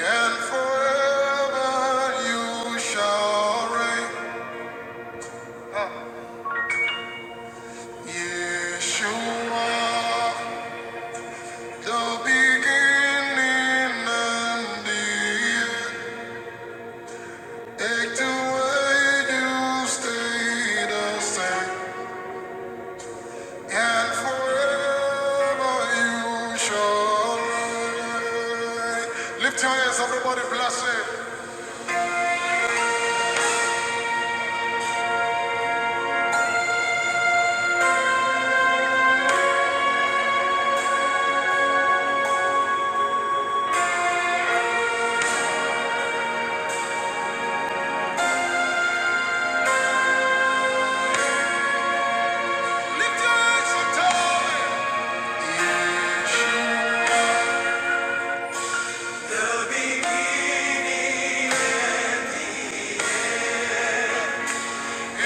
And forever you shall reign, Yeshua. The beginning and the end. Take the way you stay the same. And forever you shall reign. Lift your hands, everybody, bless it. Lift your hands and tell me.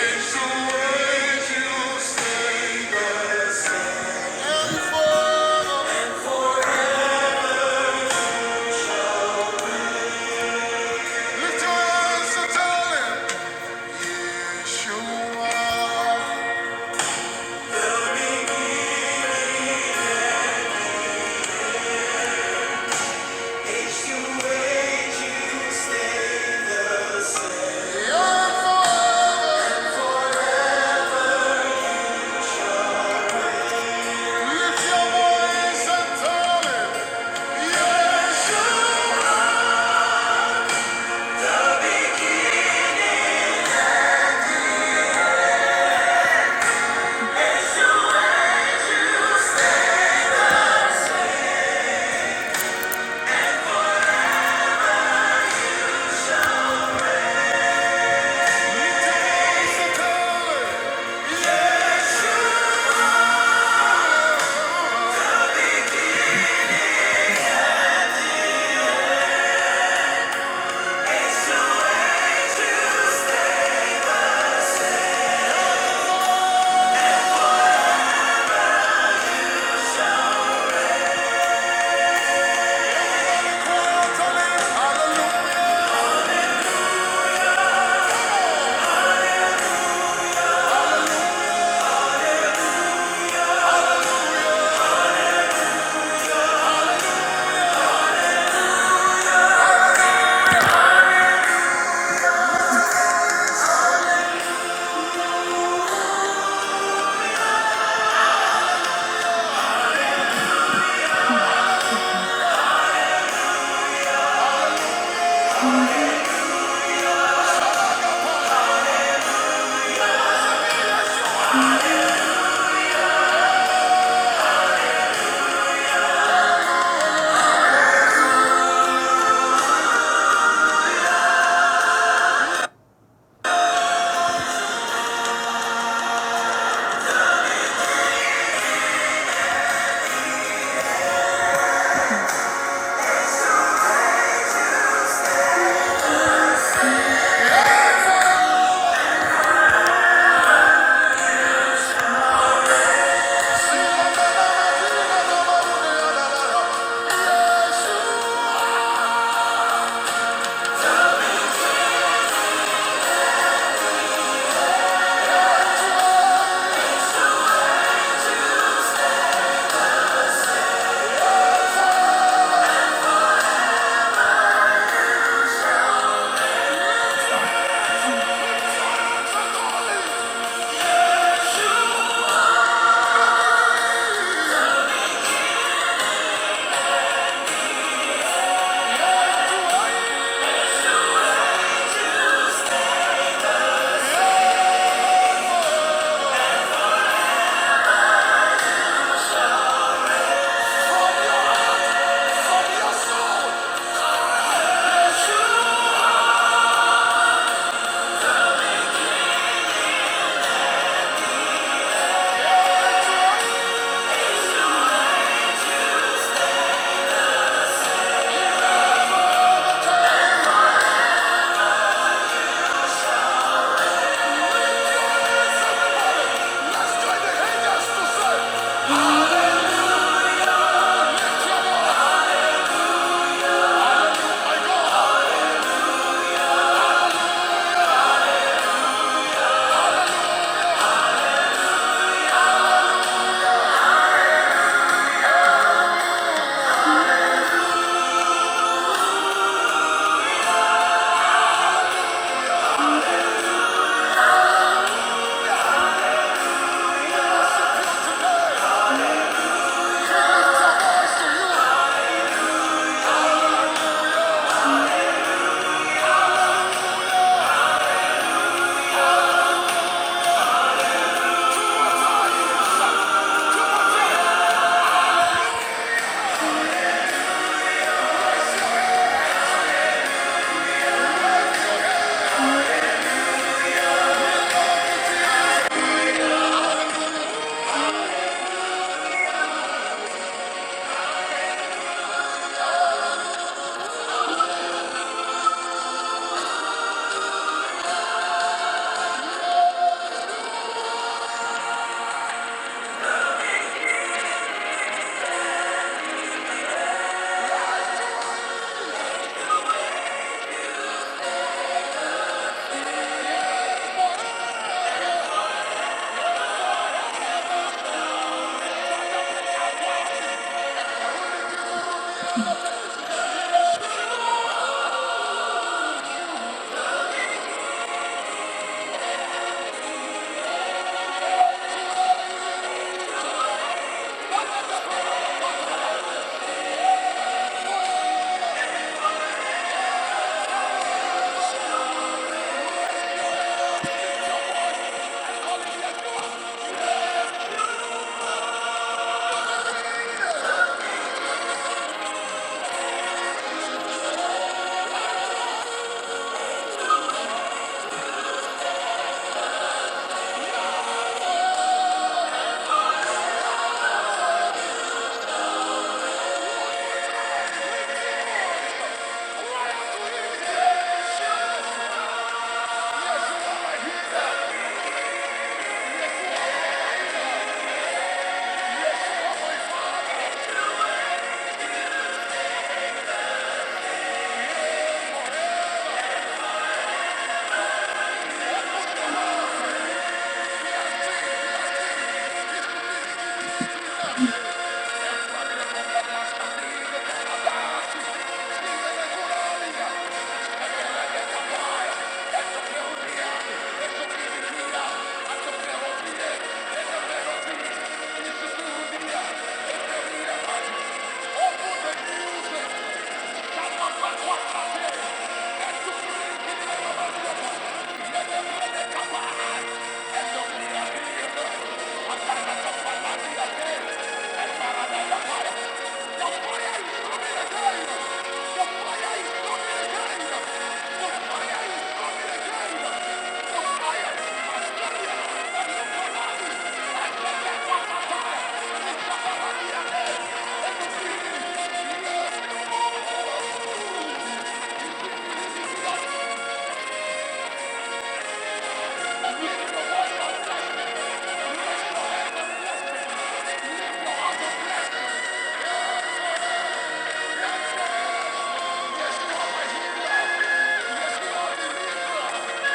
It's the way you stay. And forever. Lift your hands and tell him. Yeshua.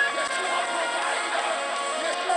Hallelujah. Yeshua,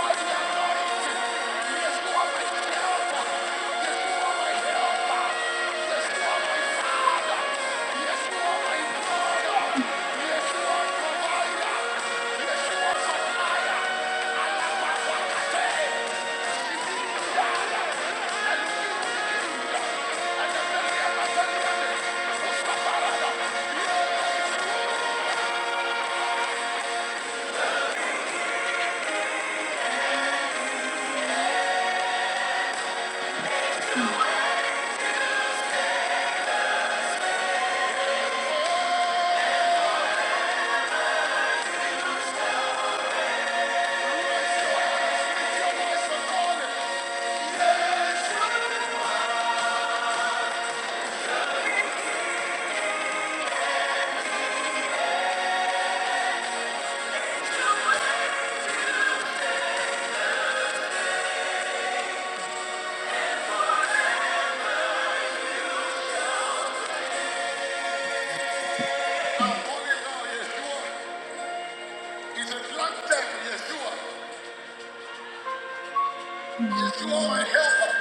my helper.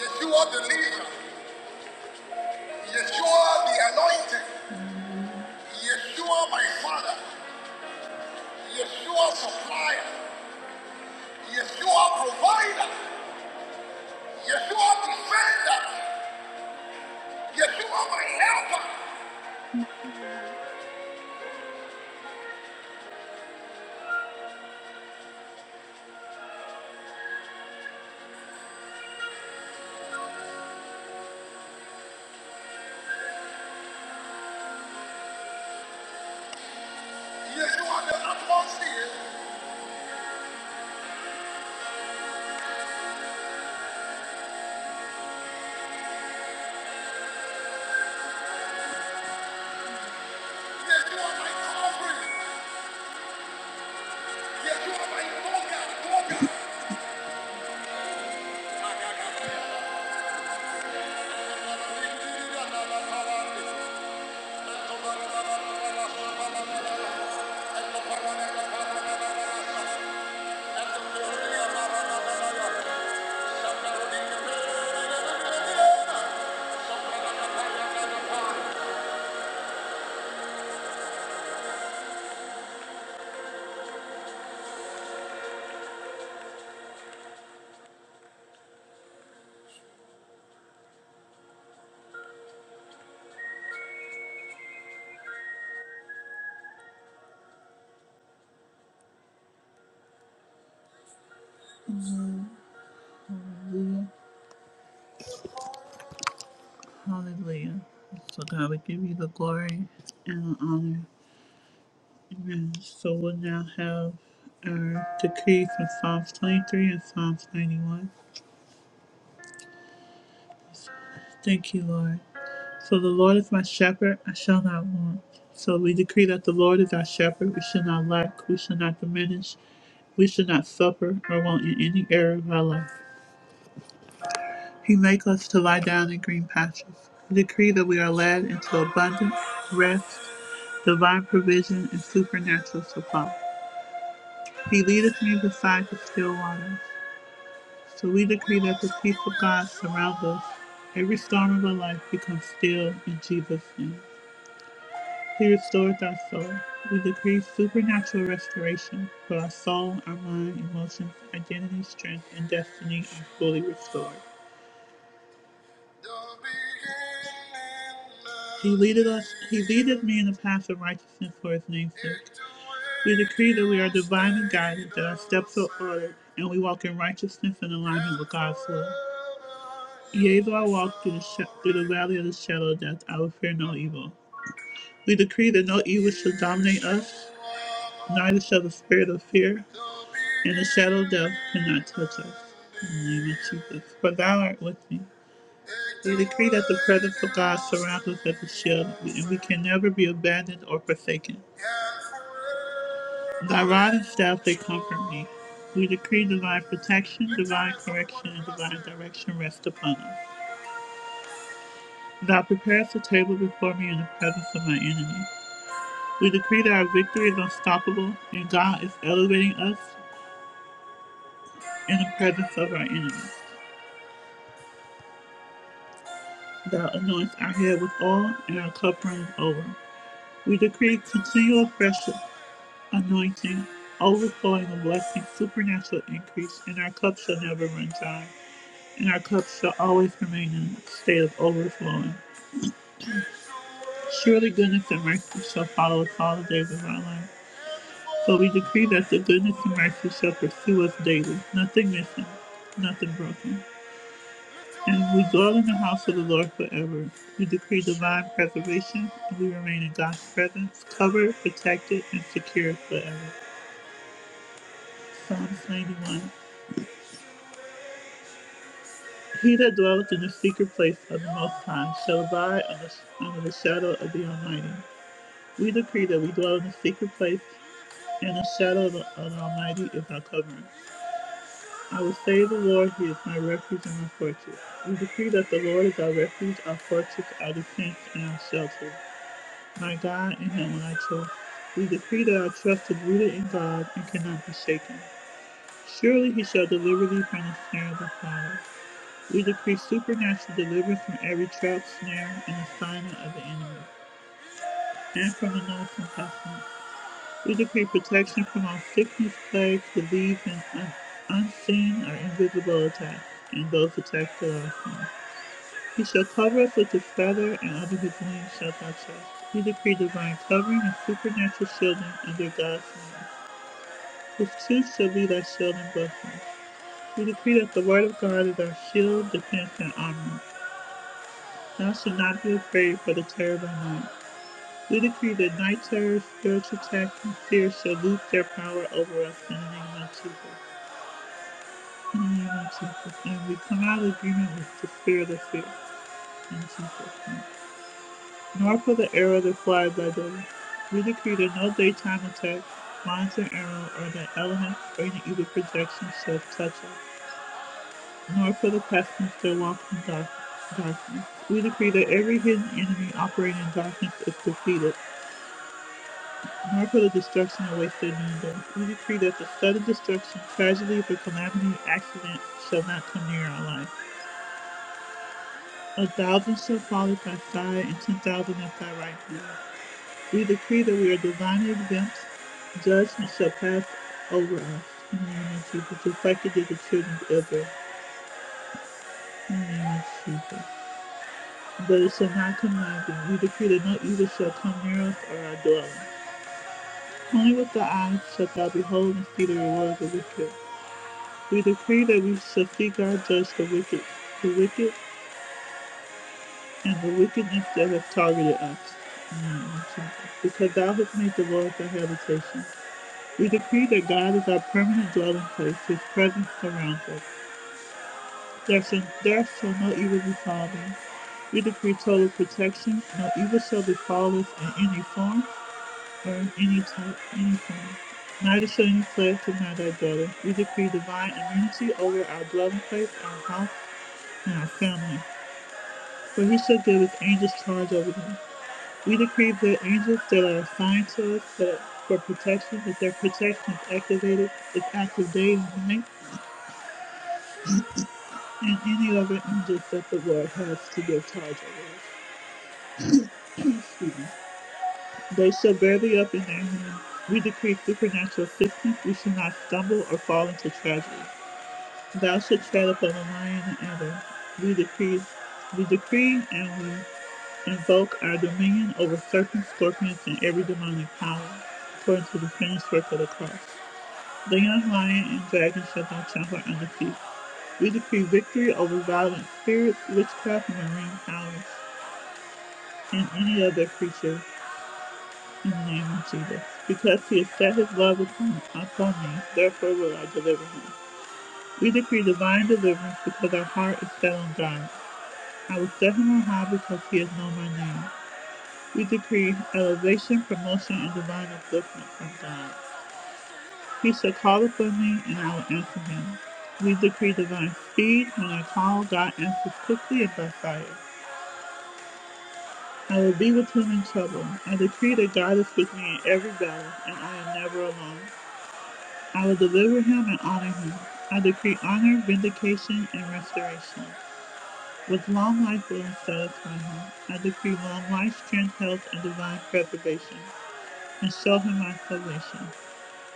Yeshua, the leader. Yeshua, the anointed. Yeshua, my father. Yeshua supplier, Yeshua provider, Yeshua defender, Yeshua my helper, Yeshua the atmosphere, Yeshua my covering, Yeshua my toga, toga. Hallelujah. So God, we give you the glory and the honor. Amen. So we'll now have our decree from Psalms 23 and Psalms 91. Thank you, Lord. So the Lord is my shepherd, I shall not want. So we decree that the Lord is our shepherd, we shall not lack, we shall not diminish, we shall not suffer or want in any area of our life. He make us to lie down in green pastures. We decree that we are led into abundance, rest, divine provision, and supernatural supply. He leadeth me beside the still waters. So we decree that the peace of God surrounds us. Every storm of our life becomes still in Jesus' name. He restores our soul. We decree supernatural restoration for our soul, our mind, emotions, identity, strength, and destiny are fully restored. He leadeth us. He leadeth me in the path of righteousness for His name's sake. We decree that we are divinely guided, that our steps are ordered, and we walk in righteousness and alignment with God's will. Yea, though I walk through the sh- through the valley of the shadow of death, I will fear no evil. We decree that no evil shall dominate us, Neither shall the spirit of fear and the shadow of death cannot touch us. In the name of Jesus. For thou art with me. We decree that the presence of God surrounds us as a shield, and we can never be abandoned or forsaken. Thy rod and staff, they comfort me. We decree divine protection, divine correction, and divine direction rest upon us. Thou preparest a table before me in the presence of my enemies. We decree that our victory is unstoppable, and God is elevating us in the presence of our enemies. Thou anoint our head with oil, and our cup runneth over. We decree continual fresh anointing, overflowing of blessings, supernatural increase, and our cup shall never run dry, and our cup shall always remain in a state of overflowing. Surely goodness and mercy shall follow us all the days of our life. So we decree that the goodness and mercy shall pursue us daily, nothing missing, nothing broken. And we dwell in the house of the Lord forever. We decree divine preservation, and we remain in God's presence, covered, protected, and secure forever. Psalms 91. He that dwelleth in the secret place of the Most High shall abide under, under the shadow of the Almighty. We decree that we dwell in the secret place, and the shadow of the, of the Almighty is our covering. I will say of the Lord, He is my refuge and my fortress. We decree that the Lord is our refuge, our fortress, our defense, and our shelter. My God and Him when I too. We decree that our trust is rooted in God and cannot be shaken. Surely He shall deliver thee from the snare of the fowler. We decree supernatural deliverance from every trap, snare, and assignment of the enemy, and from the noisome pestilence. We decree protection from all sickness, plagues, disease, and un- unseen or invisible attacks, and those attacks that are us. He shall cover us with his feather, and under his wings shalt thou trust. We decree divine covering and supernatural shielding under God's name. His truth shall be thy shield and buckler. We decree that the word of God is our shield, defense, and armor. Thou shalt not be afraid for the terror by night. We decree that night terrors, spiritual attacks, and fear shall lose their power over us in the name of Jesus. In the name of Jesus. And we come out of agreement with the spirit of fear. In Jesus' name. nor for the arrow that flies by day. We decree that no daytime attack, lantern arrow, or the element bringing any evil projection shall touch us, nor for the pestilence that walks in dark, darkness. We decree that every hidden enemy operating in darkness is defeated, nor for the destruction of wasted noonday. We decree that the sudden destruction, tragedy, or calamity, accident shall not come near our life. A thousand shall fall at thy side, and ten thousand at thy right hand We decree that we are divinely exempt. Judgment shall pass over us. In the name of Jesus, just like it did the children of Israel. In the name of Jesus. But it shall not come nigh thee. We decree that no evil shall come near us or our dwelling. Only with the eyes shalt thou behold and see the reward of the wicked. We decree that we shall see God judge the wicked, the wicked, and the wickedness that have targeted us. In the name of Jesus. Because thou hast made the Lord thy habitation. We decree that God is our permanent dwelling place, His presence surrounds us. There shall, there shall no evil befall us. We decree total protection, no evil shall befall us in any form or in any type, any form. Neither shall any plague deny Thy dwelling. We decree divine immunity over our dwelling place, our house, and our family. For he shall give his angels charge over them. We decree that angels that are assigned to us for, for protection, that their protection is activated, is active day and night and any other injured that the Lord has to give charge over. They shall bear thee up in their hand. We decree supernatural assistance. We shall not stumble or fall into tragedy. Thou shalt tread upon the lion and adder. We decree, we decree, and we invoke our dominion over serpents, scorpions, and every demonic power, according to the finished work of the cross. The young lion and dragon shall thou trample under feet. We decree victory over violent spirits, witchcraft, and marine powers. and any other creature in the name of Jesus. Because he has set his love upon, upon me, therefore will I deliver him. We decree divine deliverance because our heart is set on God. I will set him on high because he has known my name. We decree elevation, promotion, and divine upliftment from God. He shall call upon me, and I will answer him. We decree divine speed. When I call, God answers quickly and by fire. I will be with him in trouble. I decree that God is with me in every battle, and I am never alone. I will deliver him and honor him. I decree honor, vindication, and restoration. With long life will I satisfy him. I decree long life, strength, health, and divine preservation, and show him my salvation.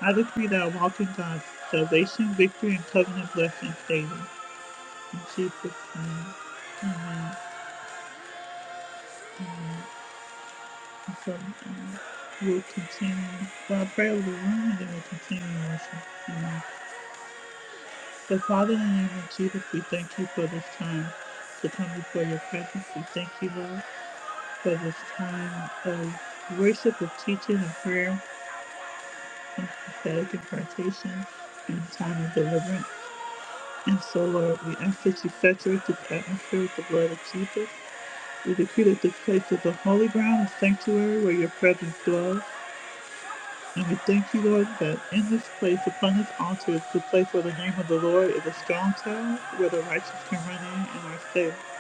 I decree that I walk in God's salvation, victory, and covenant blessings daily. In Jesus' name, amen. So um, we'll continue. Well, I pray of the room, and then we'll continue in worship. Amen. So, Father, in the name of Jesus, we thank you for this time to come before your presence. We thank you, Lord, for this time of worship, of teaching, of prayer, and prophetic impartation, and a time of deliverance. And so, Lord, we ask that you saturate this atmosphere with the blood of Jesus. We decree that this place is a holy ground, a sanctuary where your presence dwells. And we thank you, Lord, that in this place, upon this altar, is the place where the name of the Lord is a strong tower, where the righteous can run in and are safe.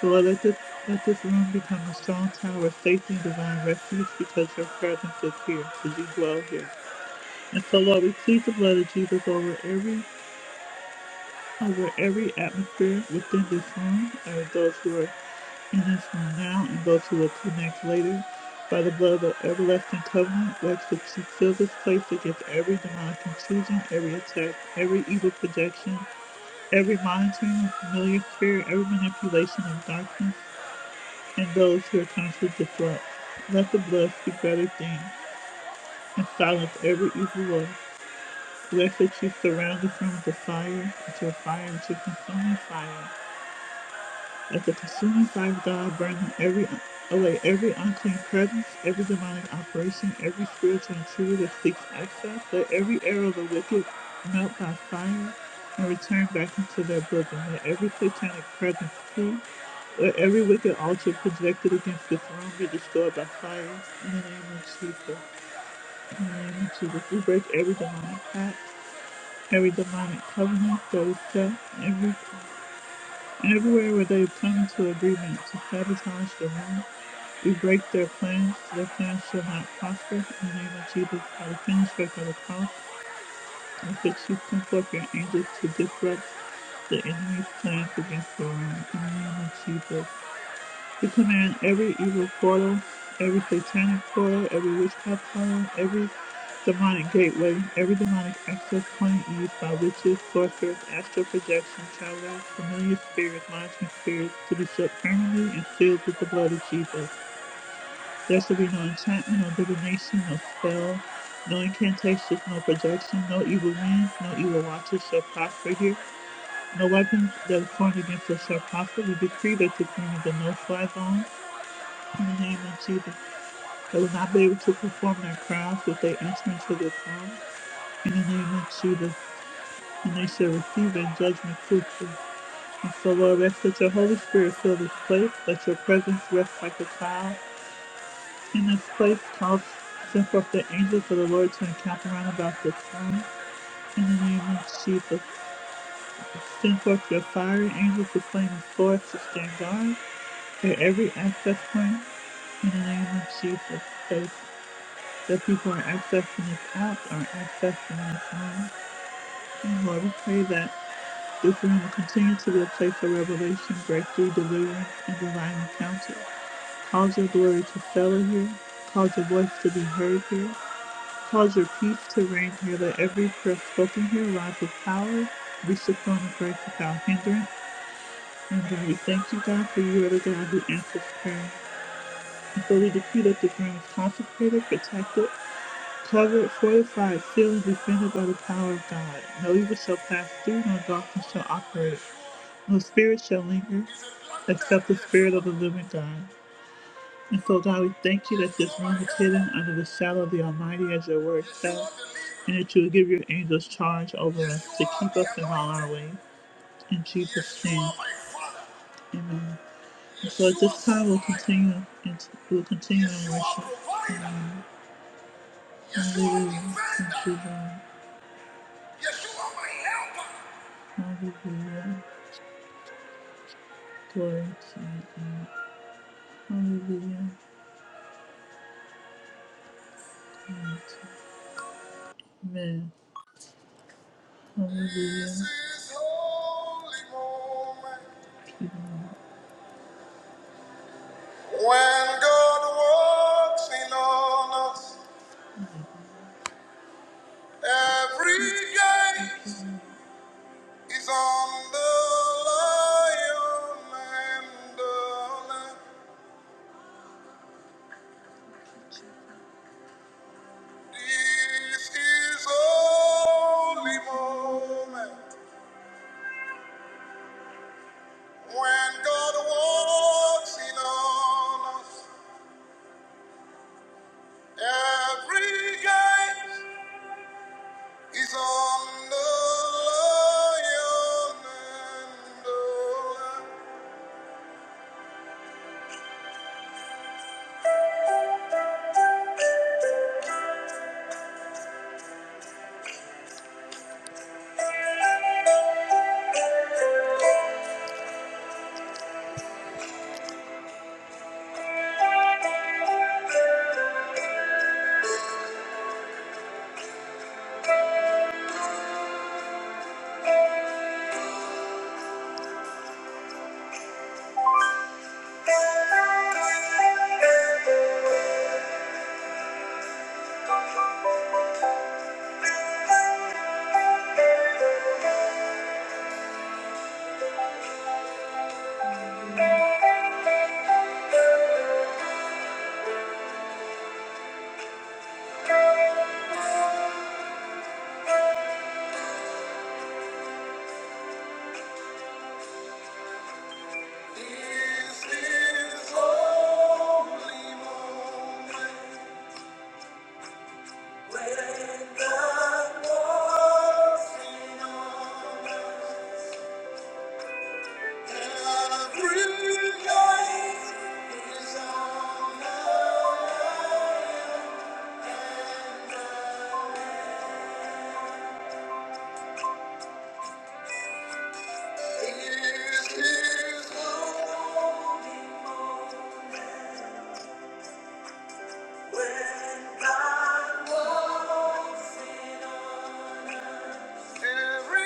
So Lord, let this, let this room become a strong tower of safety and divine refuge because your presence is here, because you dwell here. And so, Lord, we plead the blood of Jesus over every over every atmosphere within this room and those who are in this room now and those who will connect later. By the blood of the everlasting covenant, works to seal this place against every demonic intrusion, every attack, every evil projection, every monitoring of familiar spirit, every manipulation of darkness, and those who are trying to disrupt. Let the blood speak better things and silence every evil voice. We ask that you surround this room with the fire, with your fire, with your consuming fire. At the consuming fire of God, burning every away every unclean presence, every demonic operation, every spiritual intruder that seeks access, let every arrow of the wicked melt by fire and return back into their bosom. Let every satanic presence flee. Let every wicked altar projected against this room be destroyed by fire. In the name of Jesus. In the name of Jesus. We break every demonic pact, every demonic covenant that is set, every and everywhere where they come to agreement to sabotage the room, we break their plans. Their plans shall not prosper. In the name of Jesus, by the finished work of the cross, I said, you send forth your angels to disrupt the enemy's plans against the room. In the name of Jesus. We command every evil portal, every satanic portal, every witchcraft portal, every demonic gateway, every demonic access point used by witches, sorcerers, astral projection, child acts, familiar spirits, monitoring spirits to be shut permanently and sealed with the blood of Jesus. There shall be no enchantment, no divination, no spell, no incantations, no projection, no evil winds, no evil watches shall prosper here. No weapons that is formed against us shall prosper. We decree that the queen is the no-fly zone. In the name of Jesus, they will not be able to perform their crafts with their instruments of their throne. In the name of Jesus, and they shall receive in judgment fruitful. And so, Lord, we ask that your Holy Spirit fill this place, let your presence rest like a cloud. In this place, cause send forth the angels of the Lord to encamp around about this throne. In the name of Jesus, send forth your fiery angels to flame the sword to stand guard at every access point. In the name of Jesus, that people who are accessing this app are accessing this room. And Lord, we pray that this room will continue to be a place of revelation, breakthrough, deliverance, and divine encounter. Cause your glory to settle here. Cause your voice to be heard here. Cause your peace to reign here. Let every prayer spoken here rise with power, reach the throne of grace without hindrance. And God, we thank you, God, for you are the God who answers prayer. And so we decree that this room is consecrated, protected, Covered, fortified, sealed, defended by the power of God. No evil shall pass through, no darkness shall operate, no spirit shall linger, except the spirit of the living God. And so, God, we thank you that this room is hidden under the shadow of the Almighty, as your word says, and that you will give your angels charge over us to keep us in all our ways. In Jesus' name, amen. And so at this time, we'll continue, in, we'll continue in worship. Amen. Hallelujah. Thank you, Lord. Hallelujah. Glory to your name. Hallelujah. Glory to you. Amen. Hallelujah. Thank you, Lord. And God walks in on us. He gates on Zion and on us. This is holy moment when God walks in on us. Every gate is on the lion and the lamb. This is this holy moment when that walks in on us. Every light is on us. This is this holy moment when that walks in Yeah.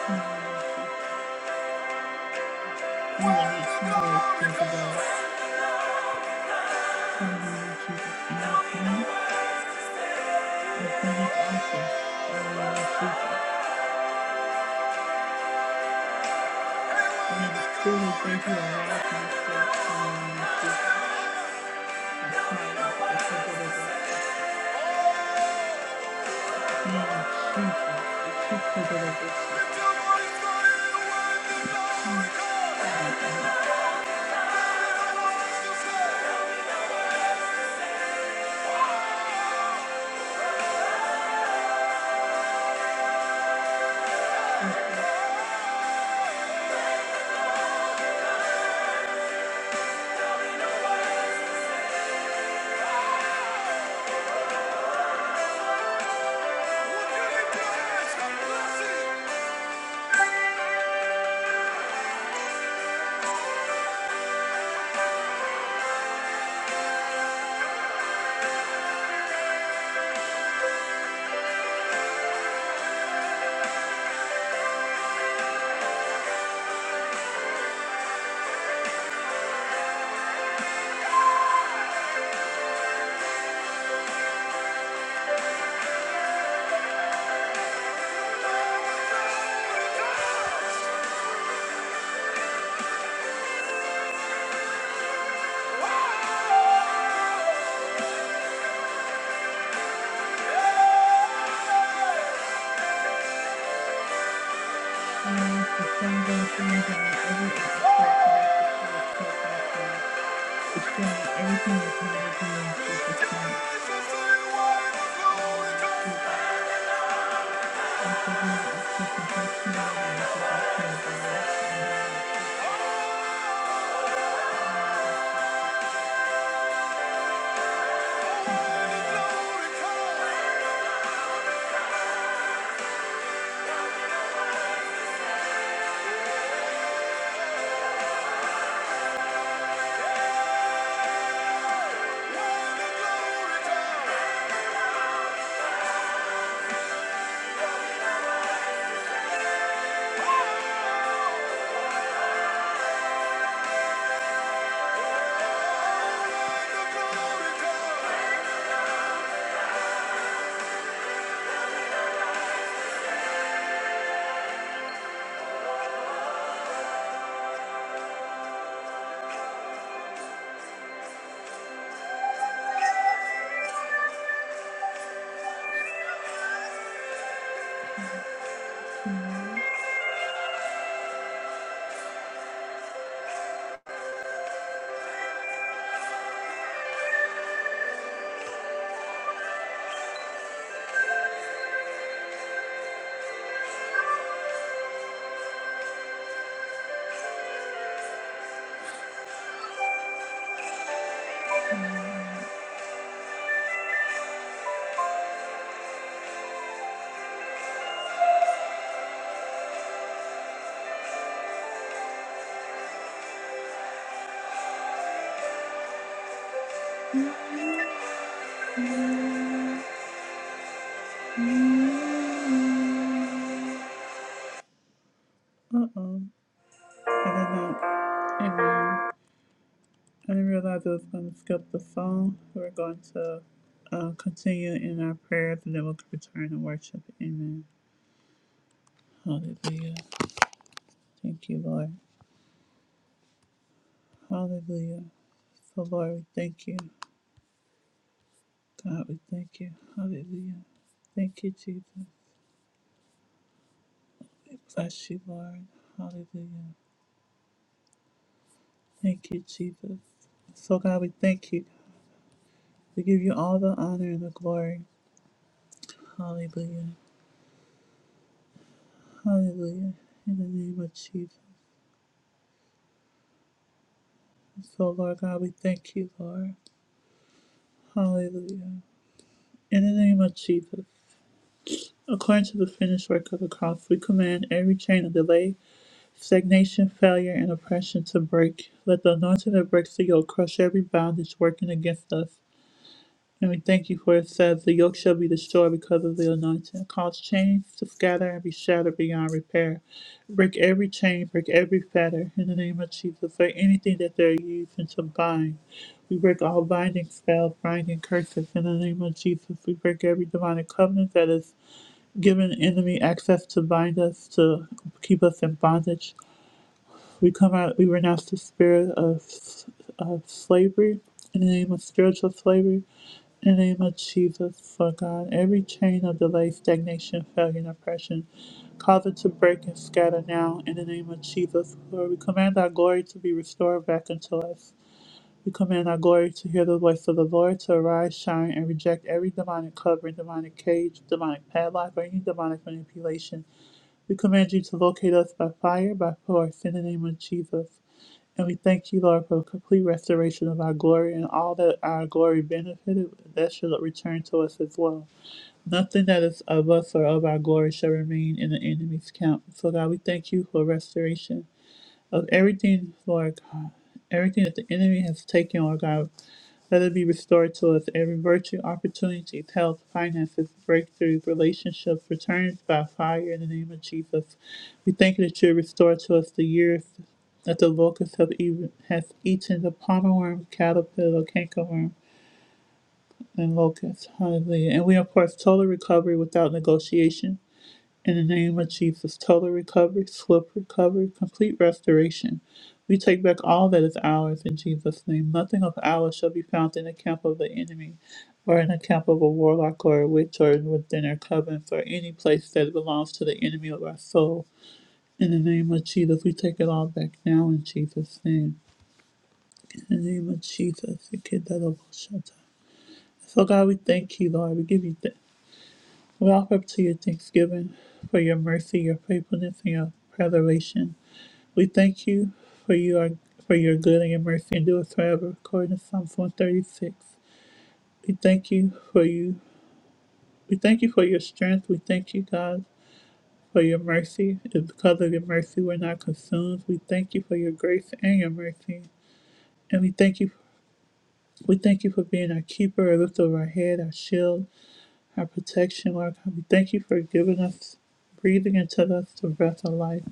Amen. Uh oh. I don't know. Amen. I didn't realize I was going to skip the song. We're going to uh, continue in our prayers and then we'll return to worship. Amen. Hallelujah. Thank you, Lord. Hallelujah. So, Lord, we thank you. God, we thank you. Hallelujah. Thank you, Jesus. We bless you, Lord. Hallelujah. Thank you, Jesus. So, God, we thank you. We give you all the honor and the glory. Hallelujah. Hallelujah. In the name of Jesus. So, Lord God, we thank you, Lord. Hallelujah. In the name of Jesus, according to the finished work of the cross, we command every chain of delay, stagnation, failure, and oppression to break. Let the anointing that breaks the yoke crush every bondage working against us. And we thank you for it says, The yoke shall be destroyed because of the anointing. Cause chains to scatter and be shattered beyond repair. Break every chain, break every fetter in the name of Jesus. Break anything that they're using to bind, we break all binding spells, binding curses in the name of Jesus. We break every demonic covenant that is given enemy access to bind us, to keep us in bondage. We come out, we renounce the spirit of, of slavery in the name of spiritual slavery. In the name of Jesus, Lord God, every chain of delay, stagnation, failure, and oppression, cause it to break and scatter now. In the name of Jesus, Lord, we command our glory to be restored back unto us. We command our glory to hear the voice of the Lord, to arise, shine, and reject every demonic covering, demonic cage, demonic padlock, or any demonic manipulation we command you to locate us by fire, by force, in the name of Jesus. And we thank you, Lord, for the complete restoration of our glory and all that our glory benefited, that shall return to us as well. Nothing that is of us or of our glory shall remain in the enemy's camp. So, God, we thank you for restoration of everything, Lord God, everything that the enemy has taken, Lord God. Let it be restored to us. Every virtue, opportunities, health, finances, breakthroughs, relationships, returns by fire in the name of Jesus. We thank you that you restore to us the years that the locust have even, has eaten the palmer worm, caterpillar, cankerworm, and locust. Hallelujah. And we, of course, total recovery without negotiation. In the name of Jesus, total recovery, swift recovery, complete restoration. We take back all that is ours in Jesus' name. Nothing of ours shall be found in the camp of the enemy, or in the camp of a warlock or a witch, or within their covens, or any place that belongs to the enemy of our soul. In the name of Jesus, we take it all back now in Jesus' name. In the name of Jesus, we get that over. So God, we thank you, Lord. We give you thanks. Wrap up to your thanksgiving for your mercy, your faithfulness, and your preservation. We thank you for you are for your good and your mercy endures forever, according to Psalms one thirty six. We thank you for you. We thank you for your strength. We thank you, God, for your mercy. It's because of your mercy we're not consumed. We thank you for your grace and your mercy, and we thank you. We thank you for being our keeper, a lift of our head, our shield, our protection, Lord God. We thank you for giving us breathing into us the breath of life.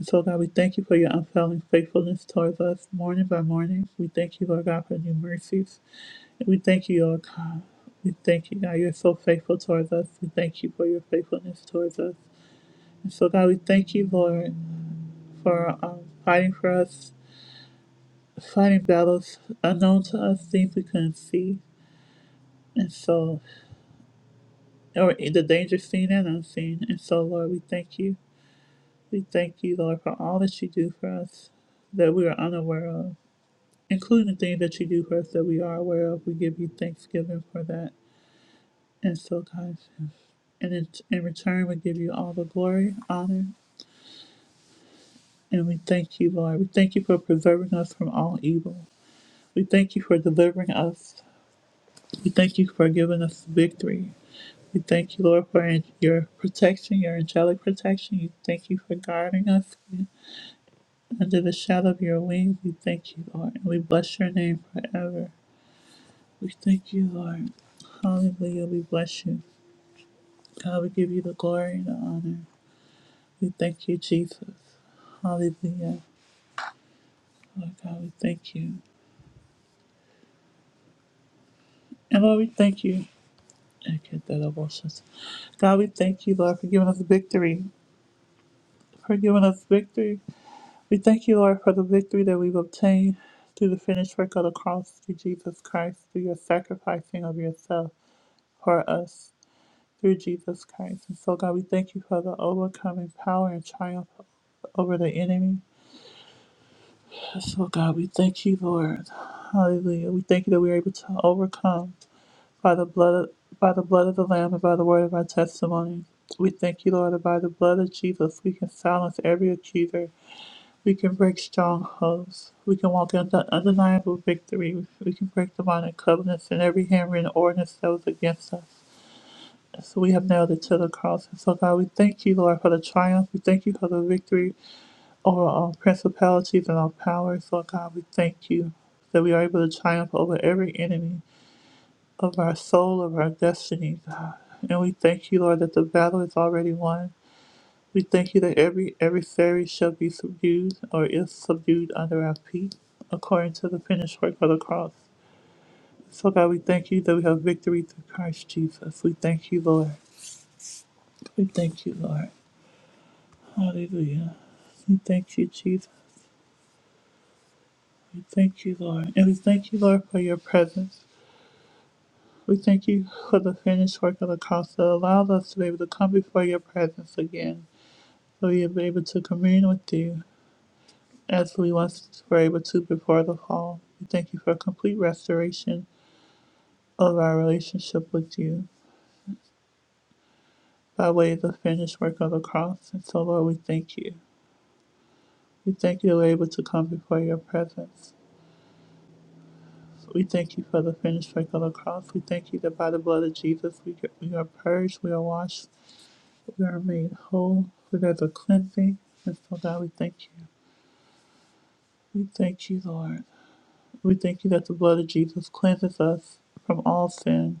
And So, God, we thank you for your unfailing faithfulness towards us morning by morning. We thank you, Lord God, for new mercies. And we thank you, Lord God. We thank you, God. You're so faithful towards us. We thank you for your faithfulness towards us. And so, God, we thank you, Lord, for um, fighting for us, fighting battles unknown to us, things we couldn't see. And so, or in the danger seen and unseen. And so, Lord, we thank you. We thank you, Lord, for all that you do for us that we are unaware of. including the things that you do for us that we are aware of. We give you thanksgiving for that. And so, guys, and in, in return, we give you all the glory, honor, and we thank you, Lord. We thank you for preserving us from all evil. We thank you for delivering us. We thank you for giving us victory. We thank you, Lord, for an- your protection, your angelic protection. We thank you for guarding us under the shadow of your wings. We thank you, Lord, and we bless your name forever. We thank you, Lord. Hallelujah. We bless you. God, we give you the glory and the honor. We thank you, Jesus. Hallelujah. Lord God, we thank you. And Lord, we thank you. I get that abortions. God, we thank you, Lord, for giving us victory. For giving us victory. We thank you, Lord, for the victory that we've obtained through the finished work of the cross through Jesus Christ, through your sacrificing of yourself for us through Jesus Christ. And so, God, we thank you for the overcoming power and triumph over the enemy. So, God, we thank you, Lord. Hallelujah. We thank you that we are able to overcome by the blood of, by the blood of the Lamb and by the word of our testimony. We thank you, Lord, that by the blood of Jesus we can silence every accuser. We can break strongholds. We can walk into undeniable victory. We can break demonic covenants and every handwritten ordinance that was against us. So we have nailed it to the cross. And so, God, we thank you, Lord, for the triumph. We thank you for the victory over all principalities and all powers. Lord God, we thank you that we are able to triumph over every enemy of our soul, of our destiny, God. And we thank you, Lord, that the battle is already won. We thank you that every adversary shall be subdued or is subdued under our feet, according to the finished work of the cross. So, God, we thank you that we have victory through Christ Jesus. We thank you, Lord. We thank you, Lord. Hallelujah. We thank you, Jesus. We thank you, Lord. And we thank you, Lord, for your presence. We thank you for the finished work of the cross that allows us to be able to come before your presence again, so we are able to commune with you as we once were able to before the fall. We thank you for complete restoration of our relationship with you by way of the finished work of the cross. And so, Lord, we thank you. We thank you that we're able to come before your presence. We thank you for the finished work of the cross. We thank you that by the blood of Jesus we, we are purged, we are washed, We are made whole. through got the cleansing. And so, God, we thank you. We thank you, Lord. We thank you that the blood of Jesus cleanses us from all sin.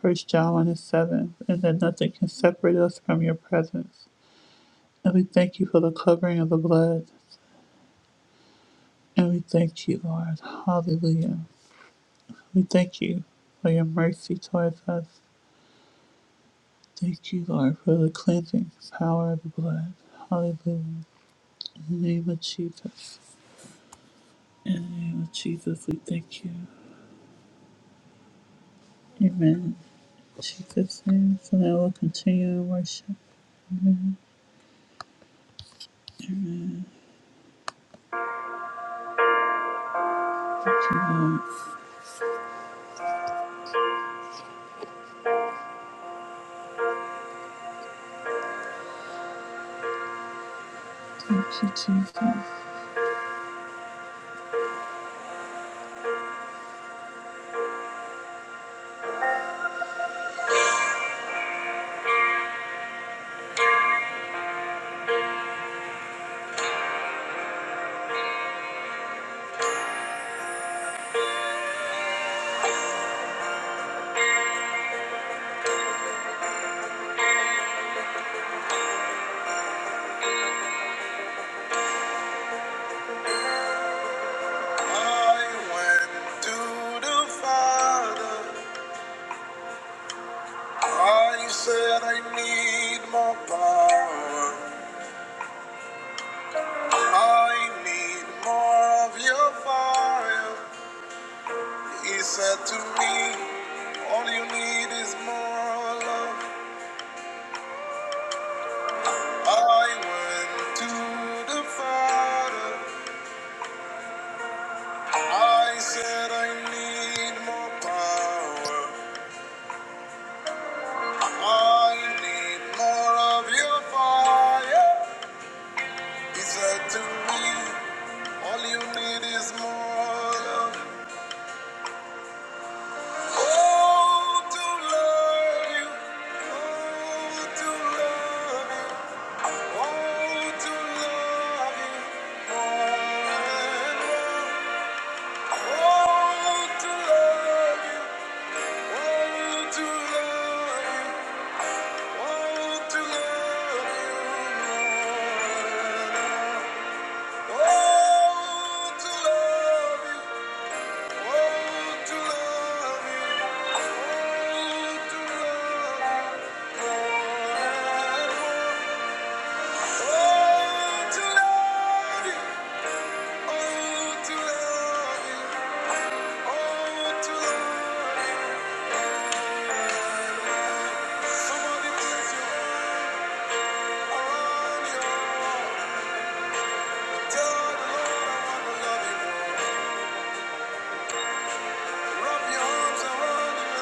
First John 1 and 7. And that nothing can separate us from your presence. And we thank you for the covering of the blood. And we thank you, Lord. Hallelujah. We thank you for your mercy towards us. Thank you, Lord, for the cleansing power of the blood. Hallelujah. In the name of Jesus. In the name of Jesus, we thank you. Amen. Jesus' name. So now we'll continue in worship. Thank you, Lord. Thank you, Jesus. I went to the Father. I said, I need more power. I need more of your fire. He said to me, All you need is more love. I went to the Father. I said I need more power. I need more of your fire. He said to me, All you need is more love. Oh, to love you. Oh, to love you. Oh, to love you more and more. Oh, to love you. Oh, to love you. Somebody bless you. Tell the Lord I love you. I love you.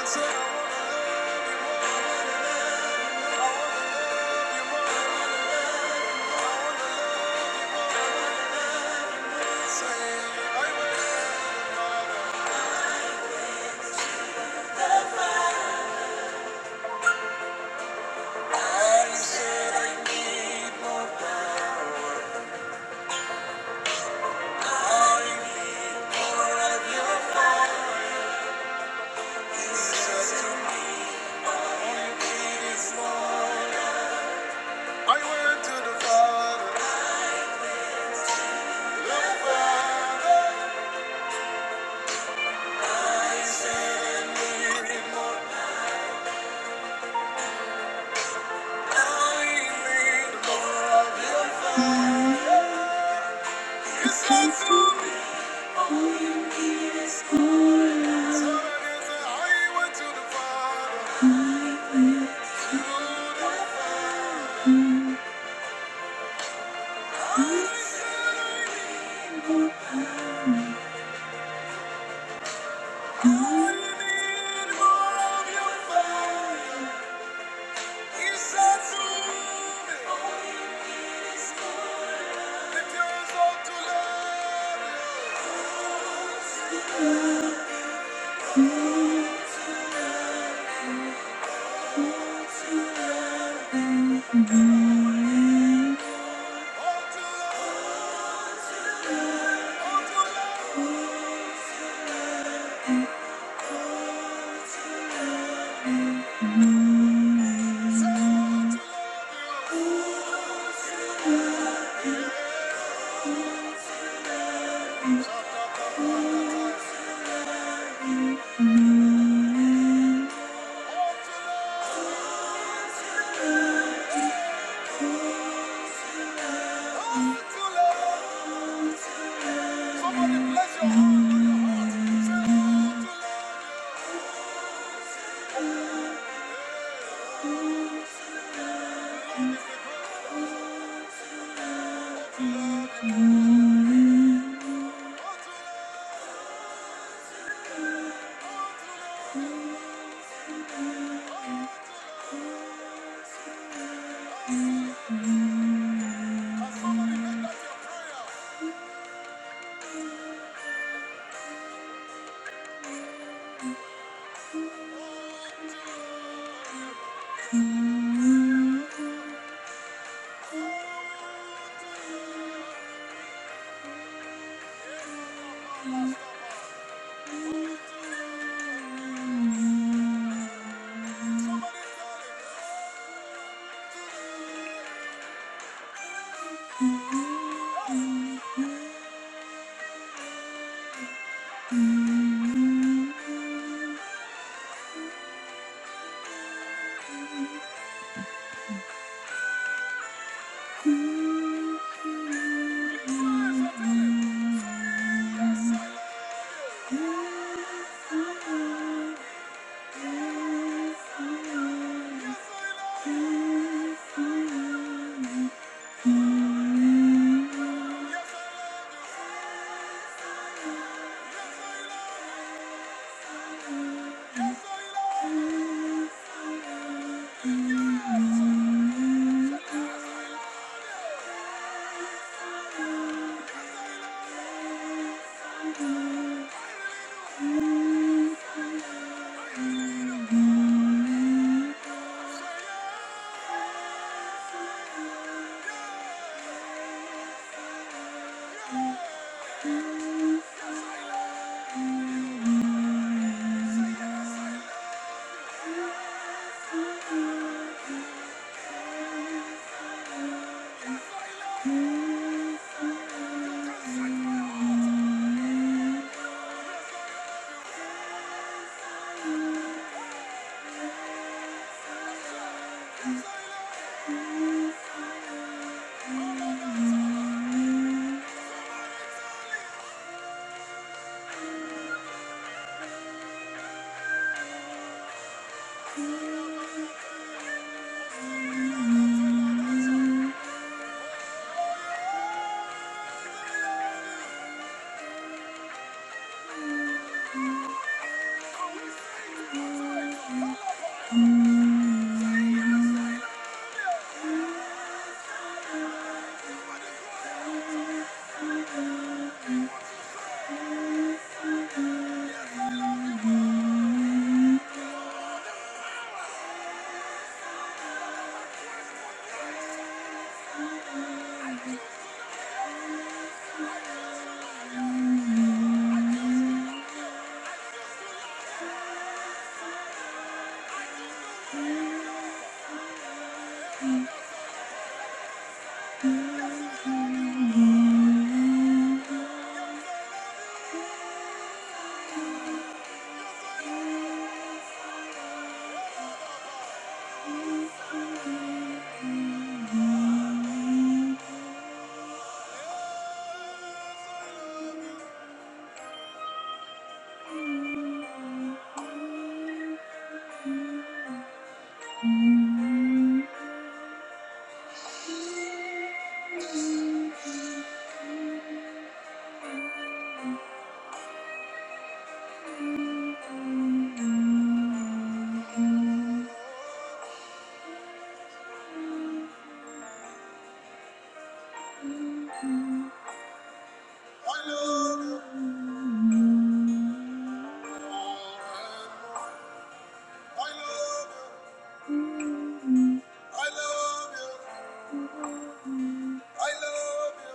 I love you.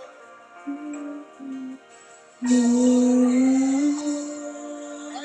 I Yes,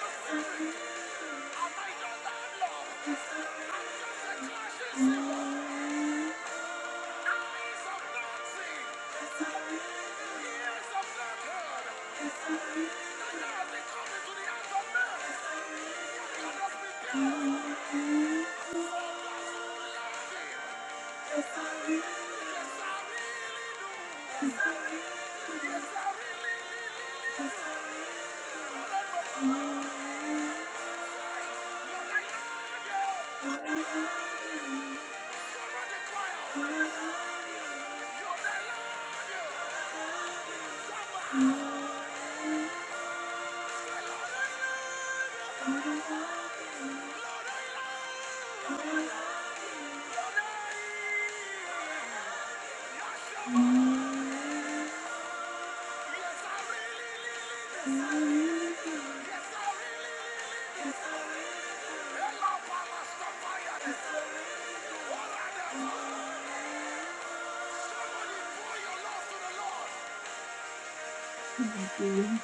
I Mm-hmm. Mm-hmm.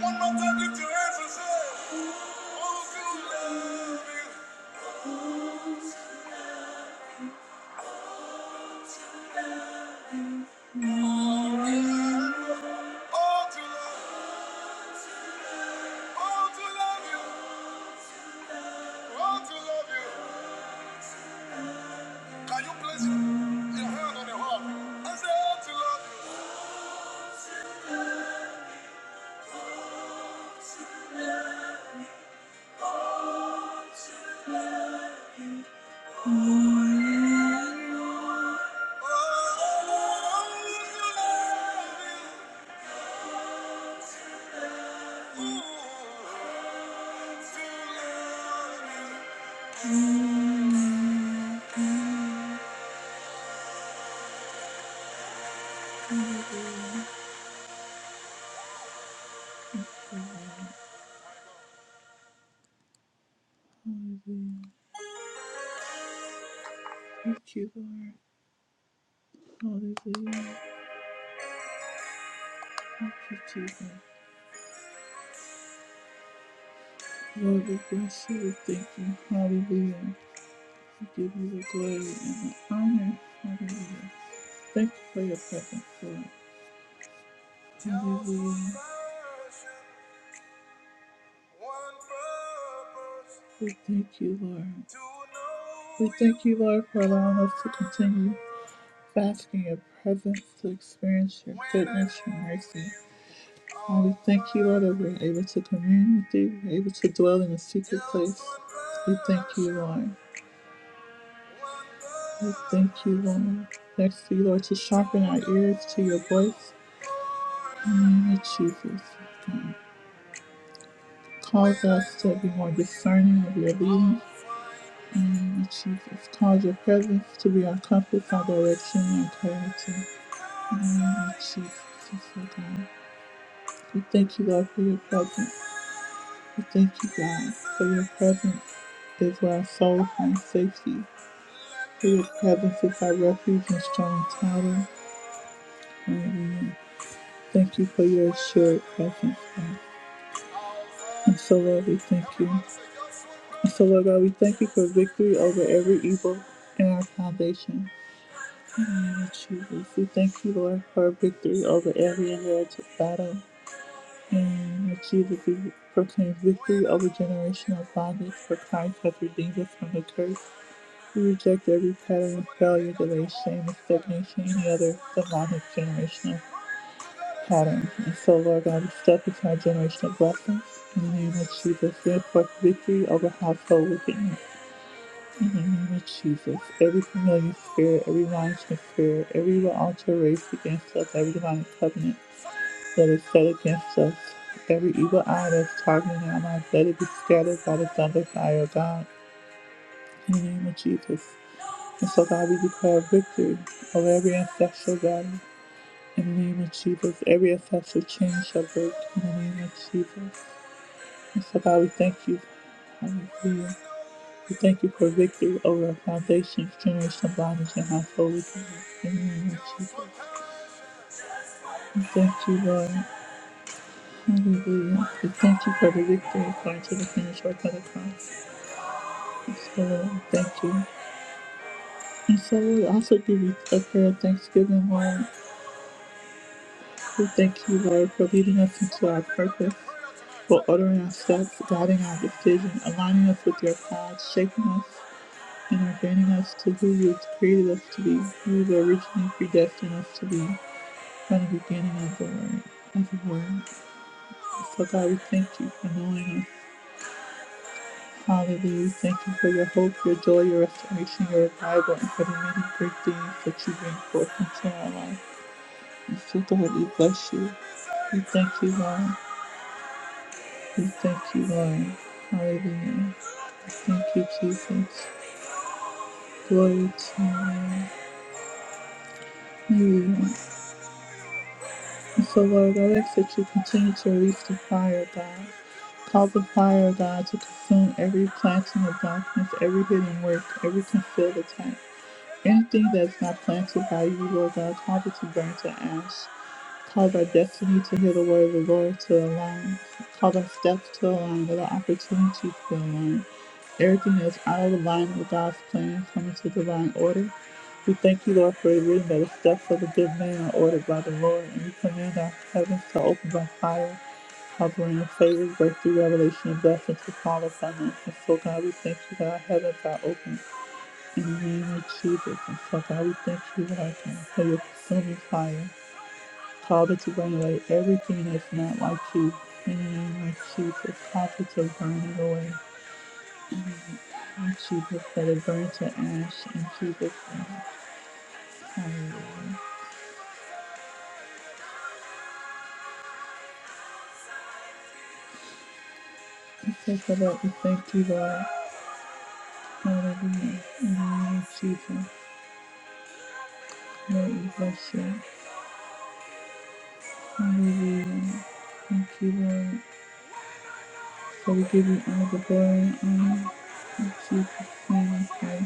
One more time, lift your hands and say, Oh, to love is all to love. Oh, to love you, oh, to love you, bless you, oh, to love you. Thank you, Lord. Hallelujah. Thank you, Lord, we bless you. We thank you. Hallelujah. We give you the glory and the honor. Hallelujah. Thank you for your presence, Lord. Hallelujah. We thank you, Lord. We thank you, Lord, for allowing us to continue first. basking in your presence, to experience your goodness, your mercy. And we thank you, Lord, that we're able to commune with you, we're able to dwell in a secret place. We thank you, Lord. We thank you, Lord. Thanks to you, Lord, to sharpen our ears to your voice. In the name of Jesus, God, cause us to be more discerning of your leading. Amen. Jesus, cause your presence to be our comfort, our direction, and clarity. Amen. Jesus, yes, oh God. We thank you, Lord, for your presence. We thank you, God, for your presence is where our soul finds safety. For your presence is our refuge and strong tower. Hallelujah. Thank you for your assured presence, God. And so, Lord, we thank you. And so, Lord God, we thank you for victory over every evil in our foundation. Lord Jesus, we thank you, Lord, for victory over every alleged battle. And Lord Jesus, we proclaim victory over generational bondage, for Christ has redeemed us from the curse. We reject every pattern of failure, delay, shame, and stagnation, any other demonic generational pattern. And so, Lord God, we step into our generational blessings. In the name of Jesus, we enforce victory over household wickedness. In the name of Jesus, every familiar spirit, every monitoring spirit, every altar raised against us, every divine covenant that is set against us, every evil eye that's targeting our lives, let it be scattered by the thunder fire of God. In the name of Jesus. And so, God, we declare victory over every ancestral battle. In the name of Jesus, every ancestral chain shall break. In the name of Jesus. And so, God, we thank you. Hallelujah. We thank you for victory over our foundations, generational bodies, and household. We thank you Lord. Hallelujah. We thank you for the victory according to the finished work of the cross. And so, Lord, we thank you. And so we also give you a prayer of thanksgiving, Lord. We thank you, Lord, for leading us into our purpose, for ordering our steps, guiding our decisions, aligning us with your path, shaping us, and ordaining us to who you created us to be, who you originally predestined us to be. from the beginning of the word of the word. So God, we thank you for knowing us. Hallelujah. We thank you for your hope, your joy, your restoration, your revival, and for the many great things that you bring forth into our life. And so God, we bless you. We thank you, Lord. We thank you, Lord. Hallelujah. Thank you, Jesus. Glory to you. Lord. Hallelujah. So, Lord, I ask that you continue to release the fire, God. Call the fire, God, to consume every planting of darkness, every hidden work, every concealed attack. Anything that is not planted by you, Lord God, cause it to burn to ash. Cause our destiny to hear the word of the Lord to align. Cause our steps to align with our opportunities to align. Everything that is out of alignment with God's plan coming to divine order. We thank you, Lord, for the reading that the steps of the good man are ordered by the Lord, and we command our heavens to open by fire, covering of favor, breakthrough, revelation, and blessings to fall upon us. And so, God, we thank you that our heavens are open. In Jesus, and so God, we thank you right now for your consuming fire. Father, to burn away everything that's not like you. In the name of Jesus, Father, to burn it away. In Jesus, let it burn to ash. In Jesus' name, hallelujah. And so, Father, we thank you, Lord. Hallelujah. In the name of Jesus, Lord, we bless you. Hallelujah. Thank you, Lord. So we give you all the glory and honor. In Jesus' name, I pray.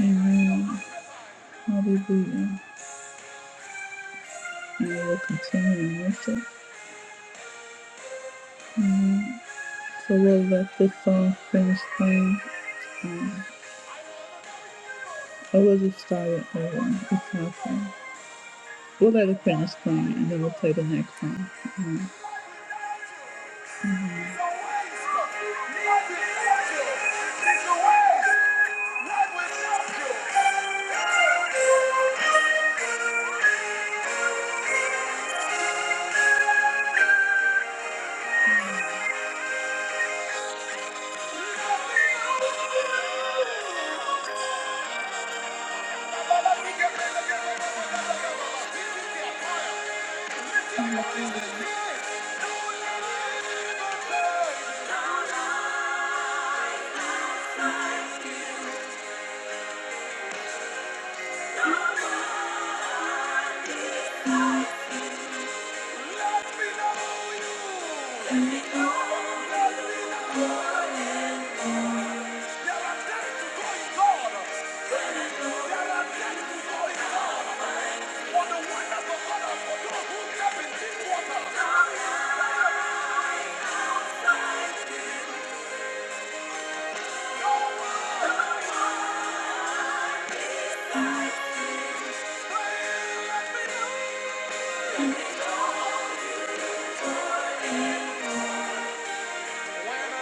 Amen. Hallelujah. And we will continue in worship. Amen. So we'll let this song finish playing. Um, or we'll just start it over. It's not fun. We'll let it finish playing and then we'll play the next one. Amen. Amen. let me know you.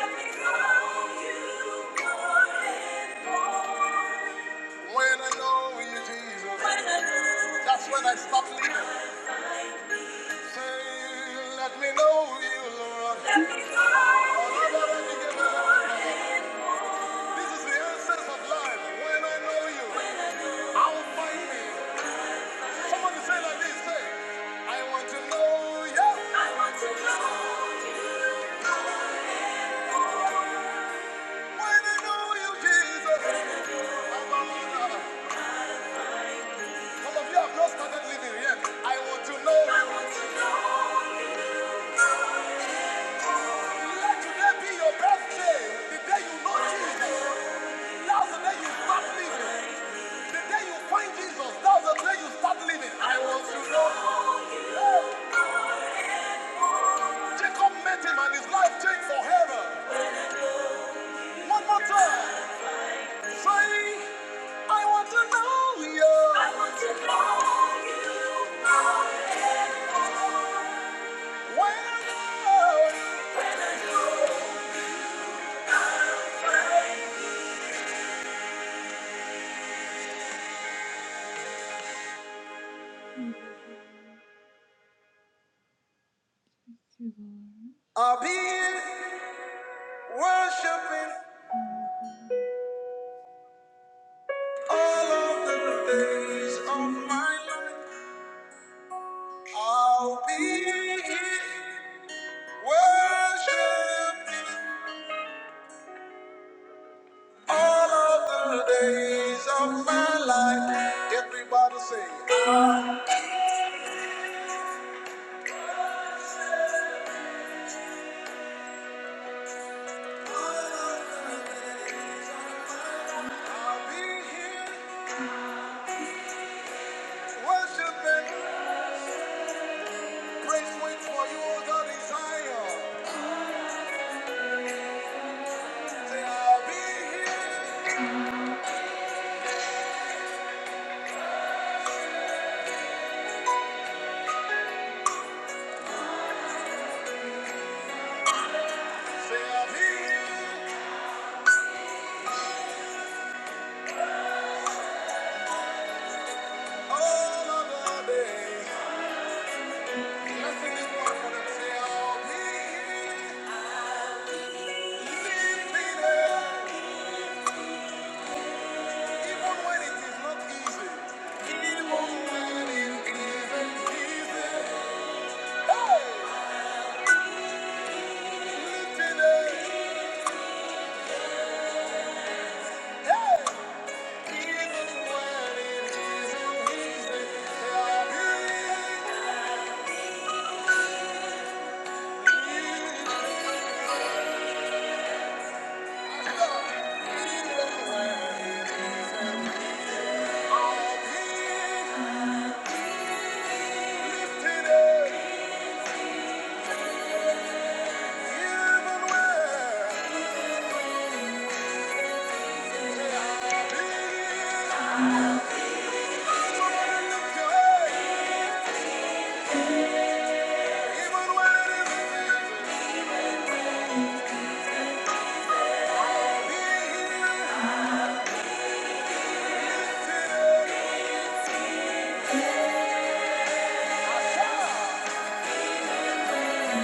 Let me know you more and more. When I know you, Jesus, that's when I stop living. Say, let me know you, Lord. Let me know you Lord, let me This is the essence of life. When I know you, I'll find me. like I want to know you. I want to know you. I know you, Jesus. Some of you have not started living yet. I want to know. you. Let today be your birthday. The day you know Jesus. That's the day you start living. The day you find Jesus, that's the day you start living. I want to know. you. Jacob met him and his life changed forever. One more time. I want to know you more and more. When I I'll Worshiping all of the days of my life. I'll be here worshiping all of the days of my life. Everybody say, I'll be here worshiping. Praise waits for you, O God, in Zion. Yeah. All over the day, I'll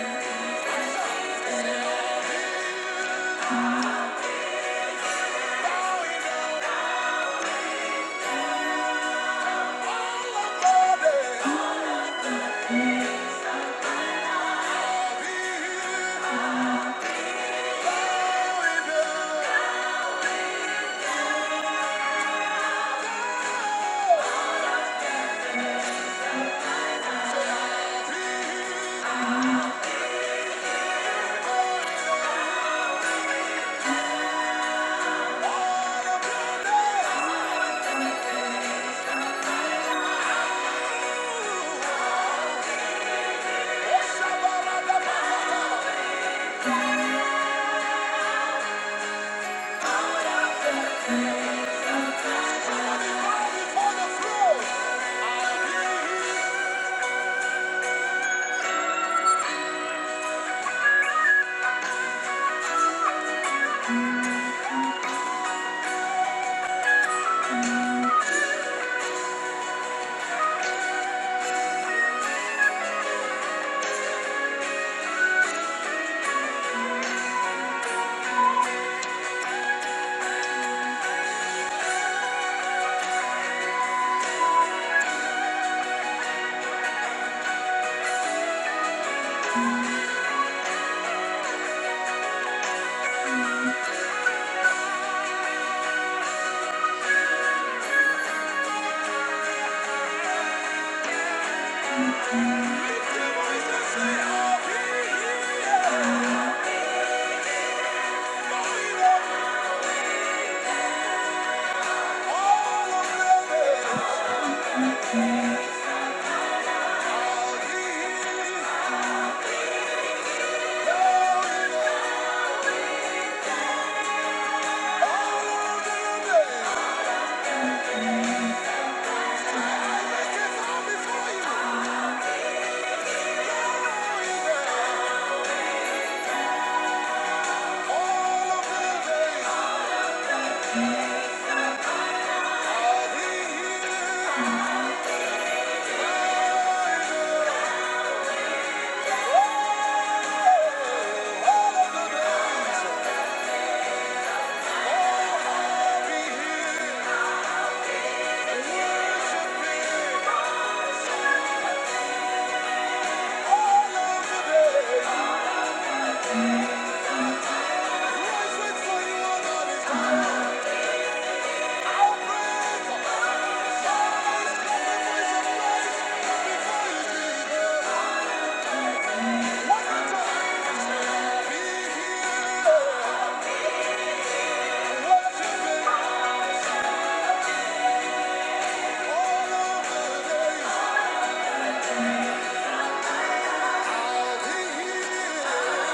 be here.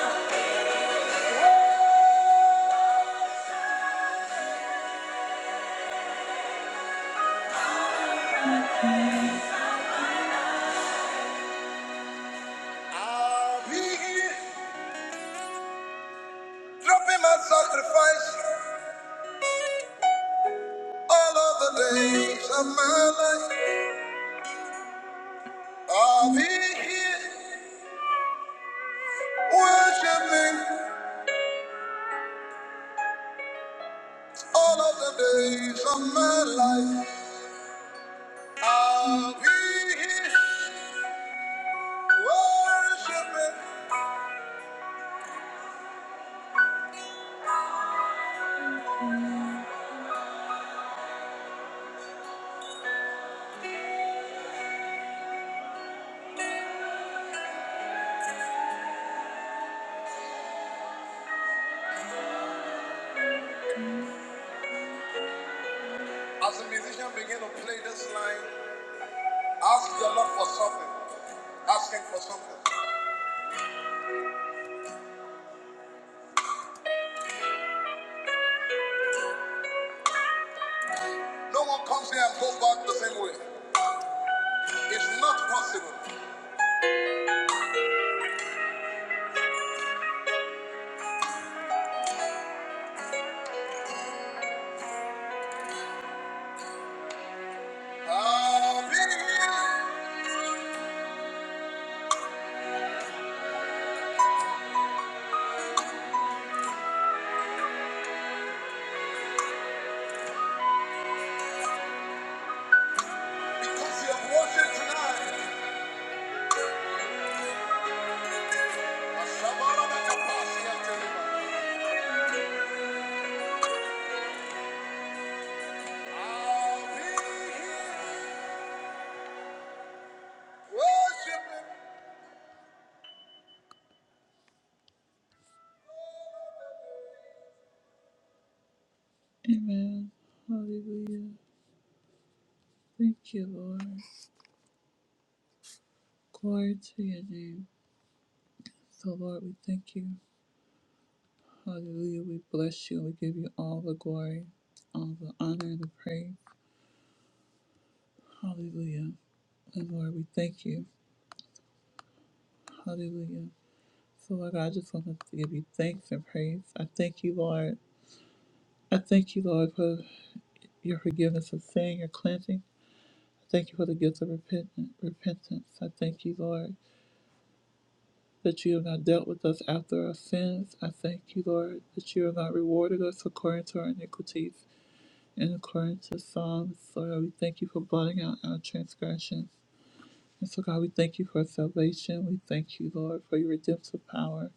I'll be here. Dropping my sacrifice all of the days of my life. I'll be here worshiping all of the days of my life. I'll be here worshiping. As the musician begin to play this line, ask the Lord for something. Asking for something. No one comes here and goes back the same way. It's not possible. I'll be here because you have worshiped tonight. Amen. Hallelujah. Thank you, Lord. Glory to your name. So, Lord, we thank you. Hallelujah. We bless you. We give you all the glory, all the honor, and the praise. Hallelujah. And Lord, we thank you. Hallelujah. So, Lord, I just want to give you thanks and praise. I thank you, Lord. I thank you, Lord, for your forgiveness of sin, your cleansing. I thank you for the gift of repentance. repentance. I thank you, Lord. that you have not dealt with us after our sins. I thank you, Lord, that you have not rewarded us according to our iniquities and according to Psalms. Lord, God, we thank you for blotting out our transgressions. And so, God, we thank you for salvation. We thank you, Lord, for your redemptive power.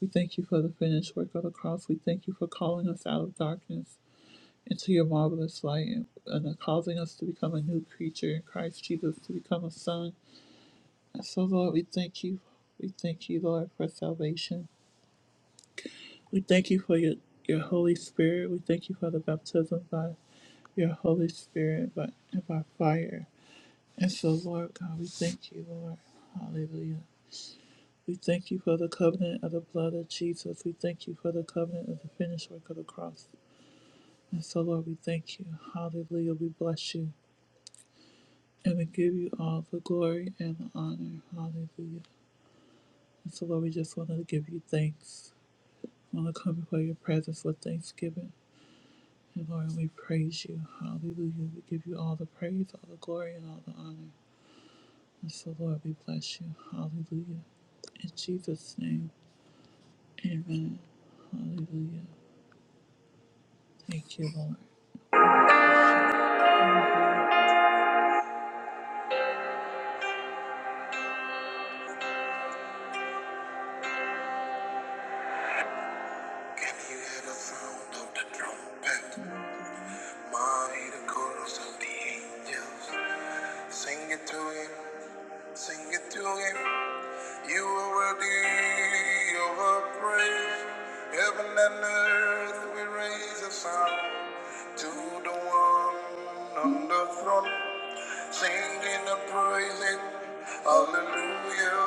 We thank you for the finished work of the cross. We thank you for calling us out of darkness into your marvelous light and, and causing us to become a new creature in Christ Jesus, to become a son. And so, Lord, we thank you. We thank you, Lord, for salvation. We thank you for your, your Holy Spirit. We thank you for the baptism by your Holy Spirit by, and by fire. And so, Lord God, we thank you, Lord. Hallelujah. We thank you for the covenant of the blood of Jesus. We thank you for the covenant of the finished work of the cross. And so, Lord, we thank you. Hallelujah. We bless you. And we give you all the glory and the honor. Hallelujah. And so, Lord, we just want to give you thanks. We want to come before your presence with thanksgiving. Lord, we praise you. Hallelujah. We give you all the praise, all the glory, and all the honor. And so, Lord, we bless you. Hallelujah. In Jesus' name, amen. Hallelujah. Thank you, Lord. Can you hear the sound of the trumpet? Mighty the chorus of the angels. Sing it to him. Sing it to him. You are worthy of our praise. Heaven and earth, we raise a sound to the one on the throne, singing and praising. Hallelujah.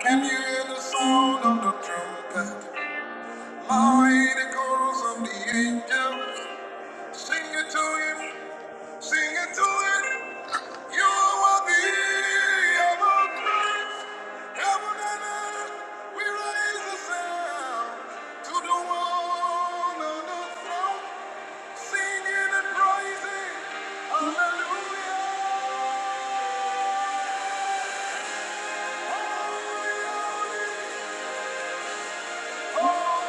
Can you hear the sound of the trumpet? Mighty chorus of the angels, sing it to him. Sing to it. You will be among Christ. Heaven and earth, we raise the sound to the one on the throne, singing and praising. Hallelujah. Holy,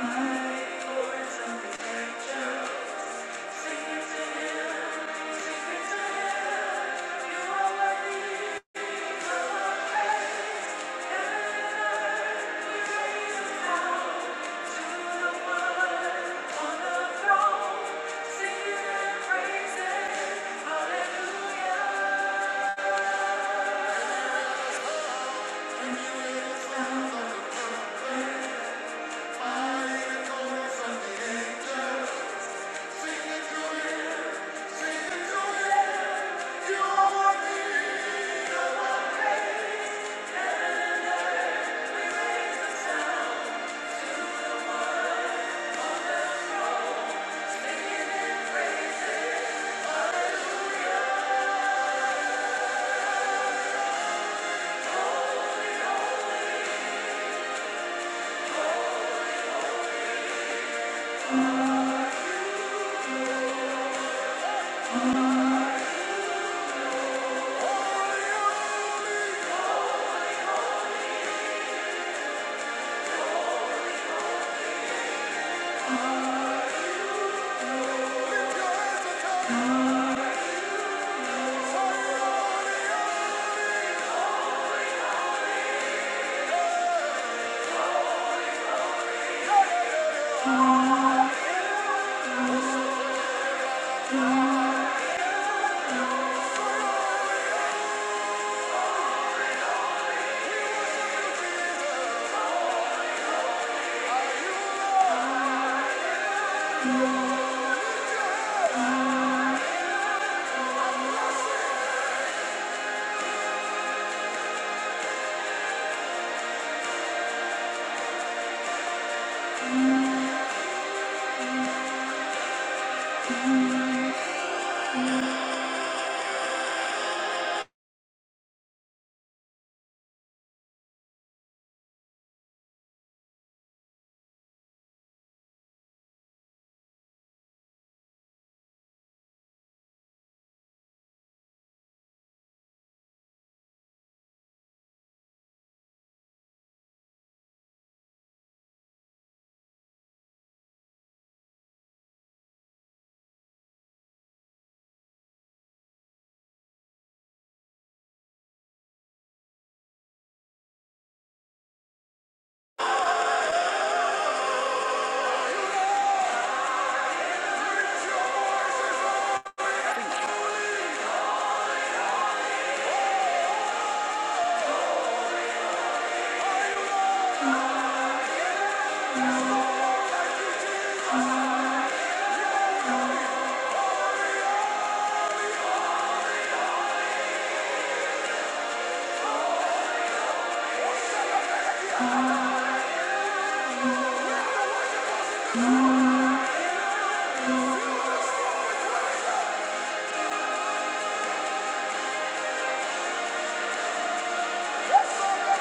holy, holy. Thank you. Can you take the next one minute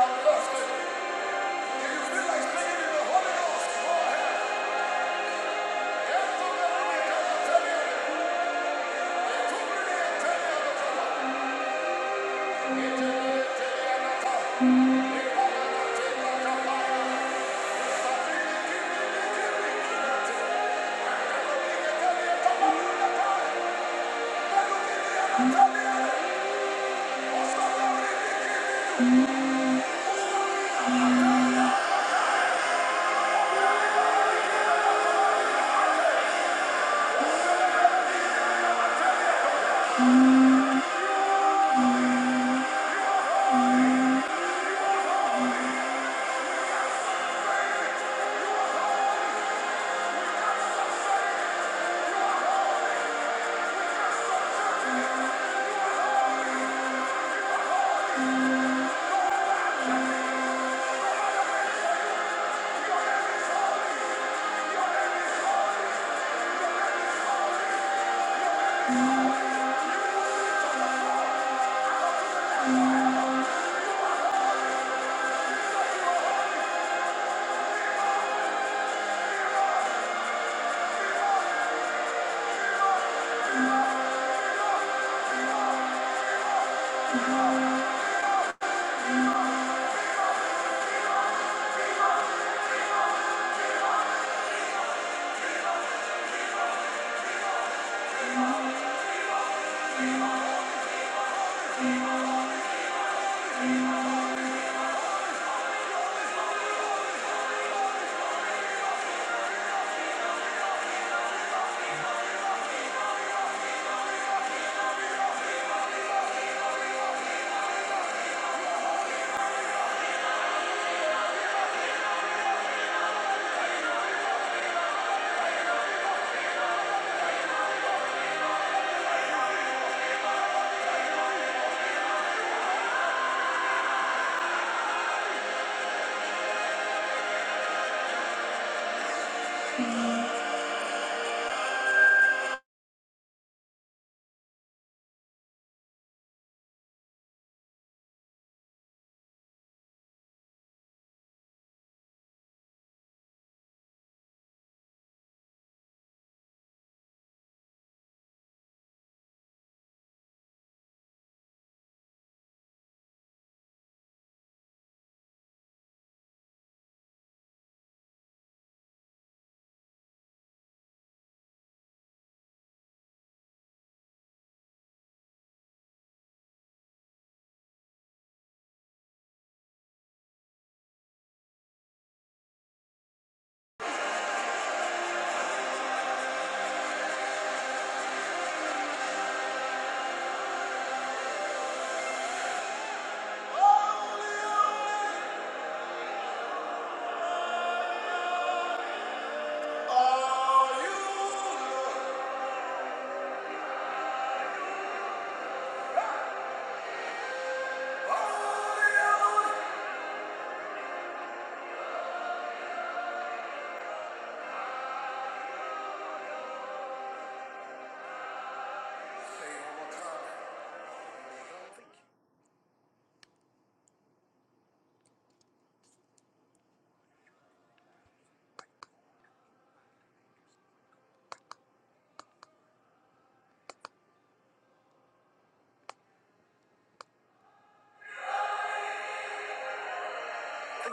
and bless the Thank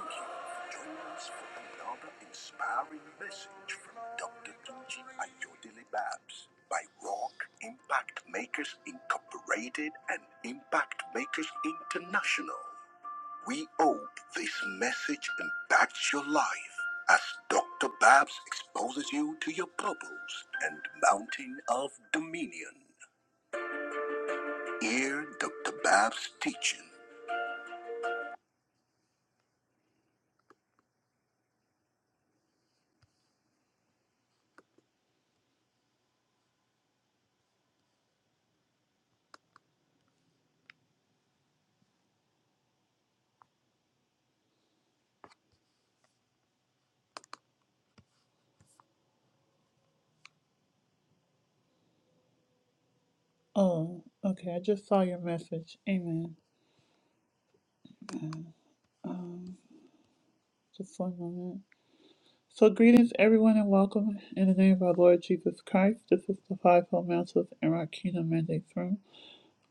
you for joining us inspiring message from Dr. Tunji Ayodele Babs by Rock Impact Makers Incorporated and Impact Makers International. We hope this message impacts your life as Dr. Babs exposes you to your purpose and mountain of dominion. Hear Dr. Babs' teaching. Oh, okay. I just saw your message. Amen. Just one moment. So, greetings, everyone, and welcome in the name of our Lord Jesus Christ. This is the Fivefold Mantles and Rock Kingdom Mandates Room,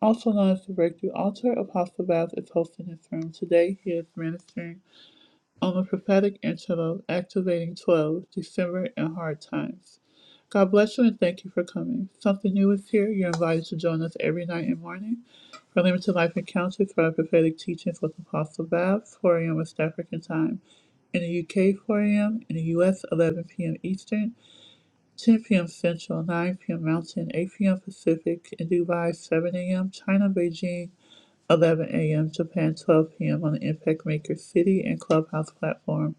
also known as the Breakthrough Altar. Apostle Babs is hosting this room today. He is ministering. on the prophetic antelope activating 12 december and hard times god bless you and thank you for coming something new is here you're invited to join us every night and morning for limited life encounters for our prophetic teachings with apostle bab 4 a.m west african time in the uk 4 a.m in the us 11 p.m eastern 10 p.m central 9 p.m mountain 8 p.m pacific in dubai 7 a.m china beijing 11 a.m. Japan, 12 p.m. on the Impact Maker City and Clubhouse platform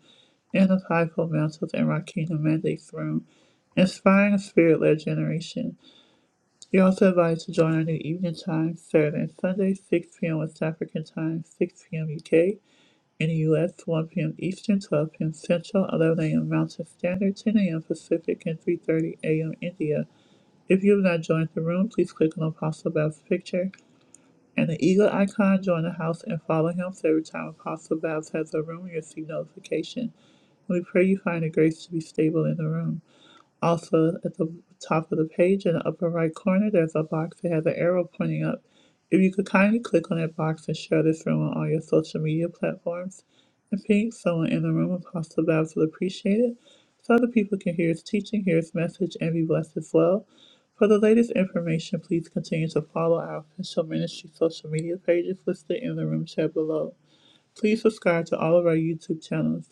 and the Fivefold Mantles and Rakina Mandates Room, inspiring a spirit-led generation. You're also invited to join our new evening time, Saturday and Sunday, 6 p.m. West African time, 6 p.m. UK. In the U.S., 1 p.m. Eastern, 12 p.m. Central, 11 a.m. Mountain Standard, 10 a.m. Pacific, and 3.30 a.m. India. If you have not joined the room, please click on the Apostle Bab's picture and the eagle icon, join the house and follow him. So every time Apostle Babs has a room, you'll see notification. We pray you find the grace to be stable in the room. Also, at the top of the page in the upper right corner, there's a box that has an arrow pointing up. If you could kindly click on that box and share this room on all your social media platforms and ping someone in the room across the labs will appreciate it so other people can hear his teaching, hear his message, and be blessed as well. For the latest information, please continue to follow our official ministry social media pages listed in the room chat below. Please subscribe to all of our YouTube channels.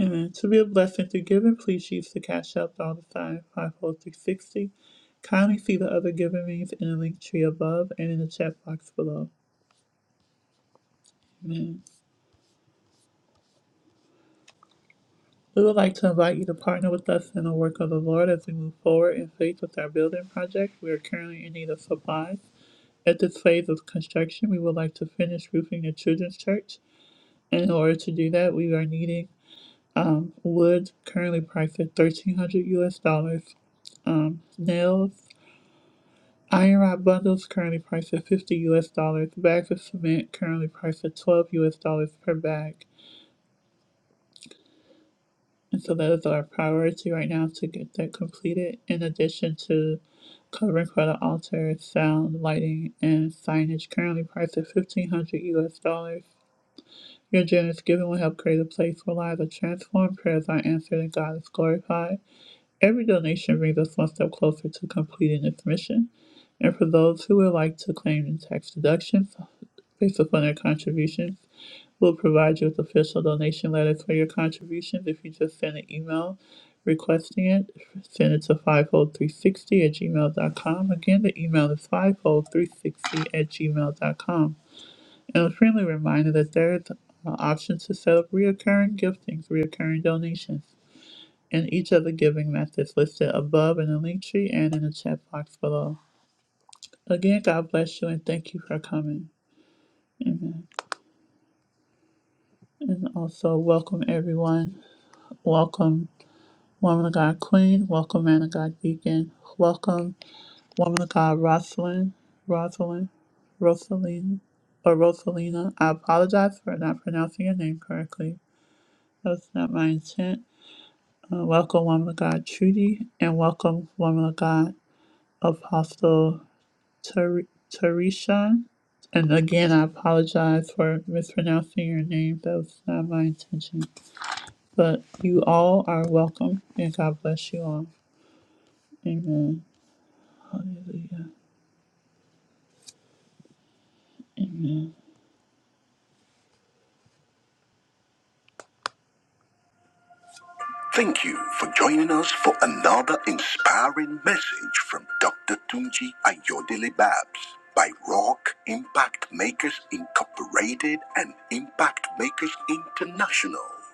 Amen. To be a blessing to giving, please use the Cash App dollar sign five four three sixty. Kindly see the other giving means in the link tree above and in the chat box below. Amen. We would like to invite you to partner with us in the work of the Lord as we move forward in faith with our building project. We are currently in need of supplies. At this phase of construction, we would like to finish roofing the children's church. And in order to do that, we are needing um, wood currently priced at thirteen hundred US dollars, um, nails Iron rod bundles currently priced at 50 US dollars. Bags of cement currently priced at 12 US dollars per bag. And so that is our priority right now to get that completed in addition to covering for the altar, sound, lighting, and signage currently priced at 1500 US dollars. Your generous giving will help create a place where lives are transformed, prayers are answered, and God is glorified. Every donation brings us one step closer to completing its mission. And for those who would like to claim tax deductions based upon their contributions, We'll provide you with official donation letters for your contributions. If you just send an email requesting it, send it to 50360 at gmail dot com. Again, the email is 50360 at gmail dot com. And a friendly reminder that there is an option to set up reoccurring giftings, reoccurring donations and each of the giving methods listed above in the link tree and in the chat box below. Again, God bless you and thank you for coming. Amen. And also, welcome everyone. Welcome, Woman of God Queen. Welcome, Man of God Deacon. Welcome, Woman of God Rosalind. Rosalind. Rosaline. Or Rosalina. I apologize for not pronouncing your name correctly. That was not my intent. Uh, welcome, Woman of God Trudy. And welcome, Woman of God Apostle. Ter- Teresha. And again, I apologize for mispronouncing your name. That was not my intention. But you all are welcome, and God bless you all. Amen. Hallelujah. Amen. Thank you for joining us for another inspiring message from Dr. Tunji Ayodele Babs by Rock Impact Makers Incorporated and Impact Makers International.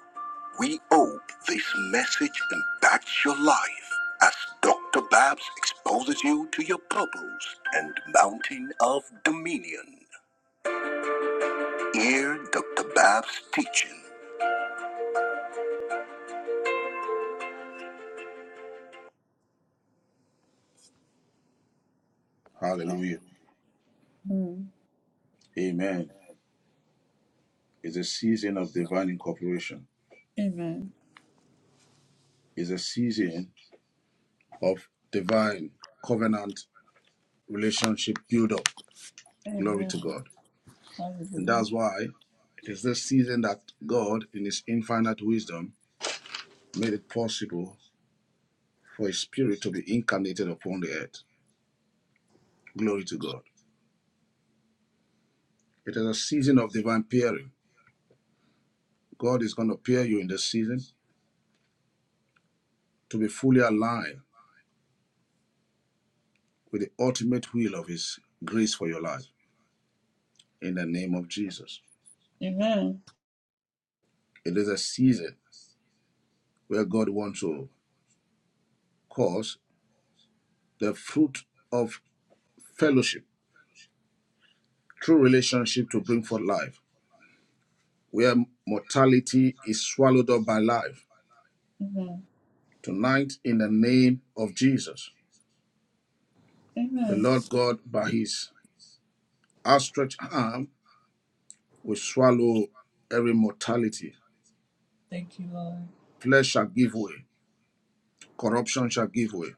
We hope this message impacts your life as Dr. Babs exposes you to your purpose and mountain of dominion. Hear Dr. Babs' teaching. Hallelujah. Mm. Amen. It's a season of divine incorporation. Amen. It's a season of divine covenant relationship build up. Glory Amen. to God. And Hallelujah. that's why it is this season that God, in his infinite wisdom, made it possible for his spirit to be incarnated upon the earth. Glory to God. It is a season of divine pairing. God is going to pair you in this season to be fully aligned with the ultimate will of his grace for your life in the name of Jesus. Amen. It is a season where God wants to cause the fruit of fellowship, true relationship to bring forth life, where mortality is swallowed up by life. Amen. Tonight, in the name of Jesus, the Amen. Lord God, by his outstretched arm, will swallow every mortality. Thank you, Lord. Flesh shall give way, corruption shall give way.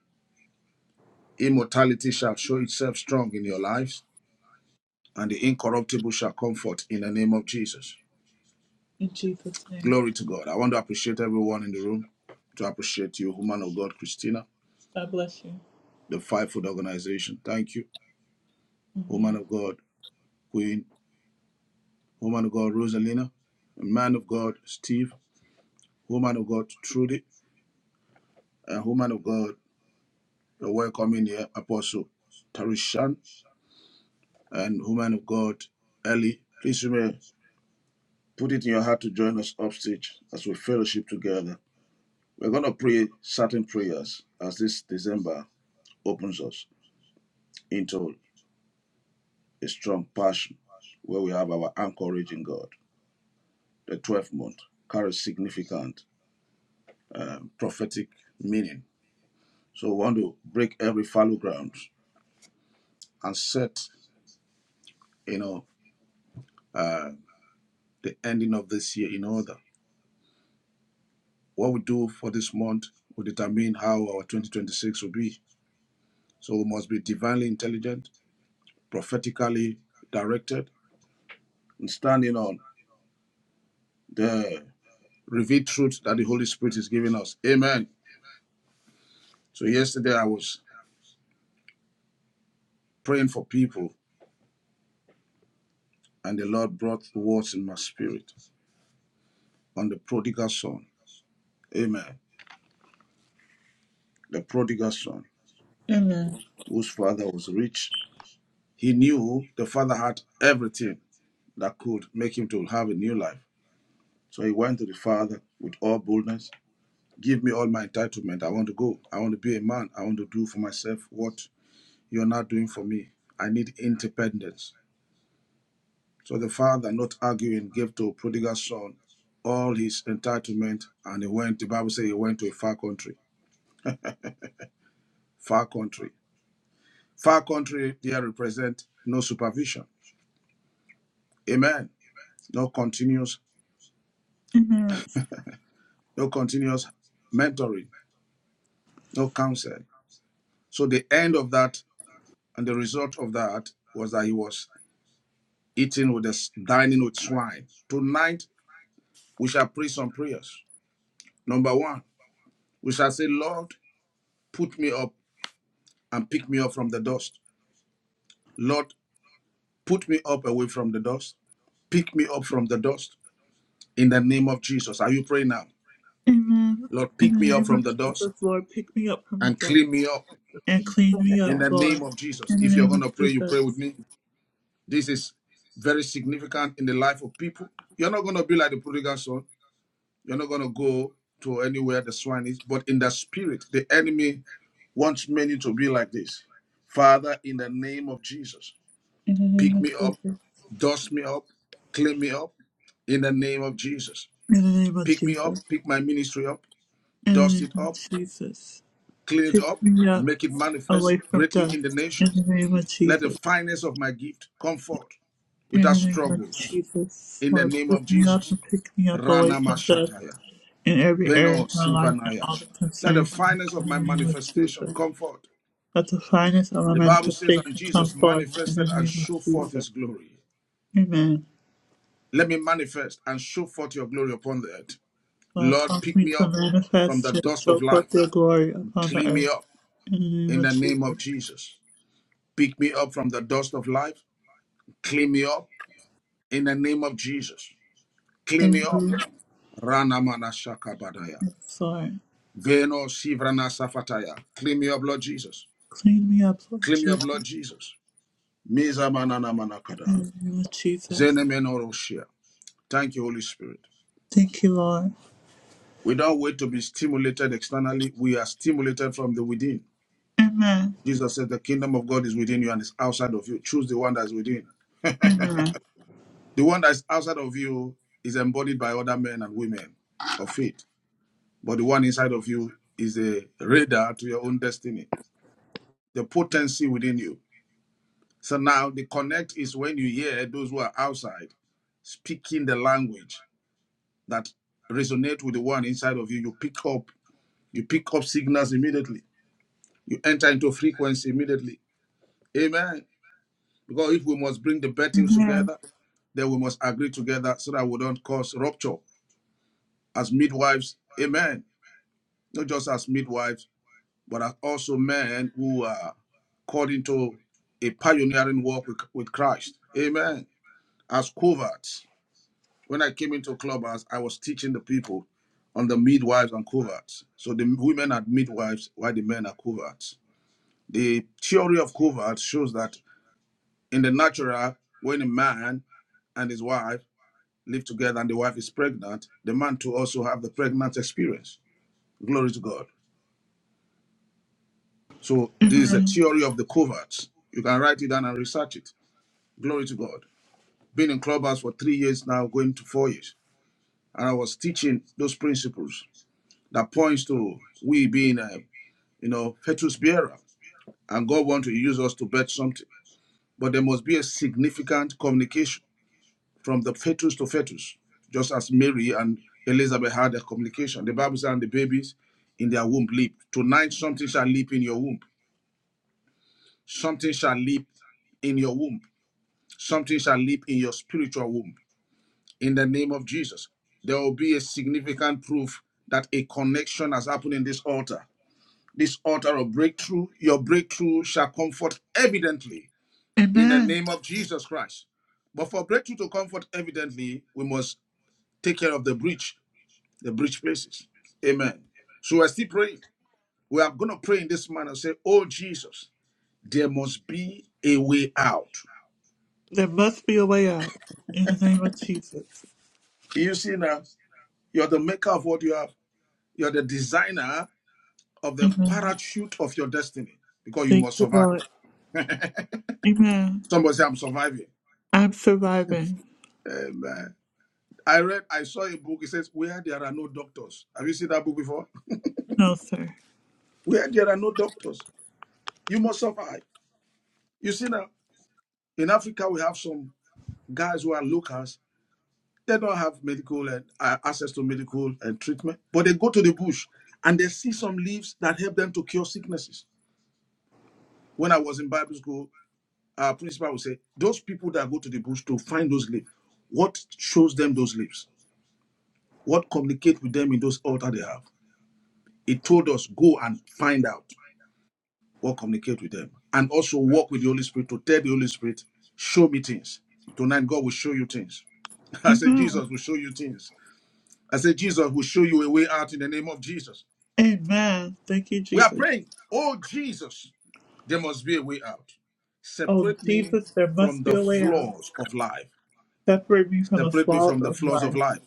Immortality shall show itself strong in your lives, and the incorruptible shall comfort in the name of Jesus. In Jesus' name. Glory to God. I want to appreciate everyone in the room, to appreciate you, woman of God, Christina, God bless you. the Five Food Organization. Thank you, woman Amen. of God, Queen, woman of God, Rosalina, man of God, Steve, woman of God, Trudy, and woman of God, the welcoming here, Apostle Tarishan, and woman of God, Ellie. Please remember, put it in your heart to join us upstage as we fellowship together. We're going to pray certain prayers as this December opens us into a strong passion where we have our anchorage in God. The 12th month carries significant um, prophetic meaning. So we want to break every fallow ground and set, you know, uh, the ending of this year in order. What we do for this month will determine how our 2026 will be. So we must be divinely intelligent, prophetically directed, and standing on the revealed truth that the Holy Spirit is giving us. Amen. So yesterday I was praying for people and the Lord brought words in my spirit on the prodigal son. Amen. The prodigal son, whose father was rich, he knew the father had everything that could make him to have a new life. So he went to the father with all boldness. Give me all my entitlement. I want to go. I want to be a man. I want to do for myself what you're not doing for me. I need independence. So the father, not arguing, gave to prodigal son all his entitlement and he went, the Bible says he went to a far country far country. Far country here represent no supervision. Amen. No continuous, Amen. no continuous mentoring, no counsel. So the end of that and the result of that was that he was eating with the dining with swine. Tonight we shall pray some prayers. Number one, we shall say, Lord, put me up and pick me up from the dust. Lord, put me up away from the dust. Pick me up from the dust in the name of Jesus. Are you praying now? Amen. Lord, In pick me the up name from of the dust. Jesus, Lord, pick me up from the and dust clean me up and clean Father me God. in up, the Lord. name of Jesus. In the If you're name going of to pray, you pray Jesus. with me. This is very significant in the life of people. You're not going to be like the prodigal son. You're not going to go to anywhere the swine is, but in the spirit, the enemy wants many to be like this. Father, in the name of Jesus, In the name pick me of up, Jesus. dust me up, clean me up in the name of Jesus. In the name of Pick me up, Jesus. pick my ministry up, In the dust name it of up, Jesus. clean it up, Pick me up make it manifest away from greatly death. in the In nations the name of Let the Jesus. fineness of my gift come forth In without the name of struggles Jesus. in the Lord, name of pick me up Jesus. and pick me up away Rana from death Mashataya, in every area Beno of my life and Sivanaya. all that Let the concerns me. fineness of In my the name of manifestation Jesus. come forth. Let the finest of my The Bible says, and manifestation come Jesus forth in manifested the and name of showed forth Jesus. his glory. Amen. Let me manifest and show forth your glory upon the earth. Lord, Lord, cause pick me me to up from manifest the and dust show of forth life. your glory upon the Clean me earth. up In the name in of the Jesus. name of Jesus. Pick me up from the dust of life. Clean me up in the name of Jesus. Clean me up Amen. Ranamana Shakabadaya. Lord. Veno Sivrana Safataya. Claim your blood, Jesus. Clean me up, Lord Claim your Jesus. blood, Jesus. Miza Manana In Manakada. the name of Jesus. Zenemeno Roshia. Thank you, Holy Spirit. Thank you, Lord. We don't wait to be stimulated externally. We are stimulated from the within. Jesus said, The kingdom of God is within you and is outside of you. Choose the one that's within. The one that's outside of you is embodied by other men and women of faith. But the one inside of you is a radar to your own destiny. The potency within you So now the connect is when you hear those who are outside speaking the language that resonate with the one inside of you. You pick up, you pick up signals immediately. You enter into frequency immediately. Amen. Because if we must bring the bettings Amen. together, then we must agree together so that we don't cause rupture as midwives. Amen. Not just as midwives, but as also men who are called into a pioneering work with, with Christ. Amen. As coverts. when I came into clubhouse, I was teaching the people on the midwives and coverts. So the women are midwives, while the men are coverts. The theory of coverts shows that in the natural, when a man and his wife live together and the wife is pregnant, the man too also have the pregnant experience. Glory to God. So this is a theory of the coverts. You can write it down and research it. Glory to God. Been in clubhouse for three years now, going to four years, and I was teaching those principles that points to we being uh, you know, fetus bearer, and God wants to use us to birth something. But there must be a significant communication from the fetus to fetus, just as Mary and Elizabeth had a communication. The Bible says, and the babies in their womb leap. Tonight, something shall leap in your womb. Something shall leap in your womb. Something shall leap in your spiritual womb. In the name of Jesus, there will be a significant proof that a connection has happened in this altar. This altar of breakthrough, your breakthrough shall comfort evidently in the Amen. name of Jesus Christ. But for breakthrough to comfort, evidently, we must take care of the breach, the breach places. Amen. So we're still praying. We are going to pray in this manner say, Oh Jesus, there must be a way out. There must be a way out. In the name of Jesus. You see now, you're the maker of what you have, you're the designer of the Amen. parachute of your destiny because you Thank must you, survive. Lord. Amen. Somebody say, I'm surviving. I'm surviving. Amen. I read, I saw a book. It says, Where there are no doctors. Have you seen that book before? No, sir. Where there are no doctors. You must survive. You see now, in Africa, we have some guys who are locals. They don't have medical and uh, access to medical and treatment, but they go to the bush and they see some leaves that help them to cure sicknesses. When I was in Bible school, our principal would say, "Those people that go to the bush to find those leaves, what shows them those leaves? What communicate with them in those altar they have?" It told us go and find out what communicate with them, and also walk with the Holy Spirit to tell the Holy Spirit, "Show me things." Tonight, God will show you things. I said, Amen. Jesus will show you things. I said, Jesus will show you a way out in the name of Jesus. Amen. Thank you, We are Jesus. praying, oh Jesus, there must be a way out. Oh, Separate me Jesus, there from must be the a way out. flaws of life. Separate me from the Separate me flaws from the of flaws of life. life.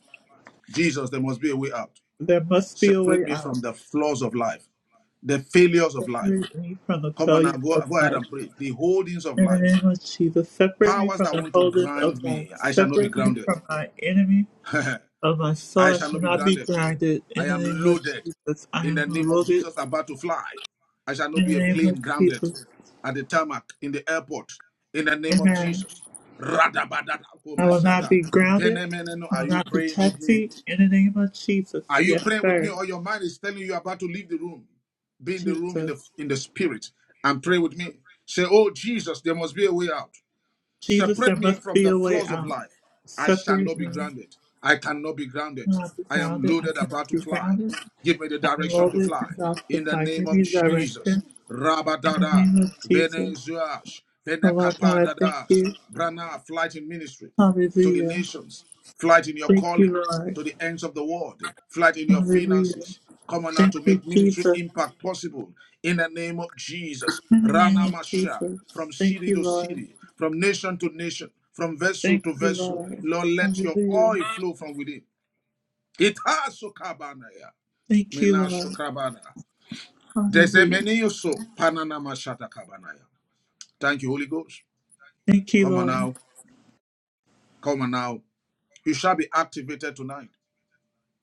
Jesus, there must be a way out. There must be a Separate way me from out. the flaws of life, the failures of life. Separate me from the Come on now, failures go, of go ahead life. and pray. The holdings of In the life, name of Jesus, separate me powers from that the want to holders ground of life. me, I shall not be Separate me grounded. from my enemy of my soul. I I shall shall not be not be grounded. grounded. In I the am name of loaded Jesus, I in am the name of loaded. Jesus, about to fly. I shall not In be the a name of plane grounded Jesus, at the tarmac in the airport in the name of amen. Jesus. I will not Radabadadakomashata. be grounded. Venemeneno, I Are will you not be praying with me? taxied. In the name of Are Jesus, you yes, praying with me? sir. Or your mind is telling you about to leave the room. Be in the room in the Jesus, in the spirit and pray with me. Say, Oh Jesus, there must be a way out. Jesus, Separate there me must from be the a way floors of out. life. I shall Separate not be me. grounded. I cannot be I grounded. cannot be I am grounded. I loaded about cannot to be fly. grounded. Give me the I am direction to loaded fly. and In the justified. name Give of me Jesus. direction. In the Rabadada. name of Jesus. Venezuas. Oh Lord God, thank Venekapadadadas. you. Brana flight in ministry to the Hallelujah. nations, flight in your Thank you, calling Lord. to the ends of the world, flight in your Hallelujah. finances. Come on now Thank to you, make ministry Jesus. impact possible in the name of Jesus. In the name Rana of Masha, Jesus. from Thank city you, to Lord. city, from nation to nation, from vessel Thank to you, vessel. Lord. Lord, let your Hallelujah. oil flow from within. It has Itasukabanaya, Thank you, Lord. Minashukabana. Hallelujah. Desemeniuso, kabanaya. Thank you, Holy Ghost. Thank you, Come on Lord. now. Come on now. You shall be activated tonight.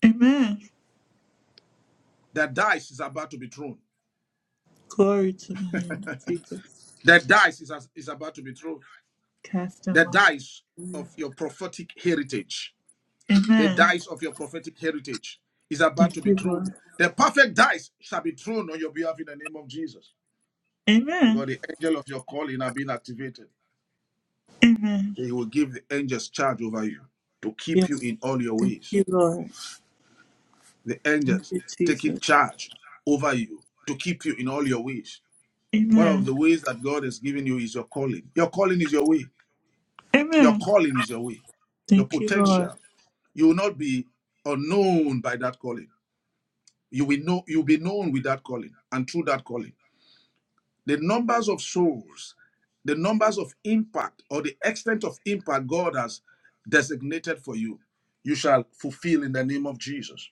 Amen. The dice is about to be thrown. Glory to the name of Jesus. The dice is, is about to be thrown. Cast in The love. dice Hallelujah. of your prophetic heritage. The Amen. dice of your prophetic heritage is about to Thank be you, thrown. Lord. The perfect dice shall be thrown on your behalf in the name of Jesus. Because Amen. the angel of your calling are being activated. Amen. He will give the angels charge over you to keep you Yes. in all your Thank ways. you, Lord. The Thank angels you, taking Jesus. charge over you to keep you in all your ways. One of Amen. the ways that God has given you is your calling. Your calling is your way. Your Amen. calling is your way, your Thank you, Lord. potential. You will not be unknown by that calling. You will know you'll be known with that calling and through that calling. The numbers of souls, the numbers of impact, or the extent of impact God has designated for you, you shall fulfill in the name of Jesus.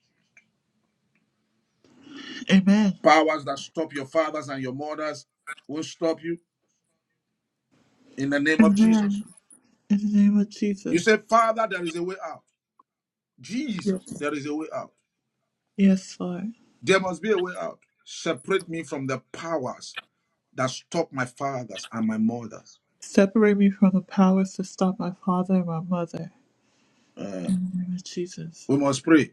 Amen. Powers that stop your fathers and your mothers won't stop you in the name of Jesus. Amen. In the name of You say, Jesus. Father, there is a way out. Jesus, Yes. there is a way out. Yes, Lord. There must be a way out. Separate me from the powers that stop my fathers and my mothers. Separate me from the powers to stop my father and my mother. Uh, In the name of Jesus. we must pray.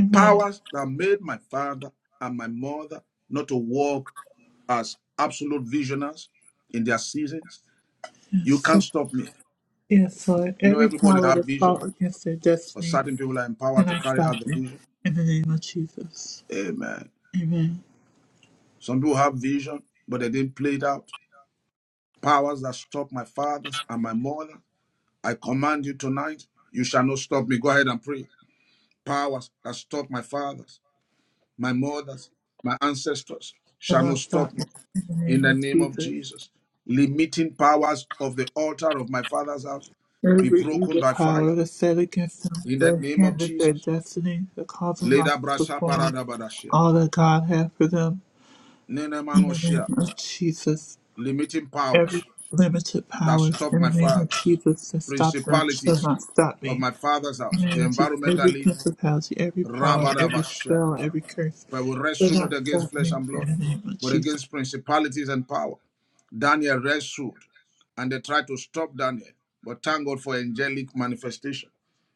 Amen. Powers that made my father and my mother not to walk as absolute visionaries in their seasons. You Yes. can't stop me. Yes, Lord. You know, Every everybody power have that vision, fought against their but destiny certain people are empowered to cannot carry out stop the me. vision. In the name of Jesus. Amen. Amen. Some people have vision, but they didn't play it out. Powers that stop my fathers and my mother. I command you tonight, you shall not stop me. Go ahead and pray. powers that stop my fathers, my mothers, my ancestors shall not Cannot stop stop me. me In the in name the of name of Jesus. Jesus. Limiting powers of the altar of my father's house be Every broken evil by fire power that set against them in the that name of hinders their Jesus. destiny, that cause them Leda not to brasa perform parada badashia. all that God has for them. Nene In the name manoshia. of Jesus, Limiting every powers limited that power, stop in my the name of fathers, Jesus, that stop them shall principalities not stop of me. my father's In the house, name the of Jesus, environment I every live, principality, every power, every spell, Rabadabasharaba. every curse For we shall wrestle not not against stop flesh me. and In blood, the name of but Jesus. against principalities and power. Daniel wrestled, and they tried to stop Daniel. But thank God for angelic manifestation.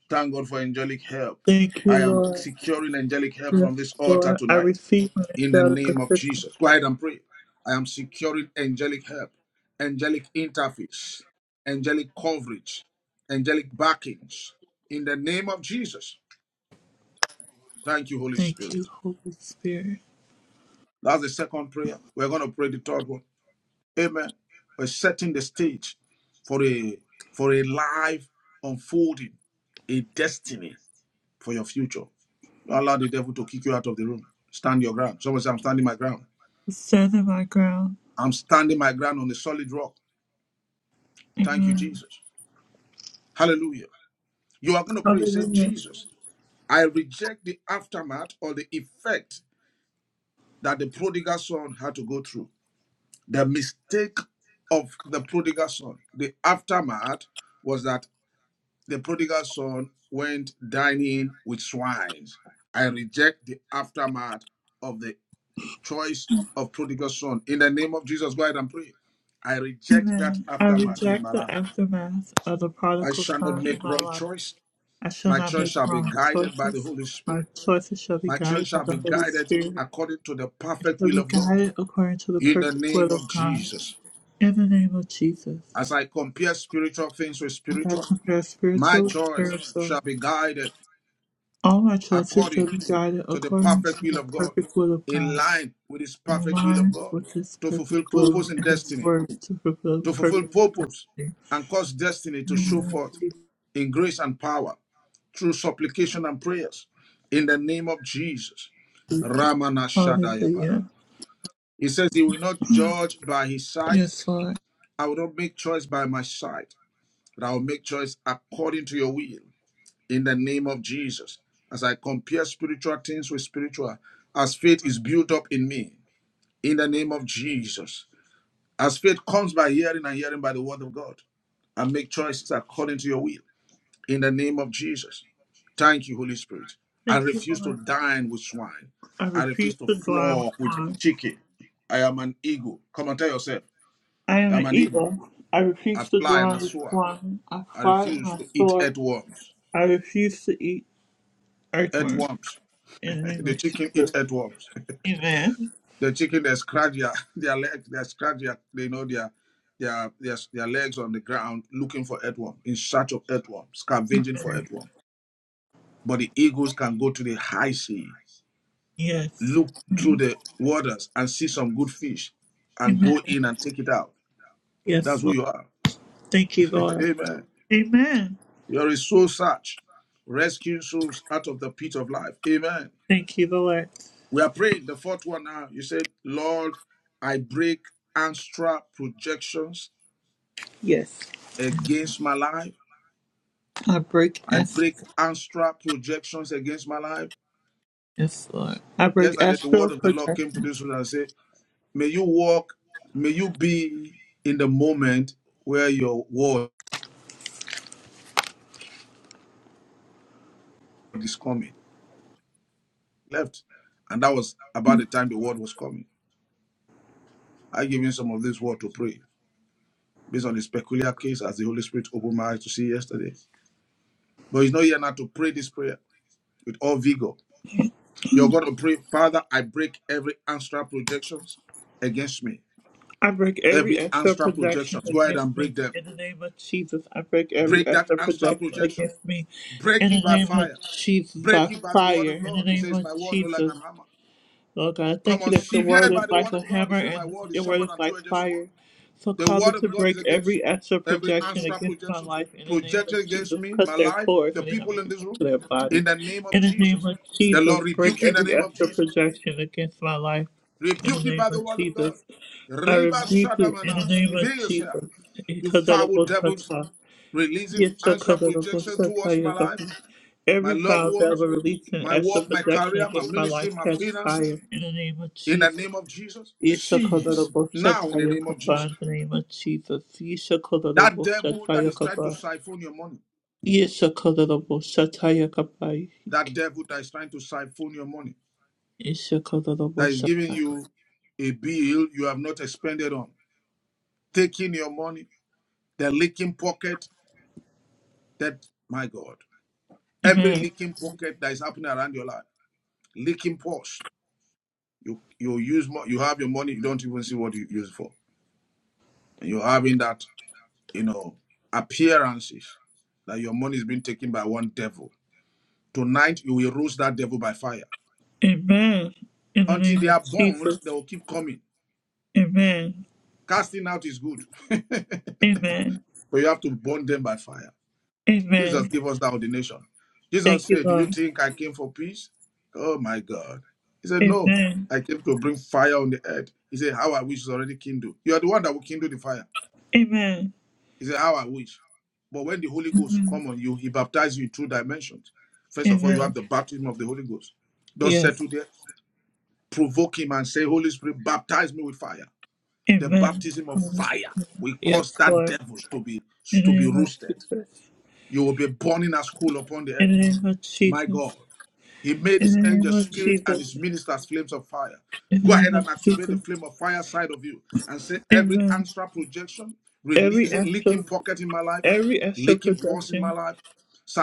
Thank God for angelic help. Thank you, I am Lord. securing angelic help Yes, from this altar Lord, I tonight receive my in the angelic name of assistance. Jesus. Go ahead and pray. I am securing angelic help, angelic interface, angelic coverage, angelic backings in the name of Jesus. Thank you, Holy Thank Spirit. you, Holy Spirit. That's the second prayer. We're going to pray the third one. Amen. We're setting the stage for a for a life unfolding, a destiny for your future. Don't allow the devil to kick you out of the room. Stand your ground. Someone say, I'm standing my ground. Stand in my ground. I'm standing my ground on a solid rock. Thank you, Amen. Jesus. Hallelujah. You are going to pray. Say, Hallelujah. Jesus, I reject the aftermath or the effect that the prodigal son had to go through. The mistake of the prodigal son, the aftermath was that the prodigal son went dining with swines. I reject the aftermath of the choice of prodigal son. In the name of Jesus, go ahead and pray. I reject that Amen. I aftermath in reject my the life. aftermath of the I prodigal shall not son in make my wrong life. choice. I shall My not choice make shall be wrong guided by the choices. Holy My Spirit. choices shall be My choice guided by shall the be Holy guided Spirit. according to the It perfect shall will be of God. guided according to the In the perfect will name of of God. Jesus. In the name of Jesus, As I compare spiritual things with I spiritual, compare my spiritual with choice spiritual. shall be guided All my choices shall according be guided to the according perfect to will the of God, perfect will of in God, line with His in perfect will of line God, with His to perfect fulfill purpose will and and His destiny, word to fulfill to fulfill perfect. purpose destiny. and cause destiny to show forth in grace and power through supplication and prayers in the name of Jesus. Ramana Shadayabada. Hallelujah. He says he will not judge by his sight. Yes, Lord. I will not make choice by my sight, but I will make choice according to your will. in the name of Jesus. As I compare spiritual things with spiritual, as faith is built up in me, in the name of Jesus. As faith comes by hearing and hearing by the word of God, and make choices according to your will, in the name of Jesus. Thank you, Holy Spirit. I Thank you, refuse to Lord. dine with swine. I I refuse refuse to to dwell with flock with flying. chicken. I am an eagle. Come and tell yourself, I am I'm an an eagle. eagle. I I refuse to fly and I dwell with soar. flying. I I fly and refuse I to eat soar. earthworms. I refuse to eat earthworms. Earthworms. In the name the of chicken eat Jesus. earthworms. Amen. the chicken they scratch their their leg they scratch their you know their their their, their legs on the ground looking for earthworm in search of earthworm scavenging for earthworm but the eagles can go to the high sea Yes. look through Amen. the waters and see some good fish and Amen. go in and take it out that's Yes, who Lord. you are Thank you, Lord. amen Amen. you're a soul search rescuing souls out of the pit of life amen Thank you, Lord. we are praying the fourth one now you said lord i break ancestral projections Yes. against my life. I break I es- break astral projections against my life. Yes, Lord. I break Yesterday, the word astral of the Lord came projection. to this room and said, May you walk, may you be in the moment where your word is coming left. And that was about the time the word was coming. I gave him some of this word to pray based on his peculiar case as the Holy Spirit opened my eyes to see yesterday. But he's not here now to pray this prayer with all vigor. You're going to pray, Father, I break every astral projections against me I break every Every extra Anstra projection projections, go ahead against and me break them. in the name of Jesus. I break every Break that extra Anstra projection projection. against me Break in the it by name of fire. Jesus Break by it by the word of fire. In the God. He name says, My of word no like Jesus, an hammer. Lord God, I Come thank you on, that your severe it word is by the like word a of God. He hammer says, My and word is your word sharper is than like two-edged sword. fire. So The cause word it to of God is break against you. every extra Every projection Anstra against my projections life in the name projected of against Jesus. me, my Cut their life, cords the when they not people in making this it room, to their body. in the name of In the name Jesus. of The Lord Jesus, rebuke break you in the every name of extra Jesus. projection against my life in the Rebuke it name by the of word of God. Jesus. I Reba rebuke it in the Shadamanas. name of Ibe Yesaya. Jesus. You foul devils Ikadarabosata. releasing answer projection Yeshakadarabosata towards my life, yakapa. my Every loved power that ones, will release an my extra work, my protection career, my against my ministry, life my catch finances, fire in the name of in the Jesus. name of Jesus. Cease now Yeshakadarabosata in the name of Jesus. yakapa in the name of Jesus. That devil that Yeshakadarabosata is trying to yakapa. siphon your money, Yeshakadarabosata yakapa. that devil that is trying to siphon your money, that is giving Yeshakadarabosata. you a bill you have not expended on, taking your money, the leaking pocket that, my God, every Amen. leaking pocket that is happening around your life, leaking purse, you you use more, you have your money, you don't even see what you use it for. You're having that, you know, appearances that your money is being taken by one devil. Tonight, you will roast that devil by fire. Amen. In the Until name they of are Jesus. burned, they will keep coming. Amen. Casting out is good, but Amen. you have to burn them by fire. Amen. Jesus gave us that ordination. Jesus Thank you, said, Do you Lord. think I came for peace? Oh my God. He said, No, Amen. I came to bring fire on the earth. He said, How I wish is already kindled. You are the one that will kindle the fire. Amen. He said, How I wish. But when the Holy Ghost Amen. come on you, he baptizes you in two dimensions. First of all, you have Amen. the baptism of the Holy Ghost. Don't Yes. settle there. Provoke him and say, Holy Spirit, baptize me with fire. The Amen. baptism of Holy fire Spirit. will cause Yes, that Lord. devils to be In the to be name of roasted. Jesus. You will be burning as coal upon the earth. In the name of My Jesus. God. He made In his the name angels of spirit and Jesus. his ministers flames of fire. In the Go ahead name and of activate the Jesus. flame of fire side of you and say every Amen. astral projection, Every releasing, extra, leaking pocket in my life, every extra leaking pause in protection. my life,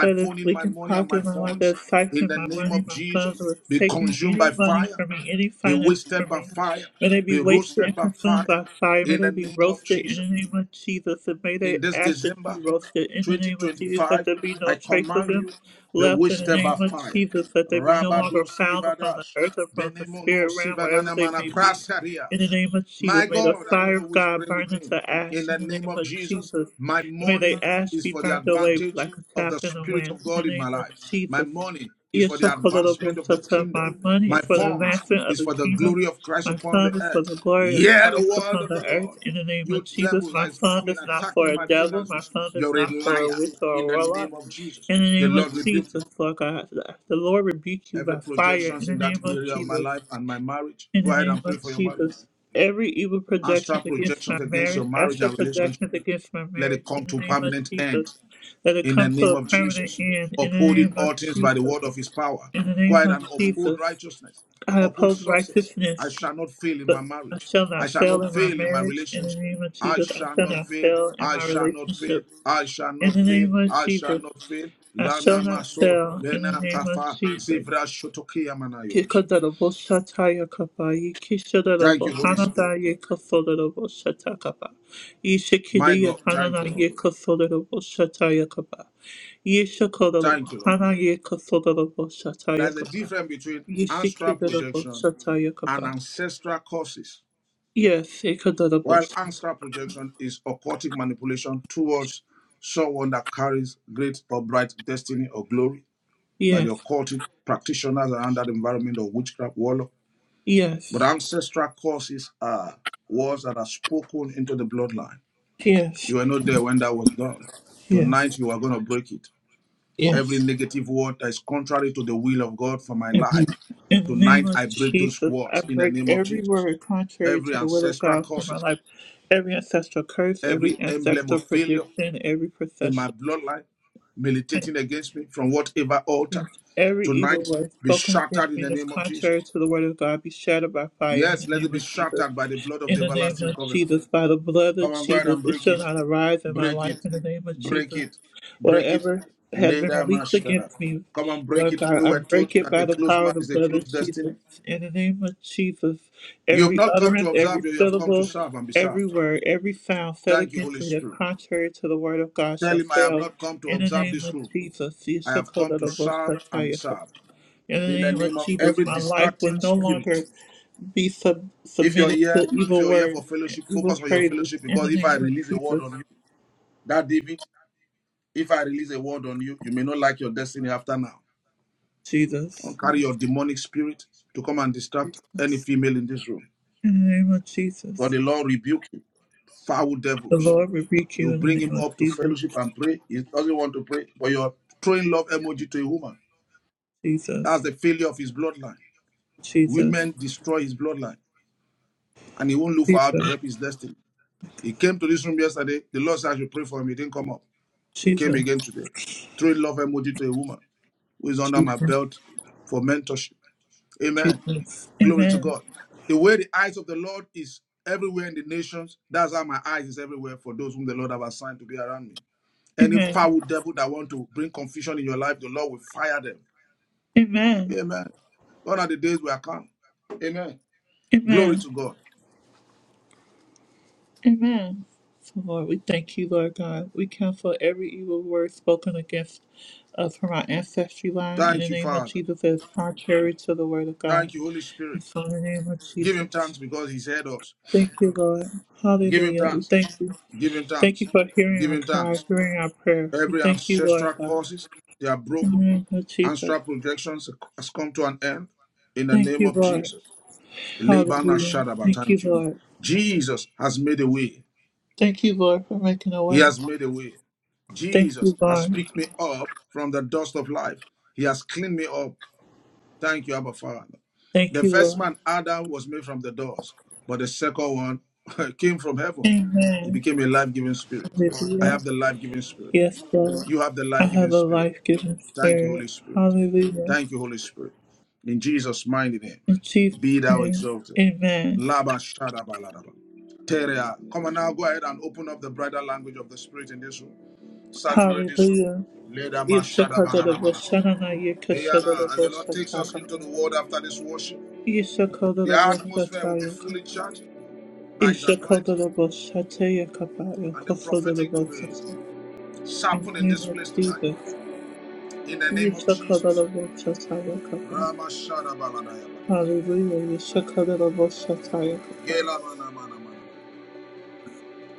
That is leak my in money and my pocket, my wife funds that's in taxing the my name money, of my sons Jesus. was Be taking consumed any by money fire, from me, any be finances wasted from by me. fire, May they be be wasted roasted and by consumed by fire fire. May in they the be name of roasted in Jesus. the name of Jesus. And may their In this ashes be December, roasted in the name of Jesus. Let 2025, there be I no trace of command them you, be left in bewitched the by name of fire. Jesus. Let they be no longer Rabadoski found upon the Vadash. earth or from the Benemono spirit realm, wherever they Sivananamana may be. In the Prasarias. name of Jesus, My may the God, I don't fire know of who is God praying burn with them me. to In ash. the In the name name of of Jesus, Jesus, my and may they money ash is be for the burnt away advantage like a of the chaff in the Spirit wind. of In the God in name my of life. My Jesus, money is for the advancement of the Yeshokolobosata, my kingdom. money My is for the funds advancement of is the for the kingdom. glory of Christ My upon the fund is for earth. the glory of Hear the Christ word upon of the the Lord. earth. In the name of You Jesus, devil that my is fund coming is not for attacking a my devil. My finances, fund is you're a not for a liar witch or in a the warlock. name of Jesus. In the The name Lord of rebuke you. Jesus, Lord God, the Lord rebuke you Every by fire. In projections the in that name of area of my Jesus. life and my marriage, In go the ahead name and pray of for your marriage. Jesus, every evil Answer projection against my projections against your marriage, marriage astral and relationship. projections against my Let it marriage, come in the to name of permanent end. Jesus, let it in the come to name a of permanent Jesus. end, in the Upholding name all of things by the Jesus, word of his power. in the Go name ahead of and uphold Jesus, righteousness, I uphold uphold success. righteousness, I shall not fail in my but I marriage. shall I not shall fail not in my fail in my marriage, in the relationship. name of I Jesus, I shall shall not not fail. fail in I my shall not fail. relationships, I shall in not the fail. name of I shall Jesus, not fail. I shall Lana not maso fail, in the bena name of kafa Jesus. zivra shotokia manayos. Kikadarabo Satayakaba, Thank Yikisadarabo you, Holy Spirit. Hanada Yekafodarabo Satakaba, My Yisikidia God, thank Hanana you, Lord. Yekafodarabo Satayakaba, Yisakadarabo Thank you, Lord. Hana Yekafodarabo There's a Satayakaba, difference between astral Yisikidarabo projection and Satayakaba. ancestral curses. Yes, Ikadarabo while Sat. ancestral projection is occultic manipulation towards someone that carries great or bright destiny or glory by the Yes, occultic practitioners around that environment of witchcraft, warlock. But yes, ancestral curses are words that are spoken into the bloodline. yes, You were not there when that was done. Tonight yes, you are going to break it. Every yes. negative word that is contrary to the will of God for my In life. the name Tonight I of break those Jesus, I words in the break name of every Jesus. word contrary Every to the will of ancestral God for my curses, life. Every ancestral curse, every every emblem ancestral of failure, prediction, every in my procession, bloodline militating against me from whatever altar every evil tonight word be spoken shattered against in me the that's name of contrary Jesus. to the word of God be shattered by fire in Yes, the let it name be of Jesus. shattered by the blood of In the the name everlasting of covenant. Jesus, by the blood Come of on, go ahead Jesus, and it break shall it, not arise in my break life it, in the name of break Jesus. it, break it. Whatever has been Later, released Mashara. against me, Come on, break Lord it. God, We I were taught break it that by a the closed power man of the is a blood of closed destiny. Jesus. In the name of Jesus, You have every not come to utterance, observe every you, you have come to syllable, serve and be every served. word, every sound said Thank you, Holy against me that's Spirit. contrary to the word of God Tell shall him, I have fail. not come to In the observe name this of rule. Jesus, I have come to serve and be Yeshakodadabosakayaka. served. in the in the name of name of Jesus, every my life will distracting no spirit. longer be sub- If you're submitted here, to if evil you're here for words and fellowship, evil focus on your phrases. fellowship In the because if I name of release a word Jesus, on you, that David, if I release a word on you, you may not like your destiny after now. Don't Jesus. carry your demonic spirit to come and distract any female in this room. In the name of For Jesus. the Lord rebuke you, foul The devils. Lord rebuke You you in bring the him name of up to Jesus. fellowship and pray. He doesn't want to pray, but you're throwing love emoji to a woman. That's Jesus. the failure of his bloodline. Jesus. Women destroy his bloodline, and he won't look for how to Jesus. help his destiny. He came to this room yesterday. The Lord said I should pray for him. He didn't come up. He came Jesus. again today. Threw love emoji to a woman who is under my Jesus. belt for mentorship. Amen. Jesus. Glory to Amen. God. The way the eyes of the Lord is everywhere in the nations, that's how my eyes is everywhere for those whom the Lord have assigned to be around me. Any Amen. foul devil that want to bring confusion in your life, the Lord will fire them. Amen. Amen. One of the days we are come. Amen. Glory Amen. to God. Amen. So Lord, we thank you, Lord God. We cancel every evil word spoken against us from our ancestry line in Thank the you, name of Father. Jesus that is contrary to the word of God. Thank you, Holy And Spirit. so in the name of Give him Jesus. thanks because he's heard us. Thank you, Lord. Give him Hallelujah. We thanks. thank you. Give him Thank thanks. you for hearing Give our him cry, thanks. hearing our prayer. We Every thank you, Lord ancestral God. causes, they are In the broken. name of Jesus. Ancestral projections has come to an end in the Thank name you, of Lord. Jesus. Labana Hallelujah. Shadaba, Thank you, thank you. Lord. Jesus has made a way. Thank you, Lord, for making a He way. has made a way. Thank Jesus you, has Lord. picked me up from the dust of life. He has cleaned me up. Thank you, Abba Father. Thank The you, first Lord. man, Adam, was made from the dust, but the second one came from heaven. He Amen. became a life giving spirit. I Hallelujah. have the life giving spirit. Yes, Lord. You have the I life giving have a spirit. life giving Thank you, spirit. Holy Spirit. Hallelujah. Thank you, Holy Spirit. In Jesus' mighty name, In Jesus' be thou name. exalted. Amen. Laba shadaba ladaba. Terea. Come on now, go ahead and open up the brighter language of the Spirit in this room. Saturate this room. Hallelujah. Leda ma shadaba na Eyana, As the Lord takes us into Yeshakadarabosananayekashadarabosatakapa. the world after this worship, the atmosphere will be Yeshakadarabosatakapa. fully charged by His Isha anointing, Kodalabo Shate Yakaba and the prophetic will Yokofodalabo be Shata. In sharpened the in name this of place tonight. Jesus. In the name of Isha Jesus. Kodalabo Shata Yakaba. Rama shadaba ladaya. Hallelujah. Isha Kodalabo Shata Yakaba. Gela mana mana mana.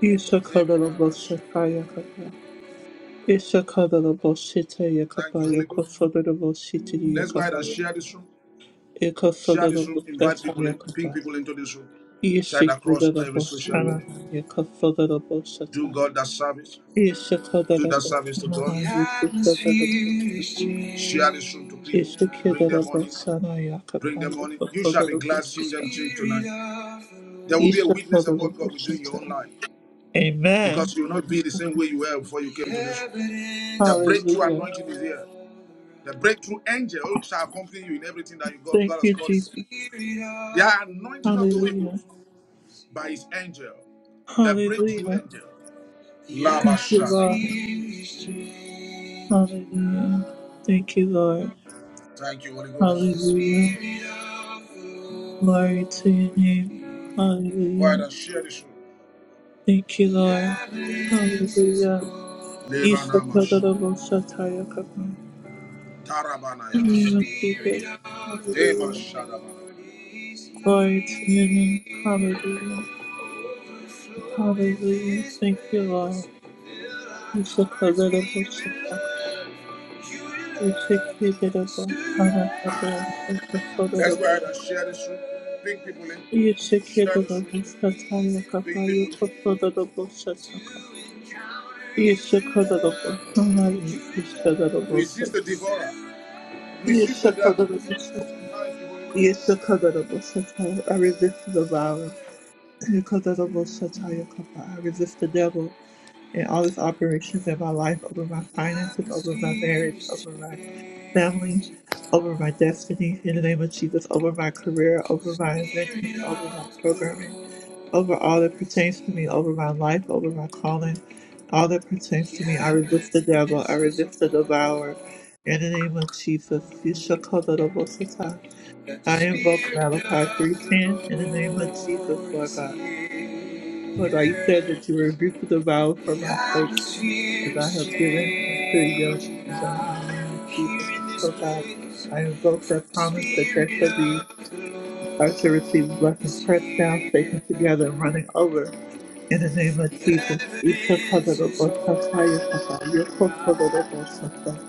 Isha Kodalabo Shata Yakaba. Isha Kodalabo Shite Thank Yakaba you, Holy Ghost. Yokofodalabo Shite Let's go ahead and Yakaba share Yakaba. this room. Share this room. Ekofodalabo Invite Shata people in. Ping Yakaba. people into this room. Share it Isha across every Kodalabo social Shana media. Yakofodalabo Do Shata. God that service. Isha Do that Kodalabo service to God. The Shana Yakofodalabo Shata. atmosphere is changing. Share this room to people. Bring Ishikedera them on in. Bosana Bring Yakapa them on in. You shall be Yokokodera glad seeing Bushita. them change tonight. There will be a witness of Ishakodera what God will do in your own Bushita. life because Amen. you will not be the same way you were before you came to this room. The breakthrough Hallelujah. anointing is here. The breakthrough angel shall accompany you in everything that you God, Thank God has you, called Jesus. you. The anointing of the Holy Hallelujah. Ghost by his angel, the breakthrough Hallelujah. angel. Thank you, Labashana. Lord. Hallelujah. Thank you, Lord. Thank you, Holy Ghost. Hallelujah. Glory to your name. Why Hallelujah. don't share this room? Thank you, Lord. Hallelujah. Lebanamash. Ishakodera Bushata Yakapa. In Tarabanaya. The the name of Spirit Jesus. of the Hallelujah. Lord is Glory to your name. here. Hallelujah. Overflow in Hallelujah. this Thank you, Lord. place. Fill our You should put hearts it up with with your Shaka. love. Your You should love keep it up with Tana Kaba. You should put surrounds it That's up why I with- share this room. Bring people in. You should keep Share it this room. up with Shataya Bring Kaba. You people should put in. it up with Shataka. You should put it up with Tana. You should put it up with Resist the Shataka. devourer. You Resist the should put devil. it up with Shataka. You should put it up with Shataka. I resist the devourer. I resist the devil in all his operations in my life, over my finances, over my marriage, over my family, over my destiny, in the name of Jesus, over my career, over my inventions, over my programming, over all that pertains to me, over my life, over my calling, all that pertains to me. I resist the devil, I resist the devourer. In the name of Jesus, you shall call the devil Satan. I Thank invoke you, Malachi 3.10 in the name of Jesus, Holy Lord God. Lord, I said that you One. rebuke the vow for The my sake, atmosphere as I is have given unto your changing kingdom in now the name of here Jesus. in this So God, place. I invoke For that the promise that there Spirit shall be of the I shall receive Lord blessings is pressed down, here. shaken together, and running over. In the name of The Jesus, Isha evidence Kadara is Bosakaya Kata, all Yoko around. Kodara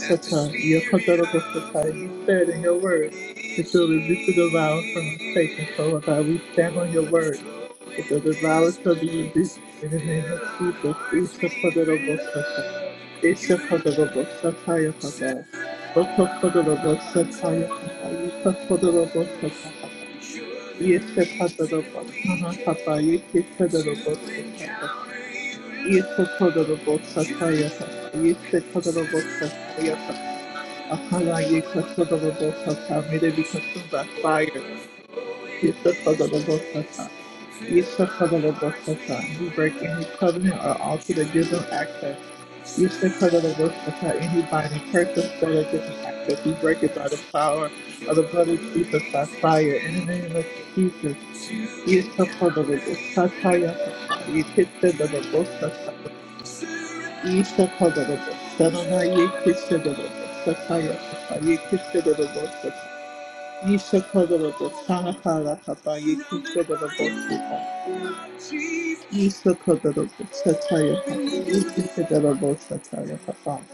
that the Spirit of Yakadadabasata. the You said in your Lord word that is you'll resist the devourer from us taken. here. So, Lord God, we stand on your word Overflow that the in this devourer shall be rebuked place. in the name of Fill our Jesus. hearts with your Yisakadadabasata, love. Your Yisakadadabasata, love Yakada. Yisakadadabasata, surrounds Yakada. Yisakadadabasata, Yakada. us. You're the reason Yisakadadabasana, we Yakada. came to Yisakadadabasata, Yakada. encounter your Yese love. kororobo Your sataya kaka. love Yese surrounds kororobo us. sataya kaka. Akala ye kororobo sata. May they be consumed by fire. Yese kororobo sata. Yese kororobo sata. We break any covenant or altar that gives them access. Yese kororobo sata. Any binding curses that gives them access. We break it by the power of the blood of Jesus by fire. In the name of Jesus. To Yese encounter kororobo your sataya kaka. love, Yese your kororobo love sataya Isha Kadabos, surrounds Sarana Yekishabos, Sataya, Yekishabos, Isha Kadabos, us. Sanakara, Kapa, Surrounded by your Yekishabos, love, Jesus. Isha Kadabos, Sataya, Oh, we need your love. Yekishabos, Sataya, Kapa.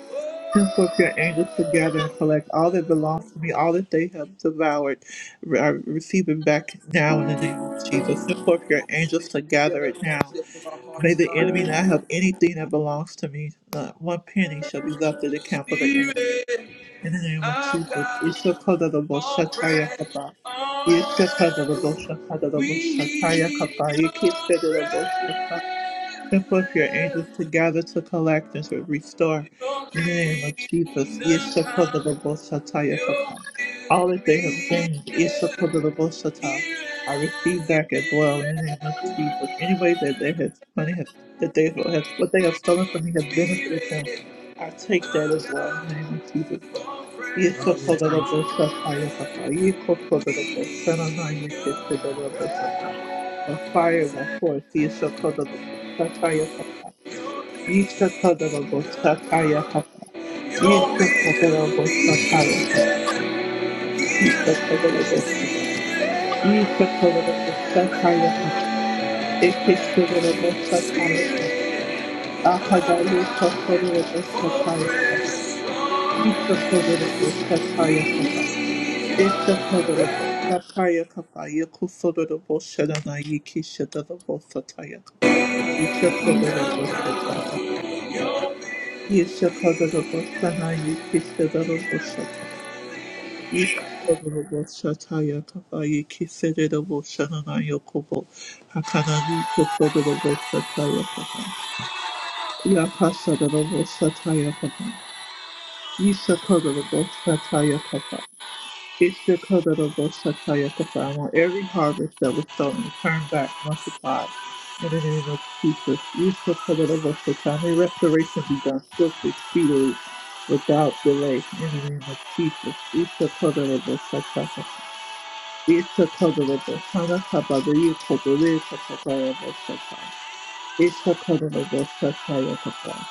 Send forth your angels to gather and collect all that Oh. belongs to me, all that they have devoured. Re- I receive it back now in the name of Jesus. Send forth your Let's angels sing to gather together it from the now. our hearts May the enemy tonight. not have anything that belongs to me. Not one penny shall be left in the camp of the enemy. Spirit In the name of of Jesus. God, fall Ishakadadaboshataya fresh kapa. on us. We Ishakadadaboshataya need your Send forth your angels presence, to gather, to collect, and to restore. your In the name of Jesus, kingdom Yeshua come, your All will that they have be gained, done. Yeshua Here I receive as it back as well. is, In the name of Jesus, any way that they have money has that they have what they have stolen from me has benefited them. Spirit I take that as of well. In the God, name of Jesus. fall The fresh fire Lord, we We need your that presence, forth, Yeshakadabosatayakapa. your kingdom come, Yeshakadabosatayakapa. Yeshakadabosatayakapa. your will be Yeshakadabosatayakapa. done. Here as it is, Yeshakadabosatayakapa. Ekeshadabosatayakapa. Spirit of Ahadaye God. kosodabosatayakapa. Yeshakadabosatayakapa. Ishakadabo, Takaya Kapaya Kusodabo, Shadanai Kishadabo Sataya. Ishakadabo Sataka. Ishakadabo Sanai Kishadabo Shata. Ishakadabo Shataya Kapaya Kisadabo Shadanai Yokobo. Hakanani Kusodabo Sataya Kapa. Yakashadabo Sataya Kapa. Ishakadabo Sataya Kapa. Bishop Hodobo Shataya Papa, I want every harvest that was sown returned back multiplied. In the name of Jesus, Bishop Hodobo Shataya, may restoration be done swiftly, speedily, without delay. In the name of Jesus, Bishop Hodobo Shataya, Bishop Hodobo Hana Kabadaya Kodore Katakaya Shataya, Bishop Hodobo Shataya Papa,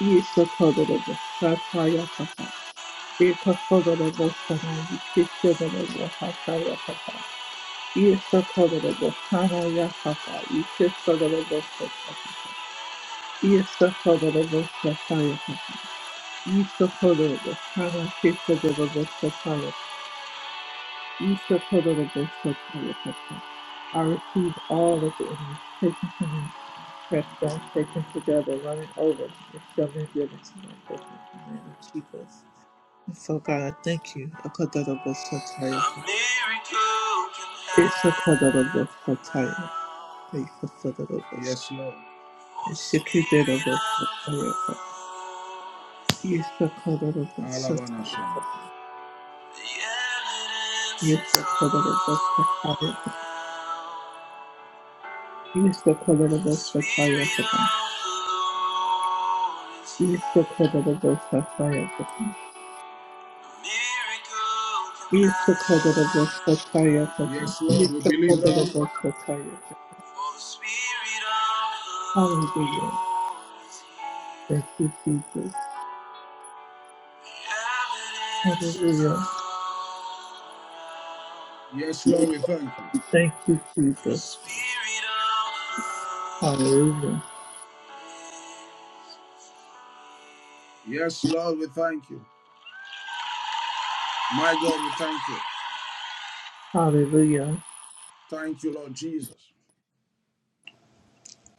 Bishop Hodobo Shataya Papa. Ita kono no mosana, ikise no no mohata ya papa. Isa kono no mosana ya papa, ikise no no mosana ya papa. Isa kono no mosana ya papa. Isa kono no mosana, ikise no no mosana ya papa. Isa kono no mosana ya papa. I receive all of it and it's taken from me, pressed down, taken together, running over, and it's seven given to my bosom in the name of Jesus. So God, I thank you. Akadadabasataya. It's Akadadabasataya. Akadadabasataya. Yes, Lord. Oh, It's Spirit Shikidadabasataya. It's of the Lord is here. Akadadabasataya. Alabanasha. The evidence It's is all Akadadabasataya. around. It's The Spirit Akadadabasataya. of the Lord is It's here. Akadadabasataya. A miracle can It's Akadadabasataya. happen now. Yes, Lord, we It's believe that. Akadadabasataya. For the Spirit of the Hallelujah. Lord is here. Thank you, Jesus. The evidence is Hallelujah. all around. Yes, Lord, we thank you. Thank you, The Jesus. Spirit of the Hallelujah. Lord. Yes, Lord, we thank you. My God, we thank you. Hallelujah. Thank you, Lord Jesus.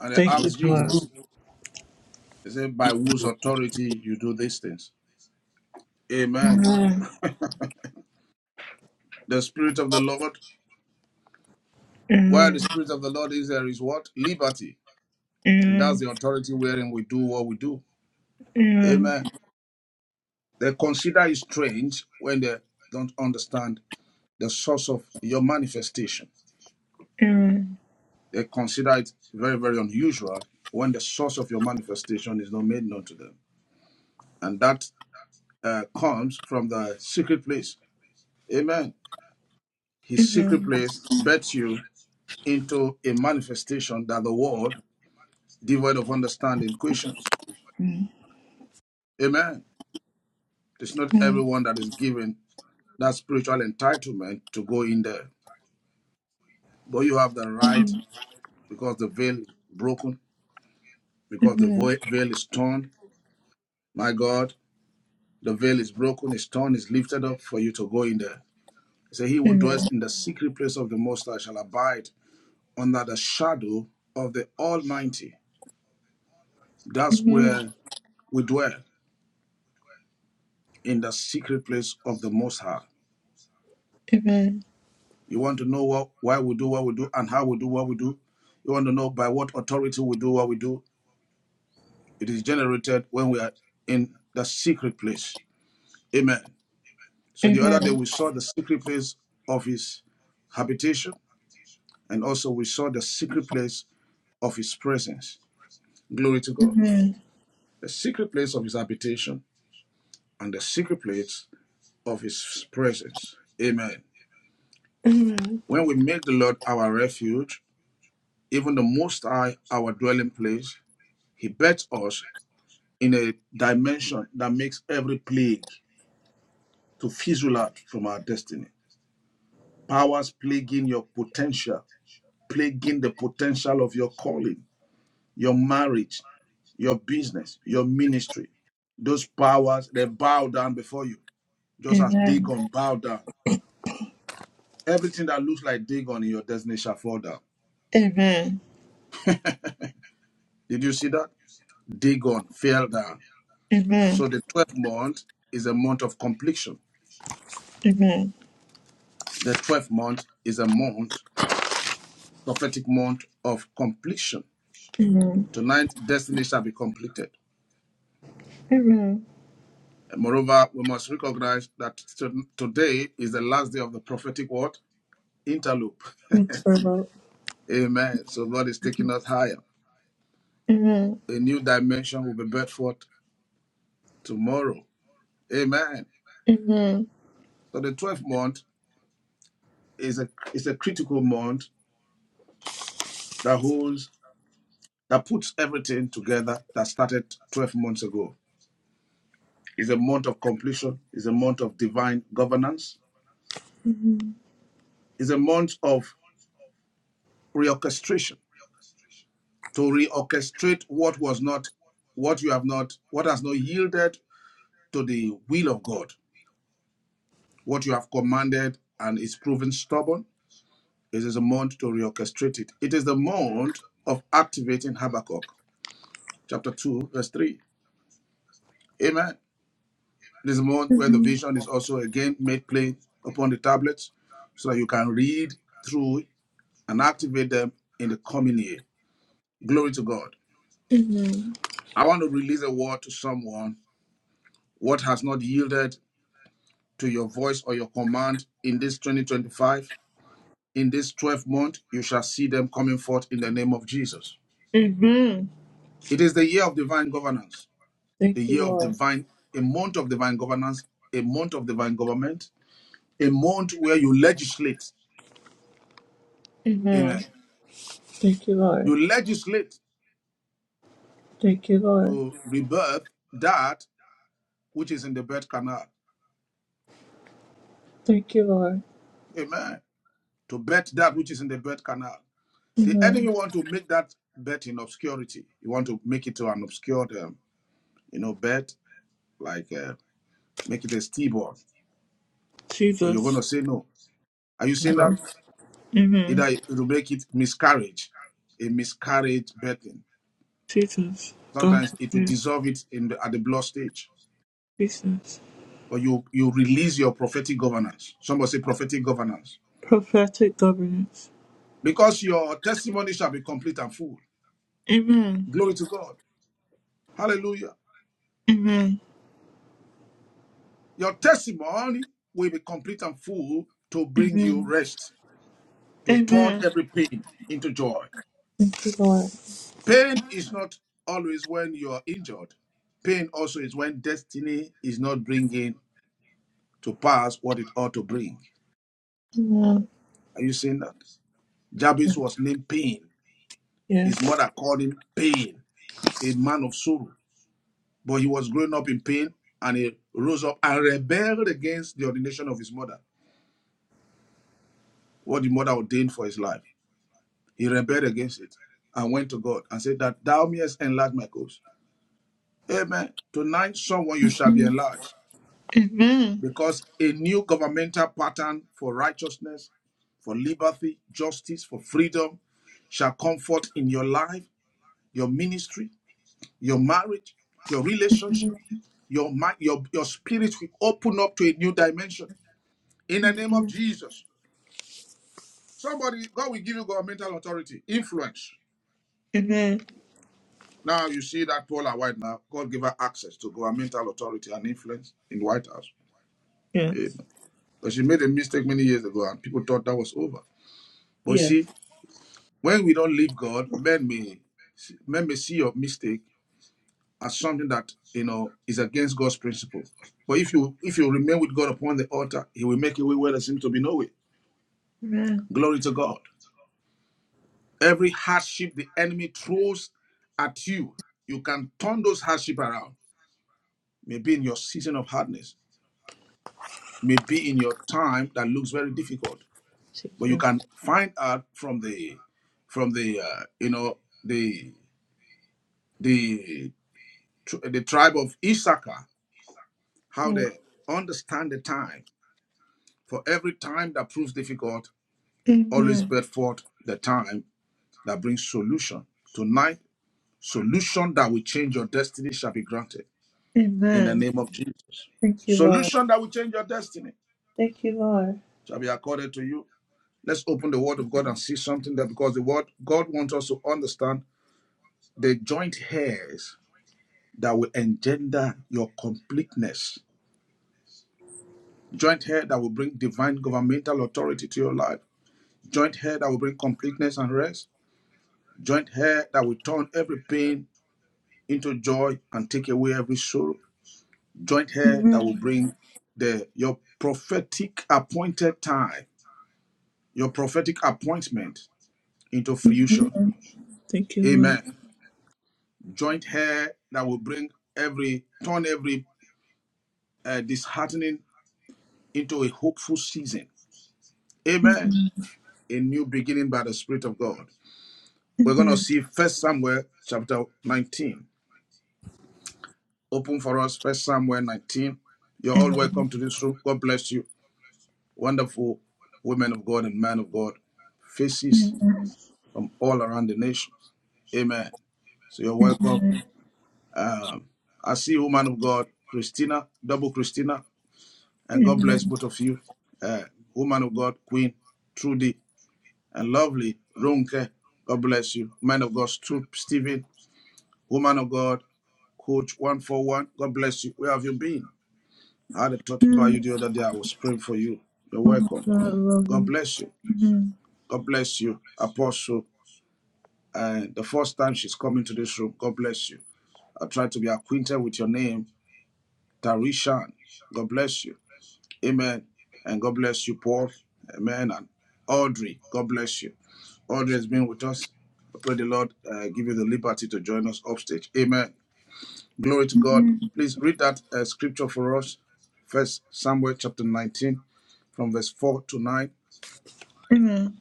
And they Thank you, asked Lord. Jesus, They said, By whose authority you do these things? Amen. The Spirit of the Lord, where the Amen. Spirit of the Lord is, there is what? Liberty. And that's Amen. the authority wherein we do what we do. Amen. Amen. They consider it strange when they don't understand the source of your manifestation. Amen. They consider it very, very unusual when the source of your manifestation is not made known to them. And that uh, comes from the secret place. Amen. His Amen. secret place bets you into a manifestation that the world, devoid of understanding, questions. Amen. It's not everyone that is given that spiritual entitlement to go in there, but you have the right because the veil is broken, because the Amen. veil is torn. My God, the veil is broken, is torn, is lifted up for you to go in there. So He Amen. who dwells Amen. in the secret place of the Most High shall abide under the shadow of the Almighty. That's Amen. where we dwell in the secret place of the Most High. Amen. You want to know what, why we do what we do and how we do what we do. You want to know by what authority we do what we do. It is generated when we are in the secret place. Amen. So the other day we saw the secret place of his habitation and also we saw the secret place of his presence. Glory to God. The secret place of his habitation and the secret place of his presence. Amen. When we make the Lord our refuge, even the Most High our dwelling place, he bets us in a dimension that makes every plague to fizzle out from our destiny. Powers plaguing your potential, plaguing the potential of your calling, your marriage, your business, your ministry. Those powers, they bow down before you, just as Dagon bowed down. Everything that looks like Dagon in your destiny shall fall down. Amen. Did you see that? Dagon fell down. Amen. So the 12th month is a month of completion. The 12th month is a month prophetic month of completion. Tonight, destiny shall be completed. Amen. Amen. And moreover, we must recognize that today is the last day of the prophetic word interloop. Thank you, Lord. Amen. So God is taking us higher. Amen. A new dimension will be birthed forth tomorrow. Amen. Amen. So the 12th month is a is a critical month that holds that puts everything together that started 12 months ago. It's a month of completion. It's a month of divine governance. It's a month of reorchestration to reorchestrate what was not, what you have not, what has not yielded to the will of God, what you have commanded and is proven stubborn. It is a month to reorchestrate it. It is the month of activating Habakkuk, chapter 2, verse 3. Amen. This is a month where the vision is also again made plain upon the tablets so that you can read through and activate them in the coming year. Glory to God. I want to release a word to someone what has not yielded to your voice or your command in this 2025. In this 12th month, you shall see them coming forth in the name of Jesus. Amen. It is the year of divine governance, the Thank you, year of Lord. divine, a month of divine governance, a month of divine government, a month where you legislate. Amen. Amen. Thank you, Lord. You legislate Thank you, Lord. to rebirth that which is in the birth canal. Thank you, Lord. Amen. To bet that which is in the birth canal. The enemy Amen. want to make that bet in obscurity. You want to make it to an obscure, um, you know, bet like uh, make it a stillborn, but you're going to Jesus. say no. Are you seeing that? Either Amen. it will make it miscarriage, a miscarriage birthing. Jesus. God Sometimes it will forgive. dissolve it in the, at the blood stage, Jesus. but you you release your prophetic governance. Somebody say prophetic governance Prophetic governance. because your testimony shall be complete and full. Amen. Glory to God. Hallelujah. Amen. Your testimony will be complete and full to bring you Amen. rest, to turn Amen. every pain into joy. Thank you, Lord. Pain is not always when you are injured. Pain also is when destiny is not bringing to pass what it ought to bring. Amen. Are you seeing that? Jabez was named Pain. His Yes. mother called him Pain, a man of sorrow. But he was growing up in pain and he rose up and rebelled against the ordination of his mother, what the mother ordained for his life. He rebelled against it and went to God and said that thou mayest enlarge my cause. Amen. Tonight, someone you shall be enlarged. because a new governmental pattern for righteousness, for liberty, justice, for freedom shall comfort in your life, your ministry, your marriage, your relationship, your mind, your, your spirit will open up to a new dimension. In the name of Jesus, somebody, God will give you governmental authority, influence. Amen. Now you see that Paula White now, God give her access to governmental authority and influence in White House. Yes. Amen. But she made a mistake many years ago and people thought that was over. But Yes. see, When we don't leave God, men may men may see your mistake as something that you know is against God's principle. But if you if you remain with God upon the altar, He will make a way where there seems to be no way. Amen. Glory to God. Every hardship the enemy throws at you, you can turn those hardship around. Maybe in your season of hardness, maybe in your time that looks very difficult, but you Jesus. can find out from the from the uh, you know the the tr- the tribe of Issachar how Yes. they understand the time. For every time that proves difficult, always Amen. bring forth the time that brings solution. Tonight, solution that will change your destiny shall be granted in the Amen. name of Jesus. Thank you, Lord. Solution that will change your destiny Thank you, Lord. shall be accorded to you. Let's open the word of God and see something there because the word God wants us to understand the joint hairs that will engender your completeness. Joint hair that will bring divine governmental authority to your life joint head that will bring completeness and rest, joint head that will turn every pain into joy and take away every sorrow, joint head that will bring the your prophetic appointed time, your prophetic appointment into fruition. Thank you, Lord. Amen. Joint head that will bring every turn every uh, disheartening into a hopeful season. Amen. A new beginning by the Spirit of God. We're going to Amen. see First Samuel chapter 19 Open for us, First Samuel 19. You're all Amen. welcome to this room. God bless you. Wonderful women of God and men of God, faces from all around the nations. Amen. So you're welcome. Um, I see woman of God, Christina, double Christina, and God bless Amen. both of you. Uh, woman of God, Queen, Trudy, and lovely Ronke. God bless you. Man of God, Stephen. Woman of God, Coach 141. God bless you. Where have you been? I had a thought about you Amen. the other day. I was praying for you. You're Oh my welcome. God, I love God you. bless you. Amen. God bless you, Apostle. And the first time she's coming to this room, God bless you. I try to be acquainted with your name, Tarishan. God bless you. Amen. And God bless you, Paul. Amen. And Audrey, God bless you. Audrey has been with us. I pray the Lord uh, give you the liberty to join us upstage. Amen. Glory to God. Please read that uh, scripture for us. First Samuel chapter 19, from verse 4 to 9. Amen.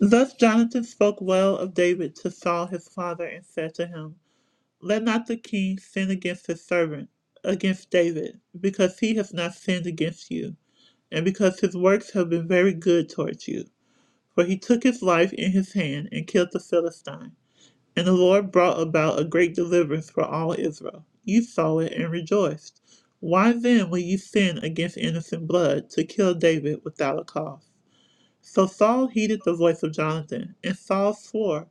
Thus Jonathan spoke well of David to Saul his father and said to him, Let not the king sin against his servant, against David, because he has not sinned against you. and because his works have been very good towards you. For he took his life in his hand and killed the Philistine. And the Lord brought about a great deliverance for all Israel. You saw it and rejoiced. Why then will you sin against innocent blood to kill David without a cause? So Saul heeded the voice of Jonathan, and Saul swore,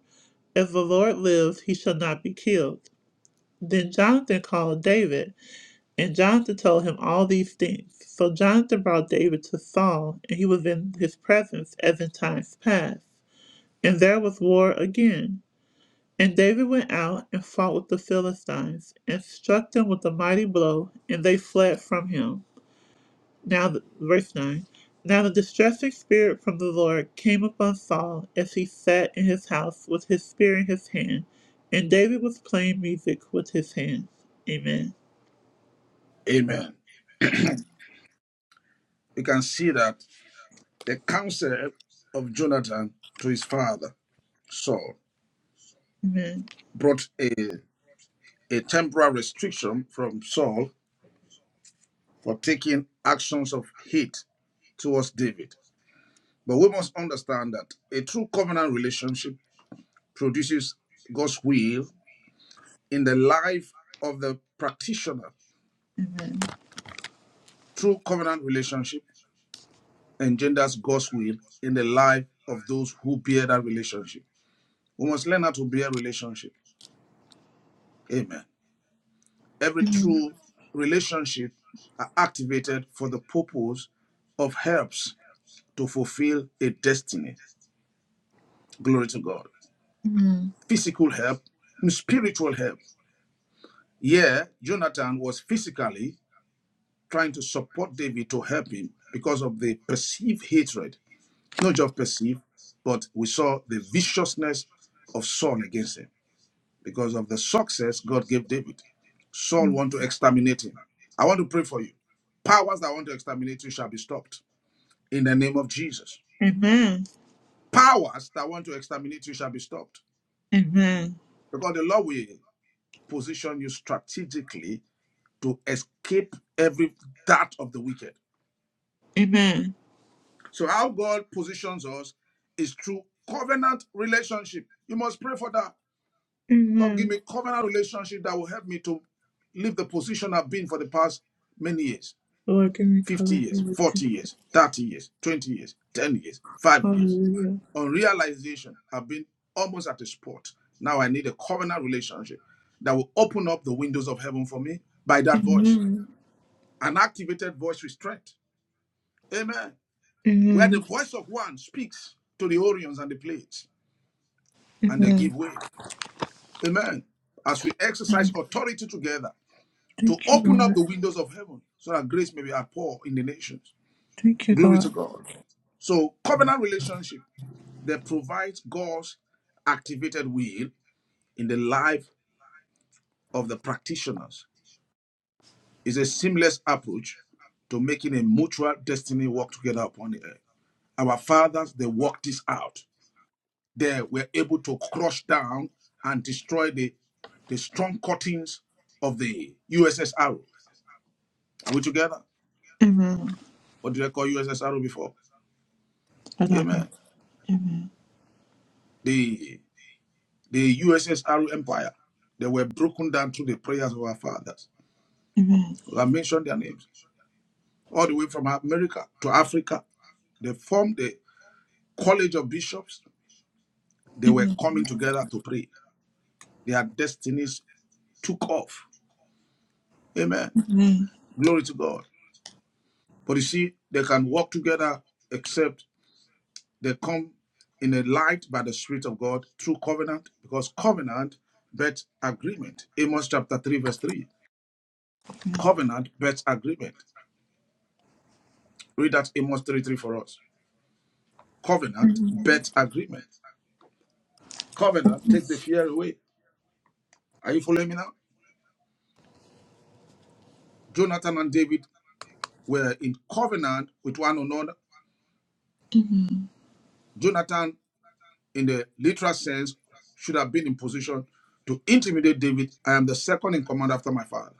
As the Lord lives, he shall not be killed. Then Jonathan called David and Jonathan told him all these things. So Jonathan brought David to Saul, and he was in his presence as in times past. And there was war again. And David went out and fought with the Philistines, and struck them with a mighty blow, and they fled from him. Now, verse 9. Now the distressing spirit from the Lord came upon Saul as he sat in his house with his spear in his hand, and David was playing music with his hands. Amen. Amen. You can see that the counsel of Jonathan to his father, Saul, Amen. brought a, a temporary restriction from Saul for taking actions of hate towards David. But we must understand that a true covenant relationship produces God's will in the life of the practitioner. Amen. True covenant relationship engenders God's will in the life of those who bear that relationship. We must learn how to bear relationship. Amen. Every Amen. true relationship are activated for the purpose of helps to fulfill a destiny. Glory to God. Amen. Physical help and spiritual help. Yeah, Jonathan was physically trying to support David to help him because of the perceived hatred. Not just perceived, but we saw the viciousness of Saul against him. because of the success God gave David. Saul want to exterminate him. I want to pray for you. Powers that want to exterminate you shall be stopped in the name of Jesus. Amen. Powers that want to exterminate you shall be stopped Amen. because the Lord will position you strategically to escape every dart of the wicked. Amen. So how God positions us is through covenant relationship. You must pray for that. God give Amen. me covenant relationship that will help me to leave the position I've been for the past many years. Lord, give me 50 color for years, riches. 40 years, 30 years, 20 years, 10 years, 5 years. Hallelujah. On realization, I've been almost at a spot. Now I need a covenant relationship that will open up the windows of heaven for me by that voice. Amen. An activated voice with strength. Amen. Where the Amen. voice of one speaks to the Orions and the plates, and they give Amen. way. Amen. As we exercise authority together to Thank you, open up Lord. the windows of heaven so that grace may be outpoured in the nations. Thank you, Glory Lord. to God. So, covenant relationship that provides God's activated will in the life of the practitioners. It's a seamless approach to making a mutual destiny work together upon the earth. Our fathers, they worked this out. They were able to crush down and destroy the, the strong cuttings of the USS Arrow. Are we together? Amen. What did I call USS Arrow before? Adabo. Amen. Amen. The, the USS Arrow Empire, they were broken down through the prayers of our fathers. Amen. I mentioned their names. all the way from America to Africa. They formed the College of Bishops. They were Amen. coming together to pray. Their destinies took off. Amen. Amen. Glory to God. But you see, they can walk together except they come in a light by the Spirit of God through covenant, because covenant bets agreement. Amos chapter 3, verse 3. Covenant bets agreement. Read that Amos 3 3 for us. Covenant bets agreement. Covenant takes the fear away. Are you following me now? Jonathan and David were in covenant with one another. Jonathan, in the literal sense, should have been in position to intimidate David. I am the second in command after my father.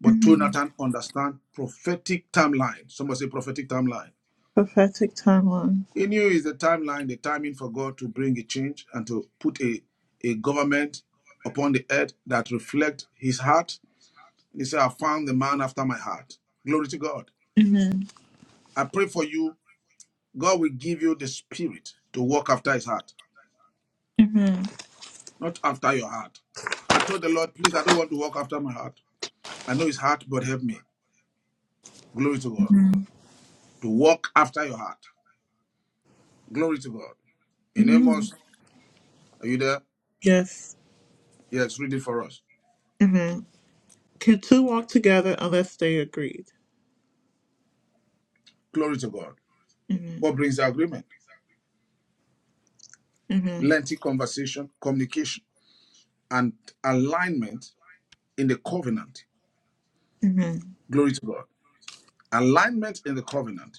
But Amen. Jonathan understand prophetic timeline. Somebody say prophetic timeline. Prophetic timeline. He knew is the timeline, the timing for God to bring a change and to put a, a government upon the earth that reflect his heart. He said, I found the man after my heart. Glory to God. Amen. I pray for you God will give you the spirit to walk after his heart, Amen. not after your heart. I told the Lord, please, I don't want to walk after my heart. I know his heart, but help me. Glory to God. Amen. To walk after your heart. Glory to God. In Amen. Amos, are you there? Yes. Yes, read it for us. Amen. Can two walk together unless they agreed? Glory to God. Amen. What brings the agreement? Amen. Lengthy conversation, communication, and alignment in the covenant. Amen. Glory to God. Alignment in the covenant.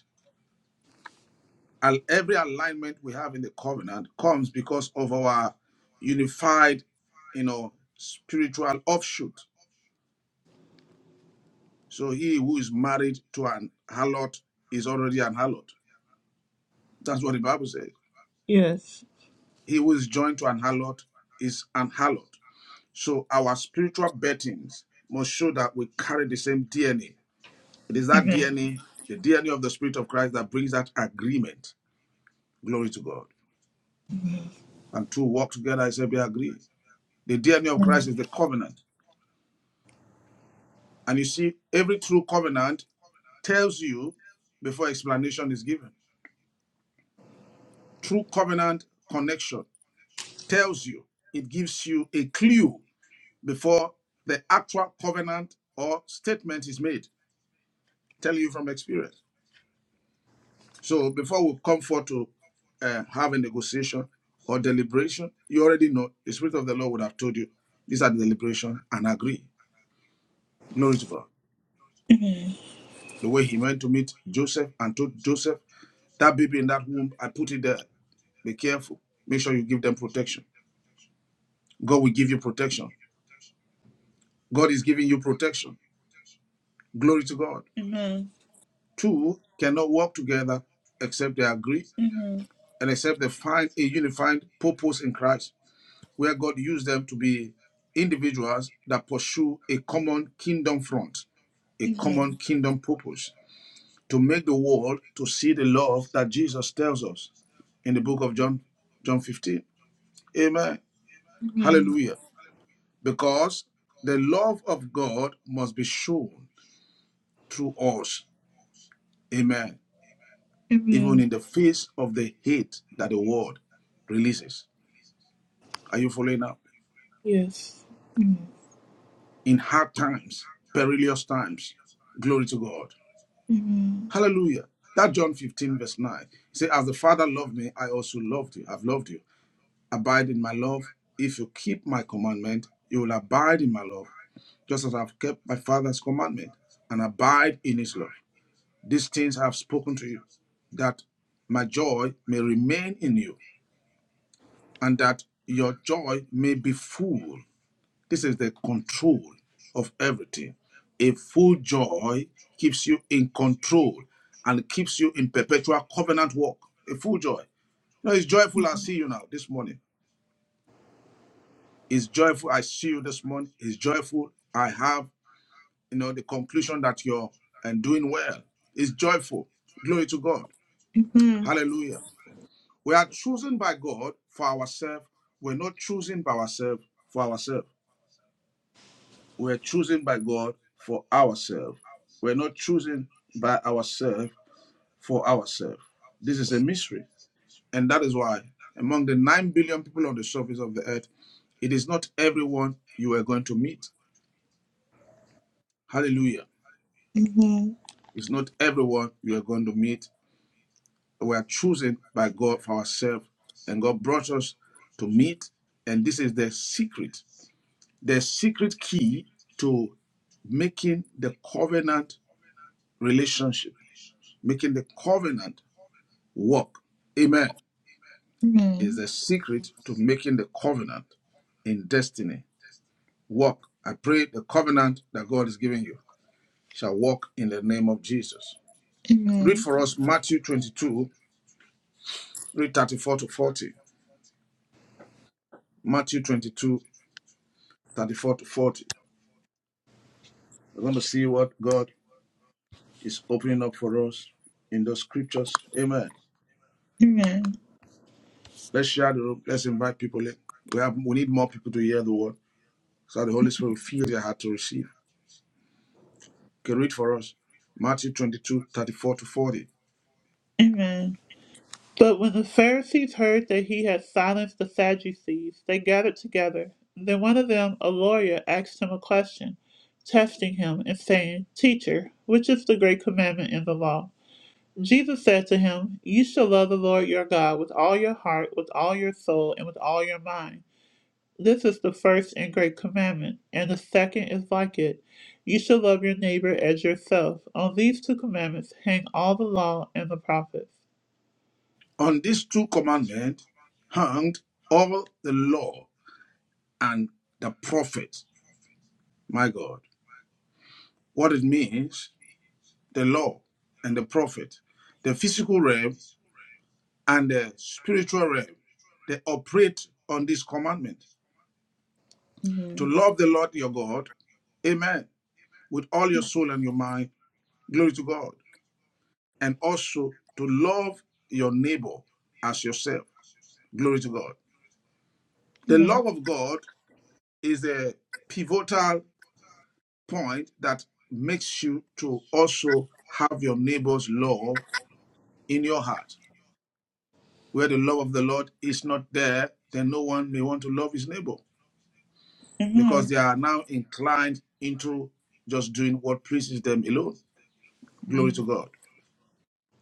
And every alignment we have in the covenant comes because of our unified, you know, spiritual offshoot. So he who is married to an harlot is already an harlot. That's what the Bible says. Yes. He who is joined to an harlot is an harlot. So our spiritual bettings must show that we carry the same DNA. It is that DNA, the DNA of the Spirit of Christ, that brings that agreement. Glory to God. And two walk together, I say, be agreed. The DNA of Christ is the covenant. And you see, every true covenant tells you before explanation is given. True covenant connection tells you, it gives you a clue before the actual covenant or statement is made, telling you from experience. So before we come forth to uh, have a negotiation or deliberation, you already know the Spirit of the Lord would have told you these are the deliberation and agree. Glory to God. The way he went to meet Joseph and told Joseph, that baby in that womb, I put it there. Be careful. Make sure you give them protection. God will give you protection. God is giving you protection. Glory to God. Amen. Two cannot work together except they agree Amen. and except they find a unified purpose in Christ, where God used them to be individuals that pursue a common kingdom front, a Amen. common kingdom purpose, to make the world to see the love that Jesus tells us in the book of John, John 15. Amen. Amen. Hallelujah. because the love of God must be shown through us. Amen. Amen. Even in the face of the hate that the world releases. Are you following now? Yes. Amen. In hard times, perilous times, glory to God. Amen. Hallelujah. That John 15, verse 9. Say, as the Father loved me, I also loved you. I've loved you. Abide in my love. If you keep my commandment, you will abide in my love, just as I've kept my Father's commandment and abide in his love. These things I have spoken to you, that my joy may remain in you, and that your joy may be full. This is the control of everything. A full joy keeps you in control and keeps you in perpetual covenant walk. A full joy. You know, it's joyful I see you now this morning. It's joyful I see you this morning. It's joyful I have, you know, the conclusion that you're and doing well. It's joyful. Glory to God. Amen. Hallelujah. We are chosen by God for ourselves. We're not chosen by ourselves for ourselves. We're chosen by God for ourselves. We're not chosen by ourselves for ourselves. This is a mystery. And that is why, among the 9 billion people on the surface of the earth, it is not everyone you are going to meet. Hallelujah. Amen. It's not everyone you are going to meet. We are chosen by God for ourselves. And God brought us to meet. And this is the secret. the secret key to making the covenant relationship, making the covenant work. Amen. Is the secret to making the covenant in destiny work. I pray the covenant that God is giving you shall work in the name of Jesus. Read for us Matthew 22, read 34 to 40. Matthew 22, 34 to 40. We're going to see what God is opening up for us in those scriptures. Amen. Amen. Let's share the room. Let's invite people in. We have we need more people to hear the word so that the Holy Spirit will feel their heart to receive. Can read for us Matthew 22, 34 to 40. Amen. But when the Pharisees heard that he had silenced the Sadducees, they gathered together. Then one of them, a lawyer, asked him a question, testing him and saying, Teacher, which is the great commandment in the law? Jesus said to him, You shall love the Lord your God with all your heart, with all your soul, and with all your mind. This is the first and great commandment, and the second is like it. You shall love your neighbor as yourself. On these two commandments hang all the law and the prophets. On these two commandments hung all the law and the prophets. My God. What it means, the law and the prophet, the physical realm and the spiritual realm, they operate on this commandment. To Amen. love the Lord your God, amen, with all your soul and your mind Glory to God. And also to love your neighbor as yourself. Glory to God. The Amen. love of God is a pivotal point that makes you to also have your neighbor's love in your heart. Where the love of the Lord is not there, then no one may want to love his neighbor because Amen. they are now inclined into just doing what pleases them alone. Glory to Amen. God.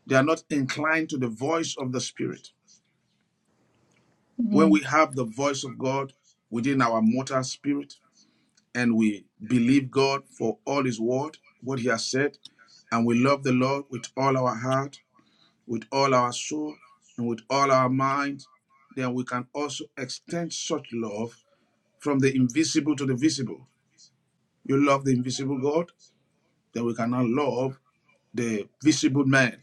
They are not inclined to the voice of the Spirit. When Amen. we have the voice of God within our mortal spirit and we believe God for all his word, what he has said, and we love the Lord with all our heart, with all our soul, and with all our mind, then we can also extend such love from the invisible to the visible. You love the invisible God, then we cannot love the visible man.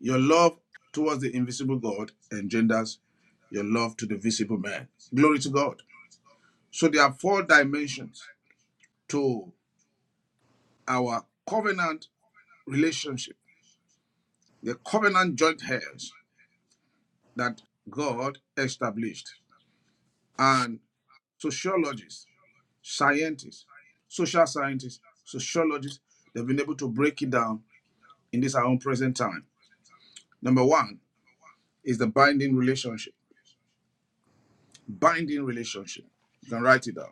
Your love towards the invisible God engenders your love to the visible man. Glory to God. So there are four dimensions to our covenant relationship, the covenant joint heirs that God established. And sociologists, scientists, social scientists, sociologists, they've been able to break it down in this our own present time. Number one is the binding relationship. Binding relationship. You can write it down.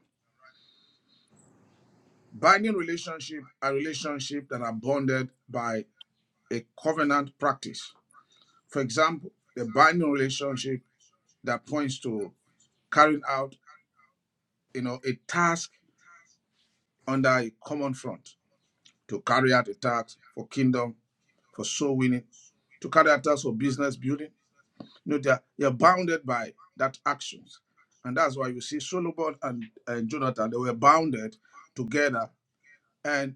Binding relationship are relationships that are bonded by a covenant practice For example, a binding relationship that points to carrying out, you know, a task under a common front to carry out a task for kingdom, for soul winning, to carry out tasks for business building. You know, they're, they're bounded by that actions. And that's why you see Solomon and, and Jonathan, they were bounded together. And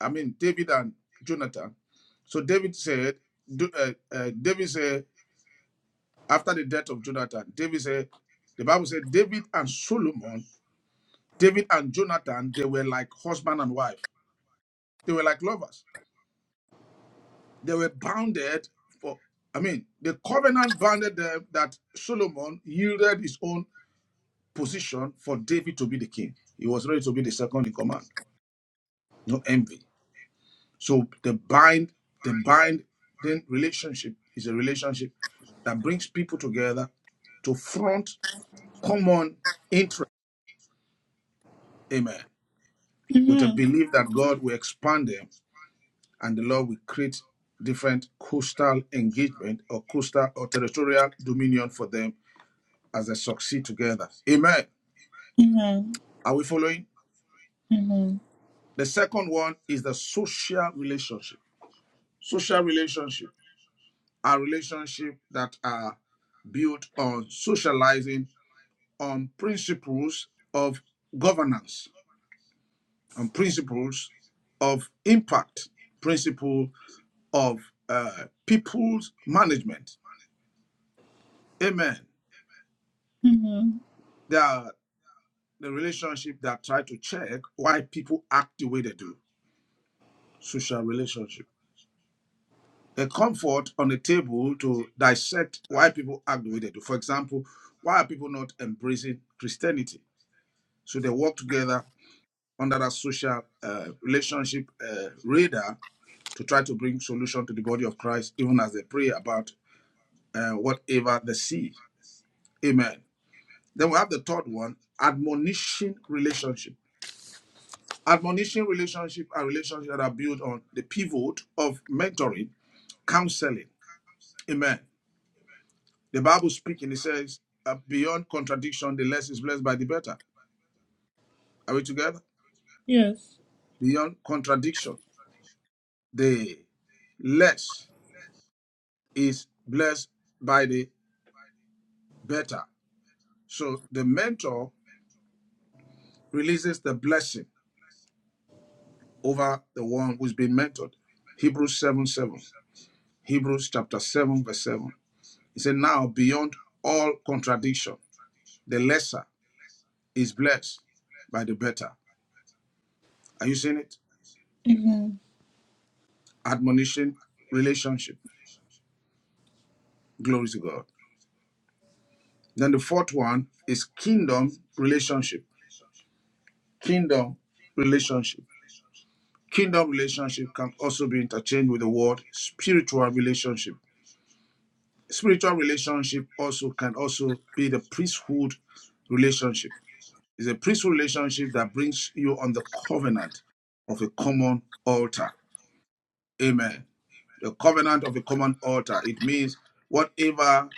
I mean, David and Jonathan. So David said, uh, uh, David said, after the death of Jonathan, David said, the Bible said, David and Solomon, David and Jonathan, they were like husband and wife. They were like lovers. They were bounded for, I mean, the covenant bounded them that Solomon yielded his own position for David to be the king. He was ready to be the second in command. No envy. So the bind, the bind, then relationship is a relationship that brings people together to front common interest. Amen. with a Amen. belief that God will expand them and the Lord will create different coastal engagement or coastal or territorial dominion for them as they succeed together. Amen. Amen. Are we following? Amen. The second one is the social relationship. Social relationship are relationships that are built on socializing on principles of governance, on principles of impact, principle of uh, people's management Amen. Amen. There are the relationship that try to check why people act the way they do. Social relationship. A comfort on the table to dissect why people act the way they do. For example, why are people not embracing Christianity? So they work together under that social uh, relationship uh, radar to try to bring solution to the body of Christ, even as they pray about uh, whatever they see. Amen. Then we have the third one, admonition relationship Admonishing relationship are relationships that are built on the pivot of mentoring, counseling. Amen. The Bible speaking, it says, uh, beyond contradiction, the less is blessed by the better. Are we together? Yes. Beyond contradiction, the less is blessed by the better. So the mentor releases the blessing over the one who's been mentored. Hebrews 7 7. Hebrews chapter 7, verse 7. He said, Now beyond all contradiction, the lesser is blessed by the better. Are you seeing it? Admonition, relationship. Glory to God. Then the fourth one is kingdom relationship. Kingdom relationship. Kingdom relationship can also be interchanged with the word spiritual relationship. Spiritual relationship also can also be the priesthood relationship. It's a priesthood relationship that brings you on the covenant of a common altar. Amen. the covenant of a common altar. It means whatever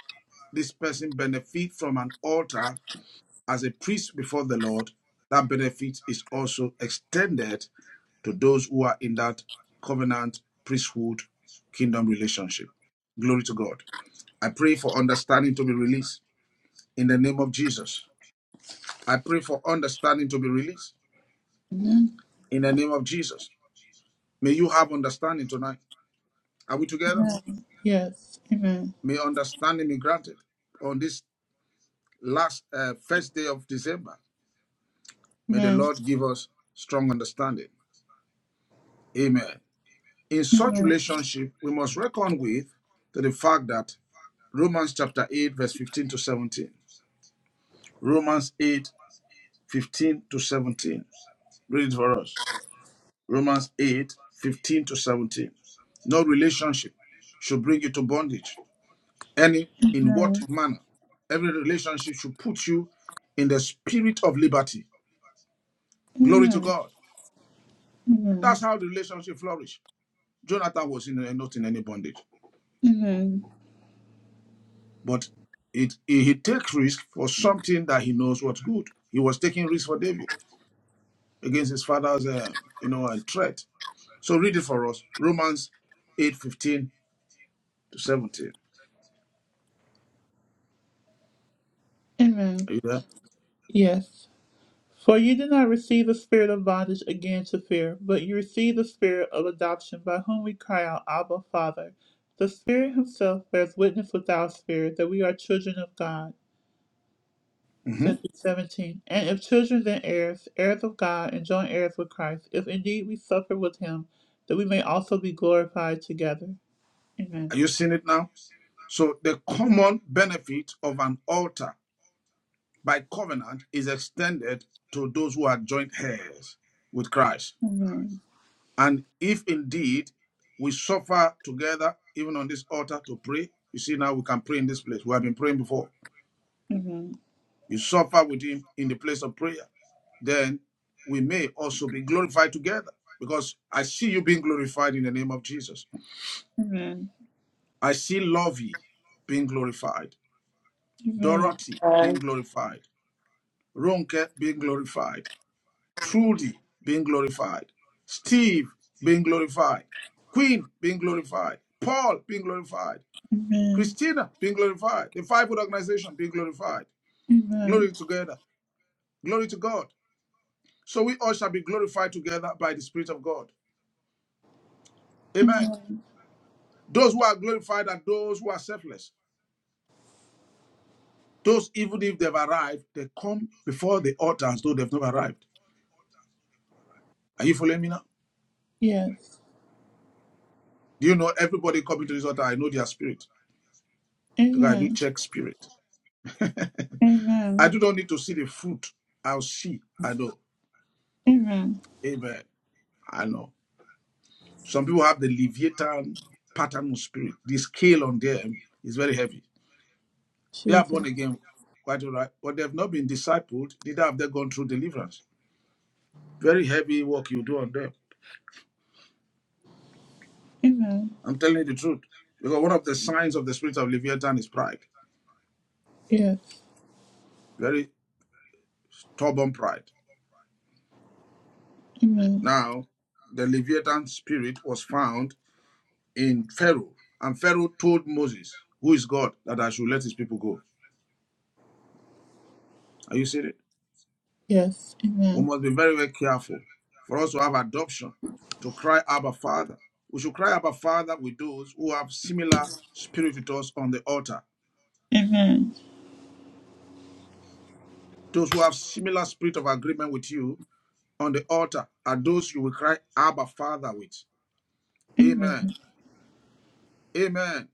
this person benefits from an altar as a priest before the Lord, that benefit is also extended to those who are in that covenant priesthood kingdom relationship. Glory to God. I pray for understanding to be released in the name of Jesus. I pray for understanding to be released in the name of Jesus. May you have understanding tonight. Are we together? Yes. Amen. May understanding be granted on this last uh, first day of December. May the Amen. Lord give us strong understanding. Amen. In such relationship, we must reckon with to the fact that Romans chapter 8, verse 15 to 17. Romans 8 15 to 17. Read it for us. Romans 8 15 to 17. No relationship should bring you to bondage. Any in what Amen. manner? Every relationship should put you in the spirit of liberty. Glory to Amen. God. That's Amen. how the relationship flourished. Jonathan was in uh, not in any bondage, Amen. but it, he he takes risk for something that he knows what's good. He was taking risk for David against his father's, uh, you know, uh, threat. So read it for us, Romans eight fifteen to seventeen. Amen. Are you there? Yes. For you did not receive the spirit of bondage again to fear, but you received the spirit of adoption by whom we cry out, Abba, Father. The Spirit Himself bears witness with our spirit that we are children of God. hmm Ephesians 17. And if children, then heirs, heirs of God, and joint heirs with Christ, if indeed we suffer with Him, that we may also be glorified together. Are Amen. you seeing it now? So the common benefit of an altar by covenant is extended to those who are joint heirs with Christ. And if indeed we suffer together, even on this altar to pray, you see, now we can pray in this place. We have been praying before. Amen. You suffer with him in the place of prayer. Then we may also be glorified together because I see you being glorified in the name of Jesus. Amen. I see Lovey being glorified, Amen. Dorothy being Amen. glorified, Ronke being glorified, Trudy being glorified, Steve being glorified, Queen being glorified, Paul being glorified, Amen. Christina being glorified, the fivefold organization being glorified. Amen. Glory together. Glory to God. So we all shall be glorified together by the Spirit of God. Amen. Amen. Those who are glorified are those who are selfless. Those, even if they've arrived, they come before the altar as though they've not arrived. Are you following me now? Yes. Do you know everybody coming to this altar? I know their spirit. Because I do Amen. check spirit. I Amen. do not need to see the fruit. I'll see. I know. Amen. Amen. I know. Some people have the Leviathan pattern of spirit. The scale on them is very heavy. They are Jesus. born again, quite all right, but they have not been discipled, neither have they gone through deliverance. Very heavy work you do on them. Amen. I'm telling you the truth. Because one of the signs of the spirit of Leviathan is pride, Yes. very stubborn pride. Amen. Now, the Leviathan spirit was found in Pharaoh, and Pharaoh told Moses, who is God, that I should let his people go. Are you seeing it? Yes. We Amen. must be very, very careful for us to have adoption, to cry, Abba Father. We should cry, Abba Father, with those who have similar spirit with us on the altar. Amen. Those who have similar spirit of agreement with you on the altar are those you will cry, Abba Father, with. Amen. Amen. Amen.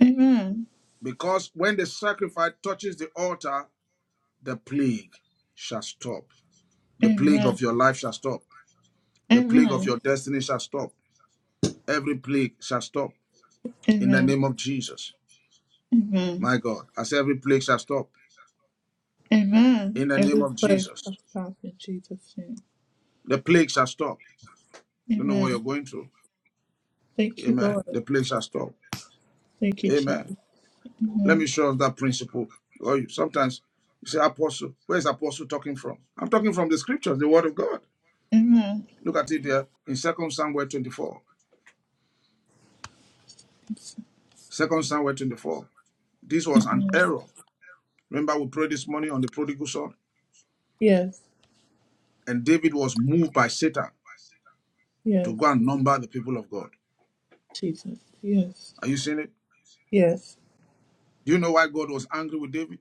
Amen. Because when the sacrifice touches the altar, the plague shall stop. The plague Amen. of your life shall stop. The plague of your Amen. destiny shall stop. Every plague shall stop in the Amen. name of Jesus. Amen. My God, as every plague shall stop Amen. in the name Every of place I Jesus. stop in Jesus' name. The plague shall stop. You know what you're Amen. going through. Thank you, Amen. Lord. The plague shall stop. Thank you, Amen. Jesus. Let me Amen. show us that principle. Or Sometimes you say, Apostle, where's Apostle talking from? I'm talking from the scriptures, the word of God. Amen. Look at it there in Second Samuel 24. Second Samuel 24. This was an Amen. error. Remember, we prayed this morning on the prodigal son, Yes. and David was moved by Satan Yes. to go and number the people of God. Jesus. Yes. Are you seeing it? Yes. Do you know why God was angry with David?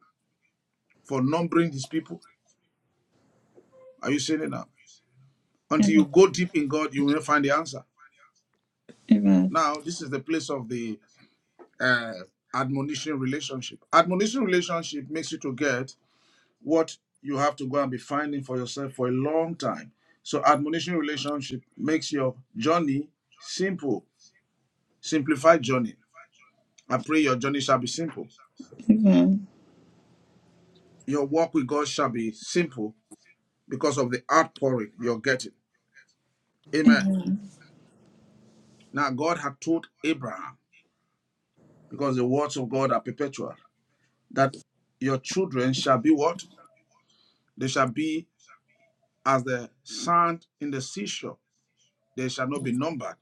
for numbering his people. Are you seeing it now? Until you Amen. go deep in God, you will find the answer. Amen. Now, this is the place of the uh, admonition relationship. Admonition relationship makes you to get what you have to go and be finding for yourself for a long time. So, admonition relationship makes your journey simple, simplified journey. I pray your journey shall be simple. Amen. Your walk with God shall be simple because of the outpouring you're getting. Amen. Now, God had told Abraham because the words of God are perpetual. That your children shall be what? They shall be as the sand in the seashore. They shall not be numbered.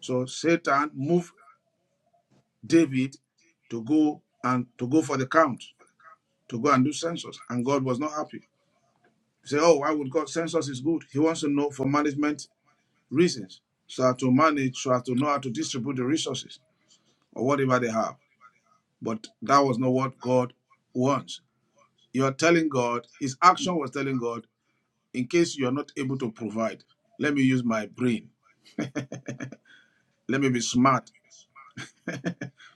So Satan moved David to go and to go for the count, to go and do census, and God was not happy. He said, "Oh, why would God census is good? He wants to know for management reasons, so as to manage, so as to know how to distribute the resources or whatever they have." But that was not what God wants. You're telling God, His action was telling God, in case you are not able to provide, let me use my brain. Let me be smart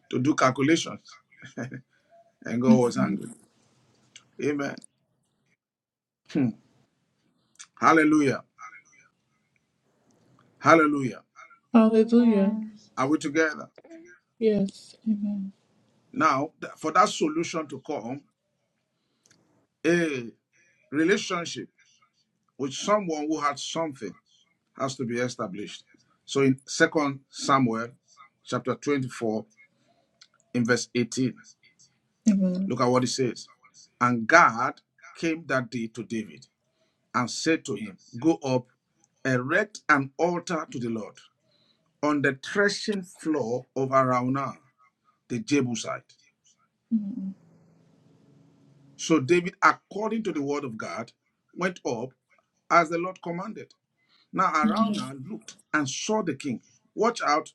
to do calculations. And God was angry. Amen. Hmm. Hallelujah. Hallelujah. Hallelujah. Amen. Are we together? Yes. Amen. Now, th- for that solution to come, a relationship with someone who had something has to be established. So in Second Samuel chapter 24, in verse 18, Amen. look at what it says. And God came that day to David and said to him, Go up, erect an altar to the Lord on the threshing floor of Araunah, the Jebusite. So David, according to the word of God, went up as the Lord commanded. Now Araunah looked and saw the king. Watch out,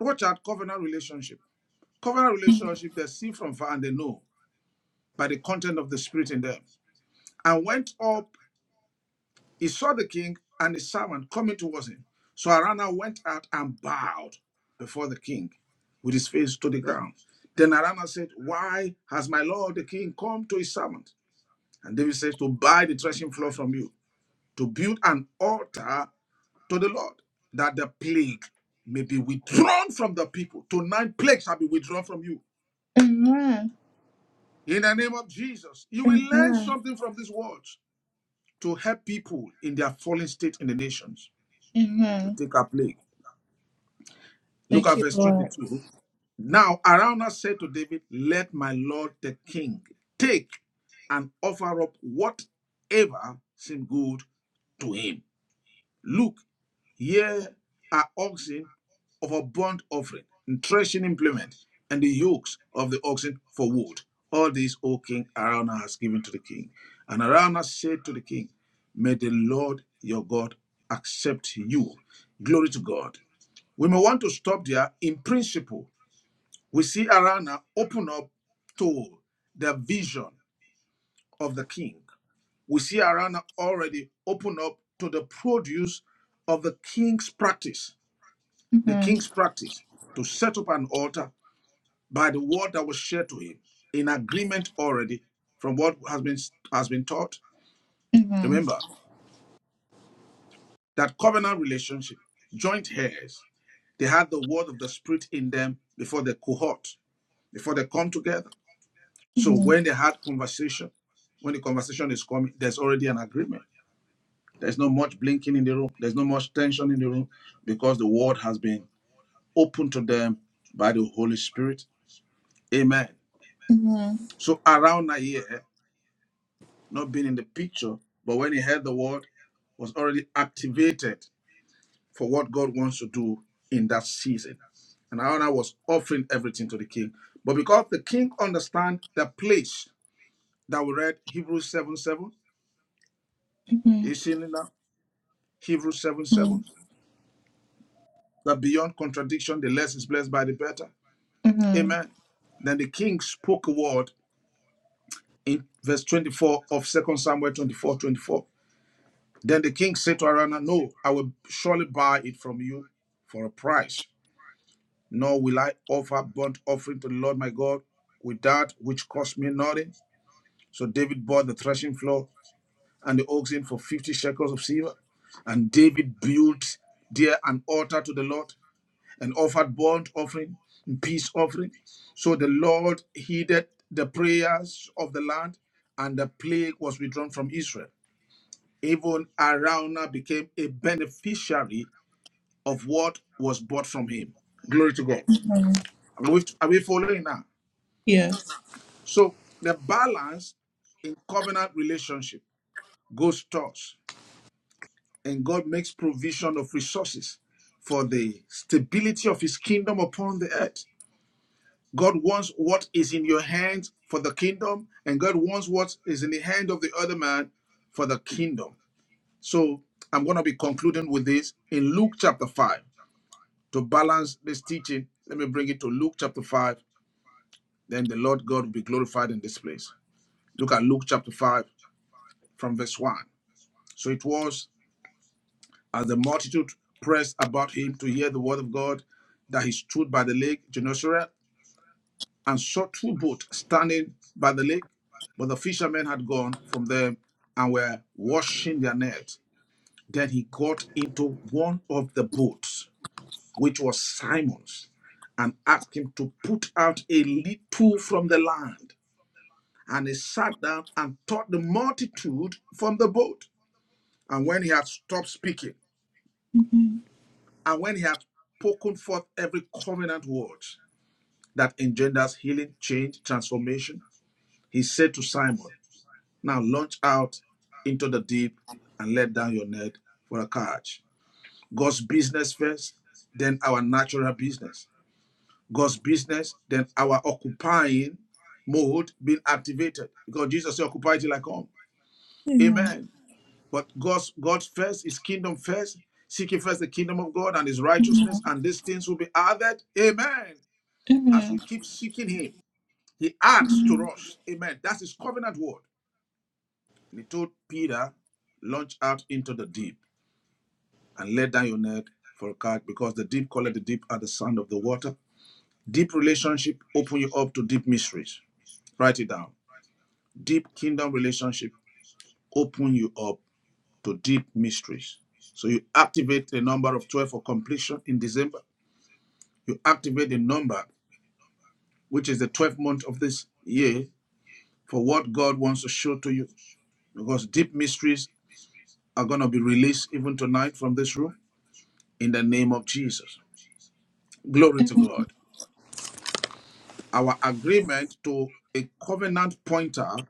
watch out, covenant relationship. Covenant relationship, they see from far and they know by the content of the spirit in them. And went up He saw the king and his servant coming towards him. So Araunah went out and bowed before the king with his face to the ground. Then Araunah said, Why has my lord the king come to his servant? And David says, To buy the threshing floor from you, to build an altar to the Lord, that the plague may be withdrawn from the people. Tonight, plague shall be withdrawn from you. In the name of Jesus, you will learn Amen. something from these words to help people in their fallen state in the nations to Amen. take a plague. Look Thank at you, verse Lord. 22. Now Araunah said to David, Let my lord the king take and offer up whatever seemed good to him. Look, here are oxen of a burnt offering, and threshing implement, and the yokes of the oxen for wood. All these, O king, Araunah has given to the king. And Araunah said to the king, May the Lord your God accept you. Glory to God. We may want to stop there. In principle, we see Arana open up to the vision of the king. We see Arana already open up to the produce of the king's practice, the king's practice to set up an altar by the word that was shared to him in agreement already from what has been has been taught. Mhm. Remember that covenant relationship, joint heirs, they had the word of the spirit in them before the cohort, before they come together. So Mhm. when they had conversation, when the conversation is coming, there's already an agreement. There's not much blinking in the room. There's not much tension in the room because the word has been opened to them by the Holy Spirit. Amen. Mhm. So around a year, eh, not being in the picture, but when he heard the word, was already activated for what God wants to do in that season. And Aaron was offering everything to the king. But because the king understand the place that we read Hebrews 7 7, you Mhm. seeing it now? Hebrews 7 7, Mhm. that beyond contradiction, the less is blessed by the better. Mhm. Amen. Then the king spoke a word in verse 24 of Second Samuel 24 24. Then the king said to Arana, No, I will surely buy it from you for a price, nor will I offer burnt offering to the Lord my God with that which cost me nothing. So David bought the threshing floor and the oxen for 50 shekels of silver. And David built there an altar to the Lord and offered burnt offering and peace offering. So the Lord heeded the prayers of the land, and the plague was withdrawn from Israel. Even Araunah became a beneficiary of what was bought from him. Glory to God. Are we, are we following now? Yes. So the balance in covenant relationship goes towards, and God makes provision of resources for the stability of his kingdom upon the earth. God wants what is in your hand for the kingdom, and God wants what is in the hand of the other man for the kingdom. So I'm going to be concluding with this in Luke chapter 5. To balance this teaching, let me bring it to Luke chapter 5. Then the Lord God will be glorified in this place. Look at Luke chapter 5 from verse 1. So it was as the multitude pressed about him to hear the word of God that he stood by the lake Gennesaret and saw two boats standing by the lake, but the fishermen had gone from them and were washing their net. Then he got into one of the boats, which was Simon's, and asked him to put out a little from the land. And he sat down and taught the multitude from the boat. And when he had stopped speaking, and when he had spoken forth every covenant word that engenders healing, change, transformation, he said to Simon, Now launch out into the deep and let down your net for a catch. God's business first, then our natural business. God's business, then our occupying mode being activated. Because Jesus said, occupy till I come. Mhm. Amen. But God's God first, his kingdom first, seeking first the kingdom of God and his righteousness, and these things will be added. Amen. As Mhm. we keep seeking him, he adds to us. Amen. That's his covenant word. And he told Peter, Launch out into the deep and let down your net for a catch because the deep calleth the deep at the sound of the water. Deep relationship open you up to deep mysteries. Write it down. Deep kingdom relationship open you up to deep mysteries. So you activate the number of 12 for completion in December. You activate the number, which is the 12th month of this year, for what God wants to show to you. Because deep mysteries are going to be released even tonight from this room in the name of Jesus. Glory to God. Our agreement to a covenant pointer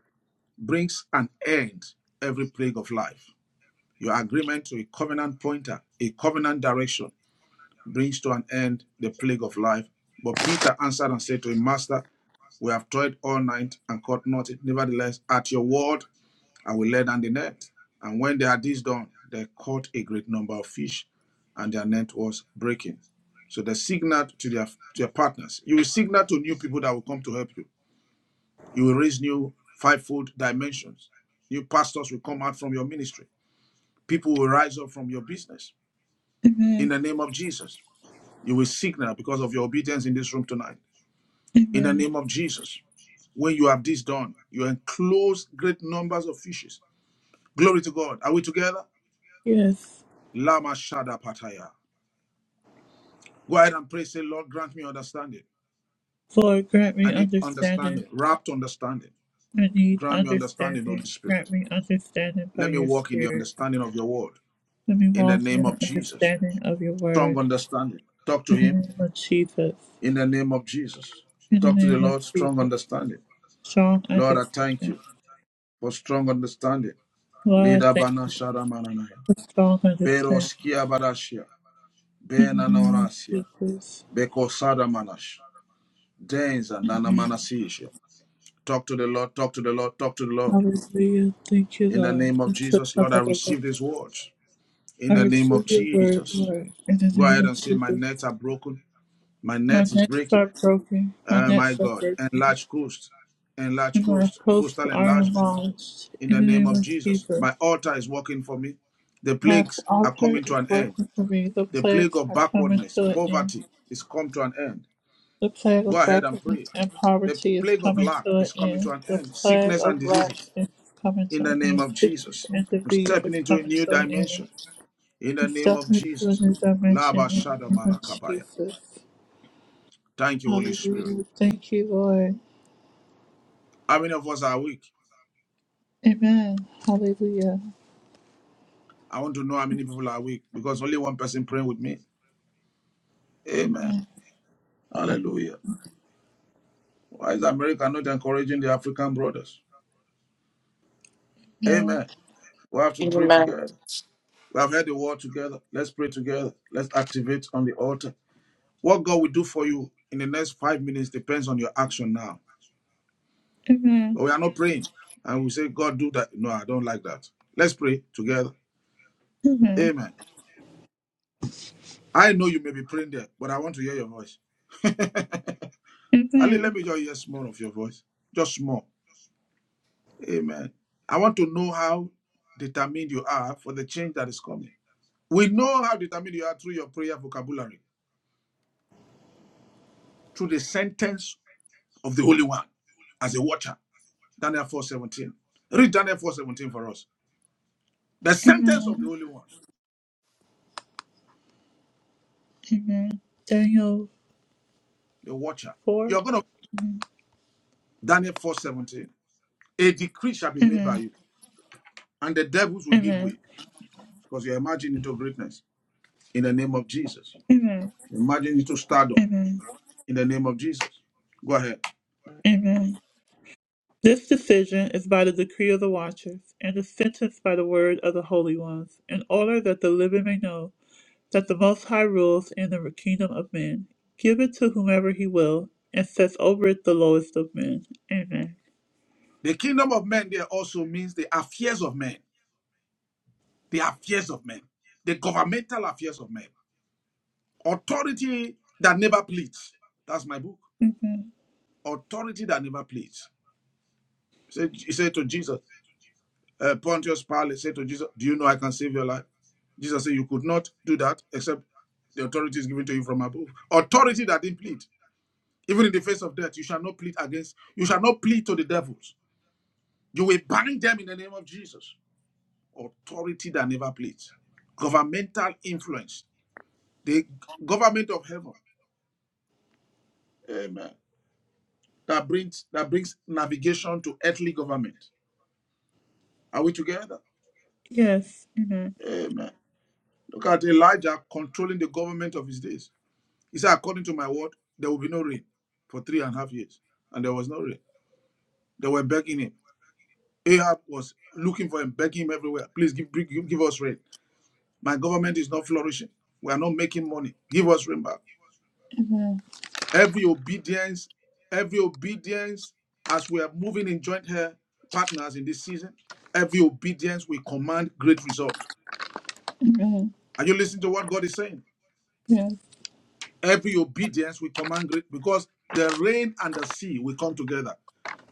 brings an end every plague of life. Your agreement to a covenant pointer, a covenant direction, brings to an end the plague of life. But Peter answered and said to him, Master, we have toiled all night and caught nothing. Nevertheless, at your word, and we let down the net. And when they had this done, they caught a great number of fish, and their net was breaking. So they signaled to their to their partners. You will signal to new people that will come to help you. You will raise new fivefold dimensions. New pastors will come out from your ministry. People will rise up from your business. In the name of Jesus, you will signal because of your obedience in this room tonight. In the Mhm. name of Jesus, when you have this done, you enclose great numbers of fishes. Glory to God. Are we together? Yes. Lama Shada Pataya. Go ahead and pray. Say, Lord, grant me understanding. Lord, grant I me need understanding. understanding, wrapped understanding. I need Grant me understanding, Holy understanding. Spirit. Grant me understanding by Let me your walk in the Spirit. understanding of your word Let me in the walk in name the of Jesus. understanding of your Strong word. understanding. Talk to In him the name of Jesus. in the name of Jesus. In the Talk to the name of Lord, strong Jesus. understanding. Strong Lord, I thank understanding. you for strong understanding. Lord, I Leda thank bana you shada mananaya. for strong Pero understanding. barashia. In Bena the name naonasia. of Jesus. manash. Denza nana manasisha. Talk to the Lord, talk to the Lord, talk to the Lord. Hallelujah. Thank you, In the name of Jesus, Lord, I Lord. receive these words. In I the name of receive your word, Jesus. Lord, in the Go name ahead of and say, My Jesus. nets are broken. My My net is nets breaking. are broken, my Oh my nets are God. broken, Enlarge coast. Enlarge and my coast. posts Coastal are enlargement. enlarged, In in the the name name of of Jesus. Jesus. My altar is working for me. The My plagues are altar coming to is an end. working for me. The The plague plagues of are coming backwardness, to an end. poverty is come to an end. The plague Go of ahead and backwardness pray. and The poverty is plague of coming lack to an is coming to end. an The end. plague Sickness and of lack diseases is coming to in the an name end. of Sickness Jesus. and I'm disease stepping is into a coming new to an end. dimension in the I'm name of stepping into a Jesus. new Laba dimension in the name Shadamana of Kabaya. Jesus. Thank you, Holy Spirit. Hallelujah. Thank you, Lord. How many of us are weak? Amen. Hallelujah. I want to know how many people are weak because only one person praying with me. Amen. Amen. Hallelujah. Why is America not encouraging the African brothers? Amen. We have to pray Amen. together. We have heard the word together. Let's pray together. Let's activate on the altar. What God will do for you in the next five minutes depends on your action now. But we are not praying. And we say, God, do that. No, I don't like that. Let's pray together. Amen. I know you may be praying there, but I want to hear your voice. Ali, let Amen. me just hear small of your voice. Just small. Amen. I want to know how determined you are for the change that is coming. We know how determined you are through your prayer vocabulary, through the sentence of the Holy One as a watcher. Daniel 4.17. Read Daniel 4.17 for us. The sentence of the Amen. Holy One, Amen. Daniel the watcher. 4. You're going to Daniel 4.17. A decree shall be made by Amen. you, and the devils will give way Amen. because you're emerging into greatness in the name of Jesus. Amen. Emerging into stardom Amen. in the name of Jesus. Go ahead. Amen. This decision is by the decree of the watchers, and is sentenced by the word of the holy ones, in order that the living may know that the Most High rules in the kingdom of men. Give it to whomever he will, and sets over it the lowest of men. Amen. The kingdom of men there also means the affairs of men, the affairs of men, the governmental affairs of men. Authority that never pleads. That's my book. Amen. Authority that never pleads. He said, he said to Jesus, Uh, Pontius Pilate said to Jesus, Do you know I can save your life? Jesus said, You could not do that except the authority is given to you from above. Authority that didn't plead. Even in the face of death, you shall not plead against, you shall not plead to the devils. You will bind them in the name of Jesus. Authority that never pleads. Governmental influence. The government of heaven. Amen. That brings that brings navigation to earthly government. Are we together? Yes. Amen. Amen. Look at Elijah controlling the government of his days. He said, according to my word, there will be no rain for three and a half years. And there was no rain. They were begging him. Ahab was looking for him, begging him everywhere. Please give, give, give us rain. My government is not flourishing. We are not making money. Give us rain back. Every obedience, every obedience, as we are moving in joint hair partners in this season, every obedience will command great result. Are you listening to what God is saying? Every obedience will command great because the rain and the sea will come together.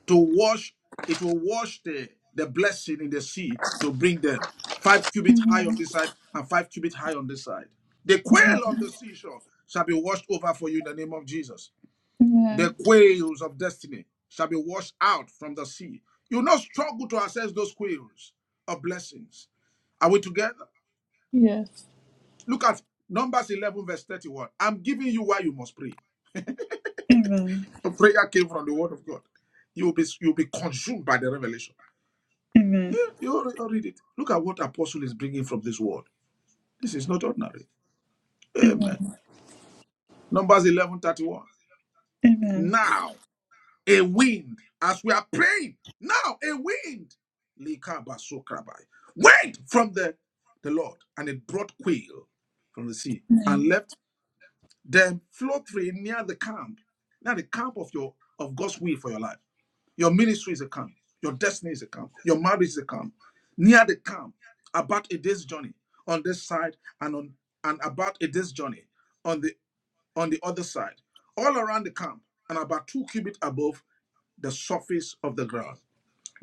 to wash it will wash the the blessing in the sea to bring them five cubits high on this side and five cubits high on this side the quail on the seashore shall be washed over for you in the name of jesus Amen. the quails of destiny shall be washed out from the sea you will not struggle to access those quails of blessings are we together Yes. look at numbers 11 verse 31 i'm giving you why you must pray Amen. A prayer came from the word of god you will be you will be consumed by the revelation Amen. You already read it. Look at what apostle is bringing from this word. This is not ordinary. Amen. Numbers 11 31. Amen. Now a wind, as we are praying, now a wind. Likabasukrabai. Went from the, the Lord, and it brought quail from the sea and Amen. left them float free near the camp, near the camp of your of God's will for your life. Your ministry is a camp. Your destiny is a camp. Your marriage is a camp. Near the camp, about a day's journey on this side and on and about a day's journey on the on the other side. All around the camp and about two cubits above the surface of the ground.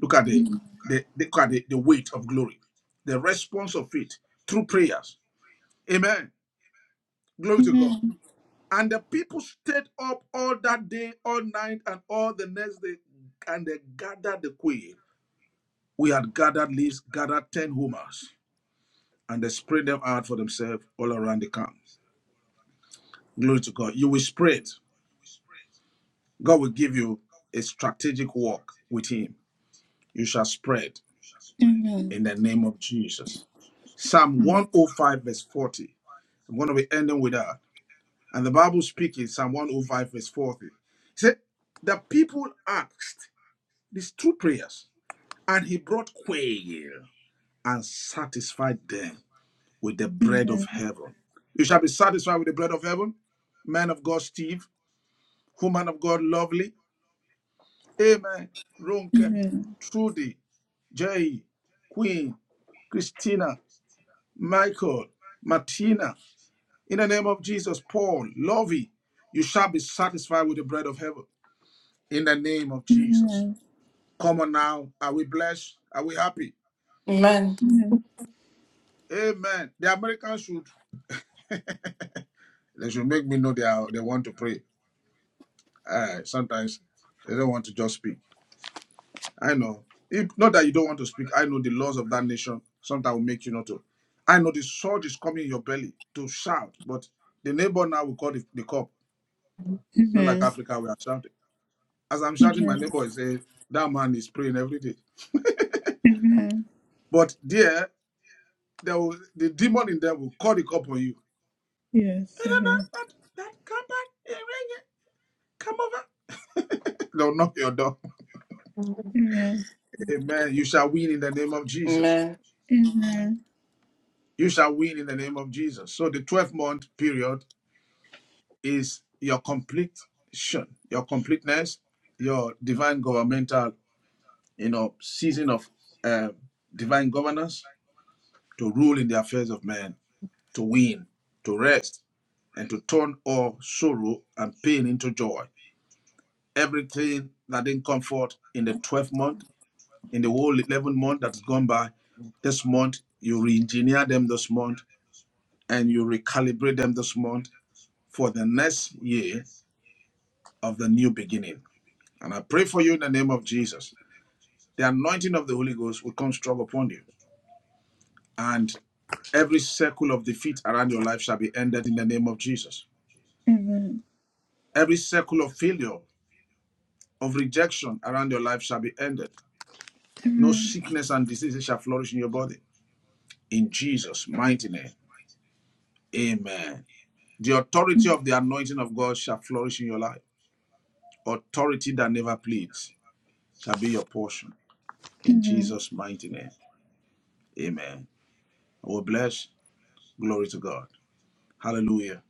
Look at the the look at the, the weight of glory, the response of it through prayers. Amen. Glory to God. And the people stayed up all that day, all night, and all the next day, and they gathered the quail We had gathered least gathered 10 homers and they spread them out for themselves all around the camp. Glory to God. You will spread. God will give you a strategic walk with him. You shall spread in the name of Jesus. Psalm 105, verse 40. I'm going to be ending with that. And the Bible speaking, Psalm 105, verse 40. It said, The people asked these two prayers, and he brought quail and satisfied them with the bread of heaven. You shall be satisfied with the bread of heaven. Man of God, Steve. Woman of God, lovely. Amen. Ronke, Trudy, Jay, Queen, Christina, Michael, Martina. In the name of Jesus, Paul, Lovey, you shall be satisfied with the bread of heaven. In the name of Jesus. Come on now. Are we blessed? Are we happy? Amen. Amen. The Americans should. They should make me know they are, they want to pray. Uh, sometimes they don't want to just speak. I know. If, not that you don't want to speak. I know the laws of that nation. Sometimes will make you not to. I know the sword is coming in your belly to shout, but the neighbor now will call the, the cop. Not like Amen. Africa, we are shouting. As I'm shouting, my Amen. neighbor is saying, that man is praying every day. Amen. But there, there will, the demon in them will call the cop on you. Yes. "Hey, that man, Amen. that- that, Come back. Hey, Rene, come over. They'll knock your door. Amen. Amen. You shall win in the name of Jesus. Amen. Amen. You shall win in the name of Jesus. So the 12 month period is your completion, your completeness, your divine governmental, you know, season of uh, divine governance to rule in the affairs of men, to win, to rest, and to turn all sorrow and pain into joy. Everything that didn't come forth in the 12th month, in the whole 11 month that's gone by, this month, you re engineer them this month and you recalibrate them this month for the next year of the new beginning. And I pray for you in the name of Jesus. The anointing of the Holy Ghost will come strong upon you. And every circle of defeat around your life shall be ended in the name of Jesus. Every circle of failure, of rejection around your life shall be ended. No sickness and diseases shall flourish in your body. In Jesus' mighty name. Amen. The authority of the anointing of God shall flourish in your life. Authority that never pleads shall be your portion. In Jesus' mighty name. Amen. I will bless. Glory to God. Hallelujah.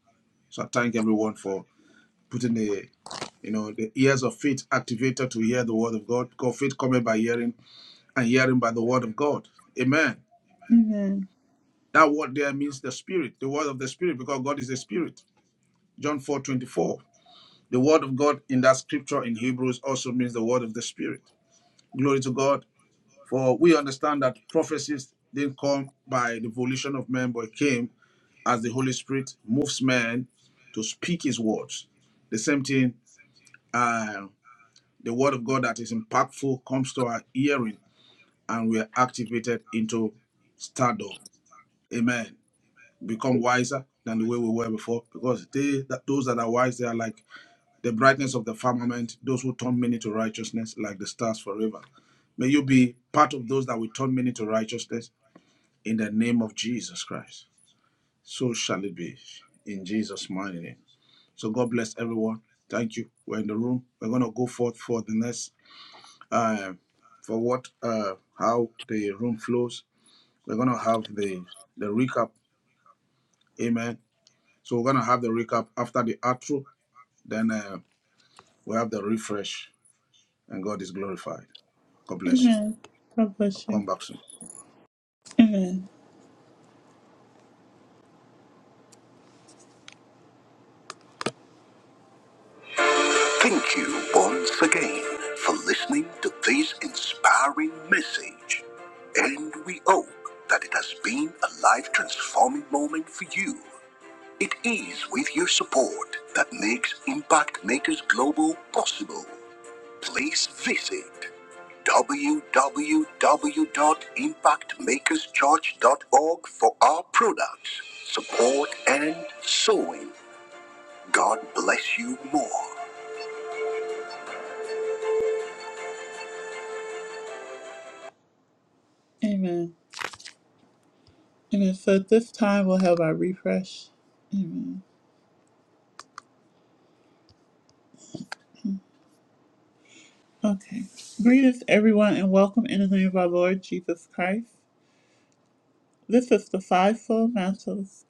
So I thank everyone for putting the you know the ears of faith activated to hear the word of God. Because faith cometh by hearing, and hearing by the word of God. Amen. That word there means the spirit, the word of the spirit, because God is a spirit. John 4:24. The word of God in that scripture in Hebrews also means the word of the spirit. Glory to God. For we understand that prophecies didn't come by the volition of man, but it came as the Holy Spirit moves man to speak his words. The same thing uh, The word of God that is impactful comes to our hearing and we are activated into stardom. Amen. Become wiser than the way we were before because they that those that are wise they are like the brightness of the firmament, those who turn many to righteousness like the stars forever. May you be part of those that will turn many to righteousness in the name of Jesus Christ. So shall it be in Jesus' mighty name. So God bless everyone. Thank you. We're in the room. We're going to go forth for the next uh, for what uh, how the room flows. We're gonna have the the recap, amen. So we're gonna have the recap after the outro, then uh, we have the refresh, and God is glorified. God bless you. God I'll bless come you. back soon. Thank you once again for listening to this inspiring message. And we hope that it has been a life transforming moment for you. It is with your support that makes Impact Makers Global possible. please visit www.impactmakerschurch.org for our products, support, and sewing. God bless you more. Amen. Amen. So at this time, we'll have our refresh. Amen. Okay. Greetings, everyone, and welcome in the name of our Lord Jesus Christ. This is the Five Soul Mantles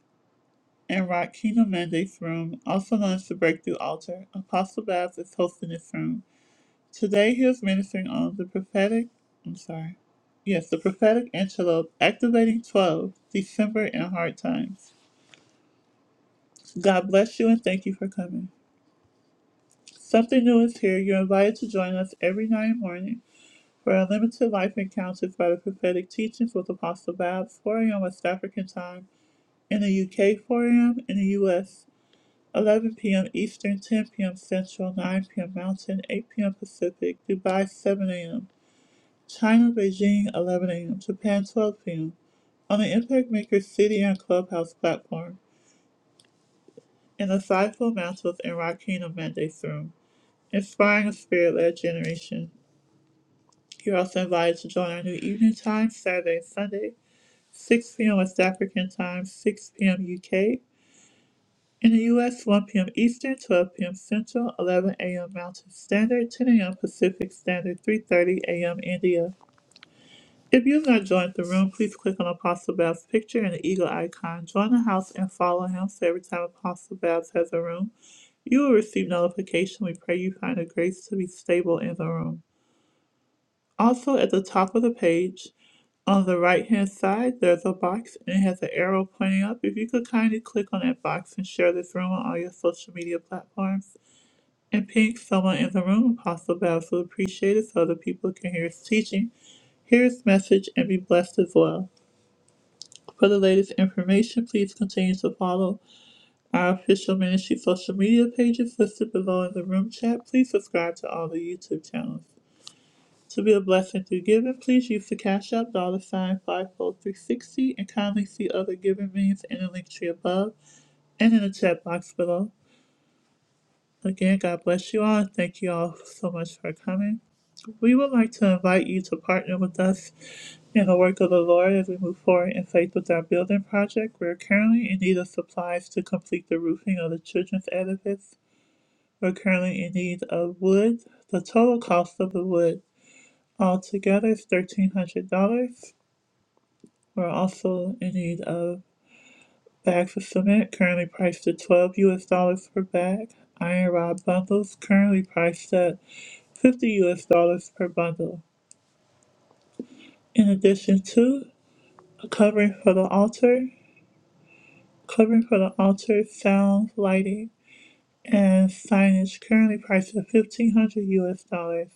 and Rock Kingdom Mandates Room, also known as the Breakthrough Altar. Apostle Babs is hosting this room. Today he is ministering on the prophetic, I'm sorry, yes, the prophetic antelope, activating 12, December in hard times. God bless you and thank you for coming. Something new is here. You're invited to join us every night morning for our limited life encounters by the prophetic teachings with Apostle Bab, 4 a.m. West African time, in the UK, 4 a.m., in the US, 11 p.m. Eastern, 10 p.m. Central, 9 p.m. Mountain, 8 p.m. Pacific, Dubai, 7 a.m. China, Beijing, 11 a.m. Japan, 12 p.m. on the Impact Makers CDN Clubhouse platform in the Sci-Fi Masters and Rock Kingdom Mandates Room, inspiring a spirit-led generation. You're also invited to join our new evening time, Saturday and Sunday, 6 p.m. West African time, 6 p.m. UK. In the U.S., 1 p.m. Eastern, 12 p.m. Central, 11 a.m. Mountain Standard, 10 a.m. Pacific Standard, 3.30 a.m. India. If you've not joined the room, please click on Apostle Babs' picture and the eagle icon. Join the house and follow him so every time Apostle Babs has a room, you will receive notification. We pray you find the grace to be stable in the room. Also, at the top of the page, on the right hand side, there's a box and it has an arrow pointing up. If you could kindly click on that box and share this room on all your social media platforms and ping someone in the room, Apostle Babs will appreciate it so other people can hear his teaching, hear his message, and be blessed as well. For the latest information, please continue to follow our official ministry social media pages listed below in the room chat. Please subscribe to all the YouTube channels. To be a blessing through giving, please use the Cash App dollar sign 54360 and kindly see other giving means in the link tree above and in the chat box below. Again, God bless you all. and Thank you all so much for coming. We would like to invite you to partner with us in the work of the Lord as we move forward in faith with our building project. We're currently in need of supplies to complete the roofing of the children's edifice. We're currently in need of wood. The total cost of the wood altogether is $1,300. We're also in need of Bags of cement currently priced at 12 US dollars per bag. Iron rod bundles currently priced at 50 US dollars per bundle. In addition to a covering for the altar, covering for the altar, sound, lighting, and signage currently priced at 1500 US dollars.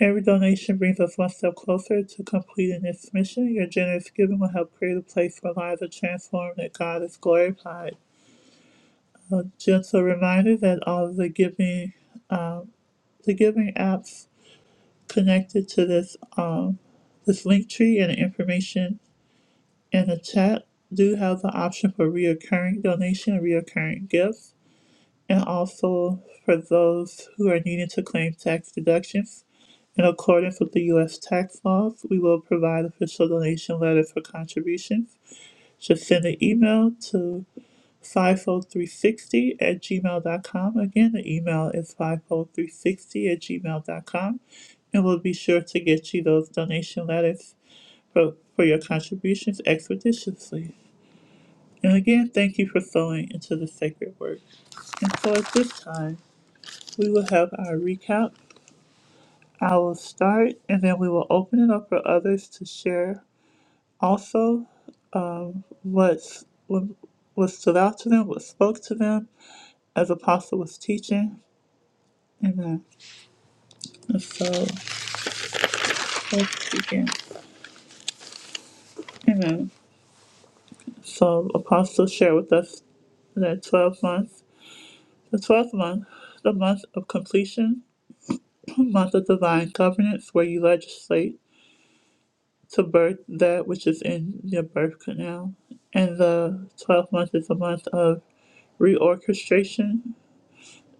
Every donation brings us one step closer to completing this mission. Your generous giving will help create a place where lives are transformed and God is glorified. Uh, just a reminder that all of the giving, um, the giving apps connected to this um, this link tree and the information in the chat do have the option for reoccurring donation and reoccurring gifts, and also for those who are needing to claim tax deductions. In accordance with the U.S. tax laws, we will provide official donation letter for contributions. Just send an email to 50360 at gmail.com. Again, the email is 50360 at gmail.com. And we'll be sure to get you those donation letters for, for your contributions expeditiously. And again, thank you for sowing into the sacred work. And so at this time, we will have our recap. I will start and then we will open it up for others to share also what's, what, what stood out to them, what spoke to them as Apostle was teaching. Amen. So let's begin. Amen. So apostles share with us that 12 months, the 12th month, the month of completion, month of divine governance, where you legislate to birth that which is in your birth canal. And the 12th month is a month of reorchestration,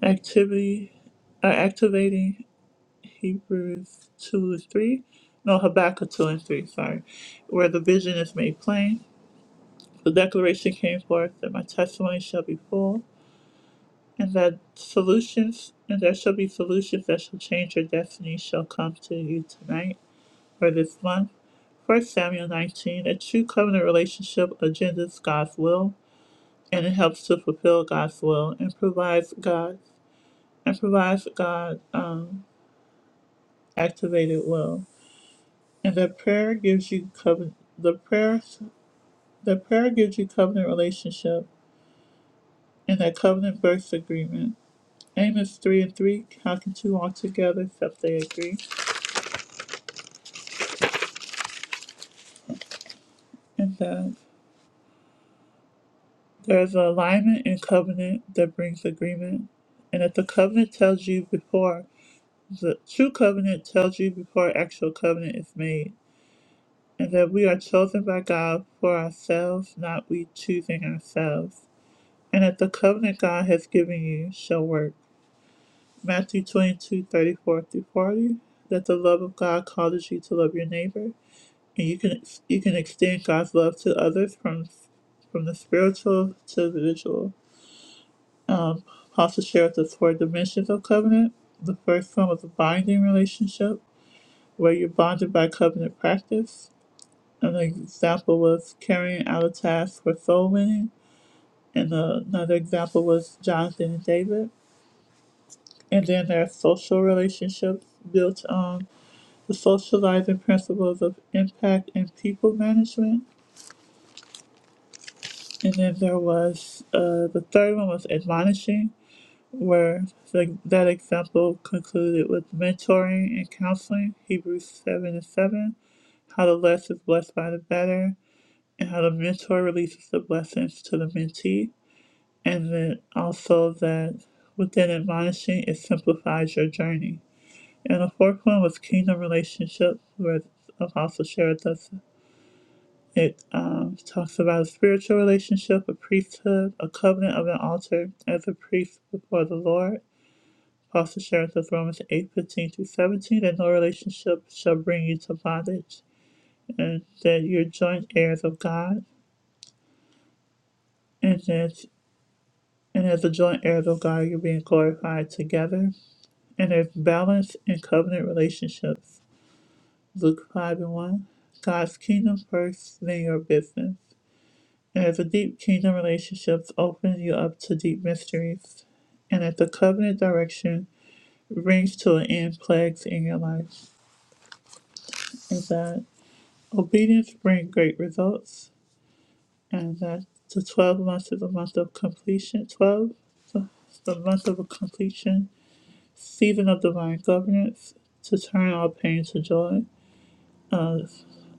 activity, uh, activating Hebrews 2 and 3, no, Habakkuk 2 and 3, sorry, where the vision is made plain The declaration came forth that my testimony shall be full, and that solutions, and there shall be solutions that shall change your destiny shall come to you tonight or this month. First Samuel 19, a true covenant relationship agendas God's will, and it helps to fulfill God's will and provides God and provides God um, activated will. And the prayer gives you covenant. The prayer, the prayer gives you covenant relationship, and that covenant births agreement. Aim is 3 and 3, how can two walk together except they agree? And that there's an alignment in covenant that brings agreement. And if the covenant tells you before, the true covenant tells you before actual covenant is made. And that we are chosen by God for ourselves, not we choosing ourselves. And that the covenant God has given you shall work. Matthew 22 34 through 40, that the love of God causes you to love your neighbor. and you can you can extend God's love to others from from the spiritual to the visual. Um, Apostle shares the four dimensions of covenant. The first one was a binding relationship, where you're bonded by covenant practice. An example was carrying out a task for soul winning, and uh, another example was Jonathan and David. And then there are social relationships built on the socializing principles of impact and people management And then there was uh, the third one was admonishing, where the, that example concluded with mentoring and counseling, Hebrews 7 and 7, how the less is blessed by the better, and how the mentor releases the blessings to the mentee. And then also that within admonishing, it simplifies your journey. And the fourth one was kingdom relationships, where Apostle shared with us it um, talks about a spiritual relationship, a priesthood, a covenant of an altar as a priest before the Lord. Also shares with Romans eight fifteen 15 through 17 that no relationship shall bring you to bondage, and that you're joint heirs of God, and that and as the joint heirs of God, you're being glorified together. And there's balance in covenant relationships. Luke 5 and 1. God's kingdom first, then your business. As a deep kingdom relationships opens you up to deep mysteries, and as the covenant direction brings to an end plagues in your life, and that obedience brings great results, and that the twelve months is a month of completion. Twelve, so the month of completion, season of divine governance to turn all pain to joy, uh,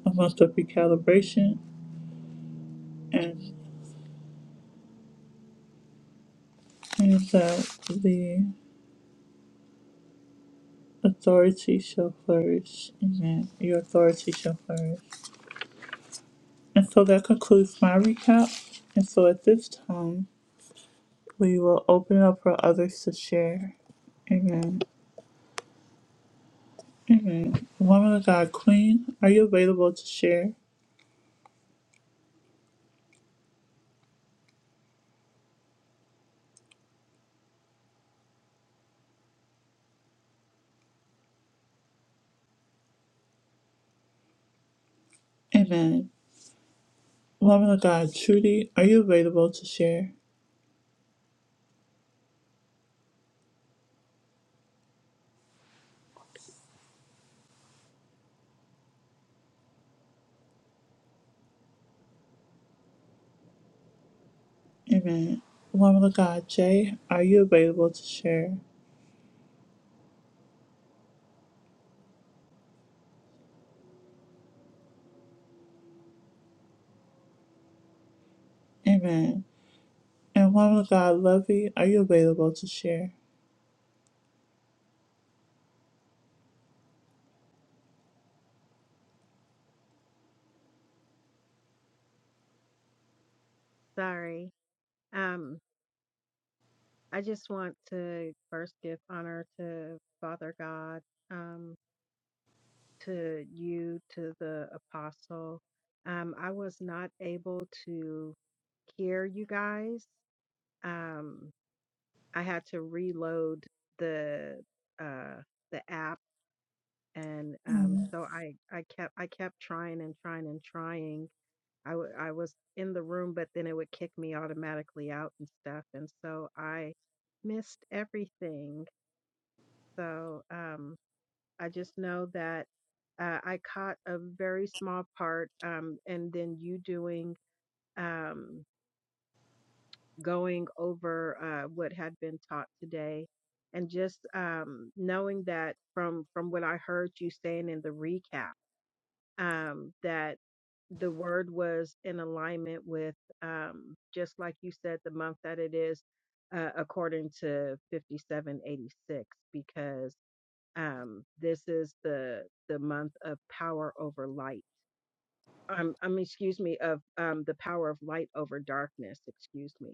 a month of recalibration, and and that the Authority shall flourish. Amen. Your authority shall flourish. And so that concludes my recap. And so at this time, we will open up for others to share. Amen. Woman of God, Queen, are you available to share? Amen. Woman of God, Trudy, are you available to share? Amen. Woman of God, Jay, are you available to share? Amen. And woman of God, Lovey, are you available to share? Sorry. Um, I just want to first give honor to Father God, um, to you, to the apostle. Um, I was not able to hear you guys. Um, I had to reload the uh the app and um so I I kept I kept trying and trying and trying I w- I was in the room, but then it would kick me automatically out and stuff. And so I missed everything. So um, I just know that uh, I caught a very small part. Um, and then you doing, um, going over uh, what had been taught today. And just um, knowing that from from what I heard you saying in the recap um, that the word was in alignment with, um, just like you said, the month that it is, uh, according to 5786, because um, this is the the month of power over light. Um, I mean, excuse me, of um, the power of light over darkness. Excuse me,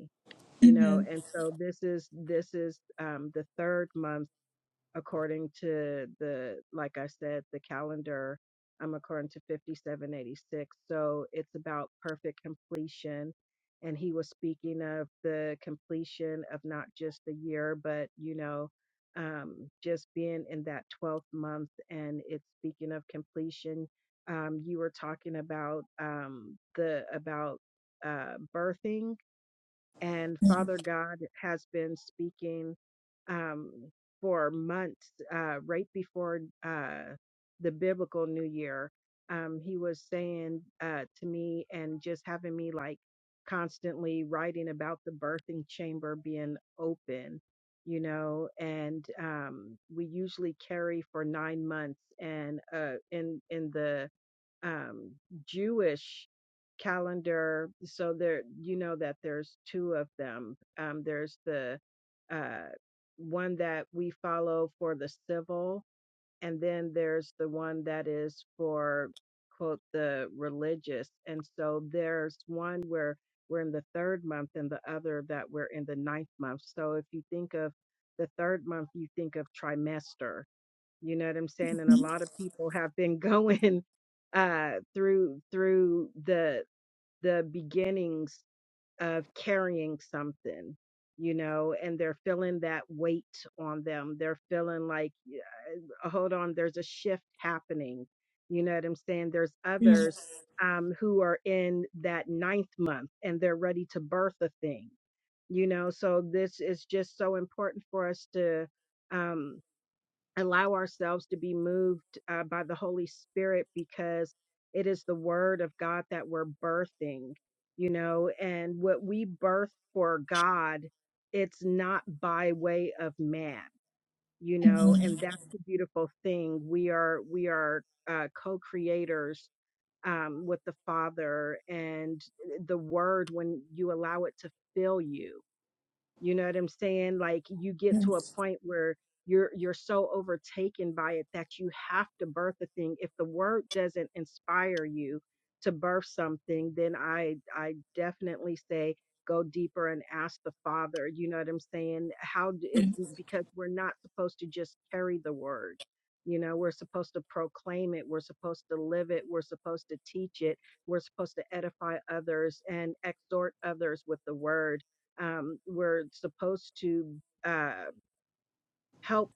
you know, and so this is this is um, the third month according to the, like I said, the calendar, I'm according to 5786. So it's about perfect completion. And he was speaking of the completion of not just the year, but, you know, um, just being in that 12th month. And it's speaking of completion. Um, you were talking about um, the, about uh, birthing and Father God has been speaking um, for months, uh, right before uh, the biblical New Year. Um, he was saying uh, to me and just having me like constantly writing about the birthing chamber being open, you know, and um, we usually carry for nine months, and uh, in in the um, Jewish calendar. So there, you know that there's two of them. Um, there's the uh, one that we follow for the civil, and then there's the one that is for quote the religious. And so there's one where we're in the third month, and the other that we're in the ninth month. So if you think of the third month, you think of trimester you know what i'm saying and a lot of people have been going uh through through the the beginnings of carrying something you know and they're feeling that weight on them they're feeling like hold on there's a shift happening you know what i'm saying there's Yes, others um who are in that ninth month and they're ready to birth a thing you know so this is just so important for us to um allow ourselves to be moved uh, by the Holy Spirit because it is the Word of God that we're birthing, you know, and what we birth for God, it's not by way of man, you know, and that's the beautiful thing. We are we are uh, co-creators um, with the Father and eh, the Word when you allow it to fill you you know what I'm saying? Like you get to a point where you're you're so overtaken by it that you have to birth a thing. If the word doesn't inspire you to birth something, then I I definitely say go deeper and ask the Father. You know what I'm saying? How d- it's because we're not supposed to just carry the word. You know, we're supposed to proclaim it. We're supposed to live it. We're supposed to teach it. We're supposed to edify others and exhort others with the word um, we're supposed to uh, help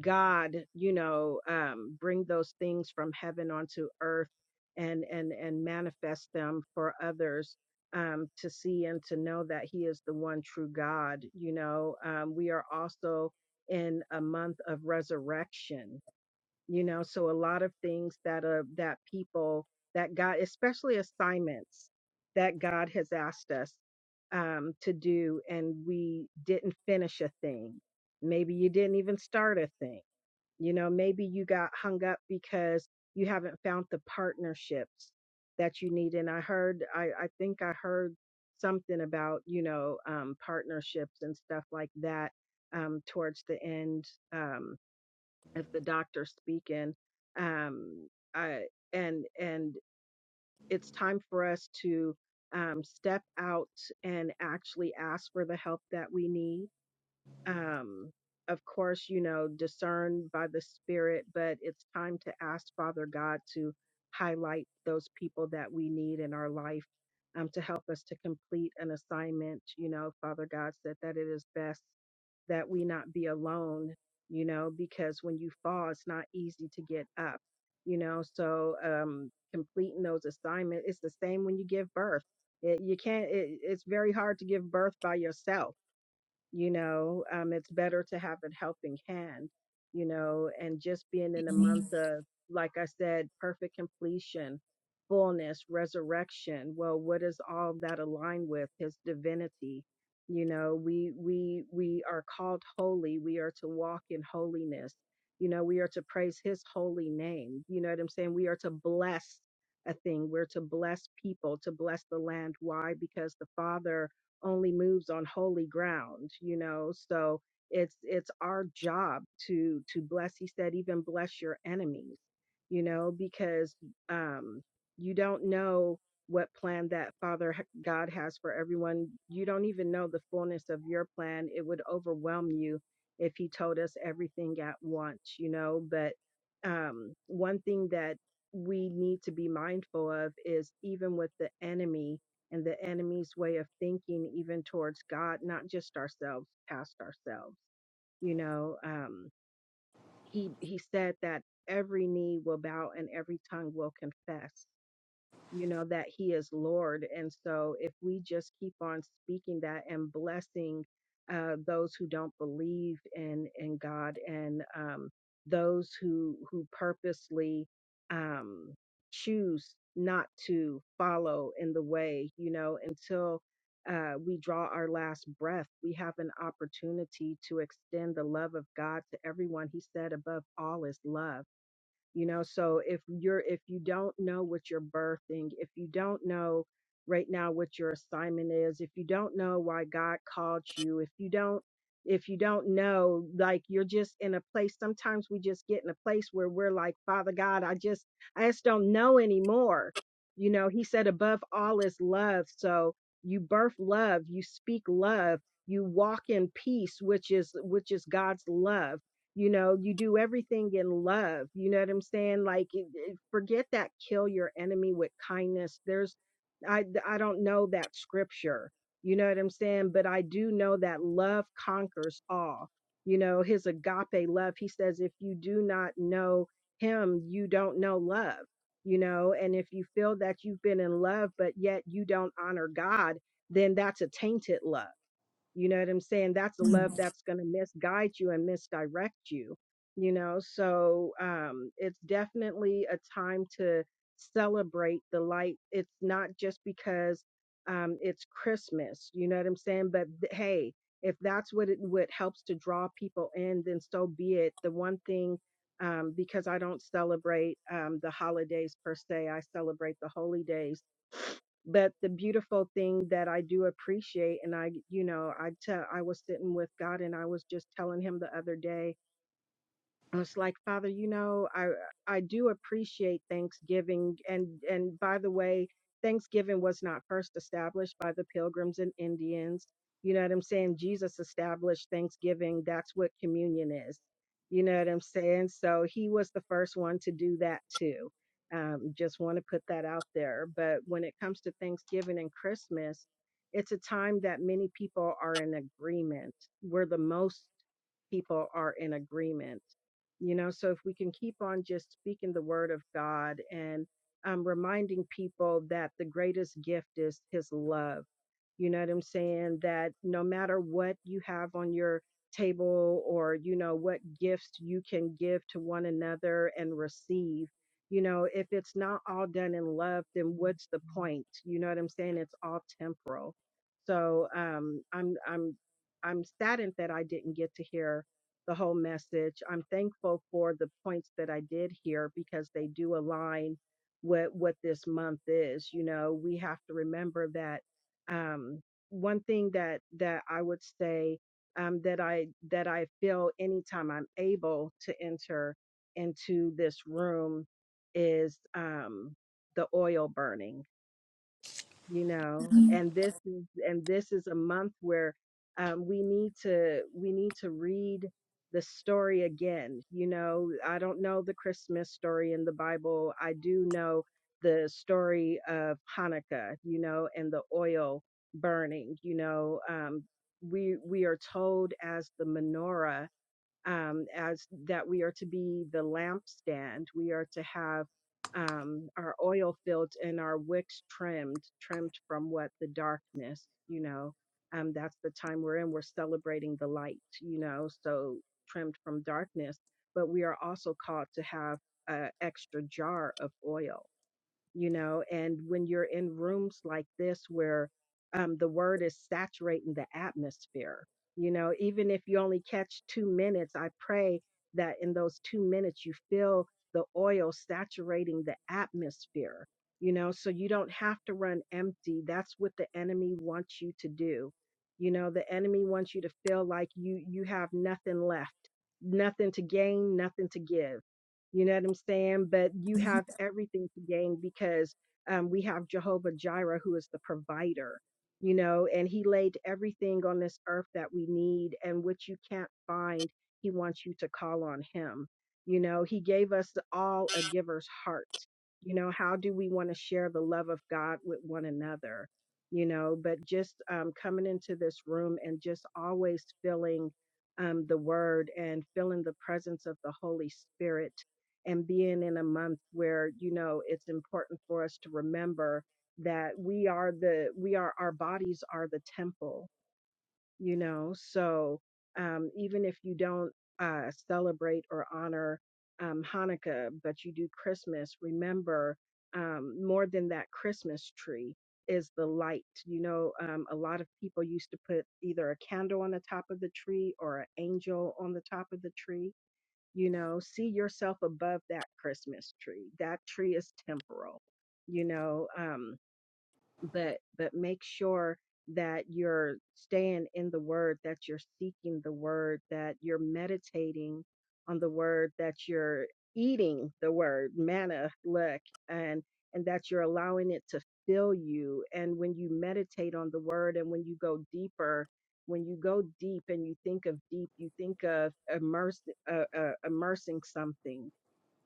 God, you know, um, bring those things from heaven onto earth and and and manifest them for others um, to see and to know that He is the one true God. You know, um, we are also in a month of resurrection you know so a lot of things that are that people that god especially assignments that god has asked us um to do and we didn't finish a thing maybe you didn't even start a thing you know maybe you got hung up because you haven't found the partnerships that you need and i heard i i think i heard something about you know um partnerships and stuff like that um towards the end Um, if the doctor's speaking um I, and and it's time for us to um step out and actually ask for the help that we need um of course you know discern by the spirit but it's time to ask father god to highlight those people that we need in our life um, to help us to complete an assignment you know father god said that it is best that we not be alone, you know, because when you fall, it's not easy to get up, you know. So um, completing those assignments, it's the same when you give birth. It, you can't. It, it's very hard to give birth by yourself you know um, it's better to have a helping hand you know and just being in a month of like i said perfect completion fullness resurrection well what does all that align with his divinity you know we we we are called holy we are to walk in holiness you know we are to praise his holy name you know what i'm saying we are to bless a thing we're to bless people to bless the land why because the father only moves on holy ground you know so it's it's our job to to bless he said even bless your enemies you know because um you don't know what plan that father h- god has for everyone you don't even know the fullness of your plan it would overwhelm you if he told us everything at once you know but um one thing that we need to be mindful of is even with the enemy and the enemy's way of thinking, even towards God, not just ourselves, past ourselves. You know, um, he he said that every knee will bow and every tongue will confess you know, that He is Lord. And so if we just keep on speaking that and blessing uh, those who don't believe in in God and um, those who who purposely um, choose not to follow in the way, you know, until uh, we draw our last breath, we have an opportunity to extend the love of God to everyone. He said, above all is love you know so if you're if you don't know what you're birthing if you don't know right now what your assignment is if you don't know why god called you if you don't if you don't know like you're just in a place sometimes we just get in a place where we're like father god i just i just don't know anymore you know he said above all is love so you birth love you speak love you walk in peace which is which is god's love you know you do everything in love you know what i'm saying like it- it- forget that kill your enemy with kindness there's i i don't know that scripture you know what i'm saying but i do know that love conquers all you know his agape love he says if you do not know him you don't know love you know and if you feel that you've been in love but yet you don't honor god then that's a tainted love you know what I'm saying? That's a love that's going to misguide you and misdirect you, you know? So um, it's definitely a time to celebrate the light. It's not just because um, it's Christmas, you know what I'm saying? But th- hey, if that's what it what helps to draw people in, then so be it. The one thing, um, because I don't celebrate um, the holidays per se, I celebrate the holy days but the beautiful thing that I do appreciate and I you know I tell I was sitting with God and I was just telling him the other day I was like, Father, you know, I I do appreciate Thanksgiving, and and by the way, Thanksgiving was not first established by the Pilgrims and Indians. You know what I'm saying? Jesus established Thanksgiving. That's what communion is. You know what I'm saying? So he was the first one to do that too. Um, just want to put that out there. But when it comes to Thanksgiving and Christmas, it's a time that many people are in agreement. We're the most people are in agreement you know so if we can keep on just speaking the word of god and um, reminding people that the greatest gift is his love you know what i'm saying that no matter what you have on your table or you know what gifts you can give to one another and receive you know if it's not all done in love then what's the point you know what i'm saying it's all temporal so um i'm i'm i'm saddened that i didn't get to hear the whole message. I'm thankful for the points that I did hear because they do align with what this month is. You know, we have to remember that um, one thing that that I would say um, that I that I feel anytime I'm able to enter into this room is um, the oil burning you know and this is and this is a month where um, we need to we need to read the story again you know i don't know the christmas story in the bible i do know the story of hanukkah you know and the oil burning you know um, we we are told as the menorah um, as that we are to be the lampstand. We are to have um, our oil filled and our wicks trimmed, trimmed from what the darkness, you know. Um, that's the time we're in. We're celebrating the light, you know, so trimmed from darkness. But we are also called to have an extra jar of oil you know and when you're in rooms like this where um, the word is saturating the atmosphere you know even if you only catch two minutes i pray that in those two minutes you feel the oil saturating the atmosphere you know so you don't have to run empty that's what the enemy wants you to do you know the enemy wants you to feel like you you have nothing left nothing to gain nothing to give you know what I'm saying? But you have everything to gain because um, we have Jehovah Jireh, who is the provider, you know, and he laid everything on this earth that we need and which you can't find. He wants you to call on him. You know, he gave us all a giver's heart. You know, how do we want to share the love of God with one another? You know, but just um, coming into this room and just always feeling um, the word and feeling the presence of the Holy Spirit and being in a month where you know it's important for us to remember that we are the we are our bodies are the temple you know so um even if you don't uh celebrate or honor um hanukkah but you do christmas remember um more than that christmas tree is the light you know um a lot of people used to put either a candle on the top of the tree or an angel on the top of the tree you know see yourself above that christmas tree that tree is temporal you know um but but make sure that you're staying in the word that you're seeking the word that you're meditating on the word that you're eating the word manna look and and that you're allowing it to fill you and when you meditate on the word and when you go deeper when you go deep and you think of deep you think of immerse, uh, uh, immersing something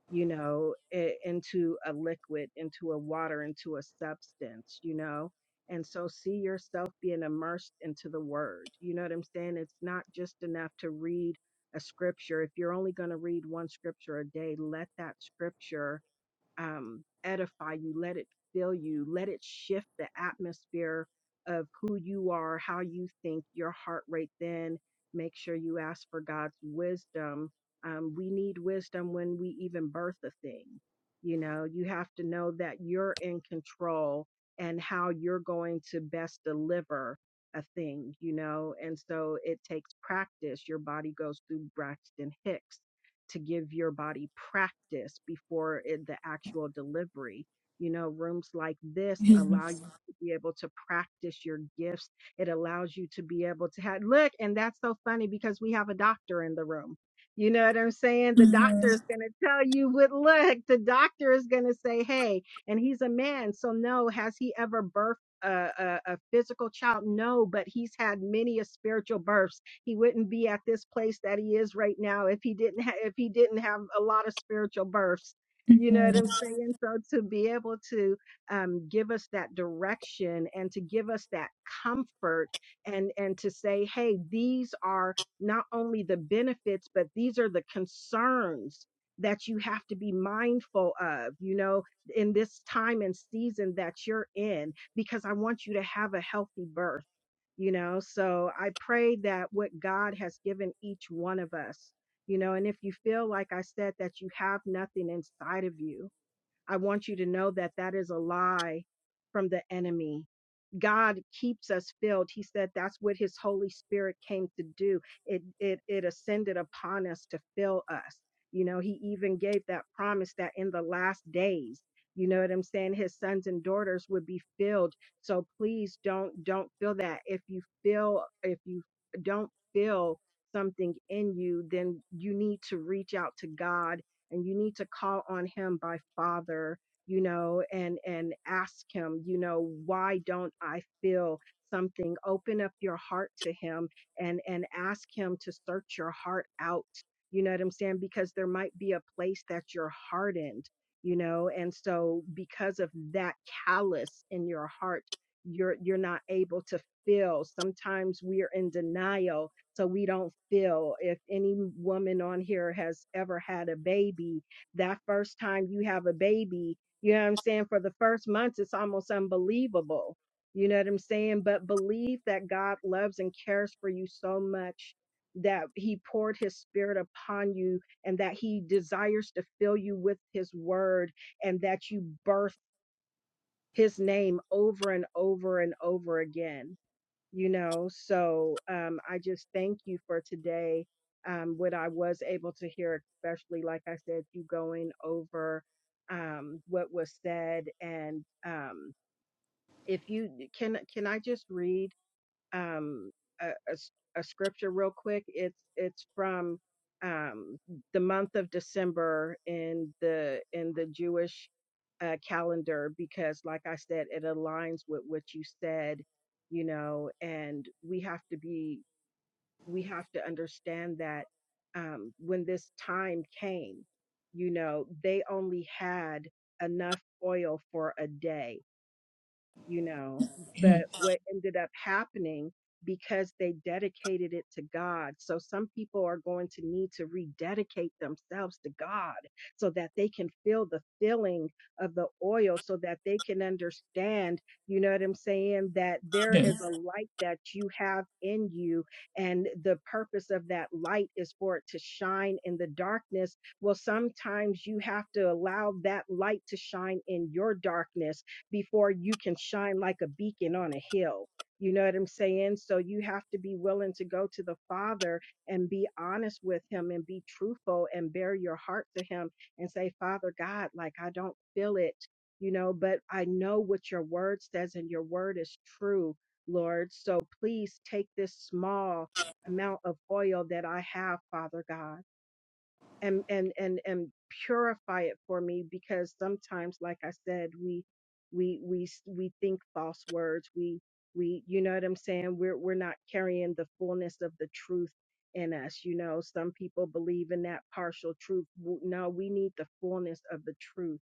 you know, i- into a liquid, into a water, into a substance, you know. And so see yourself being immersed into the word. You know what I'm saying? It's not just enough to read a scripture. If you're only going to read one scripture a day, let that scripture um, edify you, let it fill you, let it shift the atmosphere of who you are, how you think, your heart rate. Then make sure you ask for God's wisdom. Um, we need wisdom when we even birth a thing. You know, you have to know that you're in control and how you're going to best deliver a thing, you know, and so it takes practice. Your body goes through Braxton Hicks to give your body practice before it, the actual delivery. You know, rooms like this yes, allow you to be able to practice your gifts. It allows you to be able to have, look, and that's so funny because we have a doctor in the room. You know what I'm saying? The doctor yes, is going to tell you what, look, the doctor is going to say, hey, and he's a man. So, no, has he ever birthed a, a, a physical child? No, but he's had many a spiritual births he wouldn't be at this place that he is right now if he didn't ha- if he didn't have a lot of spiritual births. You know what I'm saying? So to be able to um, give us that direction and to give us that comfort and and to say, hey, these are not only the benefits, but these are the concerns that you have to be mindful of, you know, in this time and season that you're in, because I want you to have a healthy birth you know so i pray that what god has given each one of us you know and if you feel like i said that you have nothing inside of you I want you to know that that is a lie from the enemy. God keeps us filled. He said that's what his Holy Spirit came to do. It it it ascended upon us to fill us. You know, he even gave that promise that in the last days, you know what I'm saying, his sons and daughters would be filled. So please don't don't feel that. If you feel if you don't feel something in you, then you need to reach out to God and you need to call on him by father you know and and ask him you know why don't i feel something open up your heart to him and and ask him to search your heart out you know what i'm saying because there might be a place that you're hardened you know and so because of that callous in your heart you're you're not able to feel sometimes we're in denial so we don't feel if any woman on here has ever had a baby, that first time you have a baby, you know what I'm saying? For the first months, it's almost unbelievable. You know what I'm saying? But believe that God loves and cares for you so much that he poured his spirit upon you and that he desires to fill you with his word and that you birth his name over and over and over again you know so um i just thank you for today um what i was able to hear especially like i said you going over um what was said and um if you can can i just read um, a, a s- a scripture real quick. It's it's from um, the month of December in the in the Jewish uh, calendar because, like I said, it aligns with what you said, you know, and we have to be we have to understand that um, when this time came, you know, they only had enough oil for a day you know. yes, But what ended up happening because they dedicated it to God. So some people are going to need to rededicate themselves to God so that they can feel the filling of the oil so that they can understand, you know what I'm saying, that yes, there is a light that you have in you and the purpose of that light is for it to shine in the darkness. Well, sometimes you have to allow that light to shine in your darkness before you can shine like a beacon on a hill. You know what I'm saying? So you have to be willing to go to the Father and be honest with Him and be truthful and bare your heart to Him and say, Father God, like I don't feel it, you know, but I know what your word says and your word is true, Lord. So please take this small amount of oil that I have, Father God and and and and purify it for me because sometimes like i said we we we s- we think false words we we you know what i'm saying we're we're not carrying the fullness of the truth in us you know some people believe in that partial truth W- no we need the fullness of the truth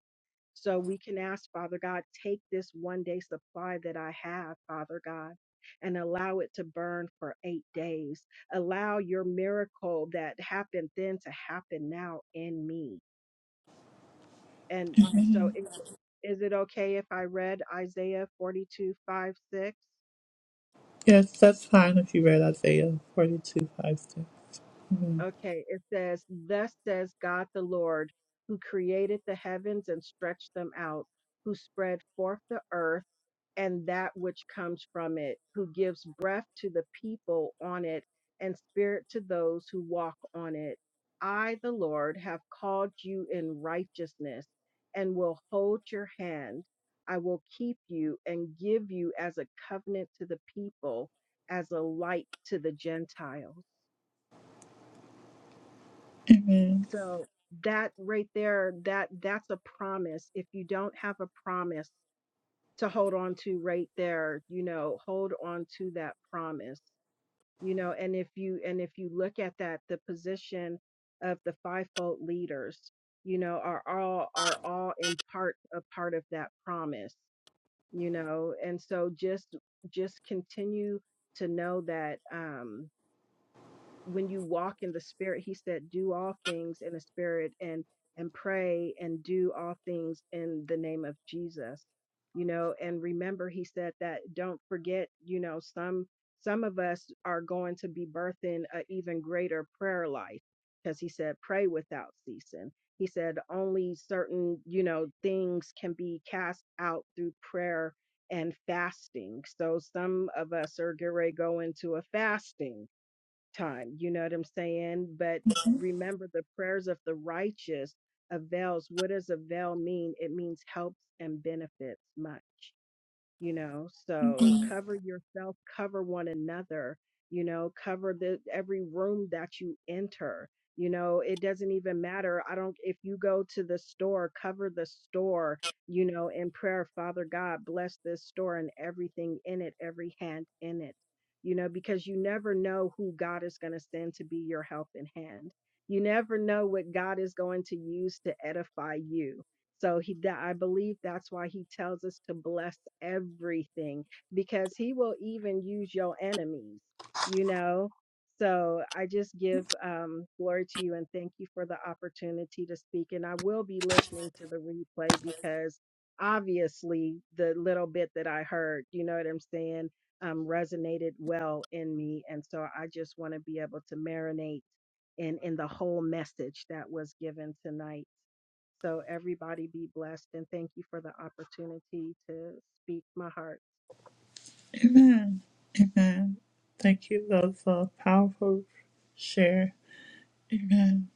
so we can ask, Father God, take this one day supply that I have, Father God, and allow it to burn for eight days. Allow your miracle that happened then to happen now in me. And so is, is it okay if I read Isaiah 42 5 6? Yes, that's fine if you read Isaiah 42, 5 through. Okay, it says, Thus says God the Lord, who created the heavens and stretched them out, who spread forth the earth and that which comes from it, who gives breath to the people on it and spirit to those who walk on it. I, the Lord, have called you in righteousness and will hold your hand. I will keep you and give you as a covenant to the people, as a light to the Gentiles. So that right there, that that's a promise. If you don't have a promise, to hold on to right there you know hold on to that promise you know and if you and if you look at that the position of the fivefold leaders you know are all are all in part a part of that promise you know and so just just continue to know that um when you walk in the spirit he said do all things in the spirit and and pray and do all things in the name of jesus you know and remember he said that don't forget you know some some of us are going to be birthing an even greater prayer life because he said pray without ceasing he said only certain you know things can be cast out through prayer and fasting so some of us are getting ready to go into a fasting time. You know what I'm saying? But remember the prayers of the righteous avails. What does avail mean? It means helps and benefits much you know so cover yourself cover one another you know cover the every room that you enter you know it doesn't even matter i don't if you go to the store cover the store you know in prayer father god bless this store and everything in it every hand in it you know because you never know who god is going to send to be your help in hand you never know what god is going to use to edify you so he that I believe that's why he tells us to bless everything because he will even use your enemies, you know. So I just give um, glory to you and thank you for the opportunity to speak. And I will be listening to the replay because obviously the little bit that I heard, you know what I'm saying, um, resonated well in me. And so I just want to be able to marinate in in the whole message that was given tonight. So everybody be blessed and thank you for the opportunity to speak my heart. Amen. Amen. Thank you. That was a powerful share. Amen.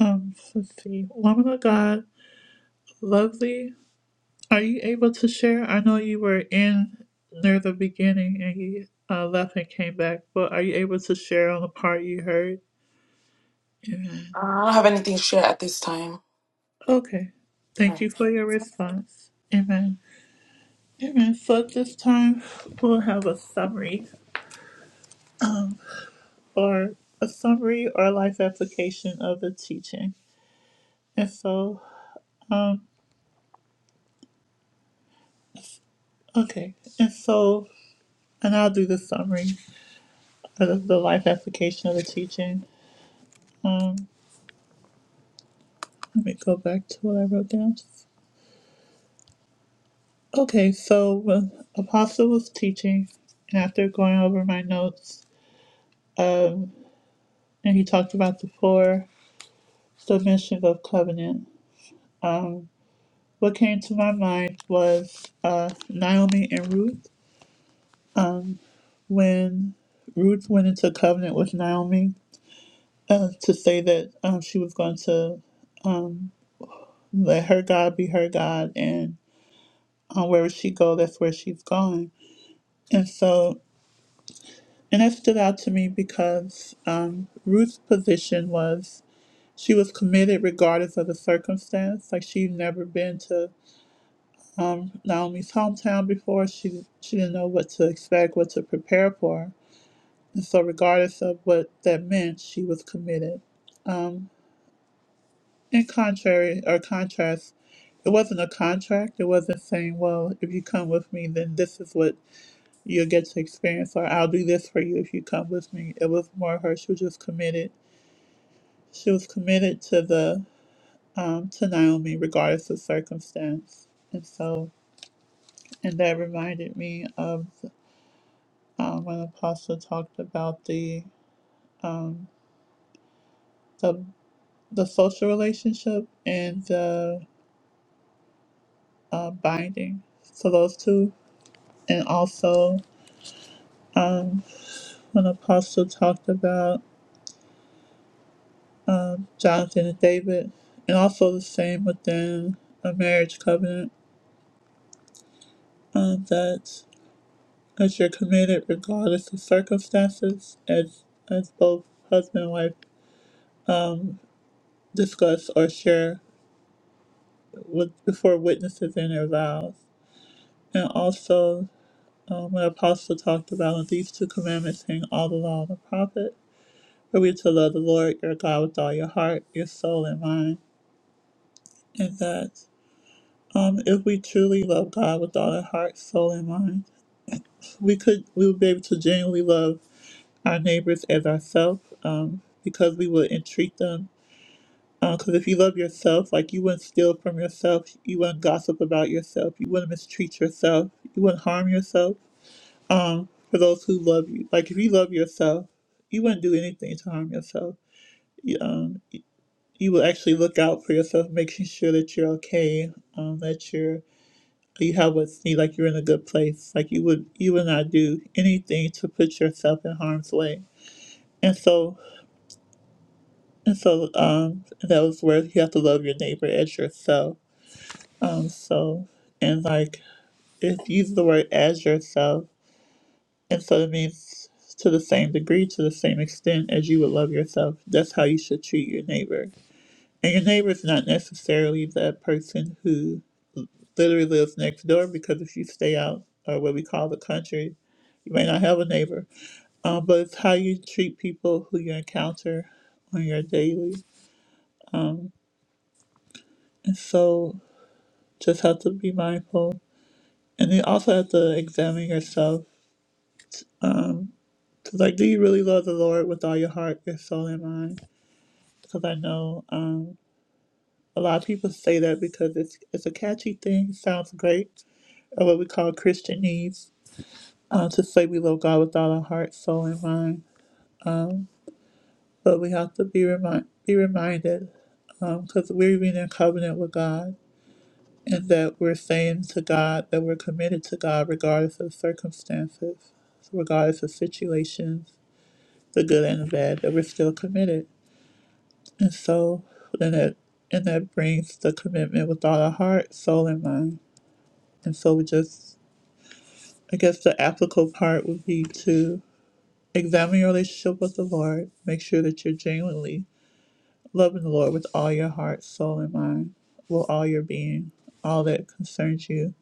Um, let's see. Woman of God, lovely. Are you able to share? I know you were in near the beginning and you uh, left and came back, but are you able to share on the part you heard? Amen. I don't have anything to share at this time. Okay. All Thank you right. for your response. Amen. Amen. So at this time, we'll have a summary or a summary or life application of the teaching. And so, um, okay. And so, and I'll do the summary of the life application of the teaching. Um, let me go back to what I wrote down. Okay, so when Apostle was teaching, and after going over my notes, um, and he talked about the four submissions of covenant, um, what came to my mind was uh, Naomi and Ruth. when Ruth went into covenant with Naomi uh, to say that um, she was going to um, let her God be her God, and uh, wherever she go, that's where she's going. And so, and that stood out to me because um, Ruth's position was she was committed regardless of the circumstance. Like she'd never been to Naomi's hometown before. She she didn't know what to expect, what to prepare for. And so, regardless of what that meant, she was committed. Um, In contrary or contrast, it wasn't a contract. It wasn't saying, well, if you come with me, then this is what you'll get to experience, or I'll do this for you if you come with me. It was more her. She was just committed. She was committed to the um, to Naomi, regardless of circumstance. And so, and that reminded me of um, when Apostle talked about the um, the the social relationship and the uh, binding. So those two, and also. um, when Apostle talked about Jonathan and David, and also the same within a marriage covenant um, that as you're committed regardless of circumstances, as as both husband and wife discuss or share with before witnesses in their vows, and also um, when Apostle talked about "And these two commandments hang all the law and the prophet, for we to love the Lord your God with all your heart, your soul, and mind, and that. Um, if we truly love God with all our heart, soul, and mind, we could we would be able to genuinely love our neighbors as ourselves, um, because we would entreat them. Because if you love yourself, like you wouldn't steal from yourself, you wouldn't gossip about yourself, you wouldn't mistreat yourself, you wouldn't harm yourself. Um, for those who love you, like if you love yourself, you wouldn't do anything to harm yourself. You, um, you will actually look out for yourself, making sure that you're okay, um, that you're you help us see like you're in a good place, like you would you would not do anything to put yourself in harm's way. And so and so um those words you have to love your neighbor as yourself. Um so and like if you use the word as yourself and so it means to the same degree, to the same extent as you would love yourself. That's how you should treat your neighbor. And your neighbor is not necessarily that person who literally lives next door because if you stay out or what we call the country, you may not have a neighbor. Um, but it's how you treat people who you encounter on your daily. And so just have to be mindful. And you also have to examine yourself. Cause like, do you really love the Lord with all your heart, your soul, and mind? Because I know um, a lot of people say that because it's it's a catchy thing, sounds great, or what we call Christian needs. Uh, to say we love God with all our heart, soul, and mind But we have to be remind be reminded, because um, we're in a covenant with God, and that we're saying to God that we're committed to God regardless of circumstances, regardless of situations, the good and the bad, that we're still committed. And so then that and that brings the commitment with all our heart, soul, and mind. And so we just, I guess the applicable part would be to examine your relationship with the Lord, make sure that you're genuinely Loving the Lord with all your heart, soul, and mind, with all your being, all that concerns you.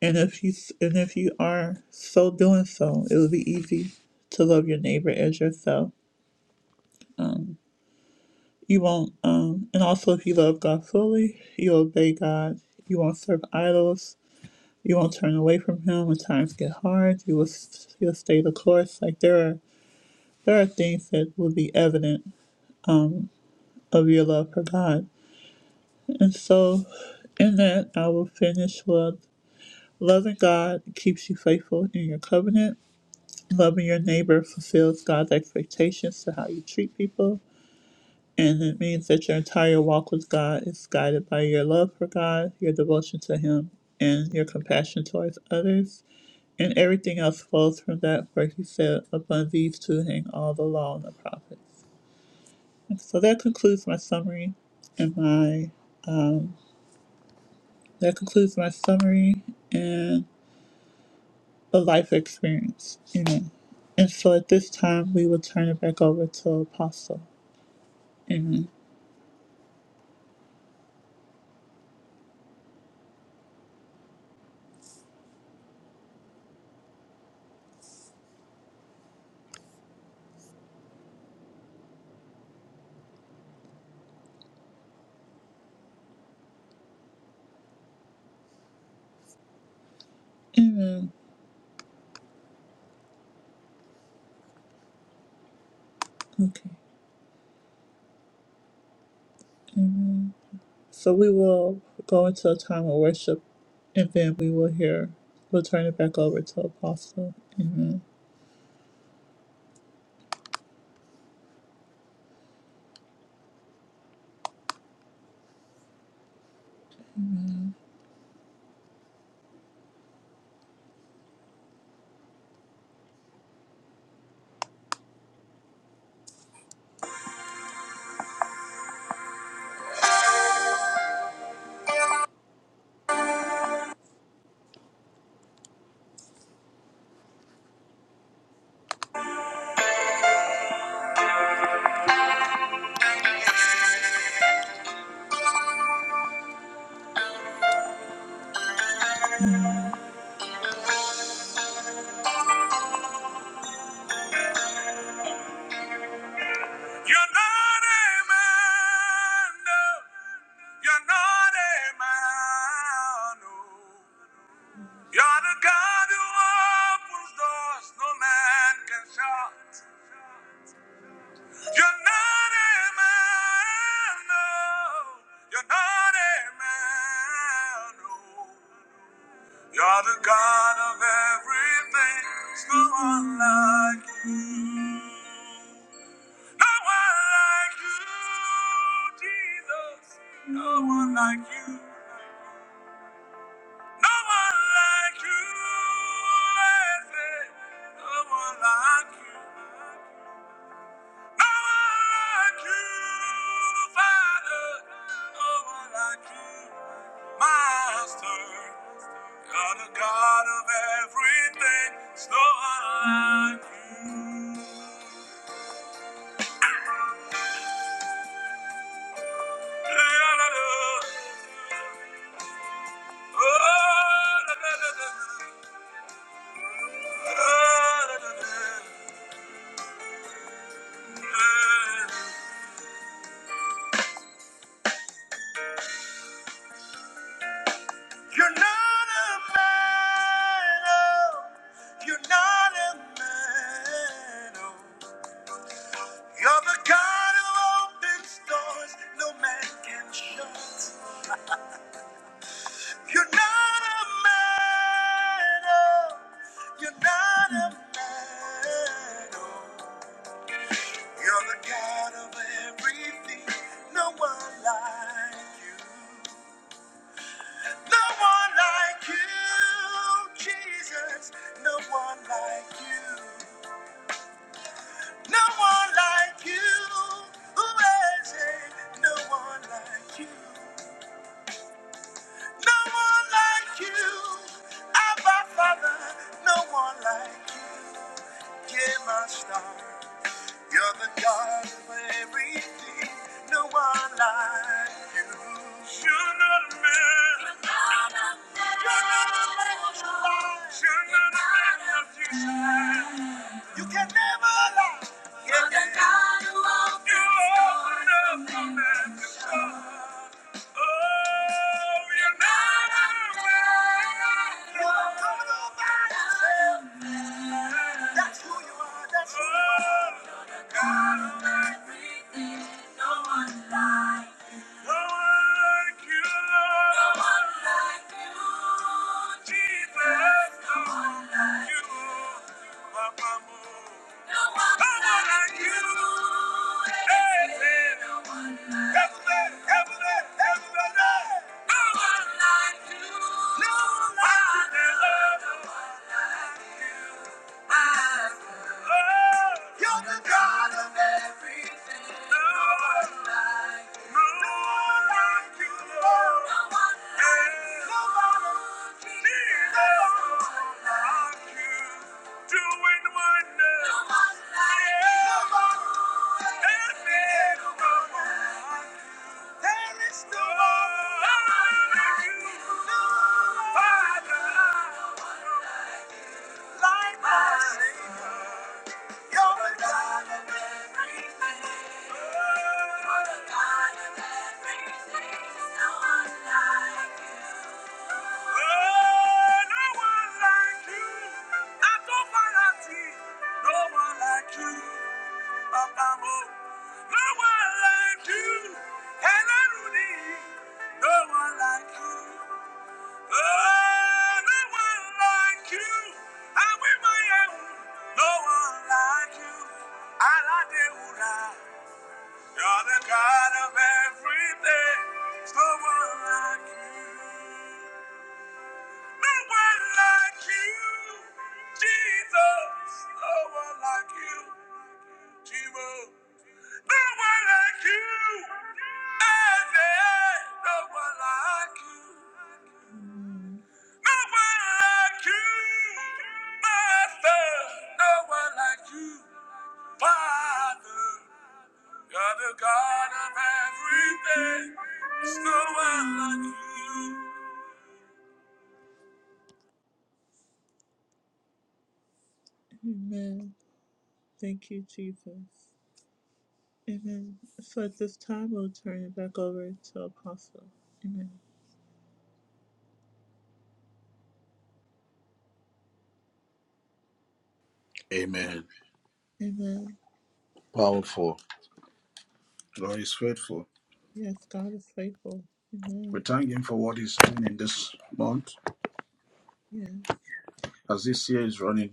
And if you and if you are so doing so, it will be easy to love your neighbor as yourself. You won't, um, and also if you love God fully, you obey God. You won't serve idols. You won't turn away from Him when times get hard. You will you'll stay the course. Like there are there are things that will be evident um, of your love for God And so, in that, I will finish with loving God keeps you faithful in your covenant. Loving your neighbor fulfills God's expectations to how you treat people. And it means that your entire walk with God is guided by your love for God, your devotion to Him, and your compassion towards others. And everything else flows from that, where He said, Upon these two hang all the law and the prophets. And so that concludes my summary and my um, That concludes my summary and the life experience. Amen. And so at this time, we will turn it back over to Apostle. Amen. Amen. Okay. So we will go into a time of worship and then we will hear, we'll turn it back over to Apostle. Amen. You're not a man, no. You're not a man, no. You're the God who opens doors no man can shut. You're not a man, no. You're not a man, no. You're the God of everything. There's no one like you. No one like you, Jesus. No one like you. No one like you, Lord. No one like you. like you, Father. No one like you, Master. you God of everything. There's no one like you. You're not a man, oh. You're not a man, oh. You're the God who opens doors no man can shut. You're not a man, oh. You're not a man, oh. You're the God of everything. No one like you. No one like you, Jesus. No one like you. No one like you. Who is it? No one like you. No one like you, Abba Father. No one like you, dear my star. You're the God of everything. No one like you. You're not a man. You're not a man You're not to lie. You're not a man of your time. You can never lie. You're the God who opens You're doors. open up the man that's what like you. No one like you. You're the God of everything. No one like No one like you, Lord. No one like No one like Jesus. No one like you. Doing wonders. No one like you. No one like you. There is no one. There is no one like you. No one like you. Father, like us. No one like you. and I don't need no one like you. Oh, no one like you. I'm in my own. No one like you. Aladeura. You're the God of everything. There's No one like you. No one like you. Jesus. No one like you. Jehovah. No one like you. Eh, eh, No one like you. like you, Master. No one like you, Father. You're the God of everything. There's no one like you. Amen. Thank you, Jesus. Amen. So at this time, we'll turn it back over to Apostle. Amen. Amen. Amen. Powerful. God is faithful. Yes, God is faithful. We Amen. thank Him for what He's doing in this month. Yes. As this year is running,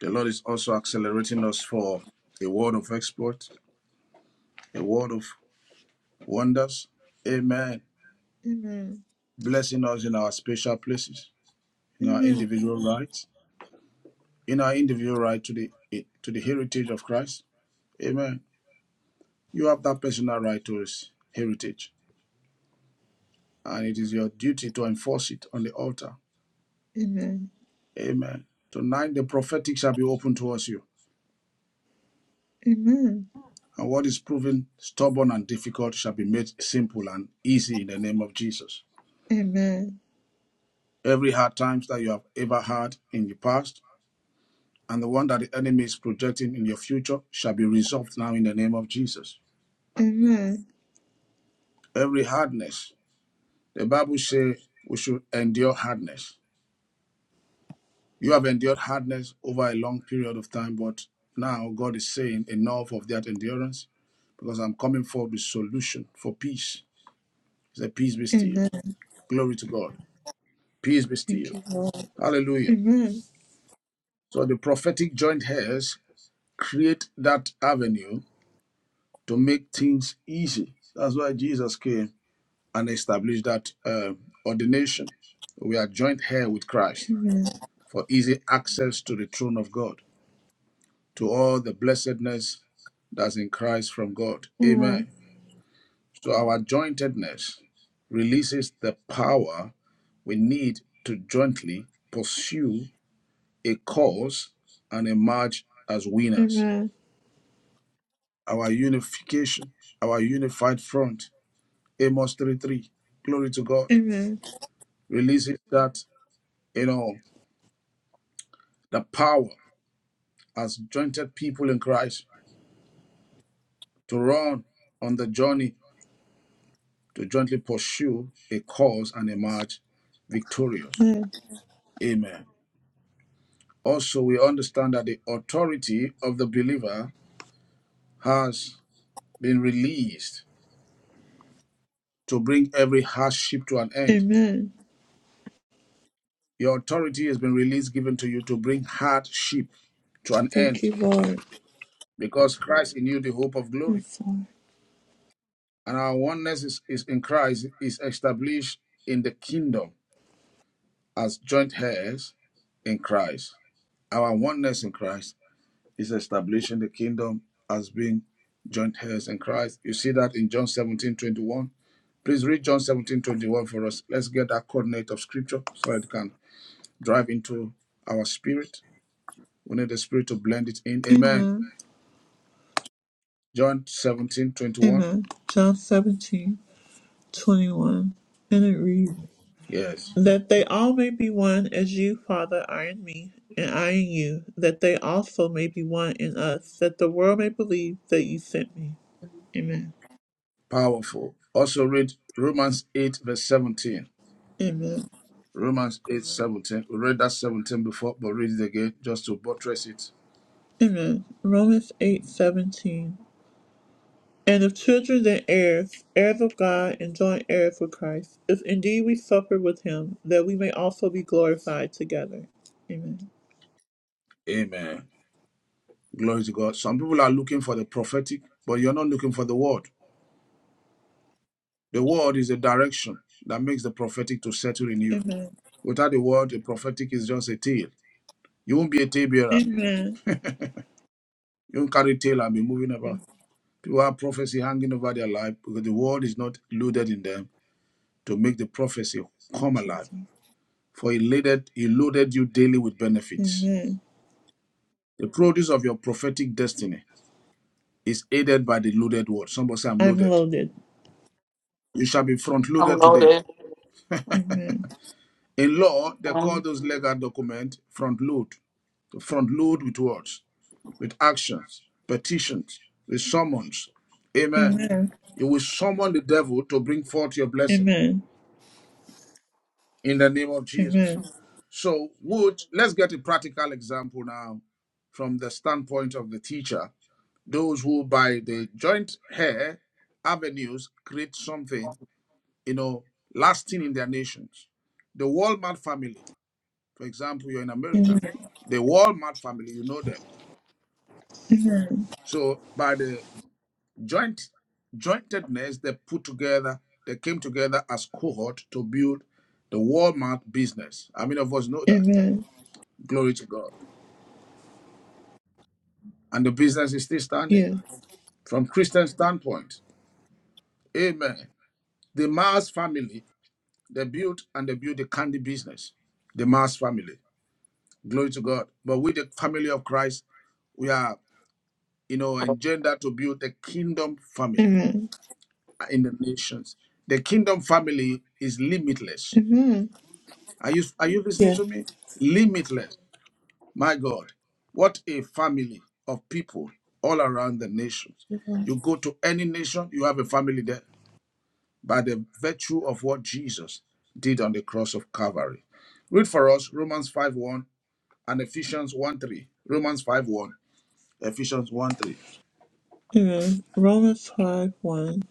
the Lord is also accelerating us for a world of exploit, a world of wonders. Amen. Amen. blessing us in our special places, in our Amen. individual rights, in our individual right to the to the heritage of Christ. Amen. You have that personal right to his heritage, and it is your duty to enforce it on the altar. Amen. Amen. Tonight the prophetic shall be open towards you, Amen. and what is proven stubborn and difficult shall be made simple and easy in the name of Jesus. Amen. Every hard times that you have ever had in the past, and the one that the enemy is projecting in your future shall be resolved now in the name of Jesus. Amen. every hardness. The Bible says we should endure hardness. You have endured hardness over a long period of time, but now God is saying enough of that endurance because I'm coming for the solution for peace. He said, Peace be still. Amen. Glory to God. Peace be Thank still. you, Lord. Hallelujah. Amen. So the prophetic joint hairs create that avenue to make things easy. That's why Jesus came and established that uh, ordination. We are joint hair with Christ. for easy access to the throne of God, to all the blessedness that's in Christ from God. Amen. Amen. So our jointedness releases the power we need to jointly pursue a cause and emerge as winners. Amen. Our unification, our unified front, Amos 3:3, glory to God, Amen. releases that, you know, the power as jointed people in Christ to run on the journey to jointly pursue a cause and emerge victorious. Amen. Also, we understand that the authority of the believer has been released to bring every hardship to an end. Amen. Your authority has been released, given to you to bring hardship to an Thank end you, Lord. because Christ in you, the hope of glory. Yes, Lord. And our oneness is, is in Christ is established in the kingdom as joint heirs in Christ. Our oneness in Christ Is establishing the kingdom as being joint heirs in Christ. You see that in John 17:21. Please read John 17:21 for us. Let's get that coordinate of scripture so it can drive into our spirit. We need the spirit to blend it in. Amen. Amen. John 17:21. Amen. John seventeen twenty one, And it reads, Yes. That they all may be one as you, Father, are in me, and I in you, that they also may be one in us, that the world may believe that you sent me. Amen. Powerful. Also read Romans 8, verse 17. Amen. Romans 8:17. We read that 17 before, but read it again just to buttress it. Amen. Romans 8 17. And if children, then heirs, heirs of God, and joint heirs with Christ, if indeed we suffer with him, that we may also be glorified together. Amen. Amen. Glory to God. Some people are looking for the prophetic, but you're not looking for the word. The word is a direction that makes the prophetic to settle in you. Amen. Without the word, the prophetic is just a tale. You won't be a tale bearer. Amen. You won't carry tail and be moving about. Thank you, People have prophecy hanging over their life because the word is not loaded in them to make the prophecy come alive. Jesus. For he loaded, he loaded you daily with benefits. Amen. The produce of your prophetic destiny is aided by the loaded word. Somebody say, I'm I'm loaded. loaded. You shall be front I'm loaded today. loaded. Amen. In law, they call Amen. those legal documents front load. To front load with words, with actions, petitions, with summons. Amen. Amen. You will summon the devil to bring forth your blessing Amen. in the name of Jesus. Amen. So, would let's get a practical example now from the standpoint of the teacher. Those who by the joint hair avenues create something, you know, lasting in their nations. The Walmart family For example, you're in America. Amen. The Walmart family, you know them. So by the joint jointedness they put together, they came together as cohort to build the Walmart business. How many of us know that? Amen. Glory to God. And the business is still standing Yes. from Christian standpoint. Amen. The Mars family, they built and they built the candy business. The Mars family. Glory to God. But with the family of Christ, we are, you know, engendered to build a kingdom family. Amen. in the nations. The kingdom family is limitless. Amen. Are you are you listening Yes. to me? Limitless. My God, what a family of people all around the nations. You go to any nation, you have a family there by the virtue of what Jesus did on the cross of Calvary. Read for us Romans 5 1 and Ephesians 1 3. Romans 5 1, Ephesians 1 3. Amen. Romans 5 1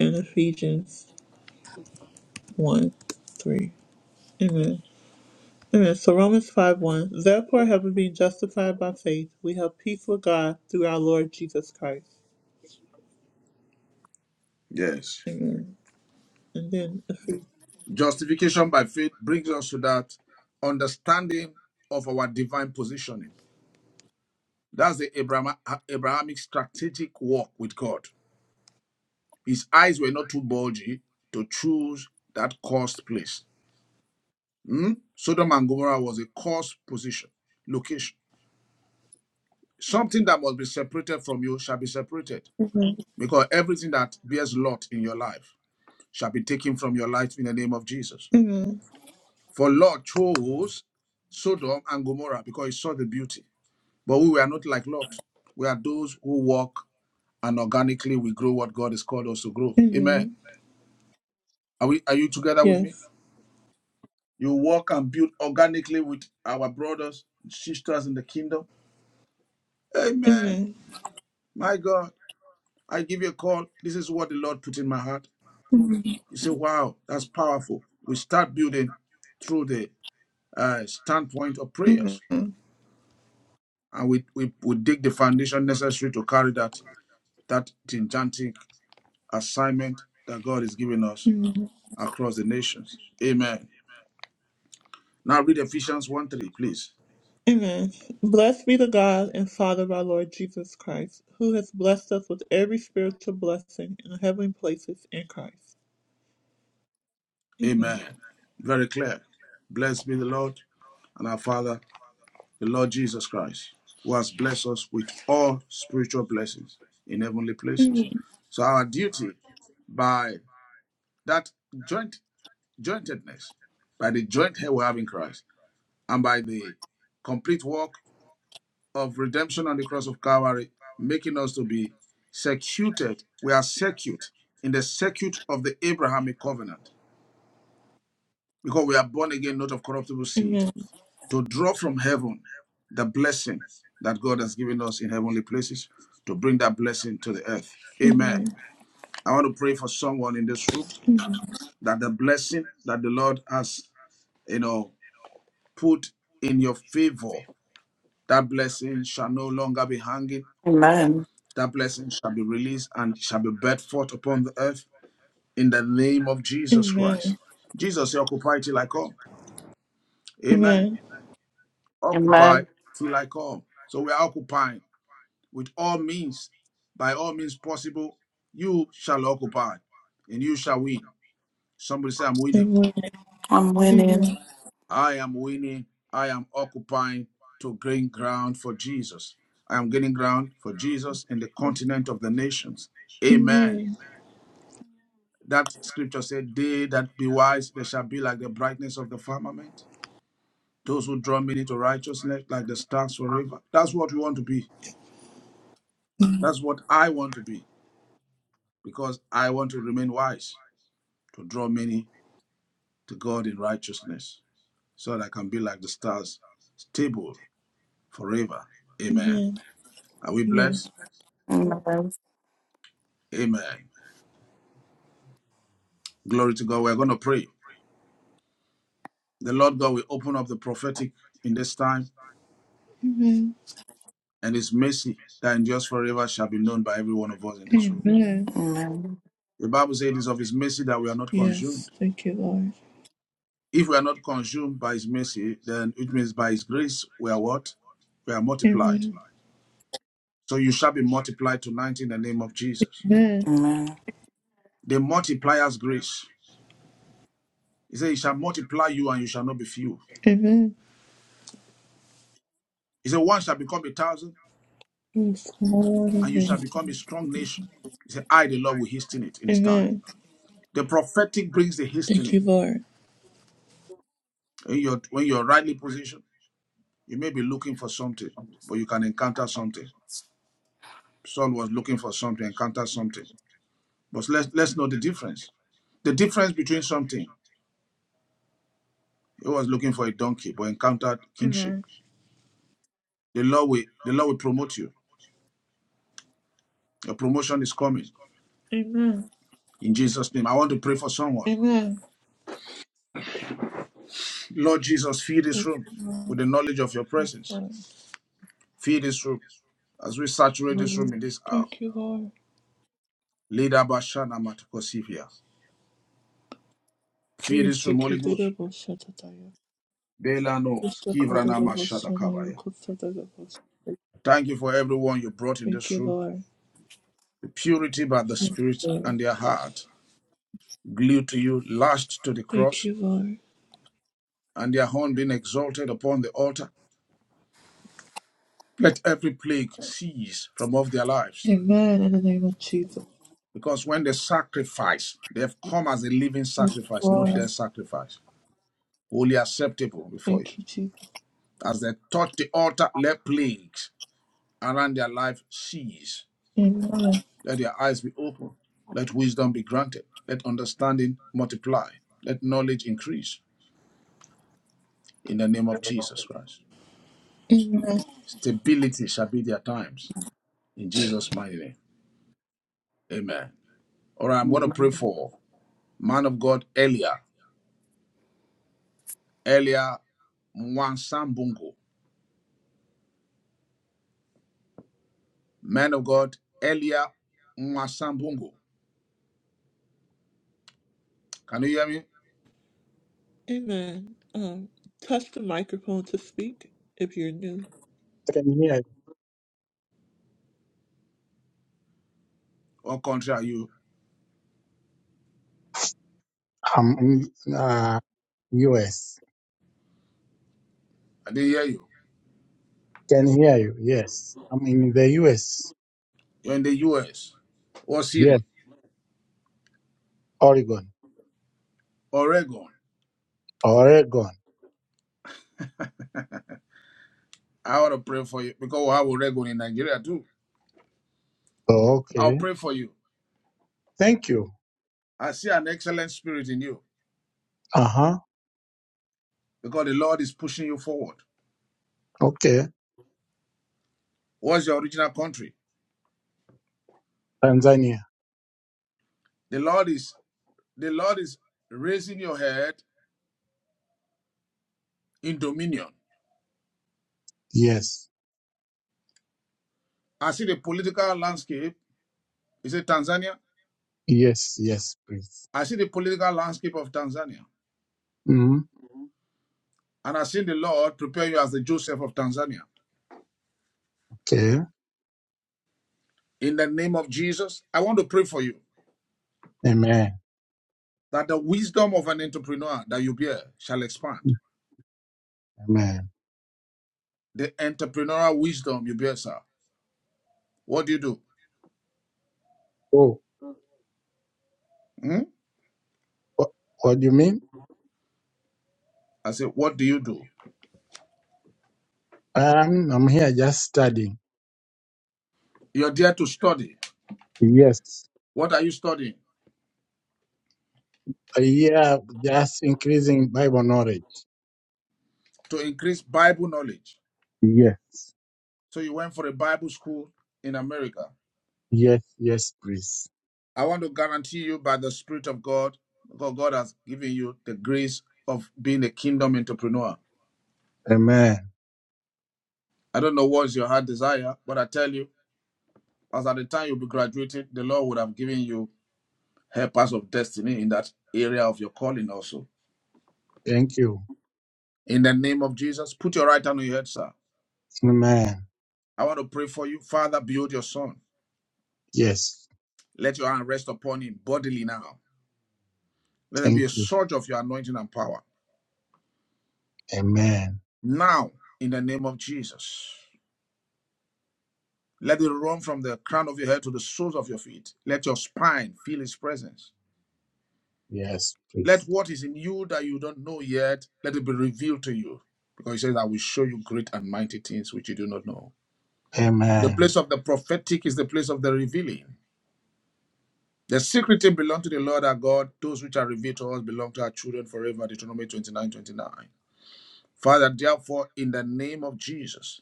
and Ephesians 1 3. Amen. Amen. So Romans 5 1. Therefore, having been justified by faith, we have peace with God through our Lord Jesus Christ. Yes. Amen. And then if we Justification by faith brings us to that understanding of our divine positioning. That's the Abraham, Abrahamic strategic walk with God. His eyes were not too bulgy to choose that cursed place. Hmm? Sodom and Gomorrah was a cursed position, location. Something that must be separated from you shall be separated because everything that bears Lot in your life shall be taken from your life in the name of Jesus. Amen. For Lot chose Sodom and Gomorrah because he saw the beauty. But we were not like Lot. We are those who walk and organically we grow what God has called us to grow. Amen. Amen. Are we are you together with me? Yes. You walk and build organically with our brothers and sisters in the kingdom. Amen. Amen. My God. I give you a call. This is what the Lord put in my heart. Amen. You say, wow, that's powerful. We start building through the uh, standpoint of prayers. Amen. And we, we, we dig the foundation necessary to carry that that gigantic assignment that God is giving us Amen. across the nations. Amen. Now read Ephesians 1 3, please. Amen. Blessed be the God and Father of our Lord Jesus Christ, who has blessed us with every spiritual blessing in the heavenly places in Christ. Amen. Amen. Very clear. Blessed be the Lord and our Father, the Lord Jesus Christ, who has blessed us with all spiritual blessings in heavenly places. So our duty by that joint jointedness, by the joint head we have in Christ, and by the complete work of redemption on the cross of Calvary, making us to be secured. We are secured in the circuit of the Abrahamic covenant because we are born again, not of corruptible seed, Amen. to draw from heaven the blessing that God has given us in heavenly places, to bring that blessing to the earth. Amen. Amen. I want to pray for someone in this room that the blessing that the Lord has, you know, put in your favor, that blessing shall no longer be hanging Amen. That blessing shall be released and shall be birthed forth upon the earth in the name of Jesus Amen. Christ. Jesus said, Occupy till I come. Amen. Amen. Occupy Amen. till I come. So we are occupying with all means, by all means possible. You shall occupy and you shall win. Somebody say, I'm winning. Amen. I'm winning. Amen. I am winning. I am occupying to gain ground for Jesus. I am gaining ground for Jesus in the continent of the nations. Amen. Amen. That scripture said, They that be wise, they shall be like the brightness of the firmament. Those who draw many to righteousness, like the stars forever. That's what we want to be. That's what I want to be, because I want to remain wise, to draw many to God in righteousness, so that I can be like the stars, stable forever. Amen. Amen. Are we Yes. blessed? Amen. Amen. Amen. Glory to God. We're going to pray. The Lord God will open up the prophetic in this time, Amen. and His mercy that endures forever shall be known by every one of us in this room. Amen. The Bible says it is of his mercy that we are not consumed. Yes. Thank you, Lord. If we are not consumed by his mercy, then it means by his grace we are what? We are multiplied. Amen. So you shall be multiplied tonight in the name of Jesus. Amen. Amen. The multiplier's grace. He said, He shall multiply you and you shall not be few. Amen. He said, One shall become a thousand Yes, Lord. and you Amen. shall become a strong nation. He said, I, the Lord, will hasten it in his time. The prophetic brings the hastening. When you're, when you're rightly positioned, you may be looking for something, but you can encounter something. Saul was looking for something, encountered something. But let's let's know the difference. The difference between something. He was looking for a donkey, but encountered kingship. Amen. The Lord will the Lord will promote you. Your promotion is coming. Amen. In Jesus' name. I want to pray for someone. Amen. Lord Jesus, fill this Thank room you, with Lord. the knowledge of your presence. Lord. Fill this room. As we saturate this room Amen. in this hour. Thank you, Lord. Leader Bashana Matukosivia. Fill this Yes, you room, can Holy do Ghost. the most shut up, Diane. Bela Yes, nos, you can do Kivrana the most Mashata shut up, you Kabaya. can do the most. Thank you for everyone you brought in Thank this you, room. Lord. purity by the Yes, Spirit, Lord. and their heart glued to you, lashed to the Thank cross, you, Lord. and their horn being exalted upon the altar. Let every plague cease from off their lives, Amen. In the name of Jesus. because when they sacrifice, they have come as a living Yes, sacrifice, not Lord. their sacrifice, wholly acceptable before you. Thank you, Jesus. As they touch the altar, let plagues around their life cease. Amen. Let their eyes be open. Let wisdom be granted. Let understanding multiply. Let knowledge increase. In the name of Jesus Christ. Stability shall be their times. In Jesus' mighty name. Amen. All right, I'm going to pray for man of God Elia. Elia Mwansambungo. Man of God Elia Mwansambungo. Can you hear me? Amen. Um, touch the microphone to speak if you're new. can hear you. What country are you? I'm in uh, US. I didn't hear you. Can hear you. Yes, I'm in the US. You're in the US or Syria, Yes, Oregon. Oregon. Oregon. I want to pray for you because we have Oregon in Nigeria too. I'll Okay. pray for you. Thank you. I see an excellent spirit in you Uh huh. because the Lord is pushing you forward. Okay. What's your original country? Tanzania. The Lord is The Lord is raising your head in dominion. Yes. I see the political landscape. Is it Tanzania? Yes. Yes. Please. I see the political landscape of Tanzania. hmm And I see the Lord prepare you as the Joseph of Tanzania. Okay. In the name of Jesus, I want to pray for you Amen. that the wisdom of an entrepreneur that you bear shall expand. Amen. The entrepreneurial wisdom you bear, sir. What do you do? Oh, Hmm? what, what do you mean? I said, What do you do? Um, I'm here just studying. You're there to study. Yes. What are you studying? Uh, yeah, just increasing Bible knowledge. To increase Bible knowledge. Yes. So you went for a Bible school in America. Yes. Yes. Please. I want to guarantee you by the Spirit of God, God, God has given you the grace of being a kingdom entrepreneur. Amen. I don't know what is your heart desire, but I tell you, as at the time you'll be graduating, the Lord would have given you helpers of destiny in that area of your calling also. Thank you. In the name of Jesus, put your right hand on your head, sir. Amen. I want to pray for you. Father, build your son. Yes. Let your hand rest upon him bodily now. Let there be a Thank you. surge of your anointing and power. Amen. Now, in the name of Jesus. Let it run from the crown of your head to the soles of your feet. Let your spine feel his presence. Yes, Let please. what is in you that you don't know yet, let it be revealed to you. Because he says, I will show you great and mighty things which you do not know. The Amen. place of the prophetic is the place of the revealing. The secret thing belong to the Lord our God. Those which are revealed to us belong to our children forever. Deuteronomy 29:29. Father, therefore, in the name of Jesus,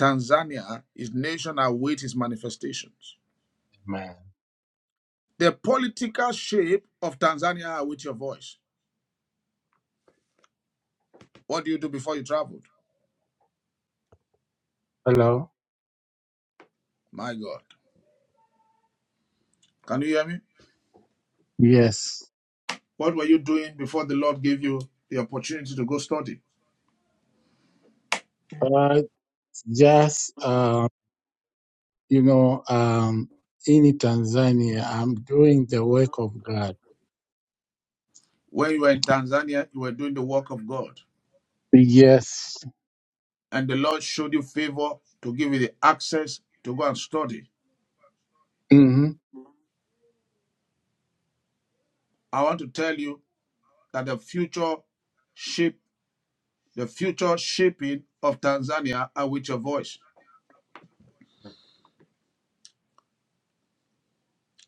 Tanzania, his nation await his manifestations. Amen. The political shape of Tanzania with your voice. What do you do before you traveled? Hello. My God. Can you hear me? Yes. What were you doing before the Lord gave you the opportunity to go study? But just, uh, you know, um, in Tanzania, I'm doing the work of God. When you were in Tanzania, you were doing the work of God. Yes. And the Lord showed you favor to give you the access to go and study. hmm I want to tell you that the future shape, the future shaping of Tanzania are with your voice.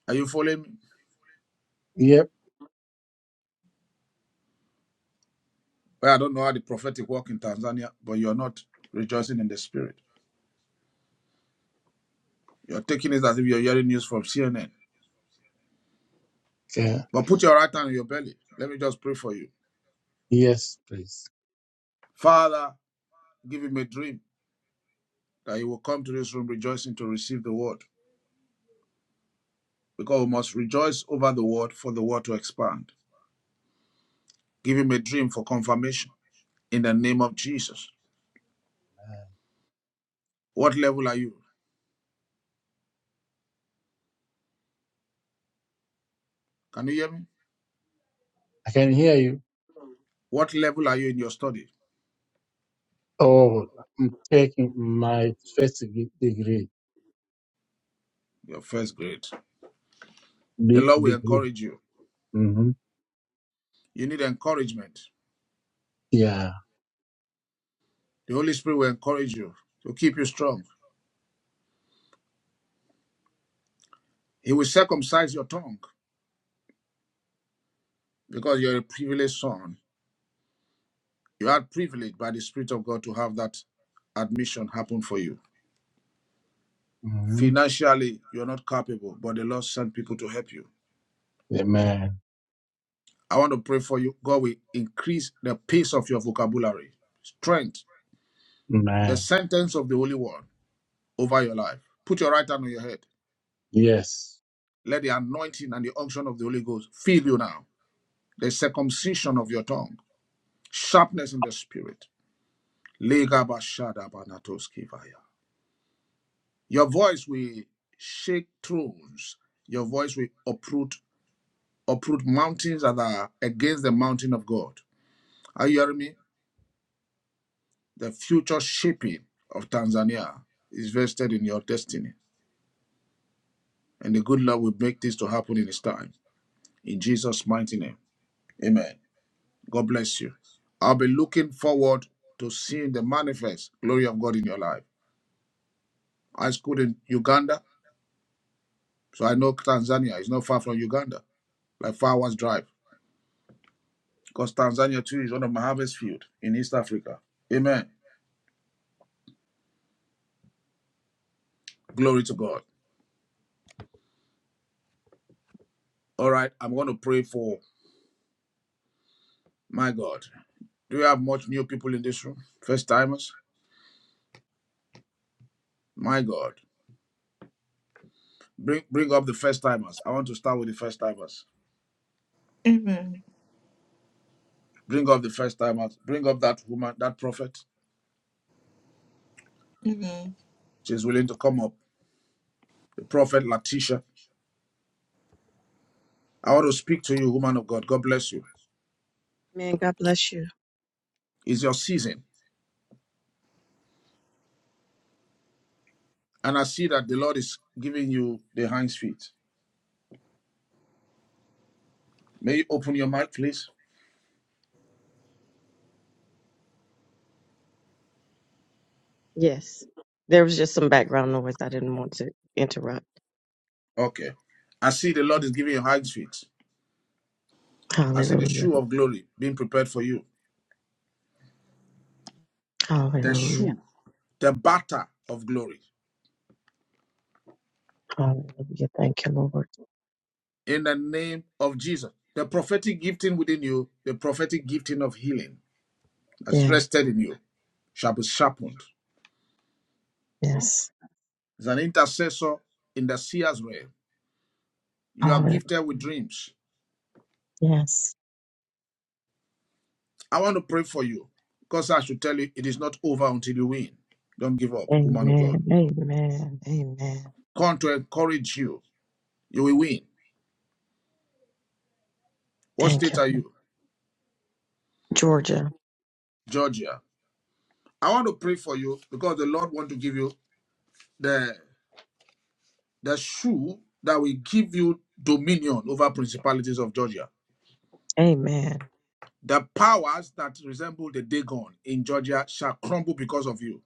Are you following me? Yep. Well, I don't know how the prophetic work in Tanzania, but you're not rejoicing in the spirit. You're taking it as if you're hearing news from CNN. Yeah. But put your right hand on your belly. Let me just pray for you. Yes, please. Father, give him a dream that he will come to this room rejoicing to receive the word. Because we must rejoice over the word for the word to expand. Give him a dream for confirmation in the name of Jesus. What level are you? Can you hear me? I can hear you. What level are you in your study? Oh, I'm taking my first de- degree. Your first grade. The De- Lord will degree. encourage you. hmm You need encouragement. Yeah. The Holy Spirit will encourage you to keep you strong. He will circumcise your tongue because you're a privileged son. You had privilege by the Spirit of God to have that admission happen for you. hmm Financially, you're not capable, but the Lord sent people to help you. Amen. I want to pray for you. God will increase the pace of your vocabulary, strength, Amen. the sentence of the Holy Word over your life. Put your right hand on your head. Yes. Let the anointing and the unction of the Holy Ghost fill you now. The circumcision of your tongue, sharpness in the spirit. Legabashadabanatoskivaya. Your voice will shake thrones. Your voice will uproot uproot mountains that are against the mountain of God. Are you hearing me? The future shaping of Tanzania is vested in your destiny. And the good Lord will make this to happen in his time. In Jesus' mighty name. Amen. God bless you. I'll be looking forward to seeing the manifest glory of God in your life. I schooled in Uganda, so I know Tanzania is not far from Uganda, like four hours drive. because Tanzania too is one of my harvest field in East Africa. Amen. Glory to God. All right, I'm going to pray for my God. Do you have much new people in this room? First timers? My God. Bring bring up the first timers. I want to start with the first timers. Amen. Bring up the first timers. Bring up that woman, that prophet. Amen. She's willing to come up. The prophet Latisha. I want to speak to you, woman of God. God bless you. Man, God bless you. It's your season. And I see that the Lord is giving you the hinds feet. May you open your mouth, please? Yes. There was just some background noise. I didn't want to interrupt. Okay. I see the Lord is giving you hands feet. I see the Hallelujah. shoe of glory being prepared for you. The Hallelujah. shoe, the batter of glory. Hallelujah. Thank you, Lord. In the name of Jesus. The prophetic gifting within you, the prophetic gifting of healing that's Yes. rested in you, shall be sharpened. Yes. As an intercessor in the seer's realm, you are Hallelujah. gifted with dreams. Yes. I want to pray for you because I should tell you it is not over until you win. Don't give up, woman of God. Amen. Amen. Amen. Come to encourage you. You will win. What Thank state you. are Lord. you? Georgia. Georgia. I want to pray for you because the Lord want to give you the the shoe that will give you dominion over principalities of Georgia. Amen. The powers that resemble the Dagon in Georgia shall crumble because of you.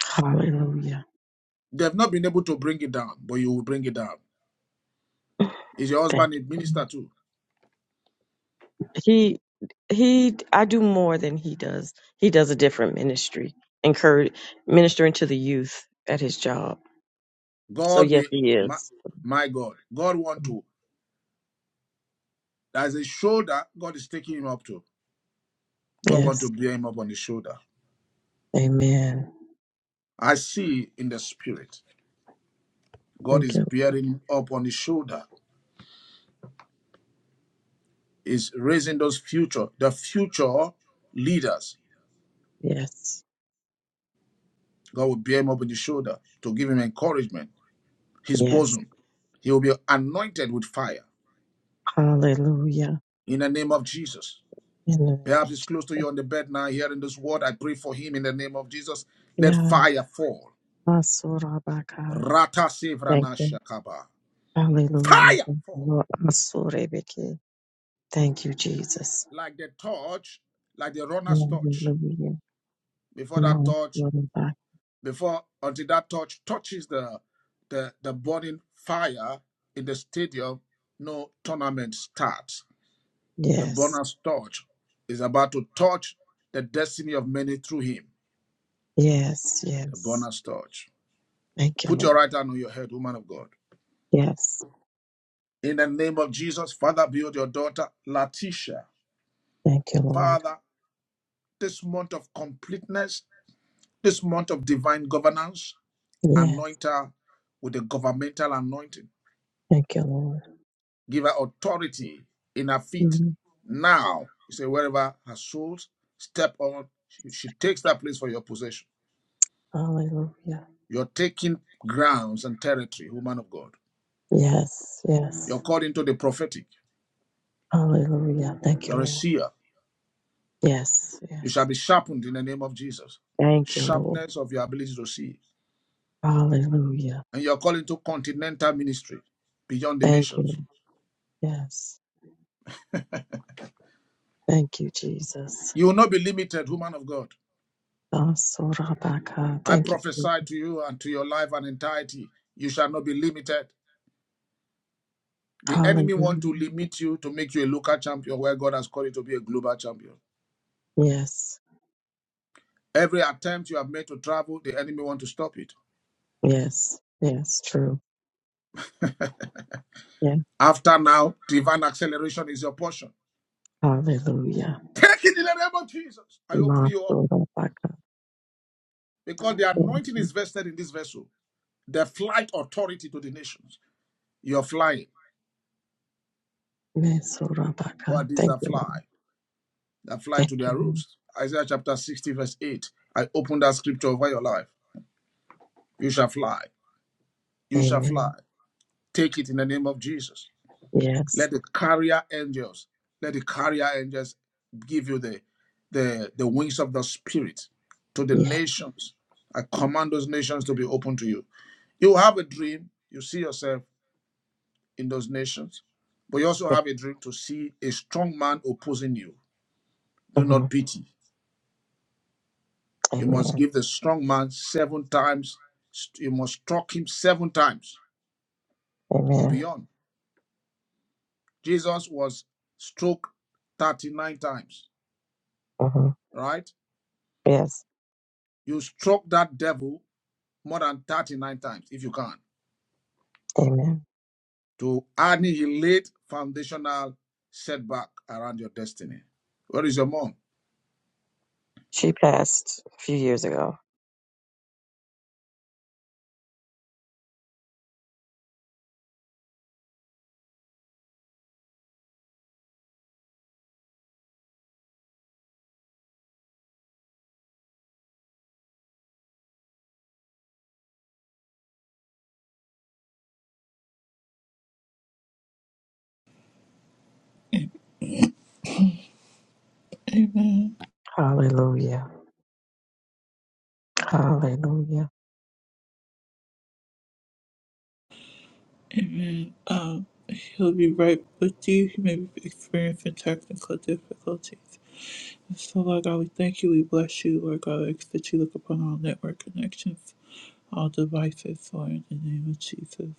Hallelujah. They've not been able to bring it down, but you will bring it down. Is your Thank husband a you. minister too? He he I do more than he does. He does a different ministry. Encourage ministering to the youth at his job. So God yes, will, he my, is. my God, God want to. There's a shoulder God is taking him up to. God want to Yes. bear him up on his shoulder. Amen. I see in the spirit. God Thank is you. bearing up on his shoulder is raising those future, the future leaders. Yes. God will bear him up on his shoulder to give him encouragement, his Yes. bosom. He will be anointed with fire Hallelujah. in the name of Jesus. In the name Perhaps of it's close to you on the bed now, hearing this word. I pray for him in the name of Jesus. Let Yeah. fire fall. Masurabaka. Rata Thank sevrana you. shakaba. Hallelujah. Fire Thank you, fall. Lord. Masurebeke. Thank you, Jesus. Like the torch, like the runner's torch. Hallelujah. Before that torch Masurabaka. before until that touch touches the the the burning fire in the stadium no tournament starts the Yes. bonus touch is about to touch the destiny of many through him Yes. the Yes. bonus touch Thank you, put your Lord. right hand on your head woman of god Yes. in the name of jesus father build your daughter latisha Thank you, Lord. father this month of completeness this month of divine governance Yes. anoint her with a governmental anointing Thank you, Lord. Give her authority in her feet. Mhm. Now, you say, wherever her soles step on, she, she takes that place for your possession. Hallelujah. You're taking grounds and territory, woman of God. Yes. You're Yes. called into the prophetic. Hallelujah. Thank you, You're a Lord. seer. Yes, You yes. shall be sharpened in the name of Jesus. Thank you, Lord. Sharpness of your ability to see. Hallelujah. And you're called into continental ministry beyond the Thank you. nations. Yes. Thank you, Jesus. You will not be limited, woman of God. Asorabaka. I Thank you. Jesus. prophesy to you and to your life and entirety. You shall not be limited. The enemy want to Hallelujah. limit you to make you a local champion where God has called you to be a global champion. Yes. Every attempt you have made to travel, the enemy want to stop it. Yes. Yes. True. Yes, After now, divine acceleration is your portion. Hallelujah. Take it in the name of Jesus. I open you up Masorabaka. because the Thank anointing you. is vested in this vessel. The flight authority to the nations. You're flying. What is Mesorabaka. Thank that you, fly? Lord. That fly Thank to you. their Lord. roofs. Isaiah chapter 60, verse 8. I open that scripture over your life. You shall fly. You shall fly. Amen. Take it in the name of Jesus. Yes. Let the carrier angels, let the carrier angels give you the the, the wings of the spirit to the Yeah. nations. I command those nations to be open to you. You have a dream, you see yourself in those nations, but you also yeah. have a dream to see a strong man opposing you. Do hmm not pity. You must Amen. give the strong man seven times, st- you must struck him seven times or Amen. beyond. Jesus was struck 39 times, hmm right? Yes. You struck that devil more than 39 times if you can Amen. to annihilate foundational setback around your destiny. Where is your mom? She passed a few years ago. Amen. Hallelujah. Hallelujah. Amen. Um, he'll be right with you. He may be experiencing technical difficulties. And so, Lord God, we thank you. We bless you, Lord God. I ask that you look upon all network connections, all devices, Lord, in the name of Jesus.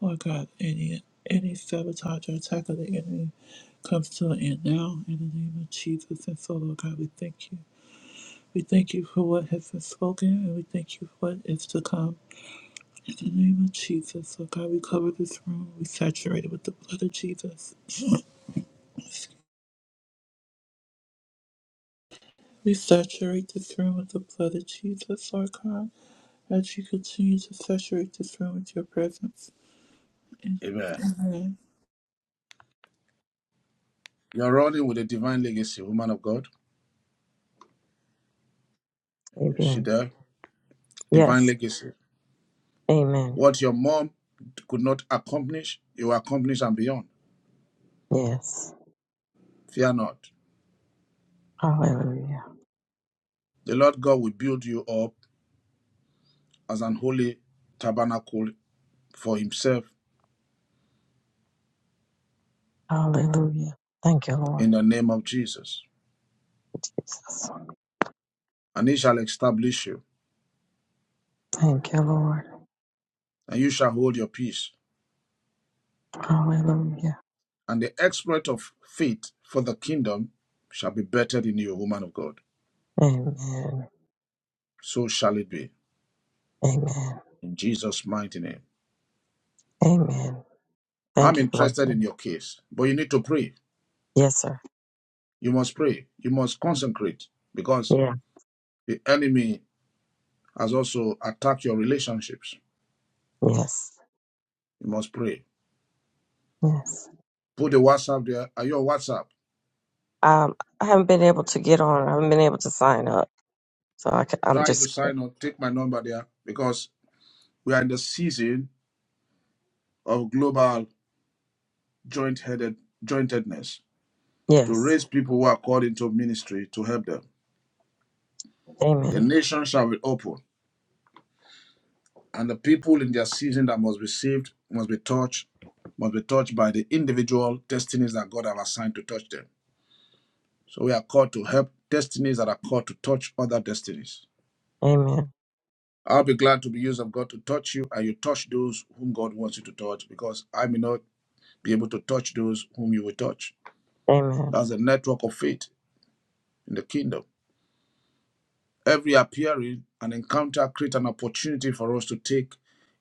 Lord God, any any sabotage or attack of the enemy comes to an end now in the name of Jesus. And so, Lord God, we thank you. We thank you for what has been spoken and we thank you for what is to come. In the name of Jesus, oh God, we cover this room. We saturate it with the blood of Jesus. We saturate this room with the blood of Jesus, Lord God, as you continue to saturate this room with your presence. Amen. Amen. You're running with a divine legacy, woman of God. Is she Amen. there? Divine Yes. legacy. Amen. What your mom could not accomplish, you accomplish and beyond. Yes. Fear not. Hallelujah. The Lord God will build you up as an holy tabernacle for himself Hallelujah. Thank you, Lord in the name of Jesus. Jesus. And he shall establish you, Thank you, Lord. and you shall hold your peace Hallelujah. and the exploit of faith for the kingdom shall be bettered in you, woman of God. Amen. So shall it be Amen. in Jesus' mighty name. Amen. I'm Thank you, interested in blessing. your case, but you need to pray. Yes, sir. You must pray. You must consecrate because Yeah. the enemy has also attacked your relationships. Yes. You must pray. Yes. Put the WhatsApp there. Are you on WhatsApp? Um, I haven't been able to get on. I haven't been able to sign up. So I can, I'm Try to just, sign up. Take my number there because we are in the season of global joint-headed jointedness to yes. raise people who are called into ministry to help them The Amen. nation shall be open, and the people in their season that must be saved must be touched, must be touched by the individual destinies that God have assigned to touch them. So we are called to help destinies that are called to touch other destinies. Amen. I'll be glad to be used of God to touch you, and you touch those whom God wants you to touch, because I may not be able to touch those whom you will touch. Amen. That's the network of faith in the kingdom. Every appearing and encounter creates an opportunity for us to take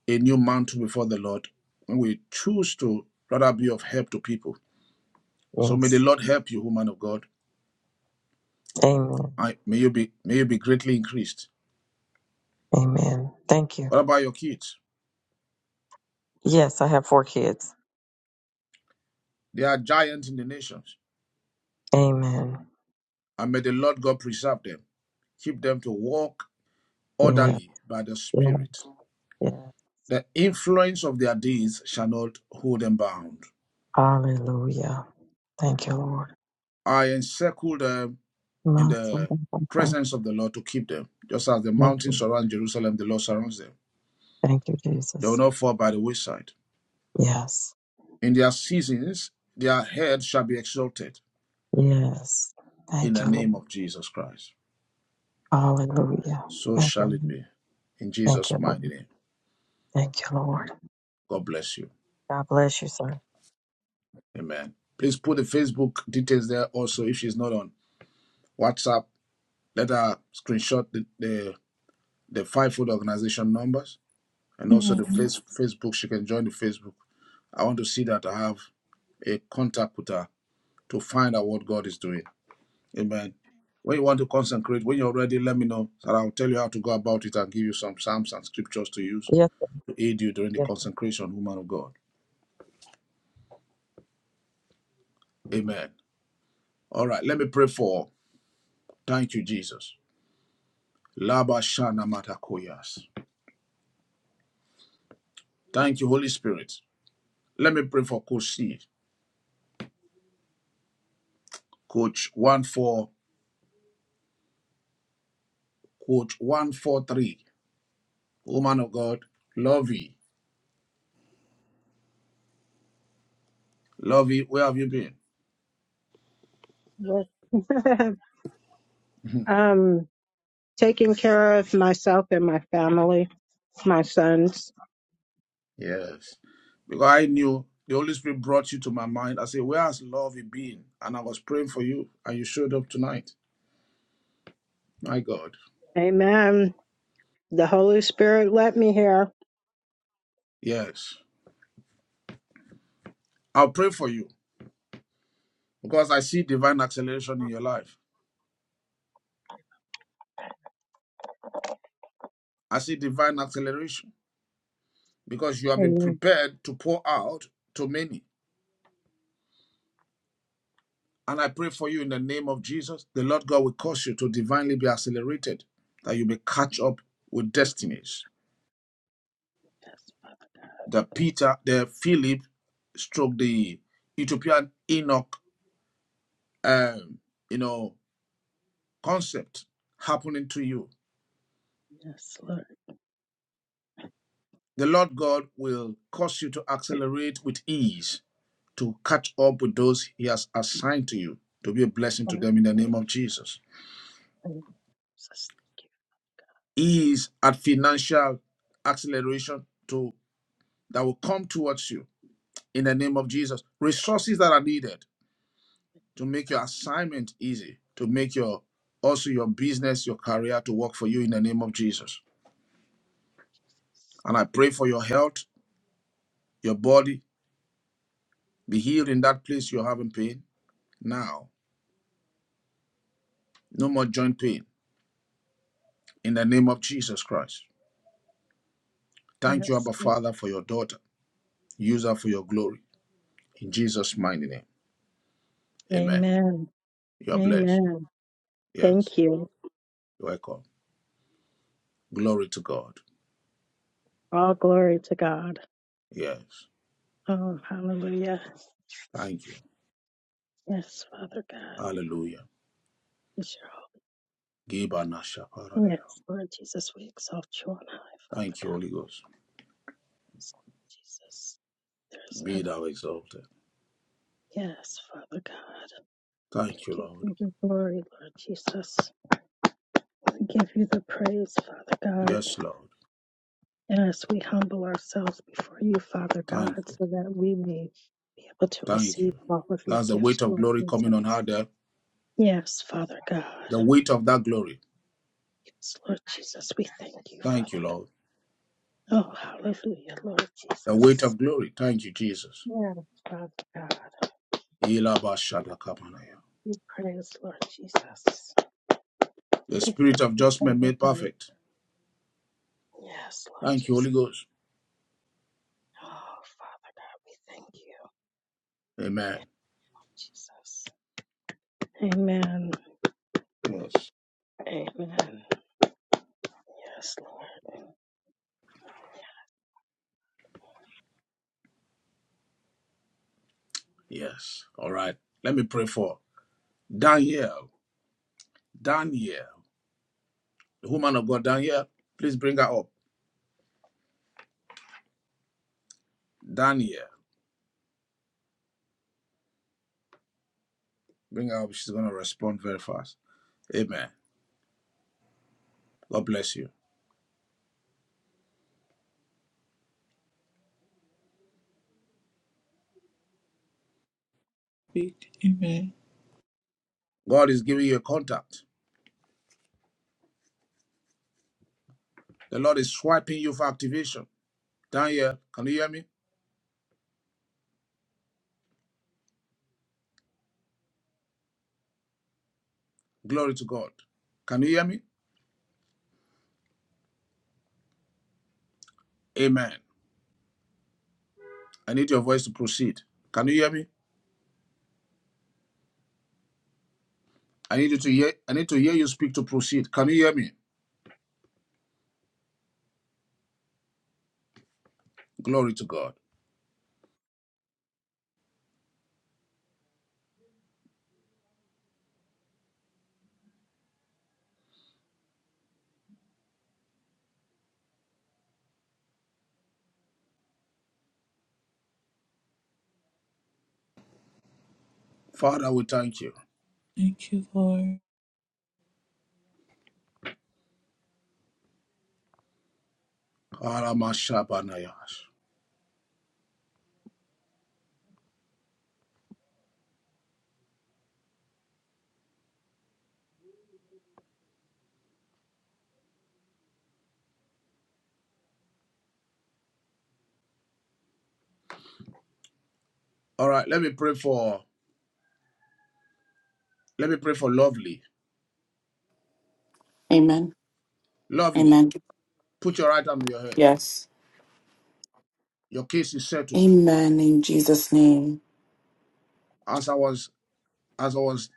a new mantle before the Lord when we choose to rather be of help to people. So may the Yes. Lord help you, woman of God. Amen. I, may you be may you be greatly increased. Amen. Thank you. What about your kids? Yes, I have four kids. They are giants in the nations. Amen. And may the Lord God preserve them, keep them to walk Yeah, orderly by the yeah, Spirit. yeah. The influence of their deeds shall not hold them bound. Hallelujah. Thank you, Lord. I encircle them in the Masurabaka. presence of the Lord to keep them. Just as the Thank mountains you. surround Jerusalem, the Lord surrounds them. Thank you, They will Jesus. not fall by the wayside. Yes. In their seasons, their head shall be exalted Yes. in Thank the you, Lord. name of Jesus Christ. Hallelujah. So Thank you. shall it Lord. be. In Thank Jesus' you, mighty Lord. name. Thank you, Amen. Lord. God bless you. God bless you, sir. Amen. Please put the Facebook details there also if she's not on WhatsApp. Let her screenshot the, the, the five food organization numbers and also Amen. the face, Facebook. She can join the Facebook. I want to see that I have a contact with her to find out what God is doing. Amen. When you want to consecrate, when you're ready, let me know. And I'll tell you how to go about it and give you some psalms and scriptures to use Yes, sir. to aid you during the consecration, woman of God. Amen. All right, let me pray for. Thank you, Jesus. Laba Matakoyas. Thank you, Holy Spirit. Let me pray for Coach C. Coach 1 4, Coach 143. Woman of God, lovey, lovey. Where have you been? But, um, taking care of myself and my family, my sons. Yes. Because I knew the Holy Spirit brought you to my mind. I said, Where has love been? And I was praying for you, and you showed up tonight. My God. Amen. The Holy Spirit let me here. Yes. I'll pray for you because I see divine acceleration in your life. I see divine acceleration because you have been Amen. prepared to pour out to many. And I pray for you in the name of Jesus. The Lord God will cause you to divinely be accelerated, that you may catch up with destinies. The Peter, the Philip, stroke the Ethiopian Enoch um, you know, concept happening to you. Yes, Lord. The Lord God will cause you to accelerate with ease to catch up with those He has assigned to you to be a blessing to them in the name of Jesus. Ease at financial acceleration to that will come towards you in the name of Jesus. Resources that are needed to make your assignment easy, to make your also your business, your career to work for you in the name of Jesus. And I pray for your health, your body, Be healed in that place you're having pain now. No more joint pain in the name of Jesus Christ. Thank you, Yes. Abba Father, for your daughter. Use her for your glory. In Jesus' mighty name. Amen. Amen. You are blessed. Amen. Yes. Thank you. You're Welcome. Glory to God. All glory to God. Yes. Oh, hallelujah. Thank you. Yes, Father God. Hallelujah. Yes, your- Gibana shaparade. hope. yes, Lord Jesus, we exalt you on high, Father Thank you, Holy Ghost. God. Jesus, there is Be none. of- thou exalted. Yes, Father God. We Thank you, give Lord. you the glory, Lord Jesus. We give you the praise, Father God, Yes, Lord. as we humble ourselves before you, Father Thank God, you. so that we may be able to Thank receive you. all of your That's the gifts, weight of Lord glory coming Jesus. on her there. Yes, Father God. The weight of that glory. Yes, Lord Jesus, we thank you, Thank Father you, God. Lord. Oh, hallelujah, Lord the weight Jesus. of glory. Thank you, Jesus. Yes, Father God. We praise, Lord Jesus. The We spirit thank of you, judgment Father made God. perfect. Yes, Lord Thank you, Jesus. Holy Ghost. Oh, Father God, we thank you. Amen. Jesus. Amen. Yes. Amen. Yes, Lord. Yes. All right. Let me pray for Daniel. Daniel. The woman of God, Daniel, please bring her up. Daniel. Bring her up. She's going to respond very fast. Amen. God bless you. Speak. Amen. God is giving you a contact. The Lord is swiping you for activation. Daniel, can you hear me? Glory to God. Can you hear me? Amen. I need your voice to proceed. Can you hear me? I need you to hear I need to hear you speak to proceed. Can you hear me? Glory to God. Father, we thank you. Thank you, Lord. All right, let me pray for let me pray for lovely. Amen. Lovely. Amen. Put your right hand on your head. Yes. Your case is settled. Amen in Jesus' name. As I was as I was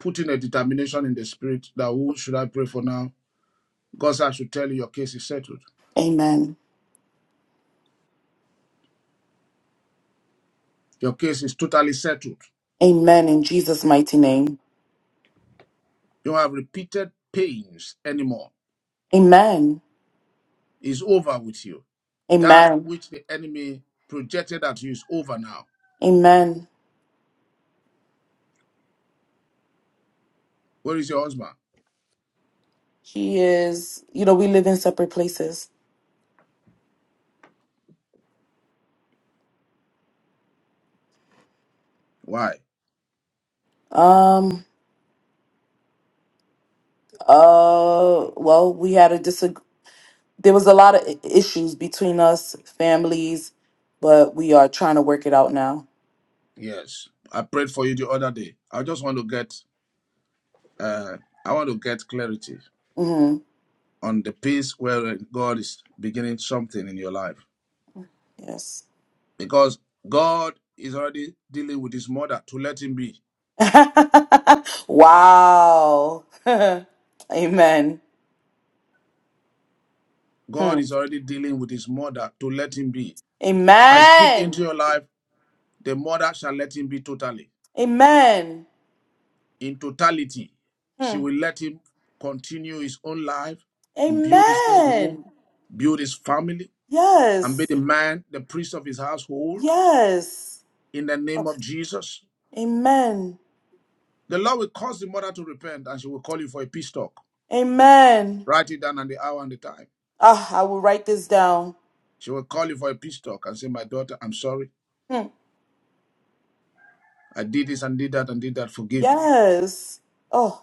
putting a determination in the spirit that who should I pray for now? God I should tell you your case is settled. Amen. Your case is totally settled. Amen in Jesus' mighty name. You don't have repeated pains anymore. Amen. It's over with you. That Amen. which the enemy projected at you is over now. Amen. Where is your husband? He is, you know, we live in separate places. Why? Um. Uh. Well, we had a disag. There was a lot of i- issues between us, families, but we are trying to work it out now. Yes. I prayed for you the other day. I just want to get uh I want to get clarity Mm-hmm. on the piece where God is beginning something in your life. Yes. Because God is already dealing with his mother to let him be. wow. Amen. God Hmm. is already dealing with his mother to let him be. I speak into Amen. your life, the mother shall let him be totally. Amen. in totality. She Hmm. will let him continue his own life, build his own home, Amen. build his family, and be Yes. the man, the priest of his household Yes. in the Oh, name of Jesus. Amen. The Lord will cause the mother to repent and she will call you for a peace talk. Amen. Write it down and the hour and the time. Ah, I will write this down. She will call you for a peace talk and say, My daughter, I'm sorry. Hmm. I did this and did that and did that. Forgive me. Yes. Oh,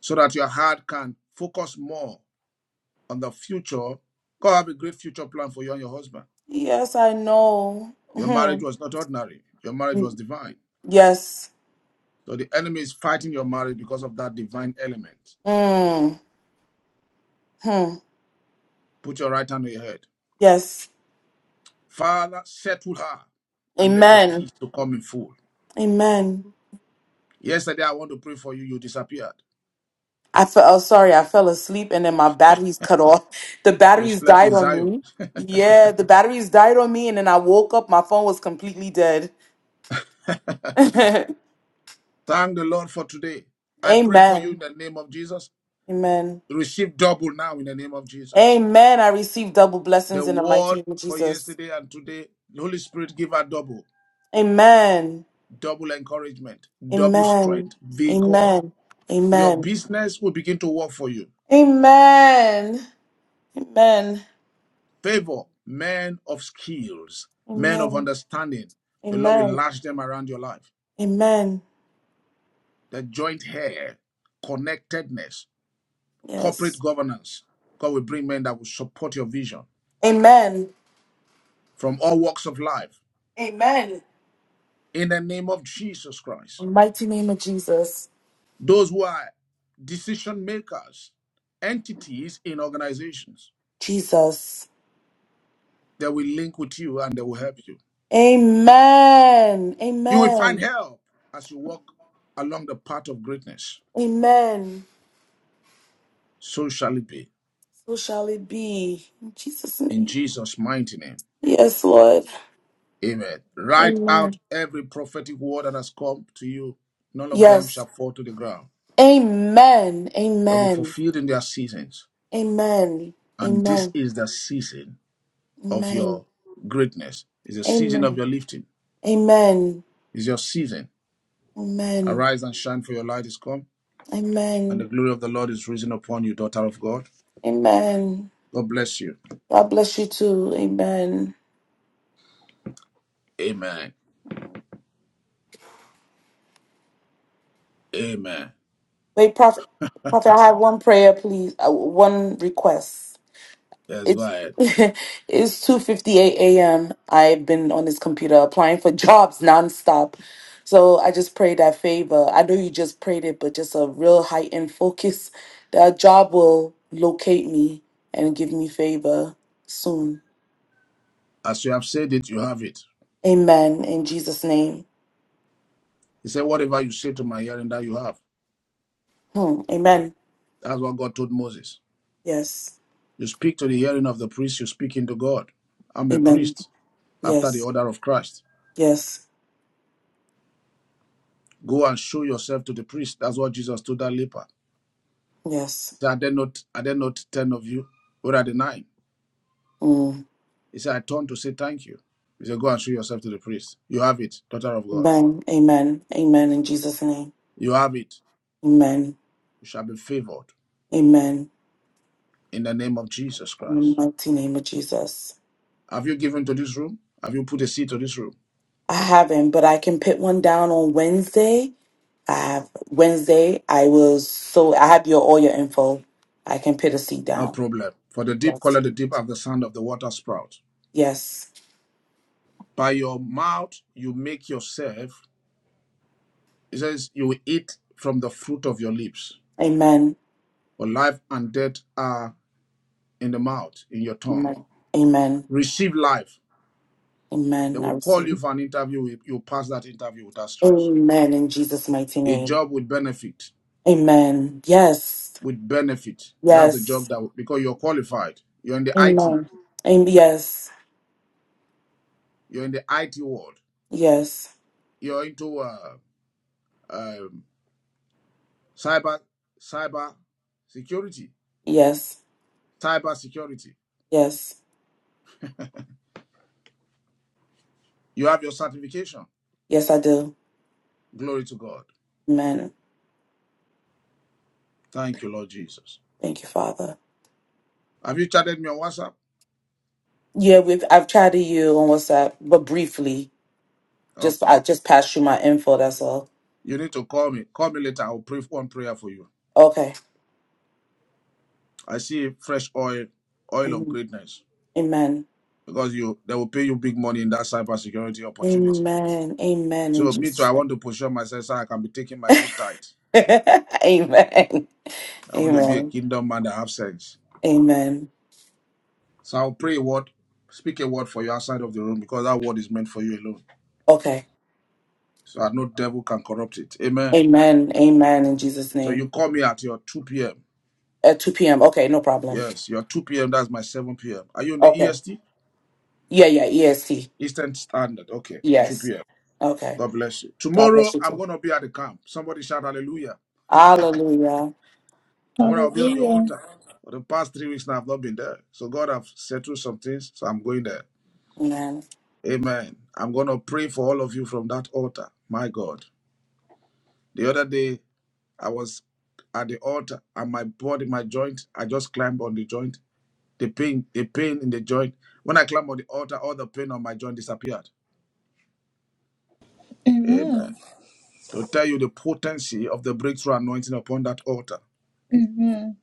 So that your heart can focus more on the future. God have a great future plan for you and your husband. yes, I know. Your marriage Mhm. was not ordinary, your marriage was divine. Yes. So the enemy is fighting your marriage because of that divine element. Mm. Hmm. Put your right hand on your head. Yes. Father, settle her and make the Amen. peace to come in full. Amen. Yesterday, I want to pray for you. You disappeared. I fell. Oh, sorry, I fell asleep and then my batteries cut off. The You batteries slept died in on Zion. me. Yeah, the batteries died on me, and then I woke up. My phone was completely dead. Amen. Thank the Lord for today. I pray for you in the name of Jesus. Amen. Receive double now in the name of Jesus. Amen. I receive double The blessings in the mighty word name of for Jesus. yesterday and today, the Holy Spirit give her double, Amen. double encouragement, double Amen. strength, vigor, Amen. Your Amen. business will begin to work for you. Amen. Amen. Favor men of skills, men of Amen. understanding. The Lord will Amen. lash them around your life. Amen. The joint hair, connectedness, corporate Yes. governance. God will bring men that will support your vision Amen. from all walks of life. Amen. In the name of Jesus Christ. Mighty name of Jesus. Those who are decision makers, entities in organizations, Jesus. they will link with you and they will help you. Amen. You will find Amen. help as you walk along the path of greatness. Amen. so shall it be. So shall it be. In Jesus' In name. Jesus' mighty name. Yes, Lord. Amen. Write out Amen. every prophetic word that has come to you. None of them shall Yes. fall to the ground. Amen. They'll be Amen. fulfilled in their seasons. Amen. And this Amen. is the season of Amen. your greatness. It's the season of Amen. your lifting. Amen. It's your season. Amen. Arise and shine, for your light is come, Amen. and the glory of the Lord is risen upon you, daughter of God. Amen. God bless you. God bless you too. Amen. Amen. Amen. Wait, Prophet, Prophet, I have one prayer, please. Uh, one request. Yes, go It's ahead. it's two fifty eight a.m. I've been on this computer applying for jobs nonstop, so I just pray that favor. I know you just prayed it, but just a real heightened focus that a job will locate me and give me favor soon. As you have said it, you have it. Amen. In Jesus' name. He said, Whatever you say to my hearing, that you have. Hmm. Amen. That's what God told Moses. Yes. You speak to the hearing of the priest, you speak into God. I'm a Amen. priest after the Yes. order of Christ. Yes. Go and show yourself to the priest. That's what Jesus told that leper. He Yes. said, Are there not, are there not ten of you? Where are the nine? Mm. He said, I turned to say thank you. He said, Go and show yourself to the priest. You have it, daughter of God. Amen. Amen. Amen. In Jesus' name. You have it. Amen. You shall be favored Amen. in the name of Jesus In the Christ. mighty name of Jesus. Have you given to this room? Have you put a seed to this room? I haven't, but I can put one down on Wednesday. I have Wednesday. I will so I have your all your info. I can put a seat No down. problem. For the deep, call Yes. it the deep of the sound of the water sprout. Yes. By your mouth you make yourself, it says, you will eat from the fruit of your lips. Amen. For life and death are in the mouth, in your tongue. Amen. Amen. Receive life. They Amen. I will call you receive. for an interview. You'll pass that interview without stress. Amen. In Jesus' mighty A name. job with benefit. Amen. Yes. With benefit. That's the job Yes. that, because you're qualified. You're in the IT. Amen. And yes. You're in the IT world. Yes. You're into uh, um, cyber, cyber security. Yes, Cyber security. yes, You have your certification. yes, I do. Glory to God. Amen. Thank you, Lord Jesus. Thank you, Father. Have you chatted me on WhatsApp? Yeah, we've I've chatted you on WhatsApp, but briefly. Just Okay. I just passed you my info. That's all. You need to call me. Call me later. I'll pray one prayer for you. Okay. I see fresh oil, oil of Mhm. greatness. Amen. Because you they will pay you big money in that cybersecurity opportunity. Amen. Amen. In So me too, Jesus' I want to position myself so I can be taking my good tithe. name. Amen. I want to be a Amen. kingdom man that have sense. Amen. So I'll pray a word, speak a word for you outside of the room because that word is meant for you alone. Okay. So that no devil can corrupt it. Amen. Amen. Amen. In Jesus' So name. you call me at your 2 p.m. At two p.m. Okay, no problem. Yes, your 2 p.m. That's my 7 p.m. Are you in the Okay. EST? Yeah. Yeah. EST. Eastern Standard. Okay, 2 Yes. p.m. Okay. God bless you. God bless Tomorrow, you I'm too. going to be at the camp. Somebody shout hallelujah. Hallelujah. Tomorrow, I'll be on the Hallelujah. altar. For the past three weeks now, I've not been there. So God have settled some things, so I'm going there. Amen. Amen. I'm going to pray for all of you from that altar. My God. The other day, I was at the altar and my body, my joint, I just climbed on the joint. The pain, the pain in the joint. When I climbed on the altar, all the pain on my joint disappeared. Amen. Amen. to tell you the potency of the breakthrough anointing upon that altar. Amen.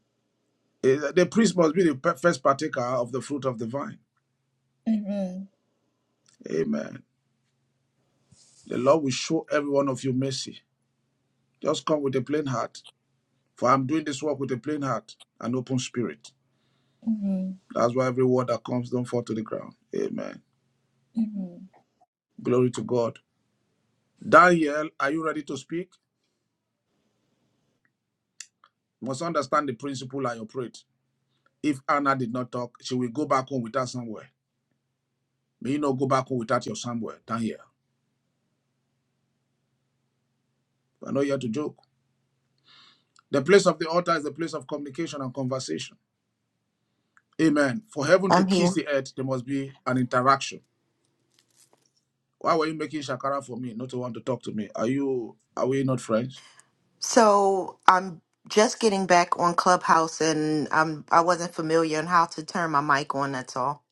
Eh, The priest must be the first partaker of the fruit of the vine. Amen. Amen. The Lord will show every one of you mercy. Just come with a plain heart, for I'm doing this work with a plain heart and open spirit. Amen. That's why every word that comes don't fall to the ground. Amen. Amen. Glory to God. Daniel, are you ready to speak? You must understand the principle I operate. If Anna did not talk, she will go back home without somewhere. May you not go back home without your somewhere, Daniel. We're not here to joke. The place of the altar is the place of communication and conversation. Amen. For heaven to I'm here. kiss the earth, there must be an interaction. Why were you making shakara for me, not to want to talk to me? Are you are we not friends? So I'm just getting back on Clubhouse, and I'm I wasn't familiar on how to turn my mic on. That's all.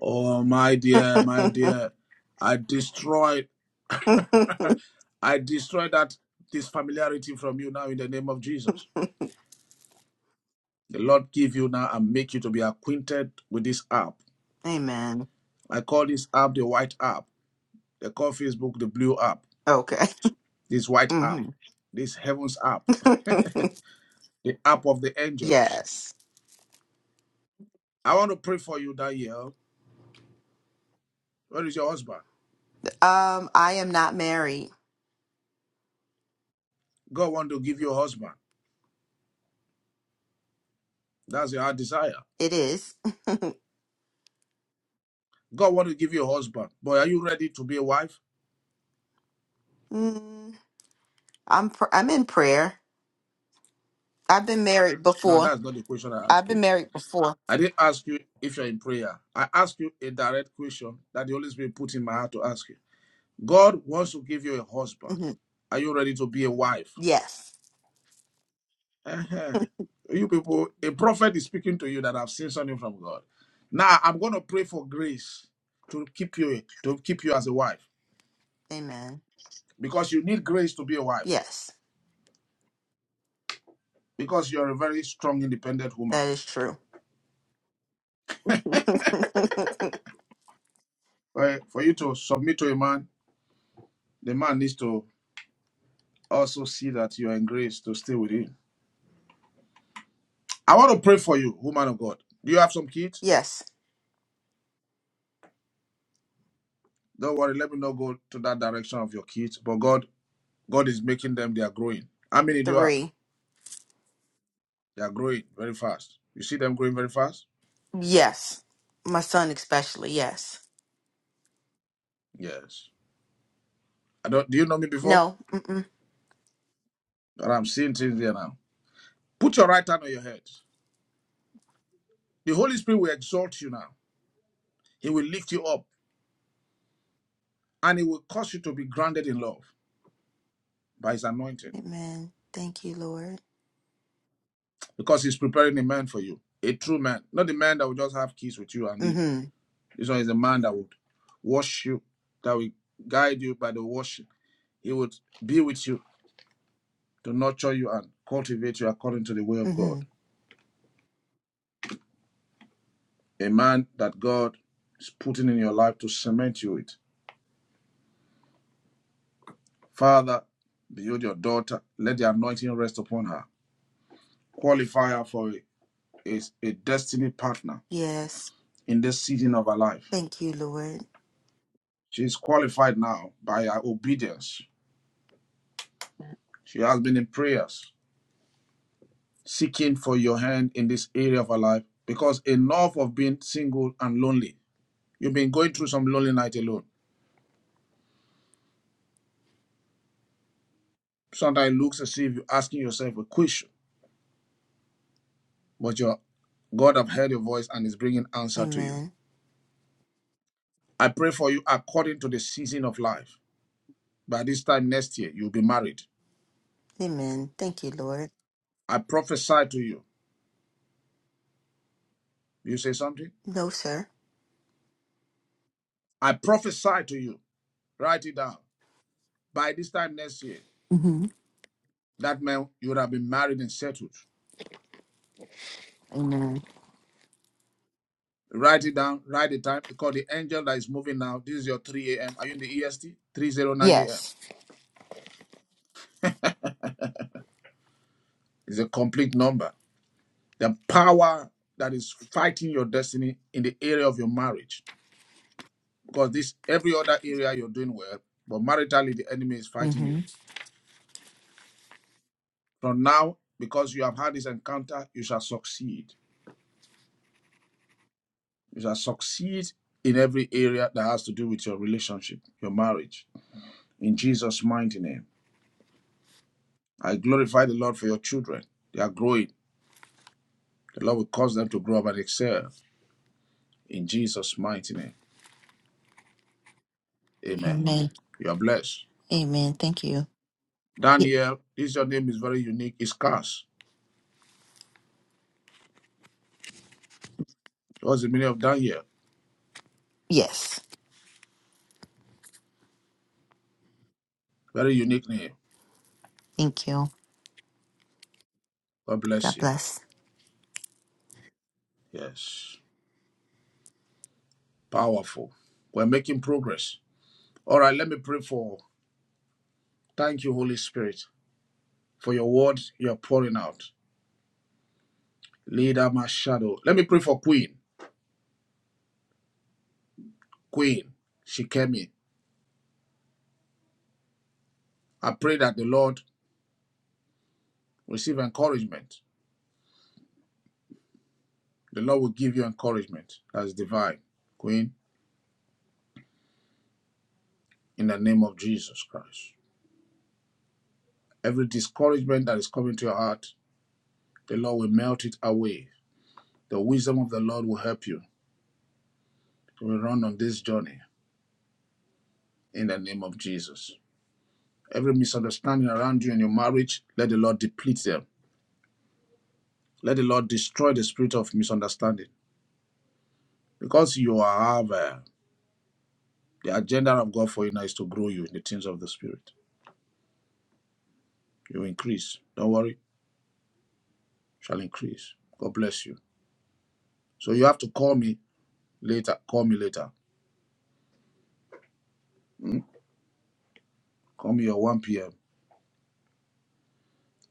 Oh my dear, my dear, I destroyed I destroyed that this familiarity from you now in the name of Jesus. The Lord give you now and make you to be acquainted with this app. Amen. I call this app the white app. They call Facebook the blue app. Okay. This white app. hmm This heaven's app the app of the angels. yes. I want to pray for you, that year. Where is your husband? Um, I am not married. God want to give you a husband. That's your desire. It is. God want to give you a husband. But are you ready to be a wife? Mm, I'm pr- I'm in prayer. I've been married No, before. that's not the question I ask I've you. been married before. I didn't ask you if you're in prayer. I asked you a direct question that the Holy Spirit put in my heart to ask you. God wants to give you a husband. hmm Are you ready to be a wife? Yes. Uh-huh. You people, a prophet is speaking to you that I've seen something from God. Now I'm going to pray for grace to keep you to keep you as a wife Amen. because you need grace to be a wife Yes, because you're a very strong, independent woman. that is true. For, for you to submit to a man, the man needs to also see that you are in grace to stay with him. I want to pray for you, woman of God. Do you have some kids? yes, Don't worry, let me not go to that direction of your kids. But God, God is making them. They are growing. How many do you have? three. They are growing very fast. You see them growing very fast? Yes. My son, especially. Yes. Yes. I don't do you know me before? No. Mm-mm. But I'm seeing things there now. Put your right hand on your head. The Holy Spirit will exalt you now. He will lift you up and he will cause you to be grounded in love by his anointing. Amen. Thank you, Lord. Because he's preparing a man for you. A true man. Not the man that will just have kids with you and leave. Mm-hmm. This one is a man that would wash you, that will guide you by the washing. He would be with you to nurture you and cultivate you according to the way of God. Mm-hmm. a man that God is putting in your life to cement you with. Father, behold your daughter. Let the anointing rest upon her. Qualify her for a, a, a destiny partner Yes. in this season of her life. Thank you, Lord. She is qualified now by her obedience. She has been in prayers, seeking for your hand in this area of her life because enough of being single and lonely. You've been going through some lonely night alone. Sometimes it looks as if you're asking yourself a question but your God have heard your voice and is bringing answer to you. Amen. I pray for you according to the season of life. By this time next year, you'll be married. Amen. Thank you, Lord. I prophesy to you. You say something? No, sir. I prophesy to you. Write it down. By this time next year, Mm-hmm. that man, you would have been married and settled. Amen. Write it down. Write the time because the angel that is moving now, this is your 3 a.m. Are you in the EST? 309 a.m. Yes. It's a complete number. The power that is fighting your destiny in the area of your marriage because this every other area you're doing well, but maritally the enemy is fighting you. Mm-hmm. From now, because you have had this encounter, you shall succeed. You shall succeed in every area that has to do with your relationship, your marriage. In Jesus' mighty name, I glorify the Lord for your children. They are growing. The Lord will cause them to grow up and excel. In Jesus' mighty name, Amen. Amen. You are blessed. Amen. Thank you. Y- Daniel, this your name is very unique. It's Cars. What's the meaning of Daniel? yes. Very unique name. Thank you. God bless God you. bless. Yes. Powerful. We're making progress. All right, let me pray for. Thank you, Holy Spirit, for your word you're pouring out. Leader, my shadow. Let me pray for Queen. Queen, she came in. I pray that the Lord receive encouragement. The Lord will give you encouragement that is divine. Queen, in the name of Jesus Christ. Every discouragement that is coming to your heart, the Lord will melt it away. The wisdom of the Lord will help you. We run on this journey in the name of Jesus. Every misunderstanding around you in your marriage, let the Lord deplete them. Let the Lord destroy the spirit of misunderstanding. Because you have uh, the agenda of God for you now is to grow you in the things of the Spirit. You increase. Don't worry, shall increase. God bless you. So you have to call me later. Call me later. Hmm? Call me at 1 p.m.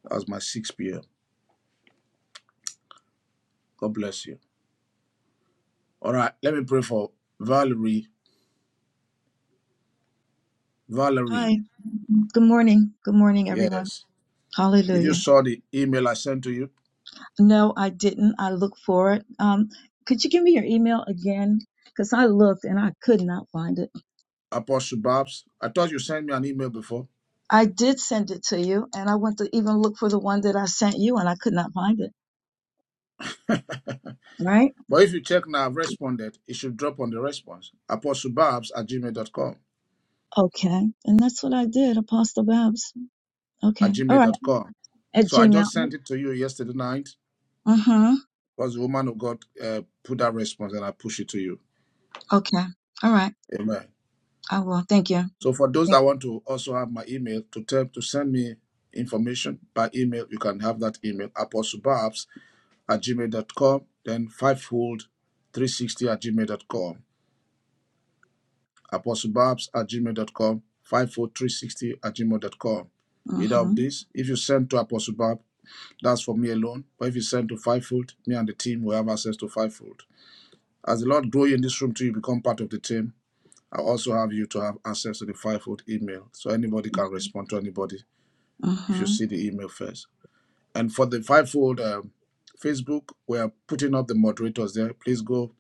That's my 6 p.m. God bless you. All right, let me pray for Valerie. Valerie, Hi. Good morning. Good morning, everyone. yes. Did you Hallelujah. saw the email I sent to you? No, I didn't. I look for it. Um, could you give me your email again? Because I looked and I could not find it. Apostle Babs. I thought you sent me an email before. I did send it to you, and I went to even look for the one that I sent you, and I could not find it. Right? But if you check now, I've responded, it should drop on the response. ApostleBabs at gmail.com. Okay. And that's what I did, Apostle Babs. At Okay. All right. gmail.com. At So I Gmail. just sent it to you yesterday night Mm-hmm. because the woman of God uh, put that response and I push it to you. Okay. All right. Amen. I will. Thank you. So for those Thank that want to also have my email to tell to send me information by email, you can have that email, apostlebabs at gmail.com, then fivefold360 at gmail.com. apostlebabs at gmail dot gmail.com, 54360 at gmail dot com. you. Either of Mm-hmm. these, if you send to Apostle Bob, that's for me alone. But if you send to Fivefold, me and the team will have access to Fivefold. As the Lord grow you in this room till you become part of the team, I also have you to have access to the Fivefold email so anybody can respond to anybody if you Mm-hmm. see the email first. And for the Fivefold um, Facebook, we are putting up the moderators there. Please go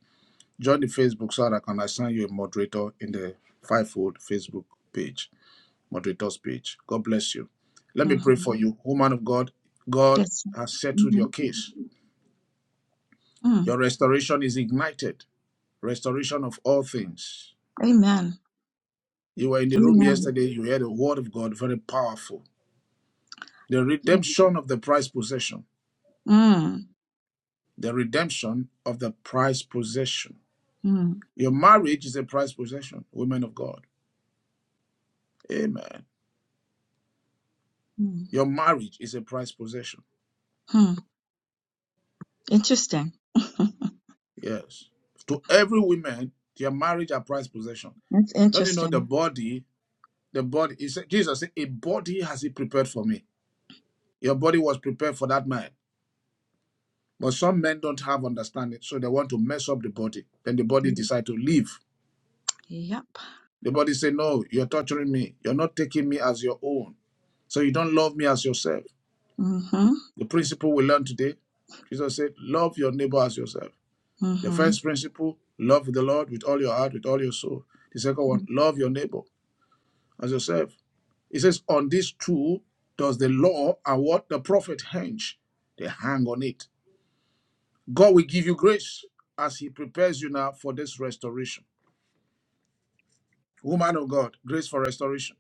join the Facebook so that I can assign you a moderator in the Fivefold Facebook page. moderator's page. God bless you. Let me pray Mm-hmm. for you, woman of God. God Yes. has settled Mm-hmm. your case. Mm. Your restoration is ignited. Restoration of all things. Amen. You were in the room Amen. yesterday. You heard a word of God, very powerful. The Mm, redemption of the prized possession. mm, The redemption of the prized possession. mm, Your marriage is a prized possession, women of God. Amen. hmm. Your marriage is a prized possession. Hmm. Interesting. Yes. To every woman, their marriage are prized possession. That's Don't you know the interesting. body The body, he said, Jesus said, a body has he prepared for me. Your body was prepared for that man. But some men don't have understanding, so they want to mess up the body. Then the body decide to leave. Yep. The body say, no, you're torturing me. You're not taking me as your own. So you don't love me as yourself. Mm-hmm. The principle we learn today, Jesus said, love your neighbor as yourself. The Mm-hmm. first principle, love the Lord with all your heart, with all your soul. The second one, love your neighbor as yourself. It says, On this true does the law award the prophet hinge. They hang on it. God will give you grace as He prepares you now for this restoration. Woman of God, grace for restoration.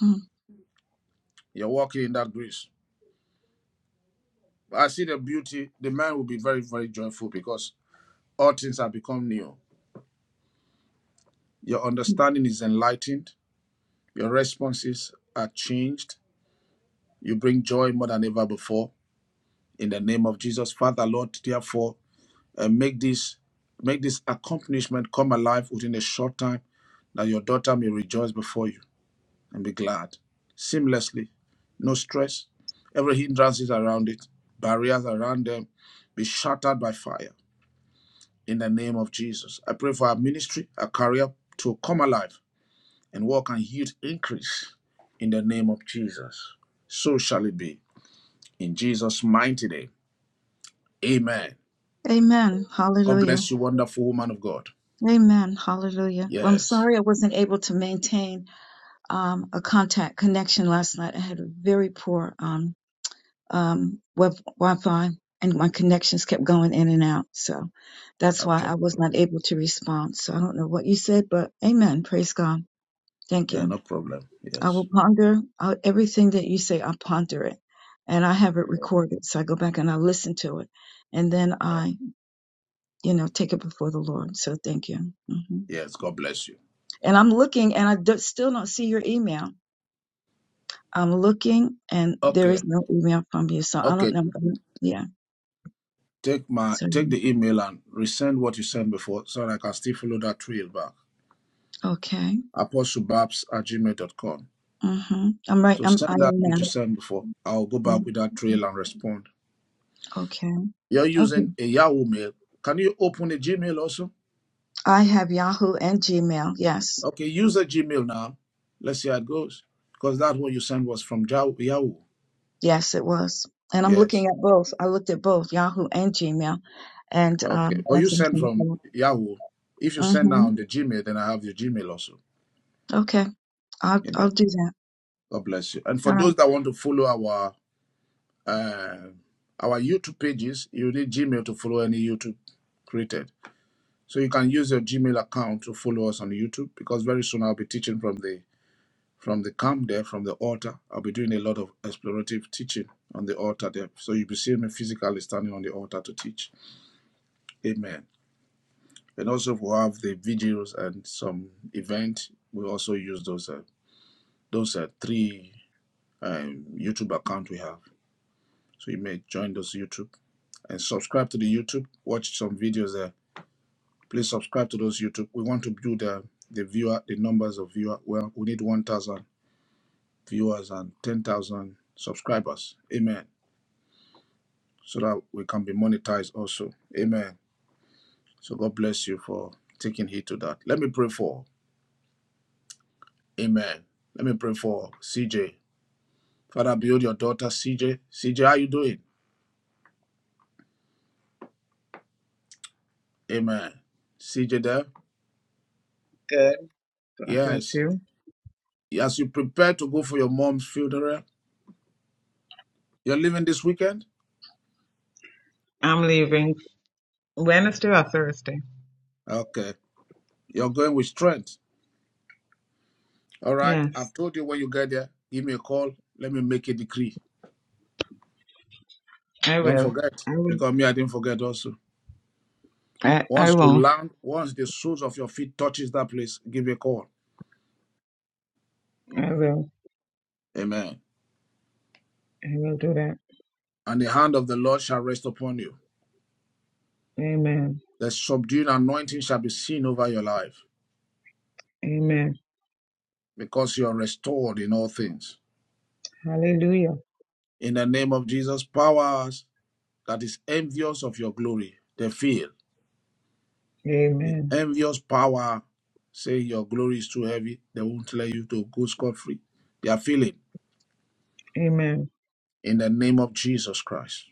hmm You're walking in that grace. I see the beauty. The man will be very, very joyful because all things have become new. Your understanding is enlightened. Your responses are changed. You bring joy more than ever before. In the name of Jesus, Father, Lord, therefore, and make this make this accomplishment come alive within a short time that your daughter may rejoice before you and be glad seamlessly no stress every hindrance is around it barriers around them be shattered by fire in the name of jesus i pray for our ministry our career to come alive and walk and yield increase in the name of jesus so shall it be in jesus mighty name amen Amen. god Hallelujah. bless you wonderful woman of god Amen. Hallelujah. Well, I'm yes sorry I wasn't able to maintain um, a contact connection last night. I had a very poor um, um, web Wi-Fi, and my connections kept going in and out. So that's why Okay. I was not able to respond. So I don't know what you said, but Amen. Praise God. Thank Yeah, you. no problem. I will Yes. ponder out everything that you say. I ponder it, and I have it recorded. So I go back and I listen to it, and then I, you know, take it before the Lord. So thank you. hmm Yes. God bless you. And I'm looking, and I do, still don't see your email. I'm looking, and there Okay. is no email from you. So I don't Okay. know. Yeah. Take my So take the email and resend what you sent before so that I can still follow that trail back. okay. Apostlebabs at gmail.com. hmm I'm right. So I'm. I send that am which now. you sent before. I'll go back with that trail Mhm. and respond. Okay. You're Okay. using a Yahoo mail. Can you open a Gmail also? I have Yahoo and Gmail. Yes. Okay, use a Gmail now. Let's see how it goes. Because that one you sent was from Jah- Yahoo. Yes, it was. And I'm Yes. looking at both. I looked at both Yahoo and Gmail, and Okay. um, But you nothing sent came from through. Yahoo. If you send now Mm-hmm. on the Gmail, then I have your Gmail also. Okay, I'll Amen. I'll do that. God bless you. And for All those right. that want to follow our uh, our YouTube pages, you need Gmail to follow any YouTube created. So you can use your Gmail account to follow us on YouTube because very soon I'll be teaching from the from the camp there, from the altar. I'll be doing a lot of explorative teaching on the altar there. So you'll be seeing me physically standing on the altar to teach. Amen. And also we'll have the videos and some event. We also use those uh, those uh, three um, YouTube account we have. So you may join those YouTube and subscribe to the YouTube. Watch some videos there. Please subscribe to those YouTube. We want to build the the viewer, the numbers of viewer. Well, we need 1,000 viewers and 10,000 subscribers. Amen. So that we can be monetized also. Amen. So God bless you for taking heed to that. Let me pray for. Amen. Let me pray for CJ. Father, build your daughter C J. C J, how you doing? Amen. CJ there? Good. God bless Yes. you. As you prepare to go for your mom's funeral, you're leaving this weekend? I'm leaving Wednesday or Thursday. Okay. You're going with strength. All right. Yes, I've told you when you get there, give me a call. Let me make a decree. I Don't will. forget, I will. because me, I didn't forget also. I, I Once you won't. land, once the soles of your feet touches that place, give me a call. I will. Amen. I will do that. And the hand of the Lord shall rest upon you. Amen. The subdued anointing shall be seen over your life Amen. because you are restored in all things. Hallelujah. In the name of Jesus, powers that is envious of your glory, they feel. The Amen. envious power say your glory is too heavy. They won't let you to go scot free. They are feeling Amen. in the name of Jesus Christ.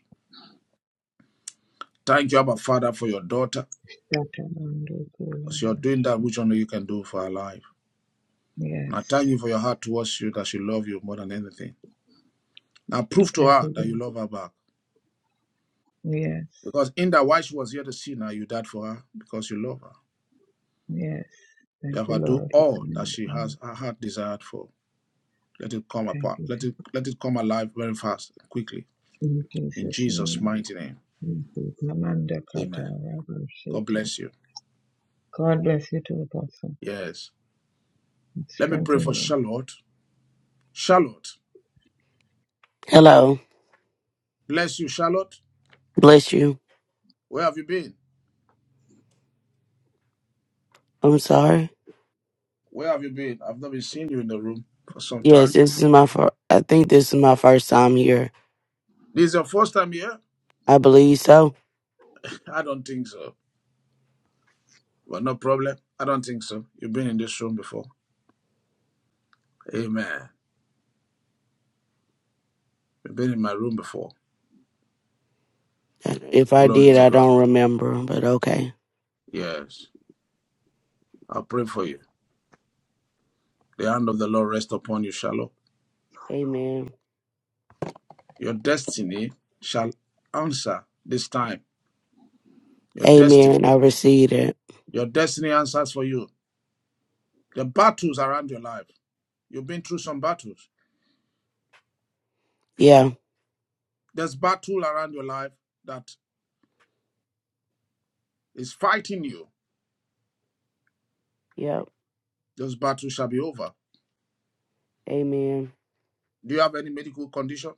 Thank you, Abba Father, for your daughter, because you're doing that which only you can do for her life. And Yes. I thank you for your heart towards you that she loves you more than anything. Now prove to Thank her you. that you love Lord. her back. Yes. Because in that while she was here to see now, you died for her because you love her. Yes. Thank you, Therefore, do Lord. for the all that she has her heart desired for. Let it come Thank apart. you. Let it let it come alive very fast, quickly. In In Jesus' Jesus' name. mighty name. Thank you. Amen. God bless you. God bless you too, Apostle. Yes. and Let me pray for strengthen them. Charlotte. Charlotte. Hello. Bless you, Charlotte. Bless you. Where have you been? I'm sorry. Where have you been? I've not been seeing you in the room for some Yes, time. this is my fir- I think this is my first time here. This is your first time here? I believe so. I don't think so. But no problem. I don't think so. You've been in this room before. Amen. You've been in my room before. If I Glory did, to I God. don't remember, but okay. Yes. I'll pray for you. The hand of the Lord rest upon you, Charlotte. Amen. Your destiny shall answer this time. Your destiny. Amen. I received it. Your destiny answers for you. The battles around your life. You've been through some battles. Yeah. There's battle around your life that is fighting you. Yep. Those battles shall be over. Amen. Do you have any medical condition?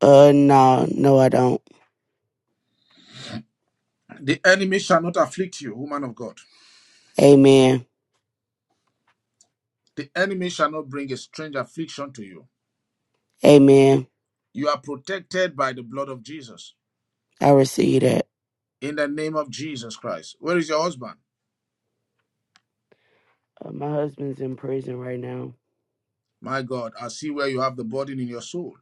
Uh no, no I don't. The enemy shall not afflict you, woman of God. Amen. The enemy shall not bring a strange affliction to you. Amen. You are protected by the blood of Jesus. I received it. In the name of Jesus Christ. Where is your husband? Uh, my husband's in prison right now. My God, I see where you have the burden in your soul.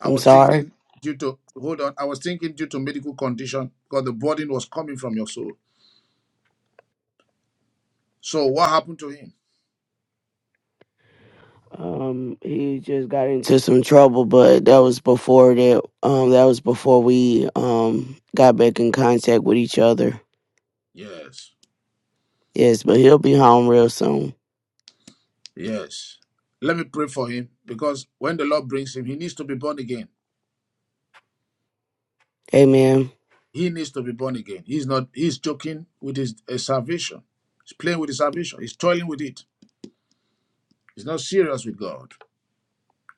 I I'm was sorry. thinking due to hold on. I was thinking due to medical condition, because the burden was coming from your soul. So what happened to him? Um, he just got into some trouble, but that was before that. Um, that was before we um got back in contact with each other. Yes, Yes, but he'll be home real soon. yes. Let me pray for him because when the Lord brings him, he needs to be born again. Amen. He needs to be born again. He's not. He's joking with his uh, salvation. He's playing with his salvation. He's toiling with it. He's not serious with God.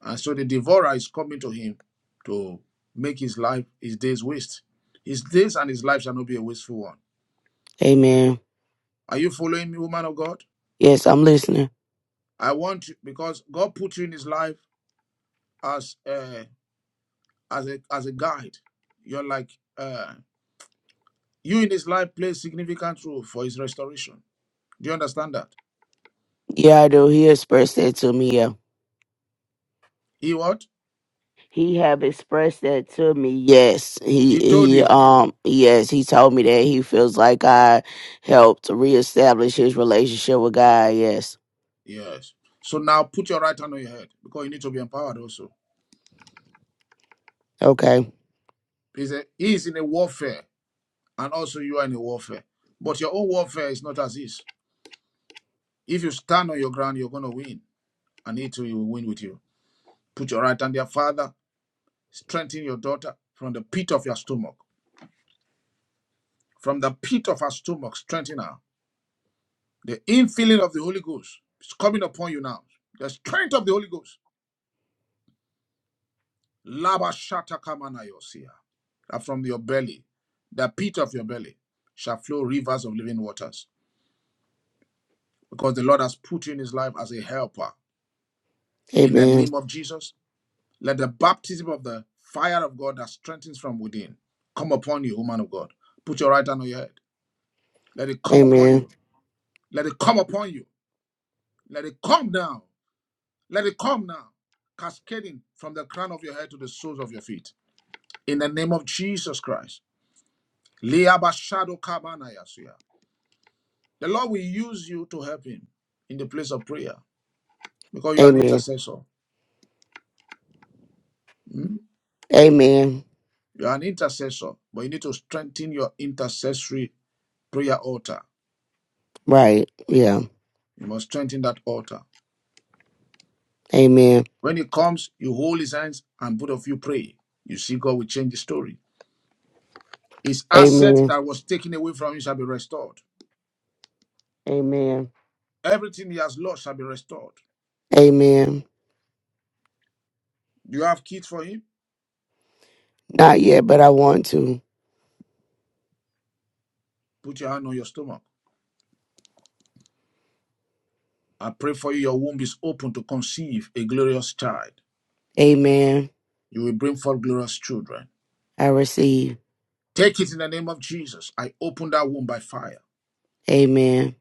And so the devourer is coming to him to make his life, his days waste. His days and his life shall not be a wasteful one. Amen. Are you following me, woman of God? Yes, I'm listening. I want you because God put you in his life as a as a as a guide. You're like uh, you in his life play significant role for his restoration. Do you understand that? Yeah, I do. He expressed that to me. Yeah, He what? he have expressed that to me. Yes, he He told he you. um yes he told me that he feels like I helped reestablish his relationship with God. Yes. Yes. So now put your right hand on your head because you need to be empowered also. Okay. He's a, he is in a warfare, and also you are in a warfare. But your own warfare is not as his. If you stand on your ground, you're gonna win, and he too will win with you. Put your right hand there, Father. Strengthen your daughter from the pit of your stomach. From the pit of her stomach, strengthen her The infilling of the Holy Ghost is coming upon you now. The strength of the Holy Ghost. Laba shata kamana yosia. That from your belly, the pit of your belly, shall flow rivers of living waters. Because the Lord has put you in his life as a helper. In the Amen. name of Jesus, let the baptism of the fire of God that strengthens from within come upon you, woman of God. Put your right hand on your head. Let it come upon Amen. you. Let it come upon you. Let it come down. Let it come now, cascading from the crown of your head to the soles of your feet. In the name of Jesus Christ. The Lord will use you to help him in the place of prayer because you're an Amen. intercessor. Hmm? Amen. You're an intercessor, but you need to strengthen your intercessory prayer altar. Right. Yeah. You must strengthen that altar. Amen. When he comes, you hold his hands and both of you pray. You see, God will change the story. His asset Amen. that was taken away from you shall be restored. Amen. Everything he has lost shall be restored. Amen. Do you have kids for him? Not yet, but I want to. Put your hand on your stomach. I pray for you, your womb is open to conceive a glorious child. Amen. You will bring forth glorious children. I receive. Take it in the name of Jesus. I open that womb by fire. Amen.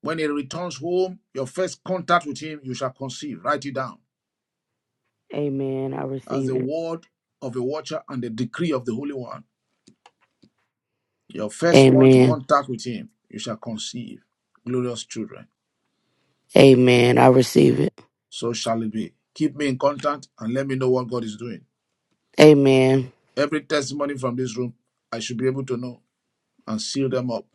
When he returns home, your first contact with him, you shall conceive. Write it down Amen. I as receive the it. word of a watcher and the decree of the Holy One. Your first month Amen. contact with him, you shall conceive glorious children. Amen. I receive it. So shall it be. Keep me in contact and let me know what God is doing. Amen. Every testimony from this room, I should be able to know and seal them up.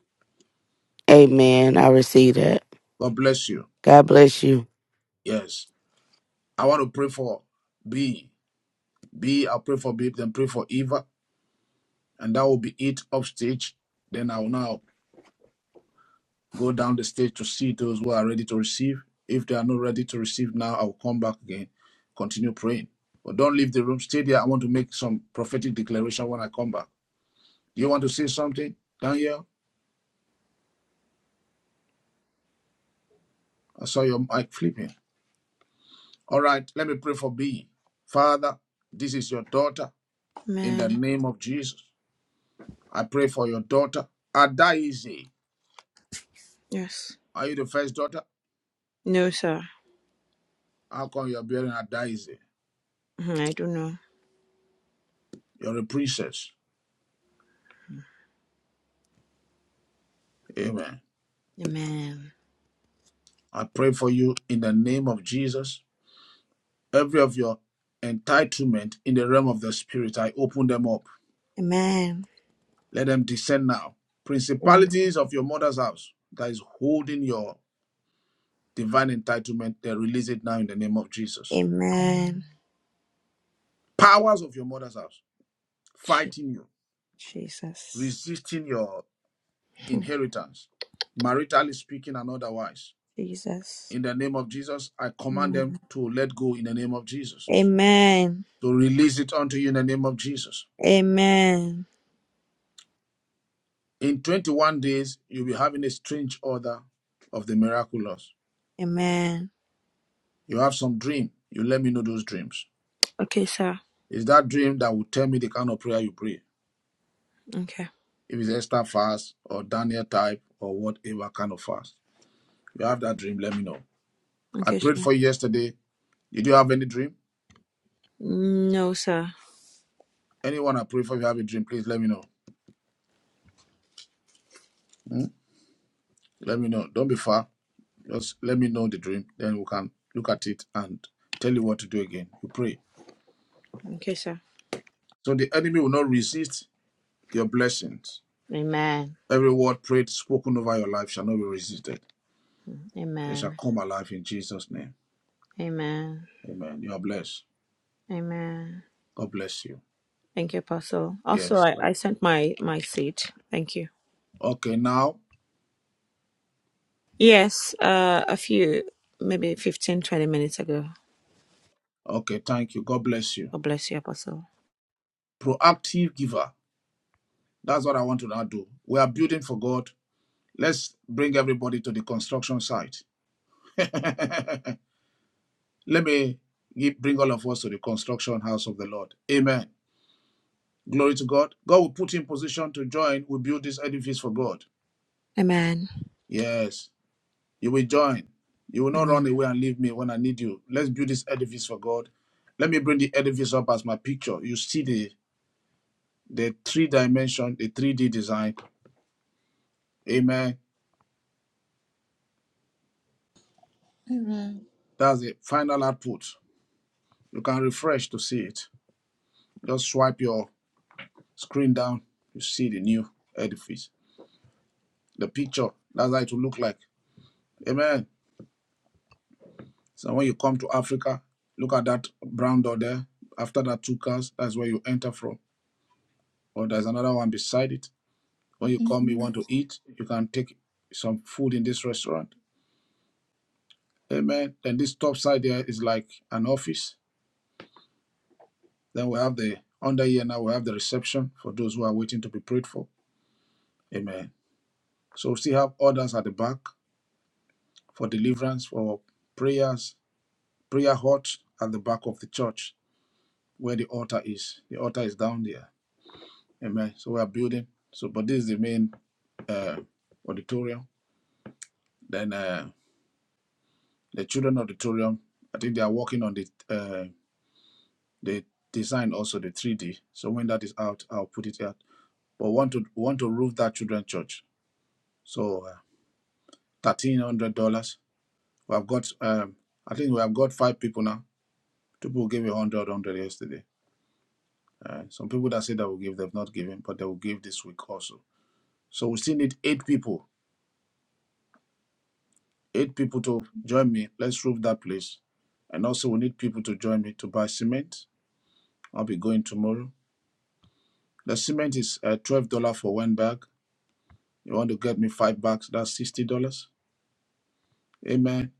Amen. I receive that. God bless you. God bless you. Yes. I want to pray for B. B, I'll pray for B, then pray for Eva. And that will be it upstage. Then I will now go down the stage to see those who are ready to receive. If they are not ready to receive now, I will come back again, continue praying. But don't leave the room. Stay there. I want to make some prophetic declaration when I come back. Do you want to say something, Daniel? I saw your mic flipping. All right, let me pray for B. Father, this is your daughter in the Amen. name of Jesus. I pray for your daughter, Adaize. Yes. Are you the first daughter? No, sir. How come you're bearing Adaize? Mhm, I don't know. You're a princess. Amen. Amen. I pray for you in the name of Jesus. Every of your entitlement in the realm of the spirit, I open them up. Amen. Let them descend now. Amen. Principalities of your mother's house that is holding your divine entitlement, they release it now in the name of Jesus. Amen. Powers of your mother's house Je- fighting you, Jesus. resisting your Hmm, inheritance, maritally speaking and otherwise Jesus. in the name of Jesus. I command them Amen. to let go in the name of Jesus, Amen. to release it unto you in the name of Jesus. Amen. In 21 days, you'll be having a strange order of the miraculous. Amen. You have some dream. You let me know those dreams. Okay, sir. It's that dream that will tell me the kind of prayer you pray. Okay. If it's Esther fast or Daniel type or whatever kind of fast. If you have that dream, let me know. I Okay, prayed sir. for you yesterday. Did you have any dream? No, sir. Anyone I pray for, if you have a dream, please let me know. Hmm? Let me know. Don't be far. Just let me know the dream, then we can look at it and tell you what to do again. You pray. Okay, sir. So the enemy will not resist your blessings. Amen. Every word prayed, spoken over your life shall not be resisted. They shall Amen. come alive in Jesus' name. Amen. Amen. You are blessed. Amen. God bless you. Thank you, Apostle. Also, Yes. I, right. I sent my my seed. Thank you. Okay, now. Yes, uh, a few, maybe 15, 20 minutes ago. Okay, thank you. God bless you. God bless you, Apostle. Proactive giver. That's what I want to now do. We are building for God. Let's bring everybody to the construction site. Let me give, bring all of us to the construction house of the Lord. Amen. Glory to God. God will put you in position to join. We build this edifice for God. Amen. Yes, you will join. You will not Amen. run away and leave me when I need you. Let's build this edifice for God. Let me bring the edifice up as my picture. You see the the three dimension, the 3D design. Amen. That's the final output. You can refresh to see it. Just swipe your screen down. You see the new edifice. The picture. That's how it will look like. Amen. So when you come to Africa, look at that brown door there. After that two cars, that's where you enter from. Or there's another one beside it. When you come, you want to eat, you can take some food in this restaurant. Amen. Then this top side there is like an office. Then we have the under here now we have the reception for those who are waiting to be prayed for. Amen. So we still have orders at the back for deliverance, for prayers, prayer hut at the back of the church where the altar is. The altar is down there. Amen. So we are building. So, but this is the main uh, auditorium. Then uh, the children auditorium. I think they are working on the uh, the design also the 3D. So when that is out, I'll put it out. But want to want to roof that children church. So uh, thirteen hundred dollars. We have got. Um, I think we have got five people now. People gave a hundred, hundred yesterday. Uh, some people that said they will give, they've not given, but they will give this week also. So we still need eight people eight people to join me. Let's roof that place. And also, we need people to join me to buy cement. I'll be going tomorrow. The cement is uh, twelve dollar for one bag. You want to get me five bags? That's sixty dollars. Amen.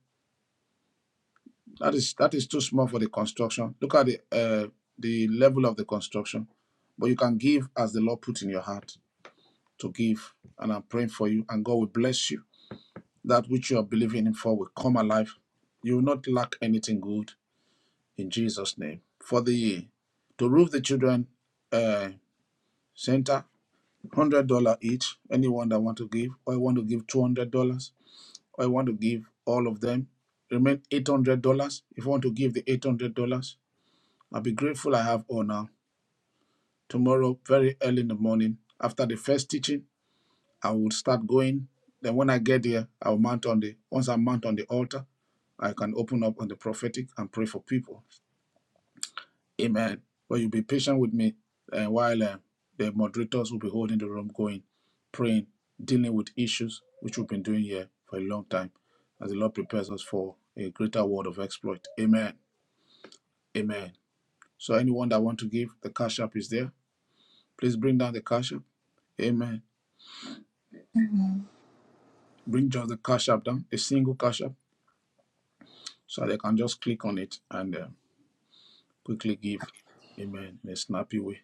That is that is too small for the construction. Look at the uh, the level of the construction, but you can give as the Lord put in your heart to give. And I'm praying for you, and God will bless you. That which you are believing in for will come alive. You will not lack anything good in Jesus' name. For the year, to roof the children uh, center, one hundred dollar each. Anyone that want to give, or I want to give two hundred dollars, or I want to give all of them, remain eight hundred dollars. If you want to give the eight hundred dollars, I'll be grateful. I have honor tomorrow, very early in the morning after the first teaching. I will start going. Then when I get there, I'll mount on the once I mount on the altar, I can open up on the prophetic and pray for people. Amen. But you be patient with me uh, while uh, the moderators will be holding the room going, praying, dealing with issues which we've been doing here for a long time as the Lord prepares us for a greater world of exploit. Amen. Amen. So anyone that want to give, the cash app is there. Please bring down the cash app. Amen. Bring just the cash app down, a single cash app, so they can just click on it and uh, quickly give. Amen. In a snappy way.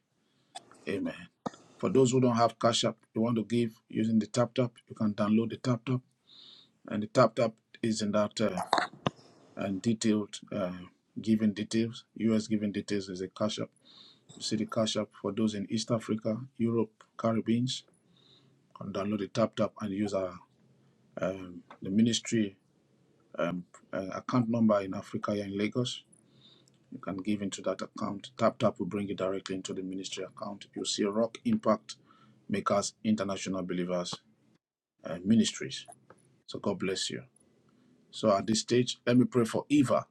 Amen. For those who don't have Cash App, you want to give using the Tap Tap, you can download the Tap Tap, and the Tap Tap is in that uh, and detailed uh, giving details. US giving details is a Cash App. You see the Cash App for those in East Africa, Europe, Caribbeans, can download the Tap Tap and use our um, the ministry um, uh, account number in Africa here in Lagos. You can give into that account. Tap Tap will bring you directly into the ministry account. You'll see Rock Impact Makers International Believers uh, ministries. So God bless you. So at this stage, let me pray for Eva.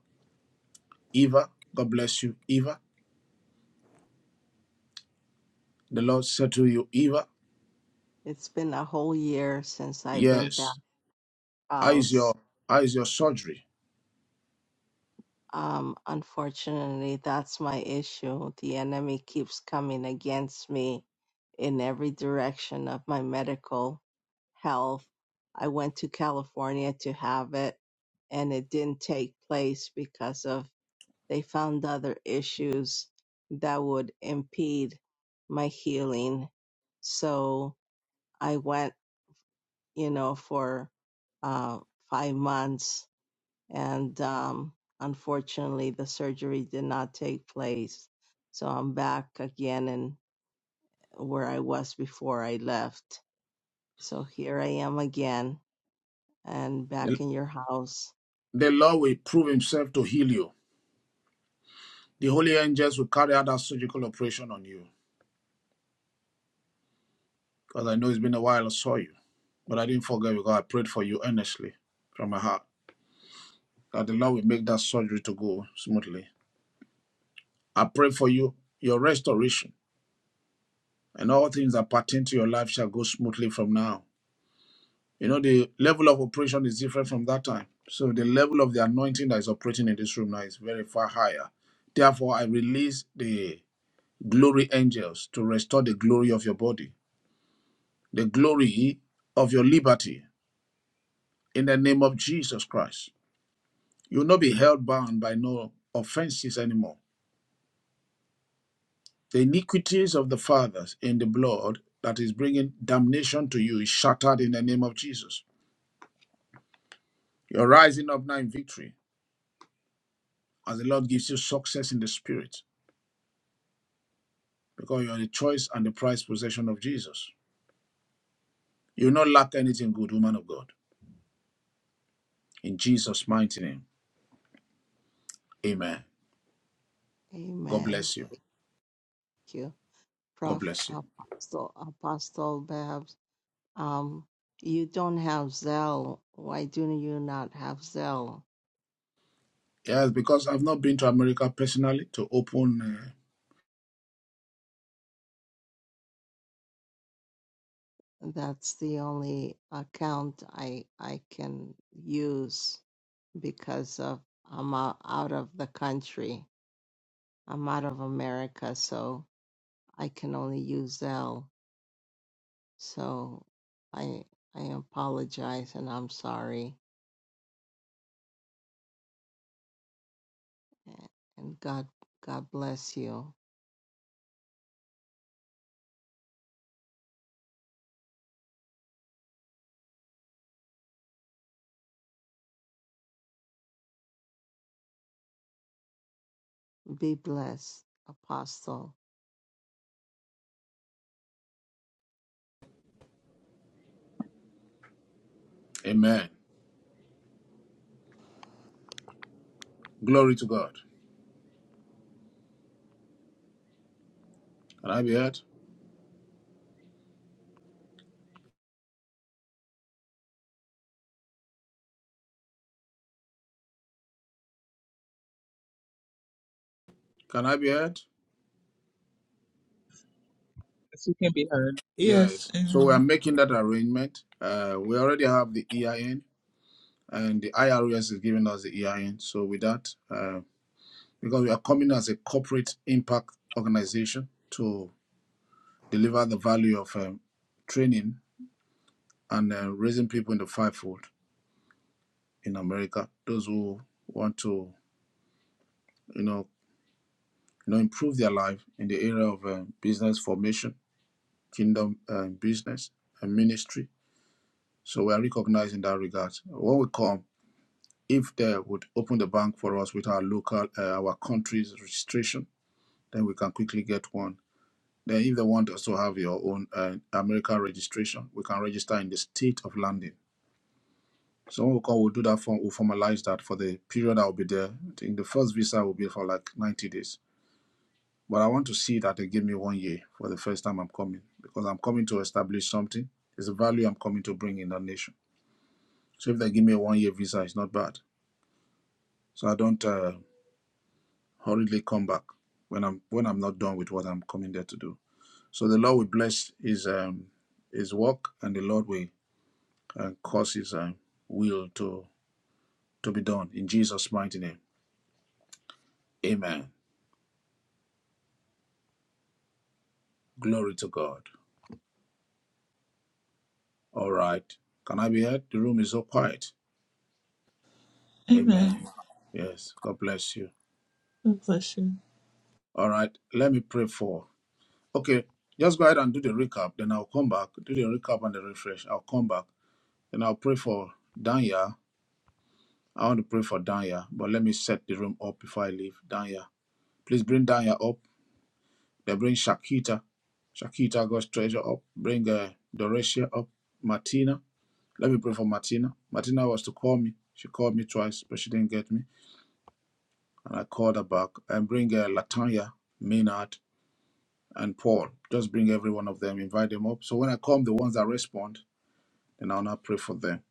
Eva, God bless you, Eva. The Lord said to you, Eva, It's been a whole year since I've been back yes, I is house. your I is your surgery. Um, unfortunately, that's my issue. The enemy keeps coming against me in every direction of my medical health. I went to California to have it and it didn't take place because of they found other issues that would impede my healing. So I went, you know, for uh, five months and um, unfortunately, the surgery did not take place. So I'm back again in where I was before I left. So here I am again and The, back in your house. the Lord will prove himself to heal you. The holy angels will carry out that surgical operation on you. Because I know it's been a while I saw you. But I didn't forget because I prayed for you earnestly from my heart. That the Lord will make that surgery to go smoothly. I pray for you, your restoration. and all things that pertain to your life shall go smoothly from now. You know, the level of operation is different from that time. So the level of the anointing that is operating in this room now is very far higher. Therefore, I release the glory angels to restore the glory of your body, the glory of your liberty in the name of Jesus Christ. You will not be held bound by no offenses anymore. The iniquities of the fathers in the blood that is bringing damnation to you is shattered in the name of Jesus You're rising up now in victory as the Lord gives you success in the spirit because you're the choice and the prized possession of Jesus. You'll not lack anything good, woman of God. In Jesus' mighty name, amen. God Amen. bless you. Thank you, God Prof. bless you. Apostle Apostle Babs. Um, you don't have Zelle. Why do you not have Zelle? Yes, because I've not been to America personally to open. Uh, That's the only account I I can use. because of I'm out, out of the country. I'm out of America, so I can only use Zelle. So I I apologize and I'm sorry. And God God bless you. Be blessed, Apostle. amen. Glory to God. Can I be heard? Can I be heard? Yes, you can be heard. Yes. Yes. So we are Amen. making that arrangement. Uh, we already have the EIN, and the IRS is giving us the EIN. So with that, uh, because we are coming as a corporate impact organization to deliver the value of um, training and uh, raising people in the fivefold in America. Those who want to, you know, you know, improve their life in the area of um, business formation, kingdom uh, business, and ministry. So we are recognized in that regard. When we come, if they would open the bank for us with our local, uh, our country's registration, then we can quickly get one Then, if they want us to have your own uh, American registration, we can register in the state of landing. So when we come, we'll do that form, we'll formalize that for the period I'll be there. I think the first visa will be for like 90 days. But I want to see that they give me one year for the first time I'm coming because I'm coming to establish something. It's a value I'm coming to bring in the nation. So if they give me a one year visa, it's not bad. So I don't uh, hurriedly come back when I'm when I'm not done with what I'm coming there to do. So the Lord will bless his um, his work and the Lord will and causes and will to, to be done. In Jesus' mighty name. Amen. Glory to God. All right. Can I be heard? The room is so quiet. Amen. Amen. Yes. God bless you. God bless you. All right. Let me pray for. Okay. Just go ahead and do the recap. Then I'll come back. Do the recap and the refresh. I'll come back. Then I'll pray for Danya. I want to pray for Danya, but let me set the room up before I leave. Danya. Please bring Danya up. They bring Shakita. Shakita, God's treasure, up. Bring uh, Doresia up. Martina. Let me pray for Martina. Martina was to call me. She called me twice, but she didn't get me. And I called her back. And bring uh, Latanya, Maynard, and Paul. Just bring every one of them. Invite them up. So when I come, the ones that respond, then I'll now pray for them.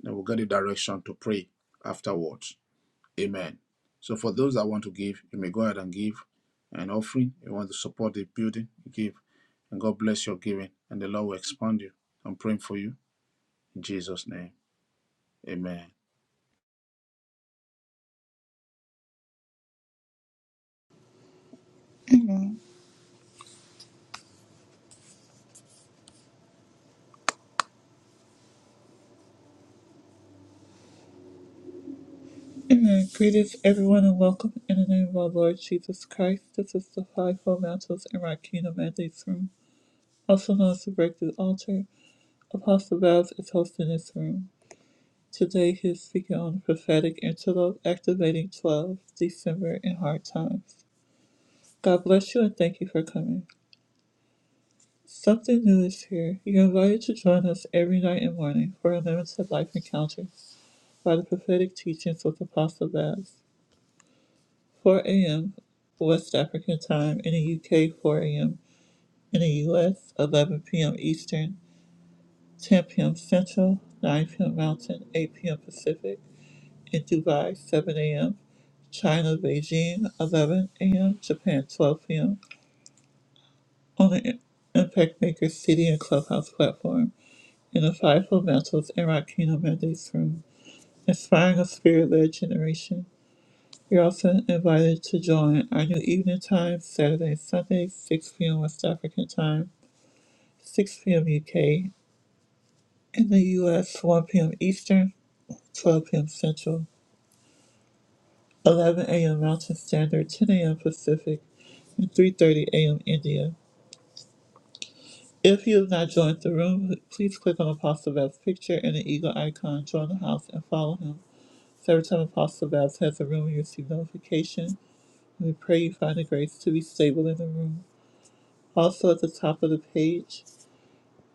Then we'll get the direction to pray afterwards. Amen. So for those that want to give, you may go ahead and give an offering. You want to support the building, you give. And God bless your giving. And the Lord will expand you. I'm praying for you. In Jesus' name. Amen. Amen. Greetings, everyone, and welcome in the name of our Lord Jesus Christ. This is the Fivefold Mantles and Rakina Mandates Room, also known as the Breakthrough Altar. Apostle Babs is hosting this room. Today, he is speaking on the prophetic antelope activating 12 December in hard times. God bless you and thank you for coming. Something new is here. You're invited to join us every night and morning for a limited life encounter by the prophetic teachings with Apostle Babs. 4 a.m. West African time, in the UK 4 a.m., in the US 11 p.m. Eastern, 10 p.m. Central, 9 p.m. Mountain, 8 p.m. Pacific, in Dubai 7 a.m., China Beijing 11 a.m., Japan 12 p.m., on the Impact Maker City and Clubhouse platform, in the Fivefold Fundamentals and Rakina Mendes room, inspiring a spirit-led generation. You're also invited to join our new evening time, Saturday and Sunday, 6 p.m. West African time, 6 p.m. UK, in the US, 1 p.m. Eastern, 12 p.m. Central, 11 a.m. Mountain Standard, 10 a.m. Pacific, and 3.30 a.m. India. If you have not joined the room, please click on Apostle Babs' picture and the eagle icon, join the house, and follow him. So every time Apostle Babs has a room, you receive notification. We pray you find the grace to be stable in the room. Also, at the top of the page,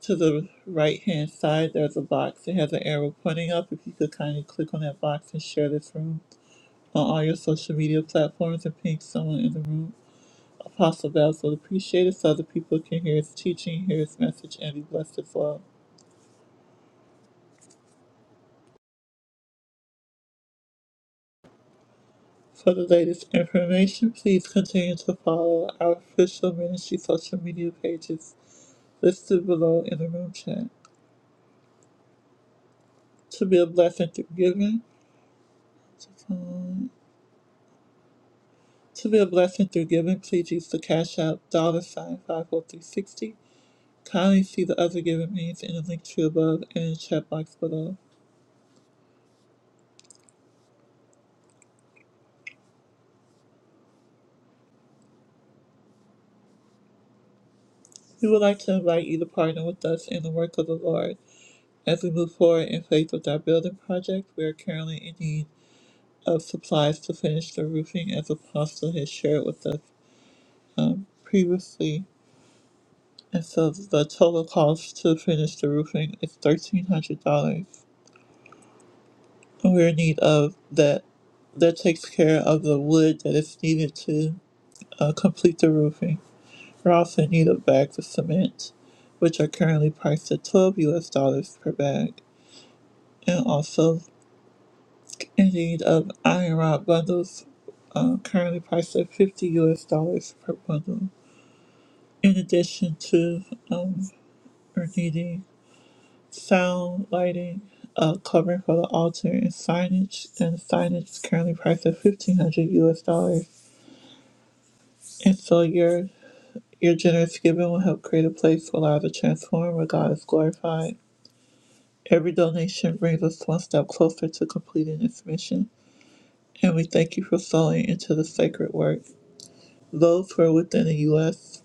to the right hand side, there's a box. It has an arrow pointing up. If you could kindly click on that box and share this room on all your social media platforms and ping someone in the room. Apostle Babs would appreciate it so other people can hear his teaching, hear his message, and be blessed as well. For the latest information, please continue to follow our official ministry social media pages listed below in the room chat. To be a blessing through giving, to come To be a blessing through giving, please use the Cash App dollar sign 54360. Kindly see the other giving means in the link tree above and in the chat box below. We would like to invite you to partner with us in the work of the Lord. As we move forward in faith with our building project, we are currently in need of supplies to finish the roofing as Apostle has shared with us um, previously. And so the total cost to finish the roofing is $1,300. we're in need of that that takes care of the wood that is needed to uh, complete the roofing. We're also in need of bags of cement, which are currently priced at 12 US dollars per bag, and also in need of iron rod bundles, uh, currently priced at 50 US dollars per bundle. In addition to, um, we're needing sound, lighting, uh, covering for the altar, and signage, and signage is currently priced at 1500 US dollars And so your your generous giving will help create a place where lives are transformed, where God is glorified. Every donation brings us one step closer to completing this mission, and we thank you for sowing into the sacred work. Those who are within the U.S.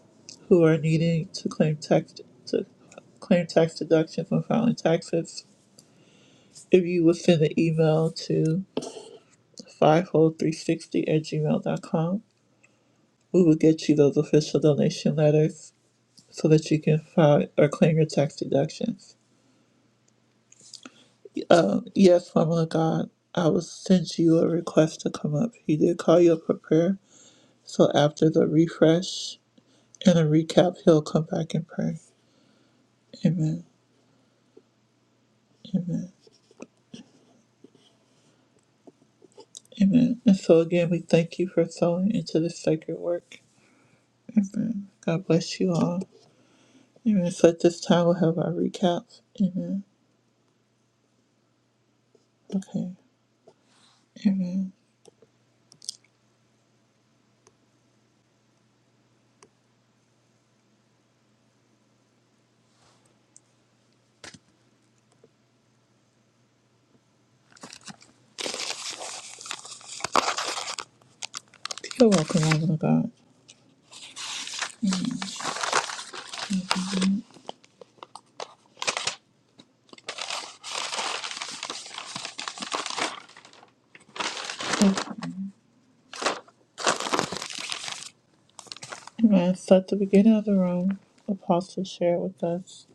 who are needing to claim tax to claim tax deductions when filing taxes, if you would send an email to 50360 at gmail dot com, we will get you those official donation letters so that you can file or claim your tax deductions. Yes, woman of God, I will send you a request to come up. He did call you up for prayer. So after the refresh and a recap, he'll come back and pray. Amen. Amen. Amen. And so again, we thank you for sowing into this sacred work. Amen. God bless you all. Amen. So at this time, we'll have our recap. Amen. Okay. Amen. You're welcome, woman of God. Amen. So at the beginning of the room, Apostle shared with us.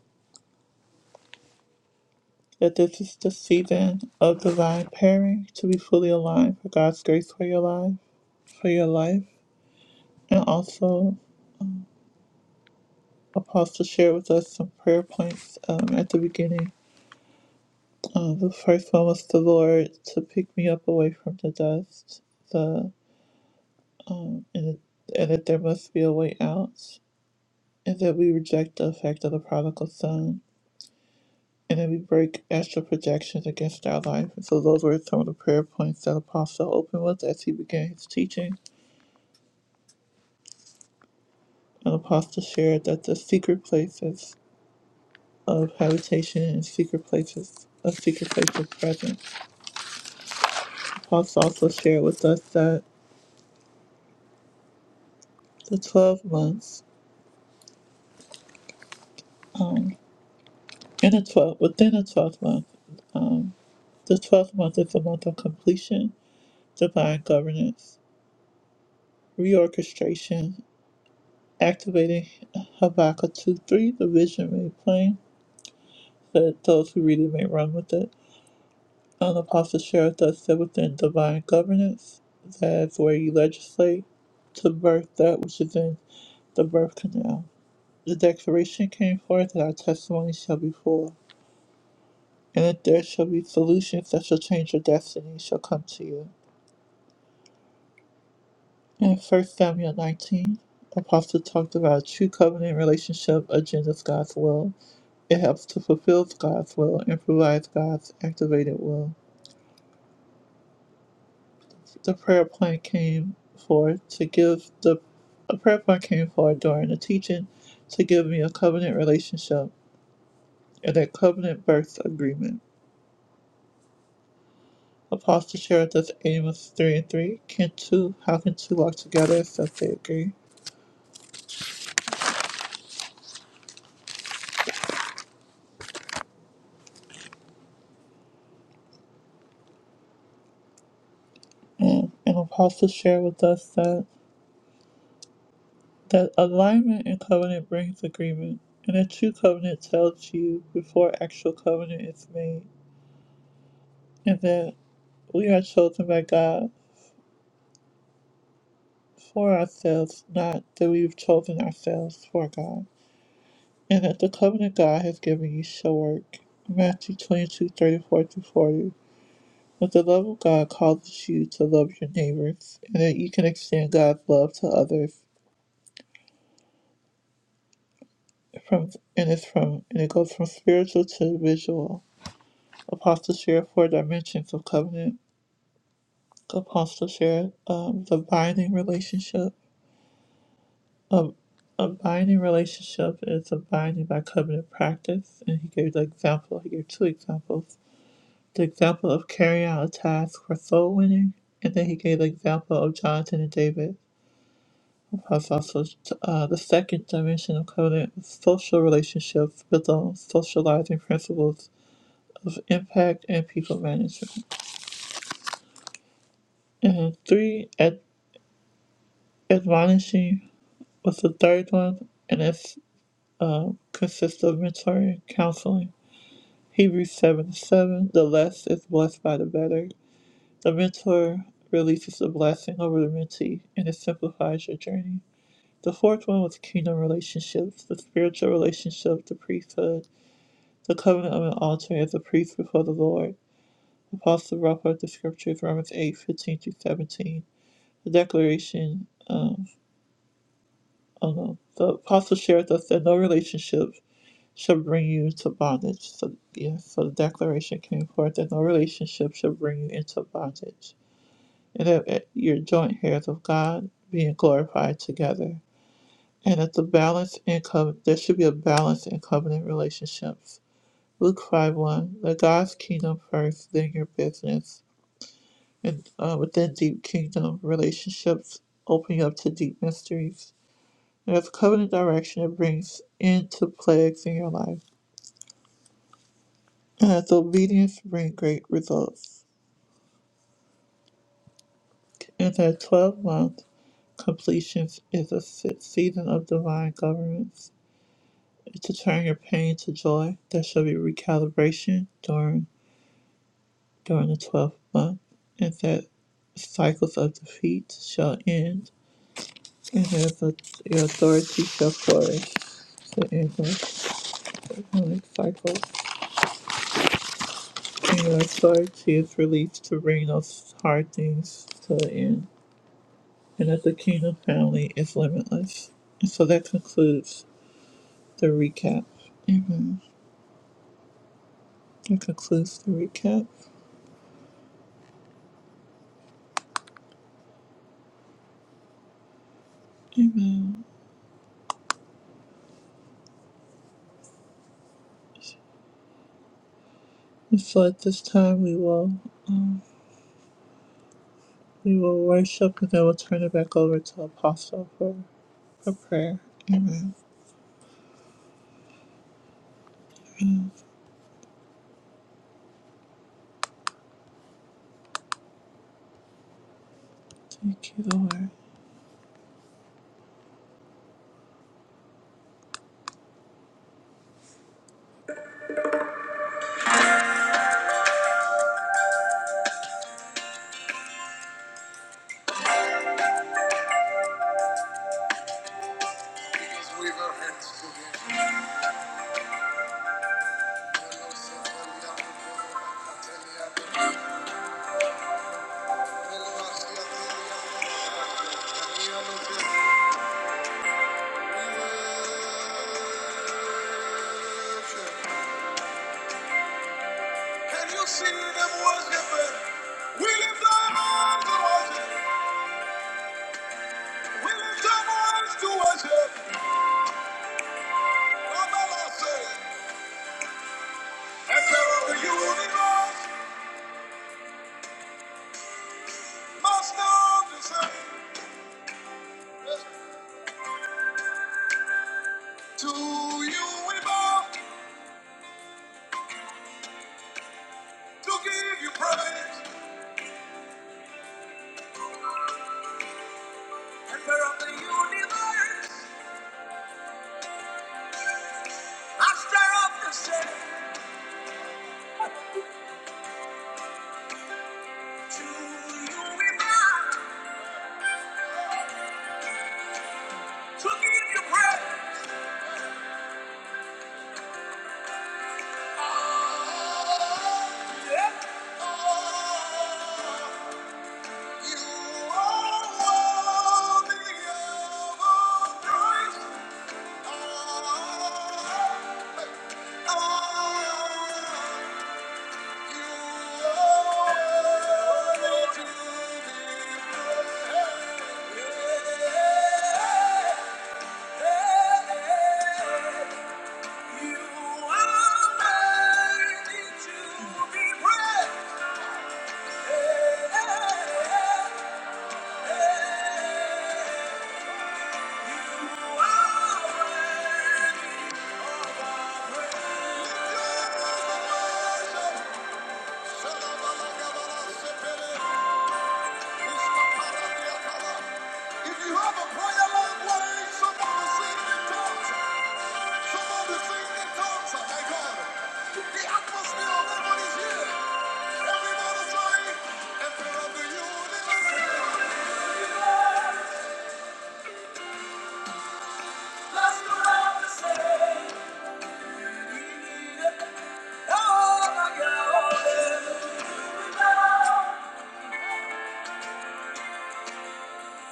that this is the season of divine pairing to be fully aligned for God's grace for your life, for your life, and also Apostle shared with us some prayer points um, at the beginning. Um, the first one was the Lord to pick me up away from the dust, the and, and that there must be a way out, and that we reject the effect of the prodigal son, and that we break astral projections against our life. And so those were some of the prayer points that Apostle opened with as he began his teaching. An apostle shared that the secret places of habitation and secret places of secret place of presence. The Apostle also shared with us that the twelve months, um, in a twelve within a twelve month, um, the twelfth month is a month of completion, divine governance, reorchestration, activating Habakkuk two three, the vision made plain, that those who read it may run with it An apostle shared with us that within divine governance, that is where you legislate to birth that which is in the birth canal. The declaration came forth that our testimony shall be full, and that there shall be solutions that shall change your destiny shall come to you. In First Samuel 19, Apostle talked about a true covenant relationship agendas God's will. It helps to fulfill God's will and provides God's activated will. the prayer point came forth to give the a prayer point came forth during the teaching to give me a covenant relationship and a covenant birth agreement. Apostle shared this Amos three and three. Can two how can two walk together except they agree? And, and Apostle shared with us that that alignment in covenant brings agreement and a true covenant tells you before actual covenant is made and that we are chosen by God for ourselves, not that we've chosen ourselves for God, and that the covenant God has given you shall work. Matthew twenty-two thirty-four 34 through 40. But the love of God causes you to love your neighbors, and that you can extend God's love to others. From and it's from and it goes from spiritual to visual. Apostles share four dimensions of covenant. Apostles share um, the binding relationship. A, a binding relationship is a binding by covenant practice, and he gave the example. He gave two examples: the example of carrying out a task for soul winning, and then he gave the example of Jonathan and David. Because also uh, the second dimension of covenant is social relationships built on socializing principles of impact and people management. And three, ad- admonishing was the third one, and it's uh, consists of mentoring, counseling. Hebrews 7 7, the less is blessed by the better. The mentor releases the blessing over the mentee and it simplifies your journey. The fourth one was kingdom relationships, the spiritual relationship, the priesthood, the covenant of an altar as a priest before the Lord. Apostle brought forth the scriptures, Romans eight fifteen through 17. The declaration, um, oh no, the apostle shared with us that no relationship shall bring you to bondage. So yeah, so the declaration came forth that no relationship shall bring you into bondage, and that uh, your joint heirs of God being glorified together, and that the balance in co- there should be a balance in covenant relationships. Luke five one, the God's kingdom first, then your business, and uh, within deep kingdom relationships open you up to deep mysteries. And as covenant direction, it brings into plagues in your life as obedience brings great results. In that 12 month, completion is a se- season of divine governance. It's to turn your pain to joy. There shall be recalibration during during the 12th month, and that cycles of defeat shall end, and that the, your authority shall flourish. The end of economic cycles, and your authority is released to bring those hard things to the end. and that the kingdom family is limitless. And so that concludes the recap. Amen. That concludes the recap. And so at this time we will we will worship and then we'll turn it back over to Apostle for, for prayer. Amen. Thank you, Lord. Can you see them worshiping? We lift our hands to worship. We lift our hands to worship. Mama must say, Emperor of the universe Master of the same. To you we bow to give you praise. Emperor of the universe, master of the same. To you we bow to give you praise. Shalom, Allah, Kabbalah, Sepele, Ishma, Paradiya, Kabbalah. If you have a prayer language, somebody sing in tongues, somebody sing in tongues, thank God. The atmosphere of heaven is here. Everybody say, Emperor of the universe. Let's go out and say, Oh my God,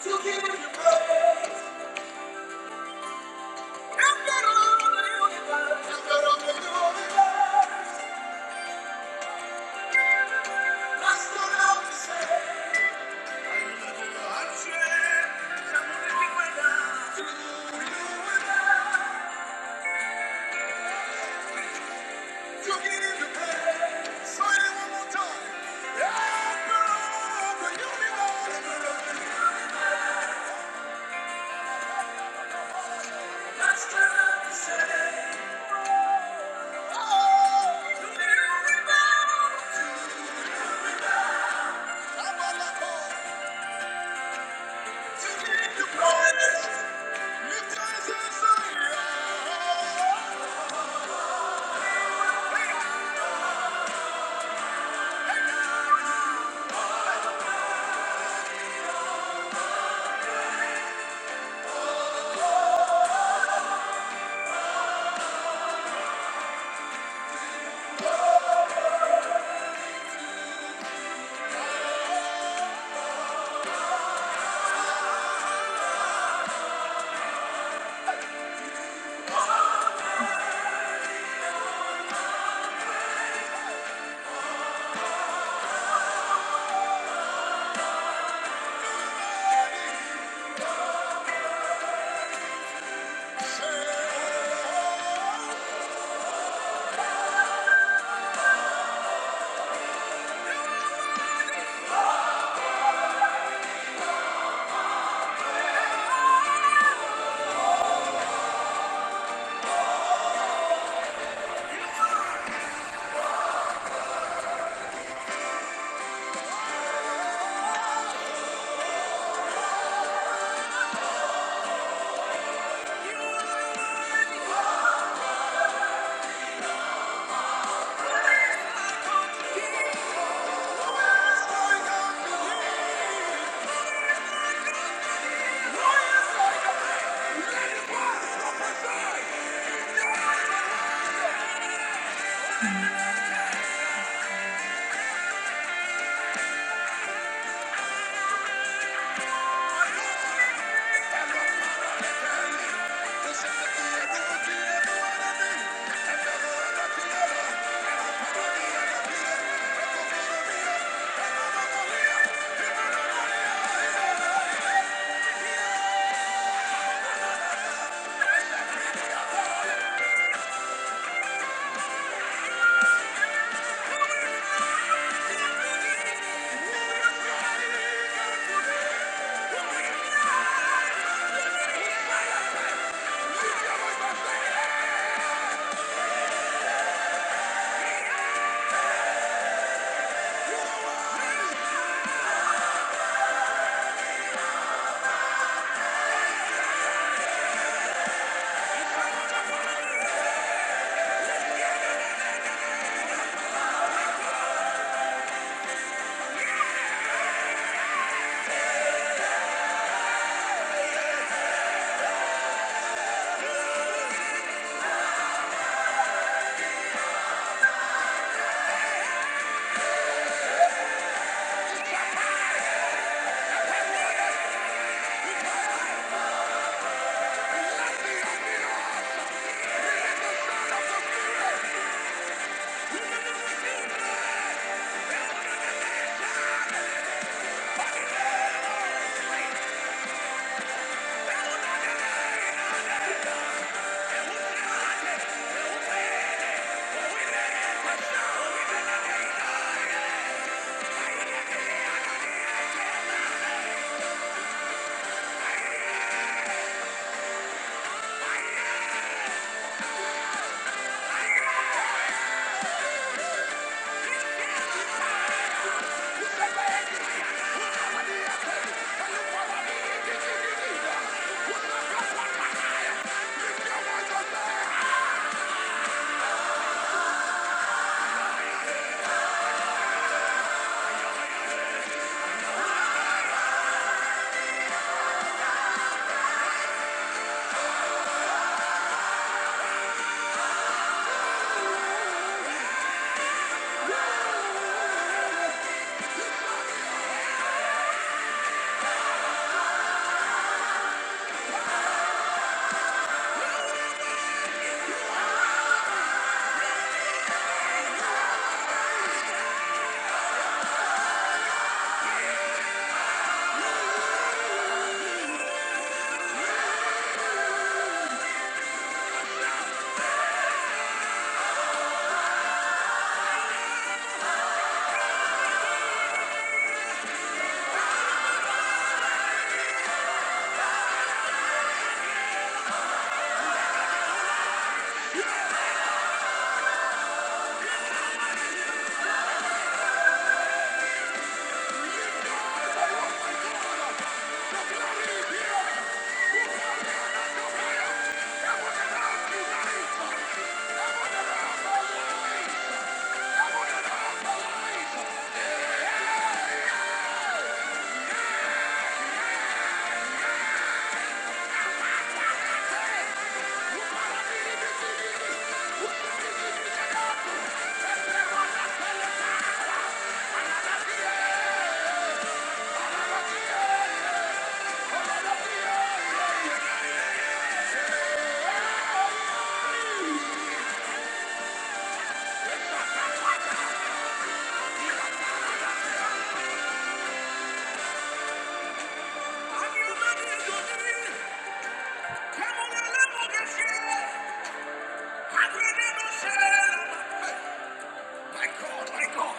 You give you glory, my universe. Let's go out and say, Oh, you give you glory, my universe. My God, my God,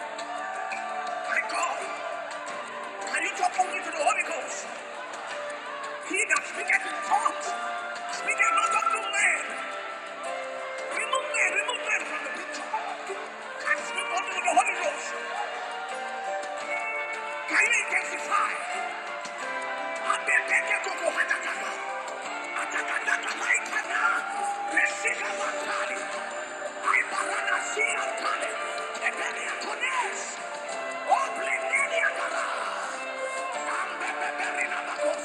my God. And he took over the Holy Ghost. He got speaking in tongues. Speaking not of the land. Remove that, remove that I speak only the Holy Ghost. Can you intensify? And then they can go to Hatakaka. Hatakaka, Hatakaka. Let's see the Makali. I barana see a Kali. And then they are connects. Oh, Blenenia Kala. Bam, bam, bam, bam, bam, bam,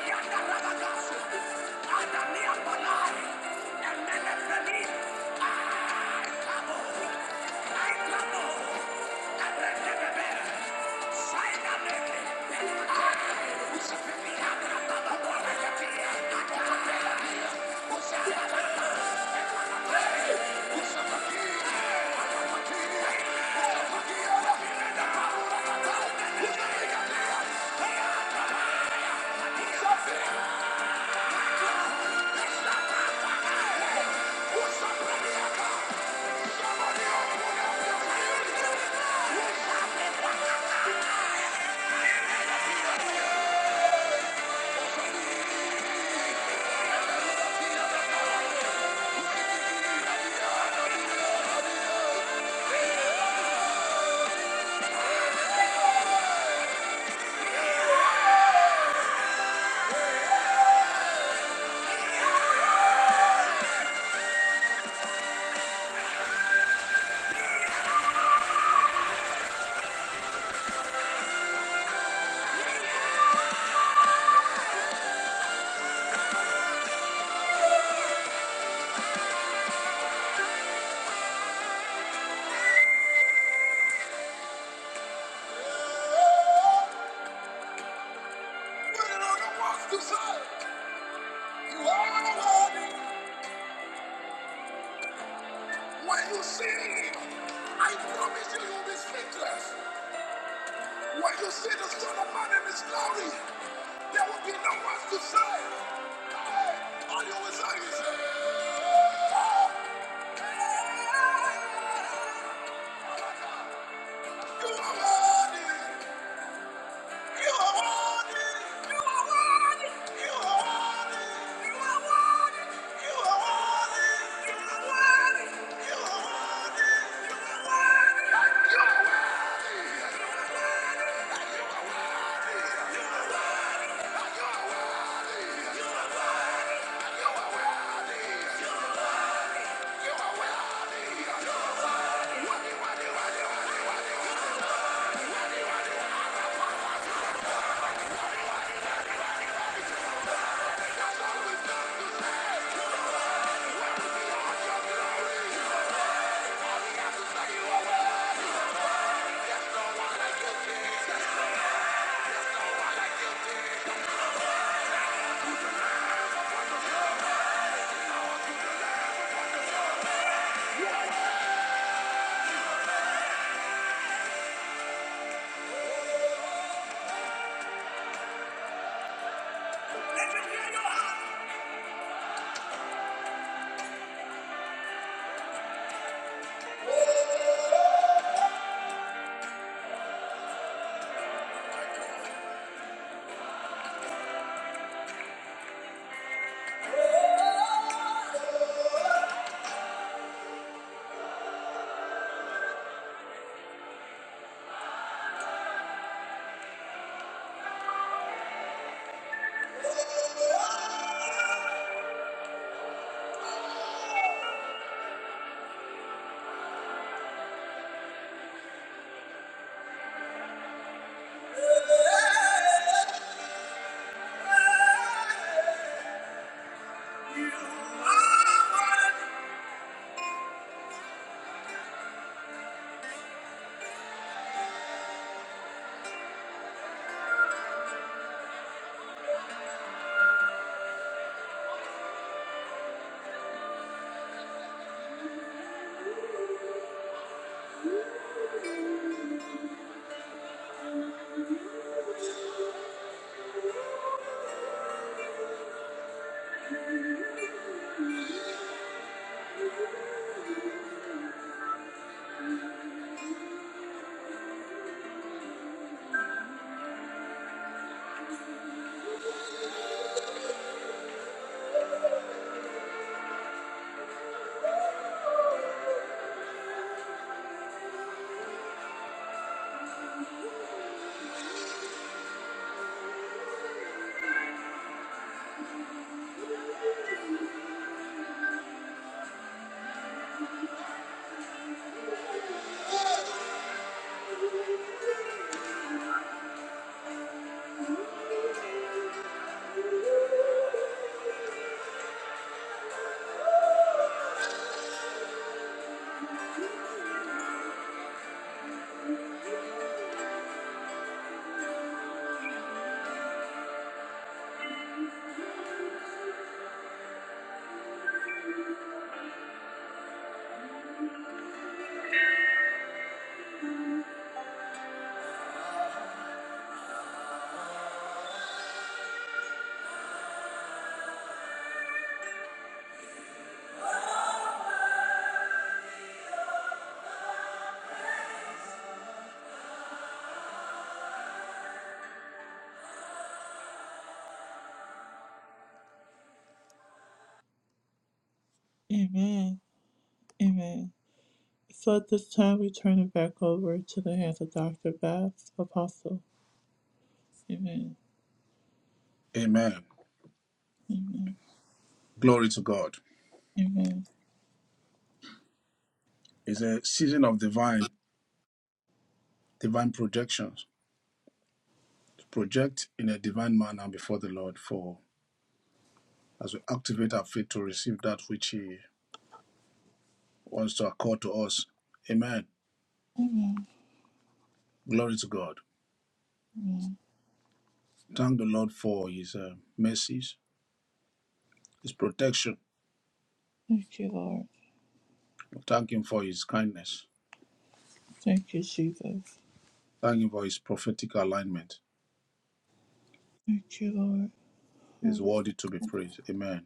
When you see the Son of Man in His glory, there will be no one to say. All you will say is, You are worthy. Amen. Amen. So at this time, we turn it back over to the hands of Dr. Bass, Apostle. Amen. Amen. Amen. Glory to God. Amen. It's a season of divine, divine projections. To project in a divine manner before the Lord for as we activate our faith to receive that which He wants to accord to us. Amen. Glory to God. Thank the Lord for His uh, mercies, His protection Thank you, Lord. We thank Him for His kindness. Thank you, Jesus. Thank Him for His prophetic alignment. Thank you, Lord. He's Hallelujah. worthy to be praised. Amen.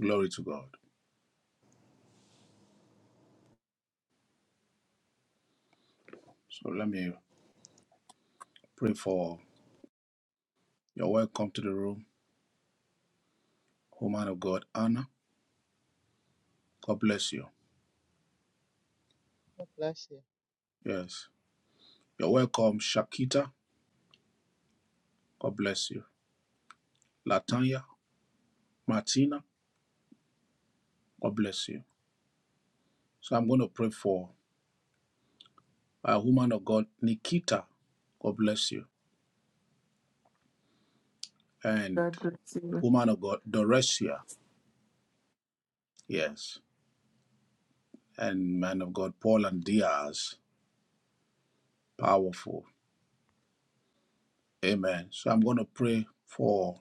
Glory to God. So let me pray for your welcome to the room, woman of God, Anna. God bless you. Bless you. Yes. You're welcome, Shakita. God bless you. Latanya, Martina. God bless you. So I'm going to pray for a woman of God, Nikita. God bless you. And God bless you. woman of God, Doresia. Yes. And man of God, Paul and Diaz. Powerful. Amen. So I'm going to pray for,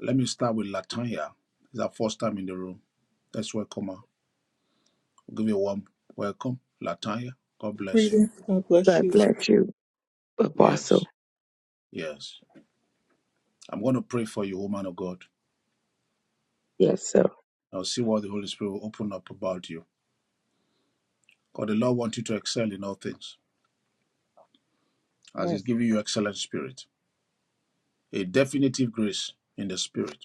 let me start with Latanya. It's our first time in the room. Let's welcome her. We'll give you a warm welcome, Latanya. God bless you. Reading. God bless God you. bless you, Yes, Apostle. yes. I'm going to pray for you, woman of God. Yes, sir. I'll see what the Holy Spirit will open up about you. God, the Lord wants you to excel in all things as He's Yes. giving you excellent spirit, a definitive grace in the spirit.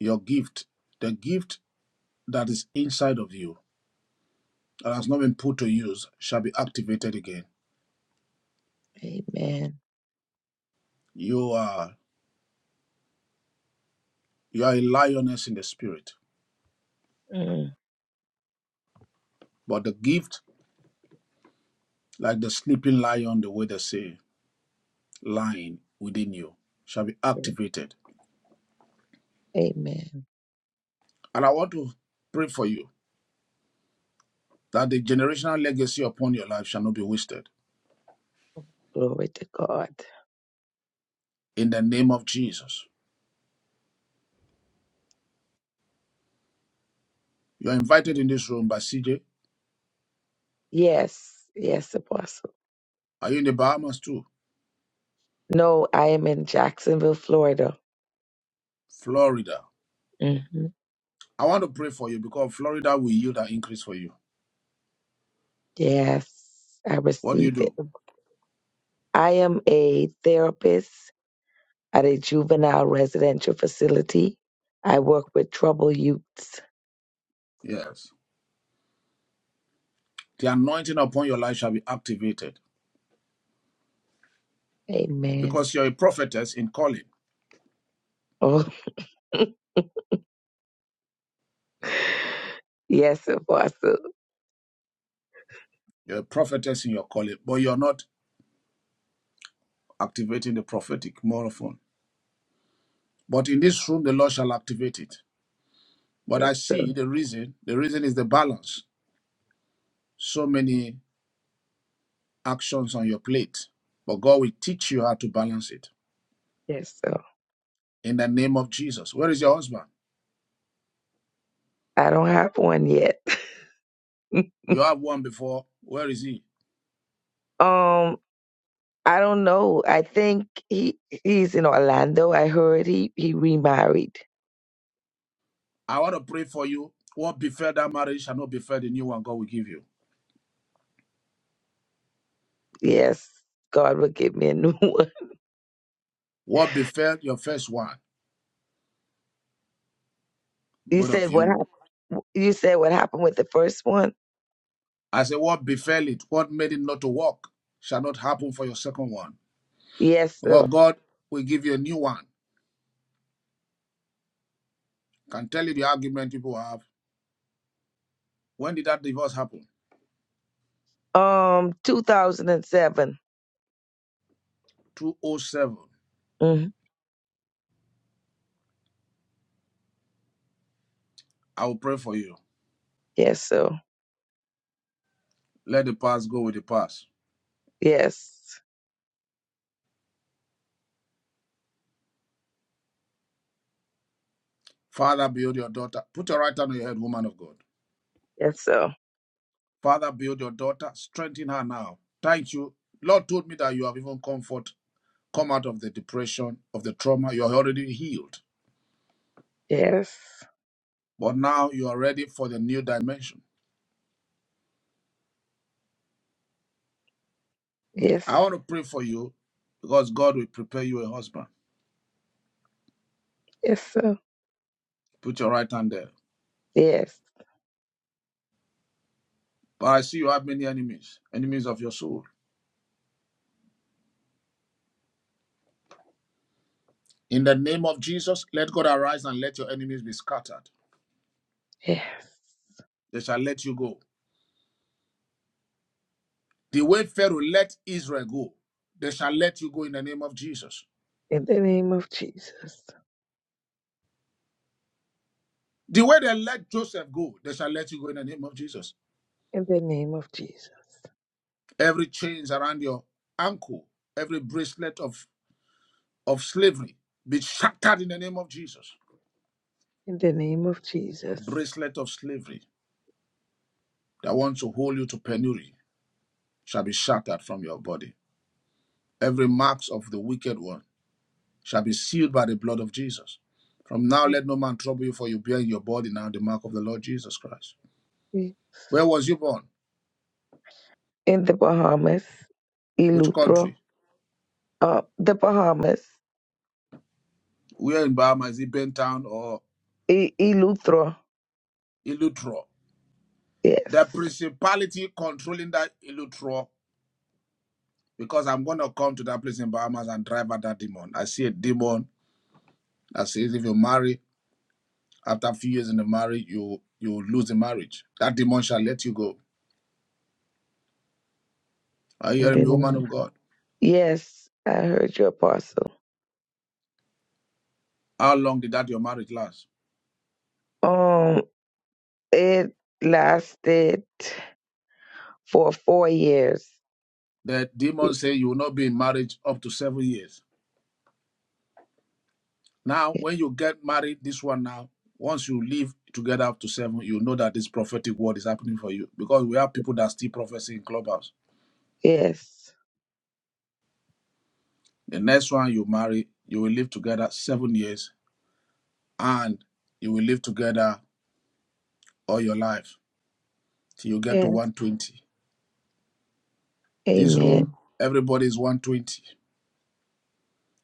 Your gift, the gift that is inside of you that has not been put to use, shall be activated again. Amen. You are You are a lioness in the spirit. Mm. But the gift, like the sleeping lion, the way they say, lying within you, shall be activated. Amen. And I want to pray for you that the generational legacy upon your life shall not be wasted. Glory to God. In the name of Jesus. You are invited in this room by CJ. Yes, yes, Apostle. Are you in the Bahamas too? No, I am in Jacksonville, Florida. Florida. hmm I want to pray for you because Florida will yield an increase for you. Yes, I What do you receive do? it. I am a therapist at a juvenile residential facility. I work with trouble youths. Yes. The anointing upon your life shall be activated Amen. because you're a prophetess in calling. Oh, yes, Apostle. You're a prophetess in your calling, but you're not activating the prophetic more often. But in this room, the Lord shall activate it. But Yes, I sir. see the reason. The reason is the balance. So many actions on your plate, but God will teach you how to balance it Yes, sir. in the name of Jesus. Where is your husband? I don't have one yet. You have one before. Where is he? Um, I don't know. I think he he's in Orlando. I heard he he remarried. I want to pray for you. What befell that marriage shall not befell the new one God will give you. Yes, God will give me a new one. What befell your first one, You both of said what you. hap- you said what happened with the first one? I say, what befell it, what made it not to work, shall not happen for your second one. Yes, Well, sir. God will give you a new one. Can tell you the argument people have. When did that divorce happen? Um, 2007. 207. hmm I will pray for you. Yes, sir. Let the past go with the past. Yes. Father, build your daughter. Put your right hand on your head, woman of God. Yes, sir. Father, build your daughter. Strengthen her now. Thank you. Lord told me that you have even comfort, come out of the depression, of the trauma. You're already healed. Yes. But now you are ready for the new dimension. Yes. I want to pray for you because God will prepare you a husband. Yes, sir. Put your right hand there. Yes. But I see you have many enemies, enemies of your soul. In the name of Jesus, let God arise and let your enemies be scattered. Yes. They shall let you go. The way Pharaoh let Israel go, they shall let you go in the name of Jesus. In the name of Jesus. The way they let Joseph go, they shall let you go in the name of Jesus. In the name of Jesus. Every chains around your ankle, every bracelet of, of slavery, be shattered in the name of Jesus. In the name of Jesus. Bracelet of slavery that wants to hold you to penury shall be shattered from your body. Every marks of the wicked one shall be sealed by the blood of Jesus. From now, let no man trouble you, for you bear in your body now the mark of the Lord Jesus Christ. Where was you born? in the Bahamas, Which Eleuthera, country? uh, the Bahamas, Where in Bahamas? Is it Bentown or e- Eleuthera. Ilutro? Yes, The principality controlling that Ilutro, because I'm going to come to that place in Bahamas and drive out that demon. I see a demon that says if you marry, after a few years in the marriage, you you lose the marriage. That demon shall let you go. Are you and hearing me, woman then of God? yes, I heard your apostle. How long did that your marriage last? Um, it lasted for four years. The demon say you will not be in marriage up to seven years. Now, Yes, when you get married, this one now, once you live together up to seven, you know that this prophetic word is happening for you because we have people that still prophecy in clubhouse. The next one you marry, you will live together seven years and you will live together all your life till you get to yes, 120. This room, Amen. everybody is 120.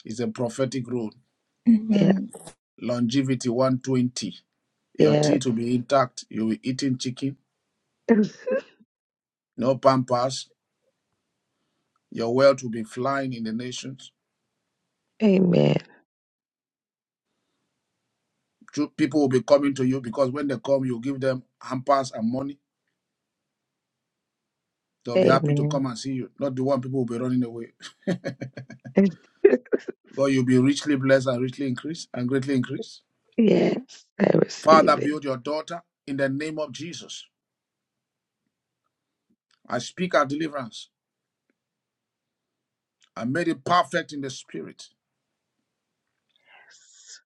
It's a prophetic room. Yeah, Longevity 120. Your Yeah. teeth will be intact. You'll be eating chicken, no pampers. Your wealth will be flying in the nations. Amen, People will be coming to you because when they come, you give them hampers and money. They'll be happy to Amen. come and see you, not the one people will be running away. God, you'll be richly blessed and richly increased and greatly increased. yes, I Father, receive it. build your daughter in the name of Jesus. I speak our deliverance. I made it perfect in the spirit. Yes,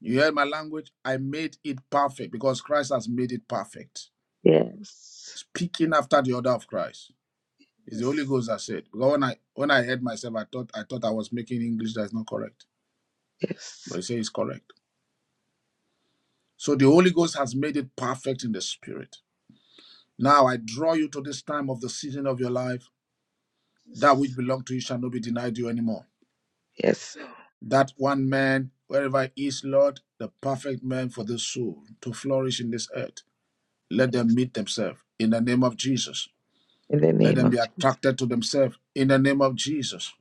You hear my language? I made it perfect because Christ has made it perfect. yes, Speaking after the order of Christ. It's the Holy yes, Ghost that said. Because when I when I heard myself, I thought I thought I was making English that's not correct. But yes. he said it's correct. So the Holy Ghost has made it perfect in the spirit. Now I draw you to this time of the season of your life. That which yes, belonged to you shall not be denied you anymore. yes, That one man, wherever he is, Lord, the perfect man for this soul to flourish in this earth. Let them meet themselves in the name of Jesus. in the Let name them of be Jesus. attracted to themselves in the name of Jesus.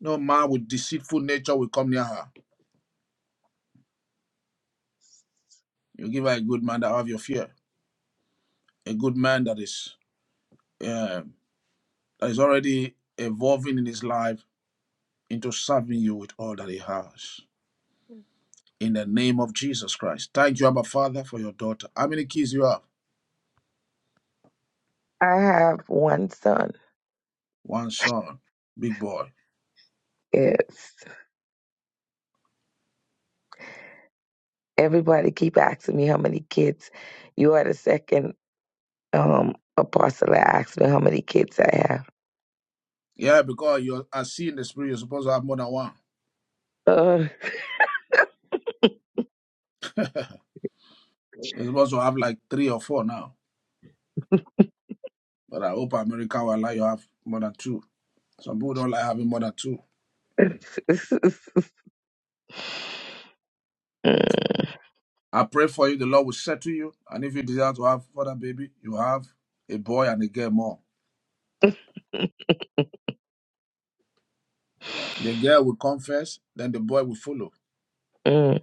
No man with deceitful nature will come near her You give her a good man that have your fear, a good man that is um, that is already evolving in his life into serving you with all that he has. In the name of Jesus Christ, thank you, Abba Father, for your daughter. How many kids you have? I have one son. One son, big boy. It's everybody keep asking me how many kids. You are the second um apostle that asked me how many kids I have. Yeah, because you are seeing the spirit. You're supposed to have more than one. Uh, You're supposed to have like three or four now. But I hope America will allow you to have more than two. Some people don't like having more than two. mm, I pray for you. The Lord will settle you. And if you desire to have further baby, you have a boy and a girl more. The girl will come first, then the boy will follow. mm,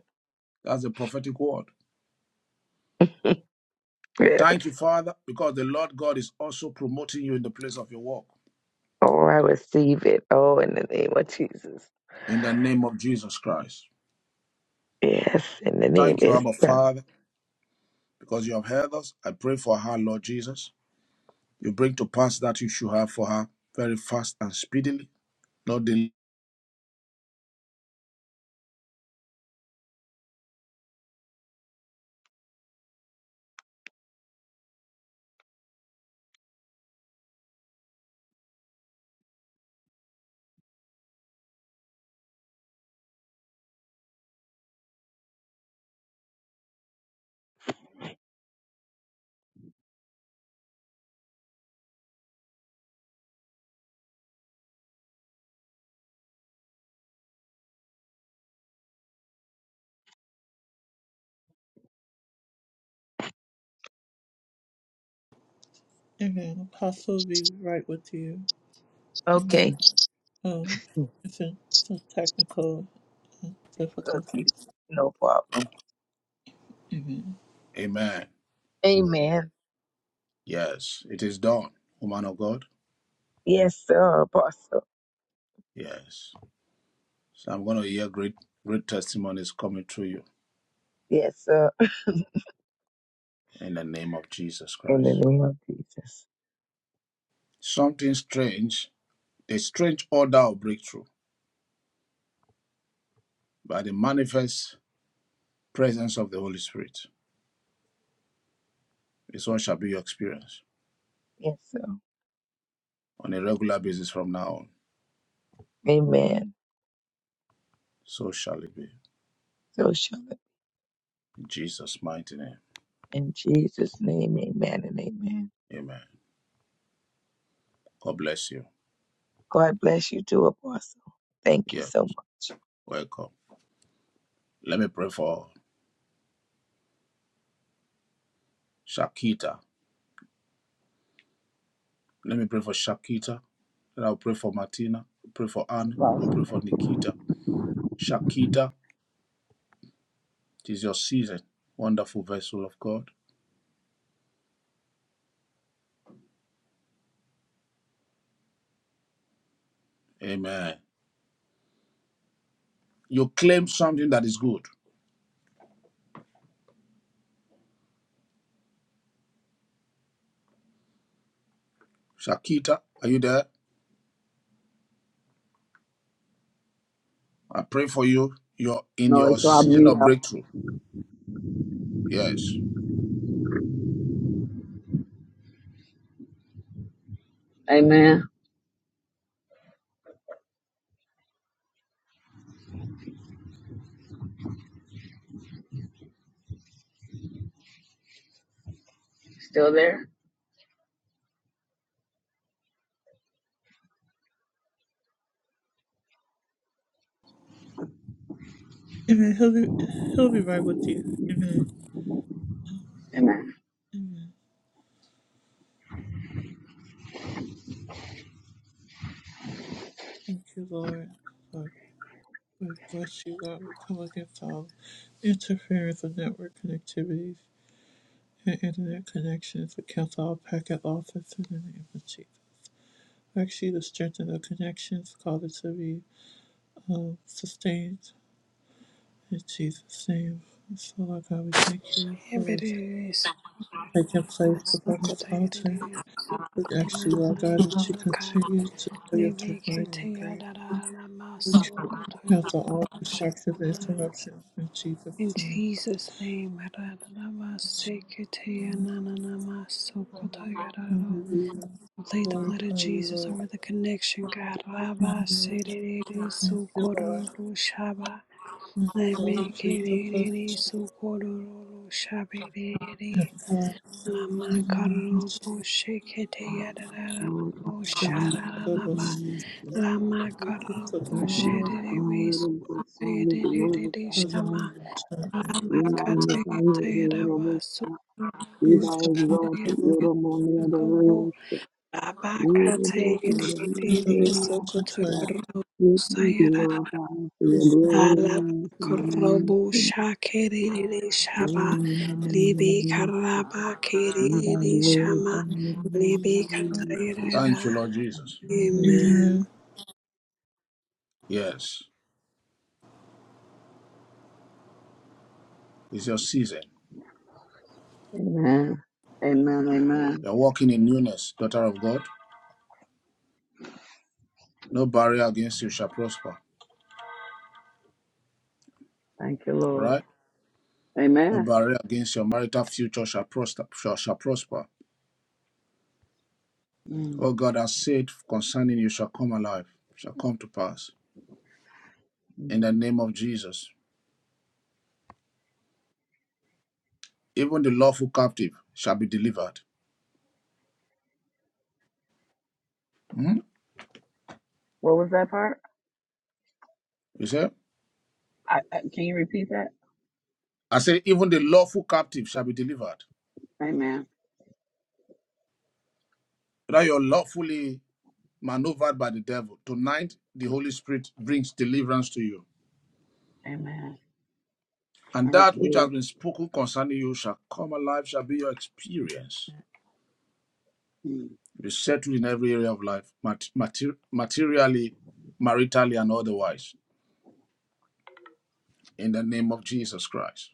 That's the prophetic word. yes. Thank you, Father, because the Lord God is also promoting you in the place of your work. Oh, I receive it. Oh, in the name of Jesus. In the name of Jesus Christ. Yes, in the name Thank you, is Abba touch. Father, because you have heard us. I pray for her, Lord Jesus. You bring to pass that you should have for her very fast and speedily. No delay. Amen. Apostle will be right with you. Amen. okay. Um, it's a, it's a technical uh, difficulty. Difficulties, no problem. Amen. Amen. Amen. Yes, it is done, woman of God. Yes, sir, apostle. Yes. So I'm going to hear great, great testimonies coming through you Yes, sir. in the name of Jesus In the Christ. name of Jesus. Something strange, a strange order of breakthrough by the manifest presence of the Holy Spirit. This one shall be your experience Yes, sir. on a regular basis from now on. Amen. So shall it be. So shall it. In Jesus' mighty name. In Jesus' name, amen and amen. Amen. God bless you. God bless you too, Apostle. Thank you Yeah, so much. welcome. Let me pray for Shakita. Let me pray for Shakita. Then I'll pray for Martina. I'll pray for Anna. Lost I'll pray for Nikita. Shakita It is your season. Wonderful vessel of God. Amen. You claim something that is good. Shakita, are you there? I pray for you. You're in your noise, so I'll season mute of out. breakthrough. Yes. Amen. Still there? Amen. He'll be he'll be right with you. Amen. Amen. Amen. Thank you, Lord. Lord, we bless you, God. We come against all interference of network connectivities and internet connections. We cancel all packet losses in the name of Jesus. We ask you to strengthen the connections, cause it to be um, sustained in Jesus' name. So, Lord God, we thank you for what's Hebrews taking place upon this altar. Sukatayere We ask you, Lord God, that you Sukutanakai continue to show your divine grace. Libikitayadara We cancel all Masukutayana destructive Shanana. interruptions in Jesus' In name. Jesus' name, Radamasekitayanananamasukutayararo. Hallelujah. We plead the blood of Glorify you, Jesus Lord. over the connection, God. Rabba Hallelujah. Serere Thank you, Lord. Sukororo Shaba. Thank you, Lord Jesus. Lord Lemekere Jesus. Sukororo Shabere. Lord Lamana karo Jesus. boshe Kete Amen. Lamakarobo shekete yadadadabo Shaka da da shalalaba. shaka. We cancel the Lamakarobo shedebe sukudededede interruption. shama. Lamakate yete yadaba We shaka da da. We sukudedebo shaka da da shaka. the shedebe Labakate yededede Amen. sukuturubu Alabakorobo shakerere shaba lebe karaba kerere shama lebe Thank you, katarera. Lord Jesus. Amen. Yes. It's your season. Amen. Amen. You're walking in newness, daughter of God. No barrier against you shall prosper. Thank you, All Lord. right? No Amen. barrier against your marital future shall prosper. Shall, shall prosper. Mm. What God has said concerning you shall come alive, shall come to pass. In Mm. the name of Jesus. even the lawful captive shall be delivered. Hmm? What was that part? You see? I, I, can you repeat that? I say, even the lawful captive shall be delivered. Amen. That you're lawfully maneuvered by the devil. Tonight, the Holy Spirit brings deliverance to you. Amen. I And that which has receive. been spoken concerning you shall come alive, shall be your experience. Mm. Be settled in every area of life, mat- mater- materially, maritally, and otherwise, in the name of Jesus Christ.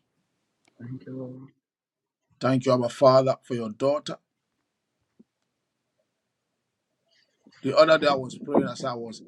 Thank you, Lord. Thank you, Abba Father, for your daughter. The other day I was praying as I was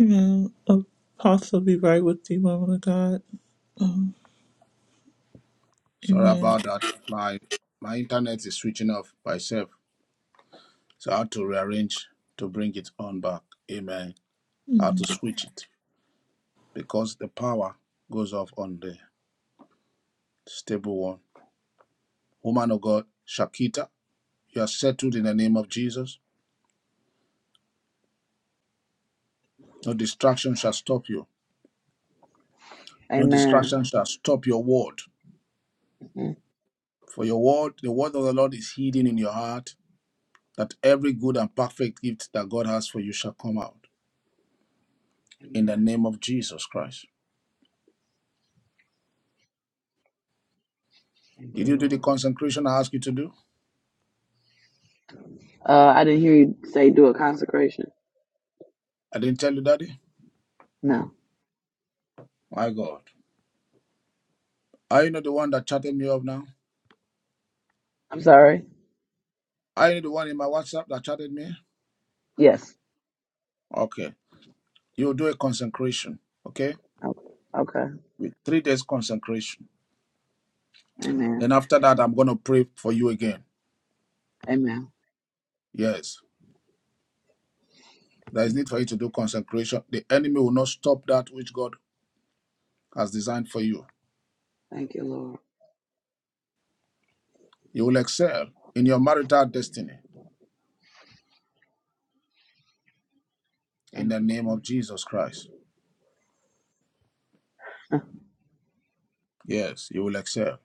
Amen. Apostle, be right with thee, woman of God. Um, Sorry amen. about that. My my internet is switching off by itself. So I had to rearrange to bring it on back. Amen. I had to switch it because the power goes off on the stable one. Woman of God, Shakita, you are settled in the name of Jesus. No distraction shall stop you. No Amen. distraction shall stop your word. Mhm. For your word, the word of the Lord is hidden in your heart, that every good and perfect gift that God has for you shall come out. In the Amen. name of Jesus Christ. Thank Did you, you do the Lord. consecration I asked you to do? Uh, I didn't hear you say do a consecration. I didn't tell you, Daddy. No. My God. Are you not the one that chatted me up now? I'm sorry. Are you the one in my WhatsApp that chatted me? Yes. Okay. You'll do a consecration, okay? Okay. okay. With three days consecration. Amen. Then after that, I'm going to pray for you again. Amen. Yes. There is need for you to do consecration. The enemy will not stop that which God has designed for you. Thank you, Lord. You will excel in your marital destiny in Thank the you, name of Jesus. Jesus Christ. Yes, you will excel.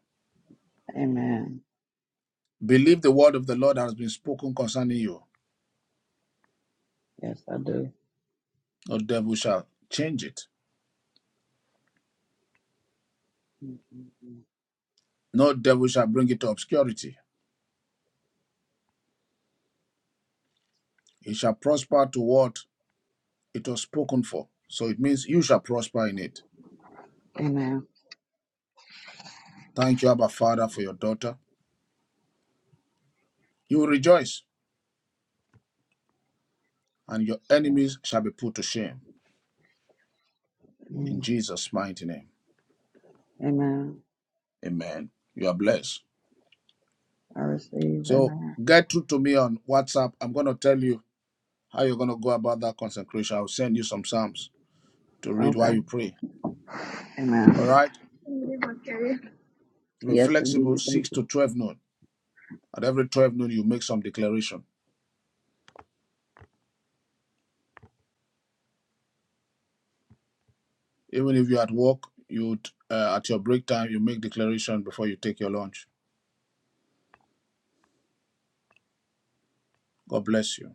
Amen. Believe the word of the Lord has been spoken concerning you Yes, I do. No devil shall change it. Mhm. No devil shall bring it to obscurity. It shall prosper to what it was spoken for. So it means you shall prosper in it. Amen. Thank you, Abba Father, for your daughter. You will rejoice, and your enemies shall be put to shame. In Mm. Jesus' mighty name. Amen. Amen. You are blessed. I receive. So Amen. get through to me on WhatsApp. I'm going to tell you how you're going to go about that consecration. I'll send you some Psalms to read while Okay. you pray. All Amen. right? Be Yes, flexible, indeed. Thank 6 you. to 12 noon. At every 12 noon, you make some declaration Even if you're at work, you uh, at your break time, you make declaration before you take your lunch. God bless you.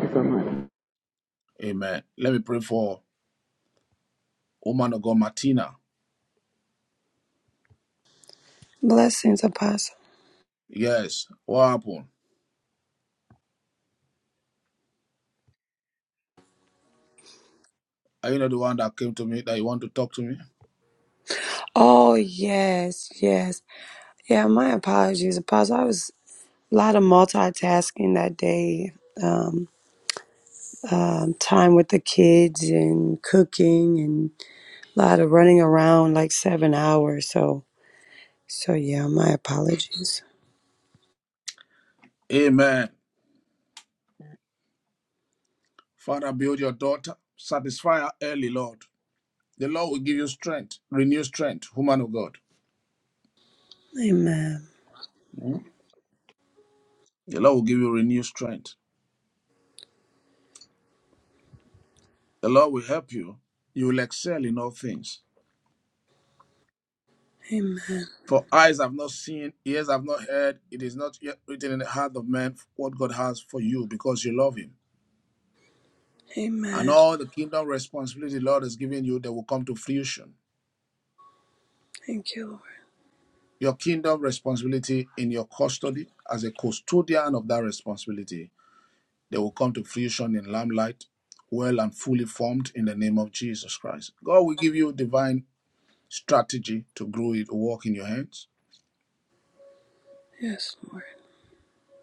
Thank you so much. Amen. Let me pray for woman of God, Martina. Blessings, Apostle. Yes. What happened? Are you not the one that came to me that you want to talk to me? Oh yes, yes. Yeah, my apologies, Apostle. I was a lot of multitasking that day. Um, um, time with the kids and cooking and a lot of running around, like seven hours. So, so yeah, my apologies. Amen. Father, build your daughter. Satisfy her early, Lord. The Lord will give you strength, renew strength, woman of God. Amen. Hmm? The Lord will give you renewed strength. The Lord will help you. You will excel in all things. Amen. For eyes have not seen, ears have not heard, it is not yet written in the heart of man what God has for you because you love him. And Amen. all the kingdom responsibility the Lord has given you, they will come to fruition. Thank you, Lord. Your kingdom responsibility in your custody as a custodian of that responsibility, they will come to fruition in lamplight, well and fully formed in the name of Jesus Christ. God will give you divine strategy to grow it, to work in your hands. Yes, Lord.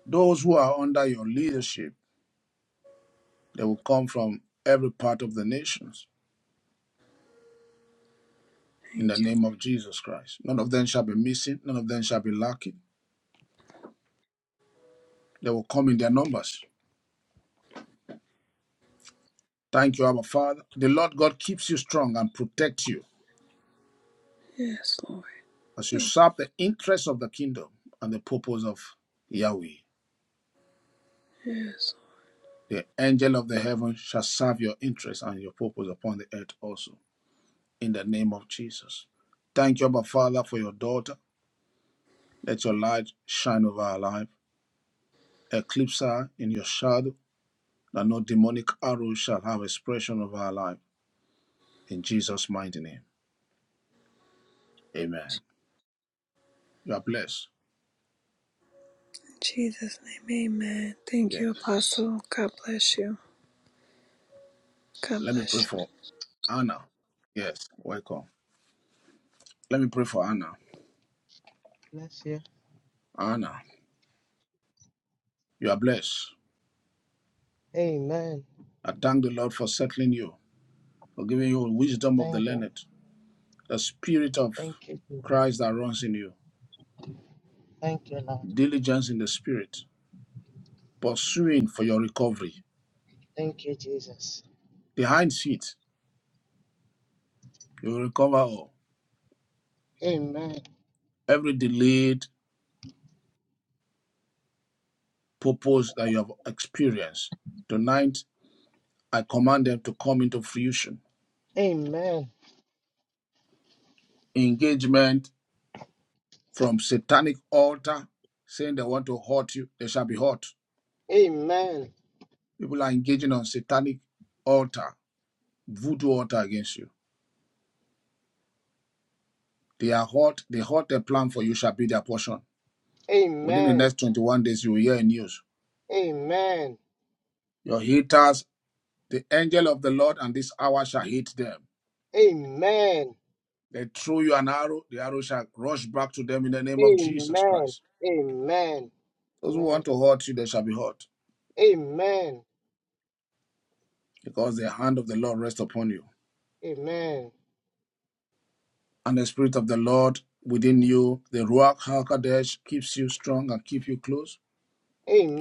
Those who are under your leadership, they will come from every part of the nations in the Thank you. name of Jesus Christ. None of them shall be missing, none of them shall be lacking. They will come in their numbers. Thank you, Abba Father. The Lord God keeps you strong and protects you Yes, Lord. as you Thank serve the interests of the kingdom and the purpose of Yahweh. you. Yes. Lord. The angel of the heaven shall serve your interests and your purpose upon the earth also, in the name of Jesus. Thank you, Abba Father, for your daughter. Let your light shine over her life. Eclipse her in your shadow, that no demonic arrow shall have expression over her life In Jesus' mighty name. Amen. You are blessed. In Jesus' name, amen. Thank Yes. you, Apostle. God bless you. God Let me bless pray you. for Anna. Yes. Welcome. Let me pray for Anna. Bless you. Anna, you are blessed. Amen. I thank the Lord for settling you, for giving you wisdom of the Thank God. learned, the spirit of Thank you, Jesus. Christ that runs in you, Thank you, Lord. diligence in the spirit, pursuing for your recovery. Thank you, Jesus. Behind it, you will recover all. Amen. Every delayed purpose that you have experienced. Tonight, I command them to come into fruition Amen. engagement from satanic altar saying they want to hurt you, they shall be hurt. Amen. People are engaging on satanic altar, voodoo altar against you. They are hurt, they hurt their plan for you shall be their portion. Within the Amen. next 21 days, you will hear news. Amen. Your haters, the angel of the Lord and this hour shall hit them. Amen. They throw you an arrow, the arrow shall rush back to them in the name of Jesus Amen. Christ. Amen. Those who Amen. want to hurt you, they shall be hurt Amen. Amen. because the hand of the Lord rests upon you. Amen. and the Spirit of the Lord within you, the Ruach HaKodesh, keeps you strong and keep you close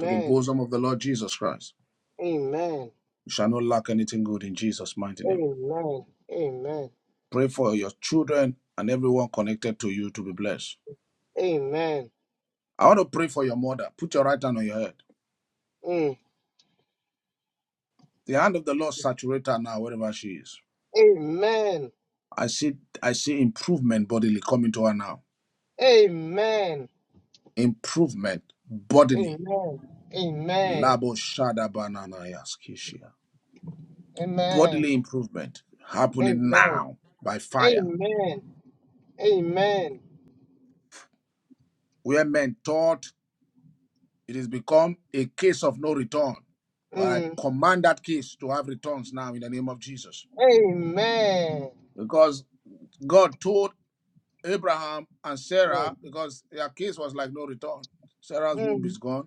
to the bosom of the Lord Jesus Christ. Amen. You shall not lack anything good in Jesus' mighty name. Amen. Pray for your children and everyone connected to you to be blessed. Amen. I want to pray for your mother. Put your right hand on your head. Mm. The hand of the Lord saturate her now, wherever she is. Amen. I see, I see improvement bodily coming to her now. Amen. Improvement bodily. Amen. Amen. Labo shada banana yaskishia. Bodily Amen. improvement happening Amen. now by fire. Amen. Amen. Where men thought it has become a case of no return. But I Mm. command that case to have returns now in the name of Jesus. Amen. Because God told Abraham and Yes. Sarah, because their case was like no return. Sarah's womb Mm. is gone.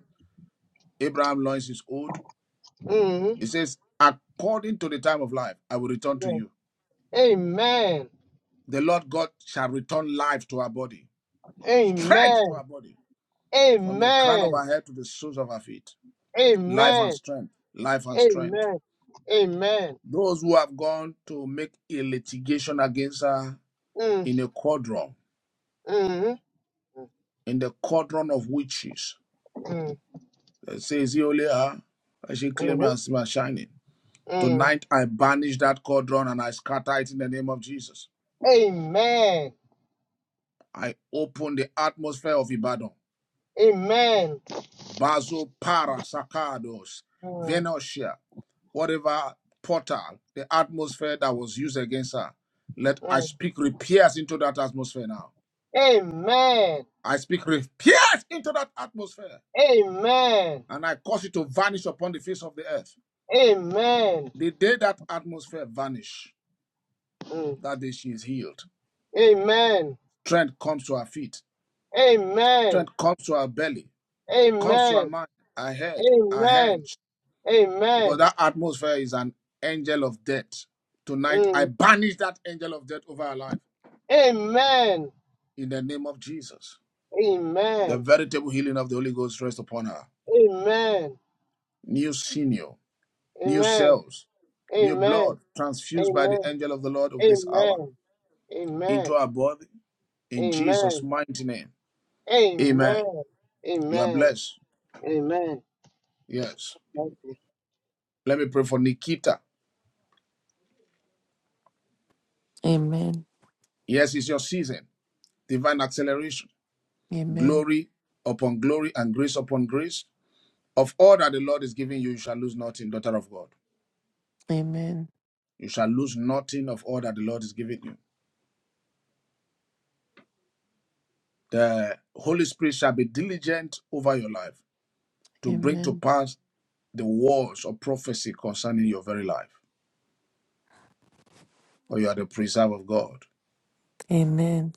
Abraham loins is old. He Mm. says, according to the time of life, I will return to Yes. you. Amen. The Lord God shall return life to our body, strength Amen. to our body, from the crown of Amen. our head to the soles of our feet. life and Amen. strength, life and strength. Amen. Amen. Those who have gone to make a litigation against her Mm. in a quadron, Mm. in the quadron of witches, Mm. that says he only her, she claim Mm. and see my shining. Mm. Tonight I banish that quadron and I scatter it in the name of Jesus. Amen. I open the atmosphere of Ibadan. Amen. Bazo para sacados, Mm. venosia, whatever portal, the atmosphere that was used against her. Let I Mm. speak repairs into that atmosphere now. Amen. I speak with pierce into that atmosphere Amen. and I cause it to vanish upon the face of the earth. Amen. The day that atmosphere vanish, Mm. that day she is healed. Amen. Strength comes to her feet. Amen. Strength comes to her belly. Comes to her Amen. mind, her head, her Amen. hands. Because Amen. that atmosphere is an angel of death. Tonight, I Mm. banish that angel of death over her life Amen. in the name of Jesus. The Amen. veritable healing of the Holy Ghost rests upon her. Amen. New senior, new Amen. cells, new Amen. blood transfused by the Amen. angel of the Lord of this hour Amen. into Amen. our body in Jesus' Amen. mighty name. Amen. Amen. You are Amen. blessed. Amen. Yes. Thank you. Let me pray for Nikita. Amen. Yes, it's your season. Divine acceleration, Amen. glory upon glory, and grace upon grace. Of all that the Lord is giving you, you shall lose nothing, daughter of God. Amen. You shall lose nothing of all that the Lord is giving you. The Holy Spirit shall be diligent over your life to bring to Amen. pass the words of prophecy concerning your very life, or you are the preserve of God. Amen.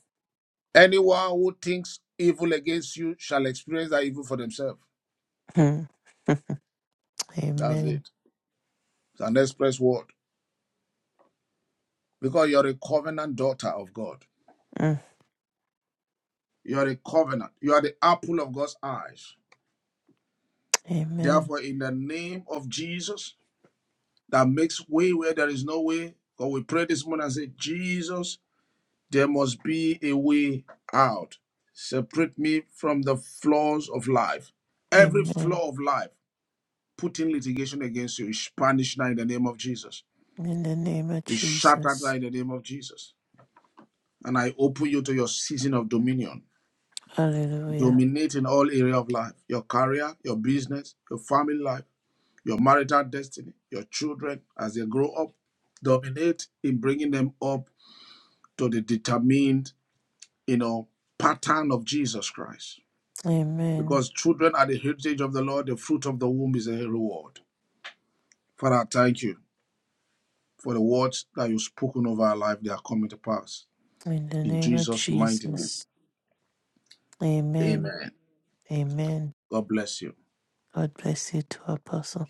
Anyone who thinks evil against you shall experience that evil for themselves. Mm. That's Amen. it. It's an express word. Because you're a covenant daughter of God. Mm. You're a covenant. You are the apple of God's eyes. Amen. Therefore, in the name of Jesus, that makes way where there is no way, God, we pray this morning and say, Jesus, There must be a way out. Separate me from the flaws of life. Every Amen. flaw of life, putting litigation against you, is punished now in the name of Jesus. In the name of Is shattered now Jesus. in the name of Jesus. And I open you to your season of dominion. Hallelujah. Dominate in all area of life. Your career, your business, your family life, your marital destiny, your children as they grow up. Dominate in bringing them up to the determined, you know, pattern of Jesus Christ Amen. because children are the heritage of the Lord. The fruit of the womb is a reward. Father, I thank you for the words that you've spoken over our life. They are coming to pass. In the In name of Jesus' mighty name. Jesus. Amen. Amen. Amen. God bless you. God bless you too, Apostle.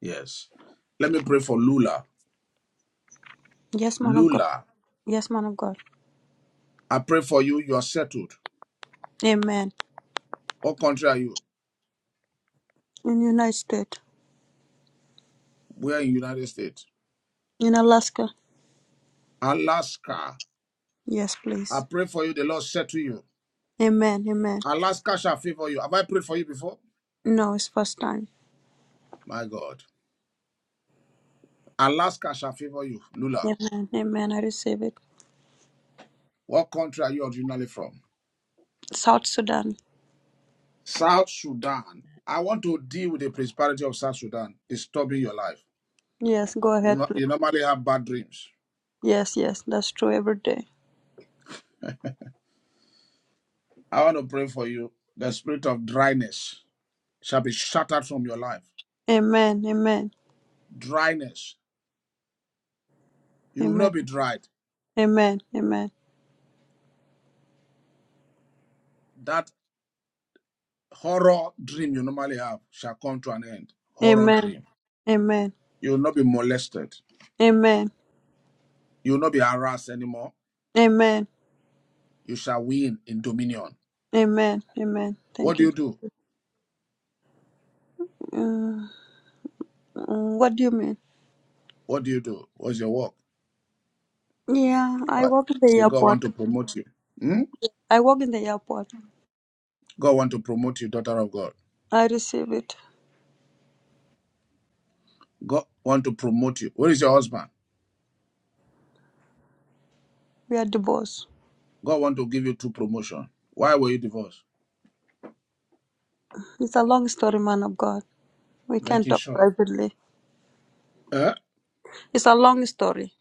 Yes. Let me pray for Lula. Yes, man of God. Lula, Yes, man of God. I pray for you. You are settled. Amen. What country are you? In United States. We are in the United States. In Alaska. Alaska. Yes, I please. pray for you. The Lord said to you. Amen. Amen. Alaska shall favor you. Have I prayed for you before? No, it's first time. My God. Alaska shall favor you. Lula, Yes. Amen. Amen. I receive it. what country are you originally from? South Sudan. South Sudan. I want to deal with the prosperity of South Sudan disturbing your life. Yes, go You ahead, know, please. you normally have bad dreams. Yes, yes. That's true every day. I want to pray for you. The spirit of dryness shall be shattered from your life. Amen. Amen. Dryness. You will not Amen. be dried. Amen. Amen. That horror dream you normally have shall come to an end. Horror Amen. dream. Amen. You will not be molested. Amen. You will not be harassed anymore. Amen. You shall win in dominion. Amen. Amen. What Thank do you. you do? Uh, uh, what do you mean? What do you do? What's your work? Yeah, I Right. work in I the say, God want airport. to promote you. Hmm. I work in the airport. God want to promote you, daughter of God. I receive it. God want to promote you. Where is your husband? We are divorced. God want to give you two promotion. Why were you divorced? It's a long story, man of God. We can Make it talk short. privately. Eh? It's a long story.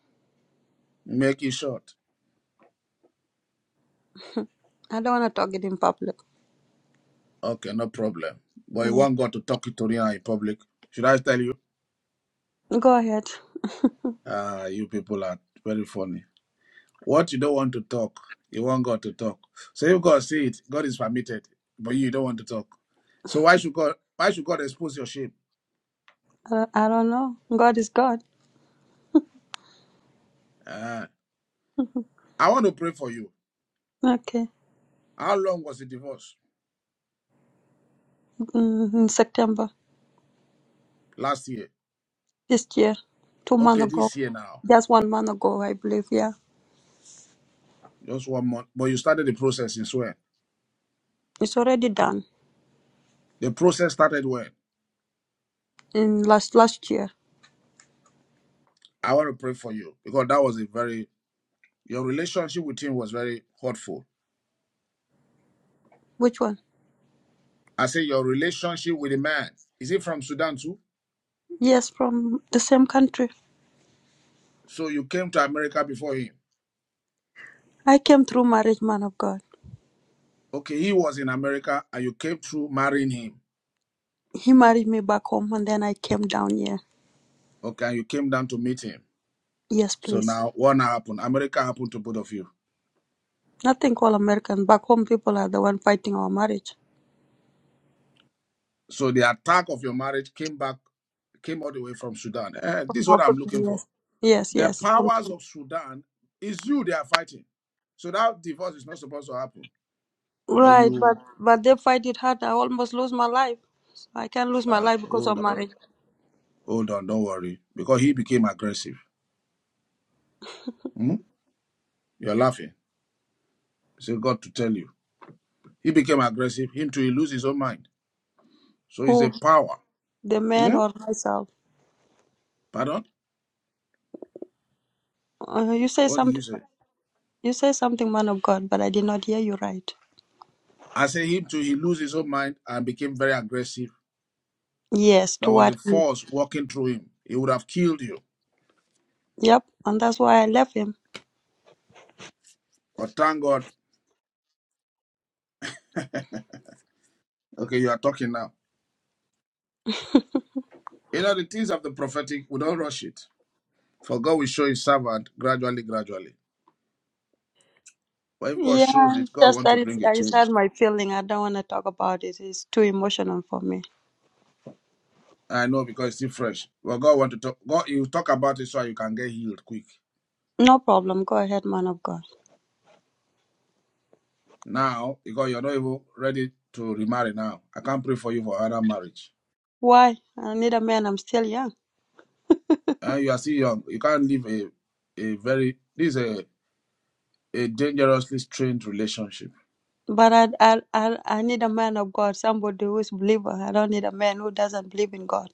Make it short. I don't want to talk it in public. Okay, no problem. But you Yeah. want God to talk it to you in public. Should I tell you? Go ahead. Ah, you people are very funny. What you don't want to talk, you want God to talk. So if God see it, God is permitted, but you don't want to talk. So why should God? Why should God expose your shame? I don't, I don't know. God is God. Ah, I want to pray for you. Okay. How long was the divorce? Mm, in September Last year. this year, two months Okay, ago, this year now, just one month ago, I believe. Yeah. just one month. But you started the process in where It's already done the process started when in last last year. I want to pray for you because that was a very your relationship with him was very hurtful. Which one? I say your relationship with the man is he from Sudan too? Yes, from the same country. So you came to America before him. I came through marriage, man of God. Okay, he was in America and you came through marrying him. He married me back home, and then I came down here. Okay, and you came down to meet him. Yes, So please. now what now happened? America happened to both of you. Nothing called American. Back home, people are the one fighting our marriage. So the attack of your marriage came back, came all the way from Sudan. Eh, this is what I'm Africa, looking for. yes. Yes, The yes. powers of Sudan is you they are fighting. So that divorce is not supposed to happen. But Right, but you but they fight it hard. I almost lose my life. I can't lose my uh, life because of hold on, marriage. hold on, don't worry. Because he became aggressive. Hmm? You're laughing. Say God to tell you. He became aggressive, him to he lose his own mind. So he's a Who? power. The man Hmm? or myself? Pardon? Uh, you say What did you something. say? You say something, man of God, but I did not hear you right. I say him to he lose his own mind and became very aggressive. Yes, There to was a what? force walking through him. He would have killed you. Yep, and that's why I left him. But thank God. Okay, you are talking now. You know the things of the prophetic, we don't rush it. For God will show his servant gradually, gradually. But if God shows Yeah, it, God just want that to is, bring a I just change. had my feeling. I don't want to talk about it. It's too emotional for me. I know because it's still fresh. But God want to talk God you talk about it so you can get healed quick. No problem. Go ahead, man of God. Now, because you're not even ready to remarry now. I can't pray for you for another marriage. Why? I need a man. I'm still young. And you are still young. You can't live a a very this is a, a dangerously strained relationship. But I, I, I, I need a man of God, somebody who is believer. I don't need a man who doesn't believe in God.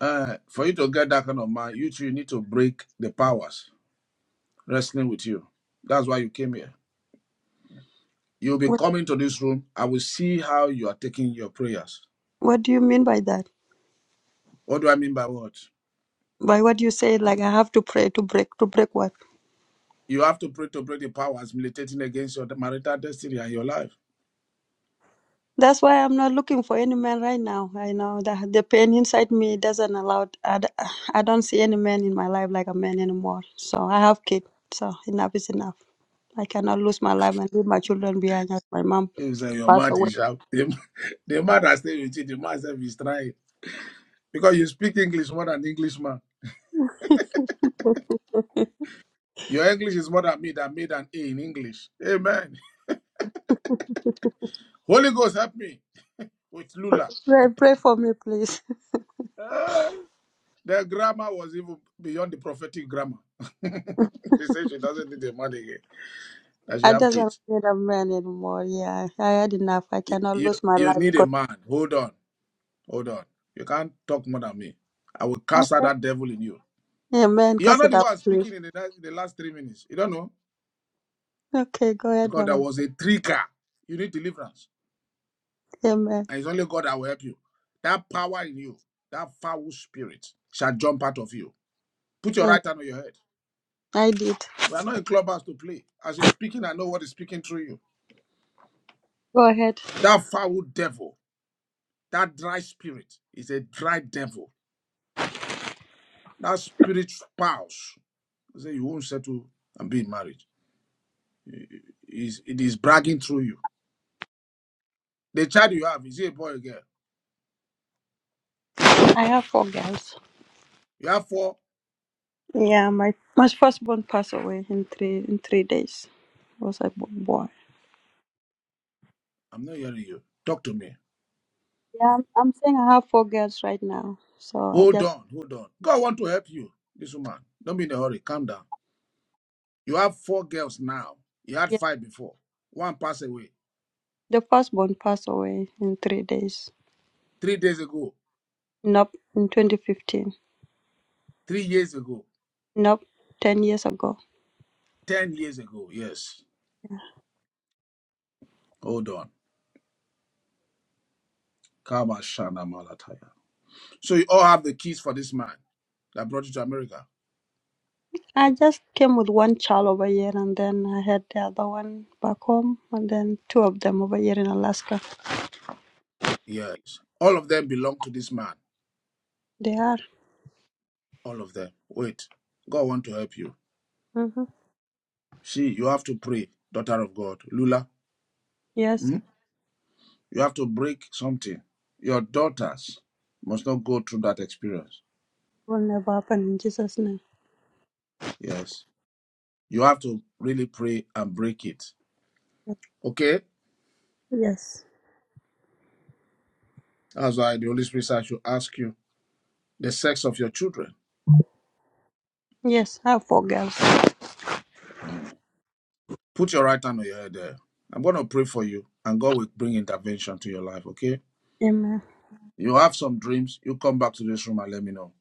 Uh, for you to get that kind of man, you two need to break the powers wrestling with you. That's why you came here. You'll be What, coming to this room. I will see how you are taking your prayers. what do you mean by that? What do I mean by what? By what you say, like I have to pray to break, to break what? You have to pray to break the powers militating against your marital destiny and your life. That's why I'm not looking for any man right now. I know that the pain inside me doesn't allow. I, d- I don't see any man in my life like a man anymore. So I have kids. So enough is enough. I cannot lose my life and leave my children behind as my mom You say your passed mouth away. is sharp. The, the man that stay with you, the man self is trying. Because you speak English more than Englishman. Your English is more than me that made an A in English. Amen. Holy Ghost help me with Lula. Pray, pray for me, please. Ah, Their grammar was even beyond the prophetic grammar. she said she doesn't need the money again. That she I have just don't kids. need a man anymore. Yeah, I had enough. I You, cannot you lose my you life need a because. man. Hold on, hold on. You can't talk more than me. I will cast out Okay. that devil in you. Amen. You are Cast not it the out, one please. speaking in the, last- in the last three minutes. You don't know Okay, go ahead, because man. there of- was a trigger. You need deliverance, Amen. and it's only God that will help you. That power in you, that foul spirit, shall jump out of you. Put your Amen. right hand on your head. I did. We are not in clubhouse to play. As you're speaking, I know what is speaking through you. Go ahead. That foul devil, that dry spirit, is a dry devil. That spirit spouse. He said, You won't settle and be in marriage. It is bragging through you. The child you have, is he a boy or a girl? I have four girls. You have four. Yeah, my my firstborn passed away in three in three days. It was a bo- boy. I'm not hearing you. Talk to me. Yeah, I'm, I'm saying I have four girls right now. So I Hold just on, hold on. God want to help you, this woman. Don't be in a hurry. Calm down. You have four girls now. You had yeah, five before. One passed away the firstborn passed away in three days. three days ago, Nope, in 2015. three years ago, Nope, ten years ago. ten years ago. Yes. Hold on. Kama Malataya. So you all have the keys for this man that brought you to America. I just came with one child over here, and then I had the other one back home, and then two of them over here in Alaska. Yes. All of them belong to this man. They are. All of them. Wait. God want to help you. hmm See, you have to pray, daughter of God. Lula, Yes. hmm? you have to break something. Your daughters must not go through that experience. Will never happen in Jesus' name. Yes. You have to really pray and break it. Okay? Yes. That's why the Holy Spirit said I should ask you the sex of your children. Yes. I have four girls. Mm. Put your right hand on your head there. I'm going to pray for you, and God will bring intervention to your life, okay? Amen. You have some dreams. You come back to this room and let me know.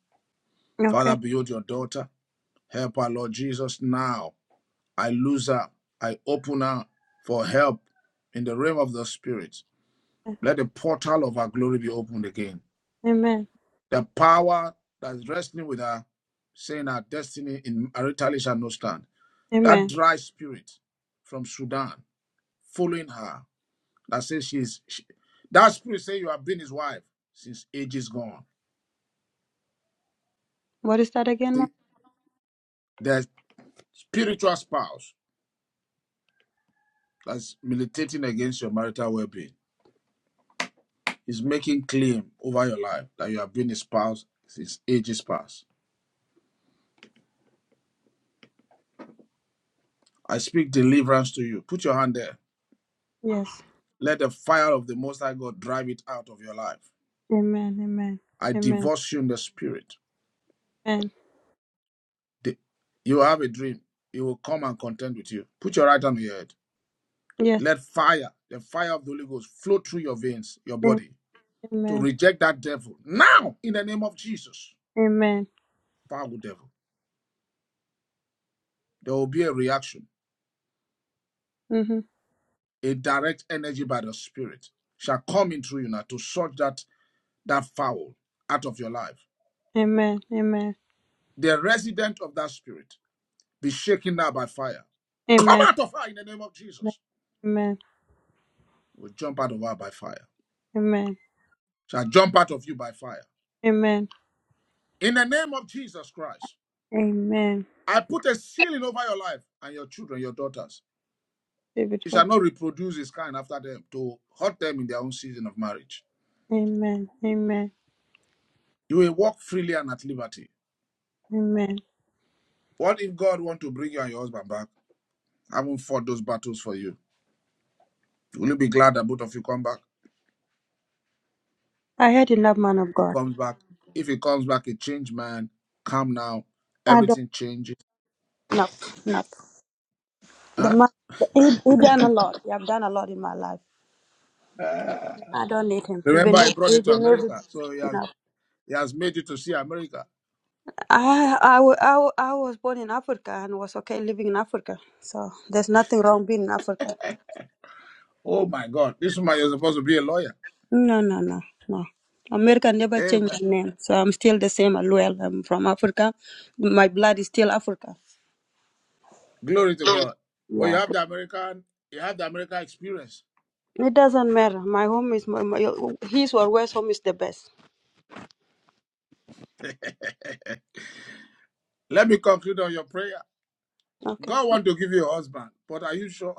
Father, Okay. behold your daughter. Help her, Lord Jesus, now I lose her. I open her for help in the realm of the spirit. Let the portal of our glory be opened again. Amen. The power that's wrestling with her, saying our destiny in maritally shall not stand. That Amen. dry spirit from Sudan following her that says she's she, that spirit say you have been his wife since age is gone. What is that again, ma? See, the spiritual spouse that's militating against your marital well-being He's making claim over your life that you have been his spouse since ages past. I speak deliverance to you. Put your hand there. Yes. Let the fire of the Most High God drive it out of your life. Amen. Amen. I Amen. divorce you in the spirit. Amen. The- you have a dream. It will come and contend with you. Put your right hand on your head. Yes. Let fire, the fire of the Holy Ghost, flow through your veins, your Am- body, to Amen. reject that devil now in the name of Jesus. Amen. Foul devil. There will be a reaction. Mm-hmm. A direct energy by the Spirit shall come into you now to search that that foul out of your life. Amen. Amen. The resident of that spirit be shaken now by fire. Come Amen. out of her in the name of Jesus. Amen. Will jump out of her by fire. Amen. Shall jump out of you by fire. Amen. In the name of Jesus Christ, Amen. I put a ceiling over your life and your children, your daughters. You shall David, not reproduce this kind after them to hurt them in their own season of marriage. Amen. Amen. You will walk freely and at liberty. Amen. What if God wants to bring you and your husband back? I will not fought those battles for you. Will you be glad that both of you come back? I heard enough, man of he God. comes back, if he comes back a changed man, calm now, I don't everything changes. enough. Enough. The Huh? man, the, he, he done a lot. You have done a lot in my life. Ah, I don't need him. Even Remember, I if, brought you to even if America, it's so he has enough. he has made you to see America. I, I, wa- I, wa- I was born in Africa and was okay living in Africa. So there's nothing wrong being in Africa. Oh my God, this man is supposed to be a lawyer. No, no, no, no. America never changed Amen. my name, so I'm still the same as well. I'm from Africa. My blood is still Africa. Glory to God. But you Yeah. have the American, you have the American experience. It doesn't matter. My home is my, my his or where's home is the best. Let me conclude on your prayer. Okay. God want to give you a husband, but are you sure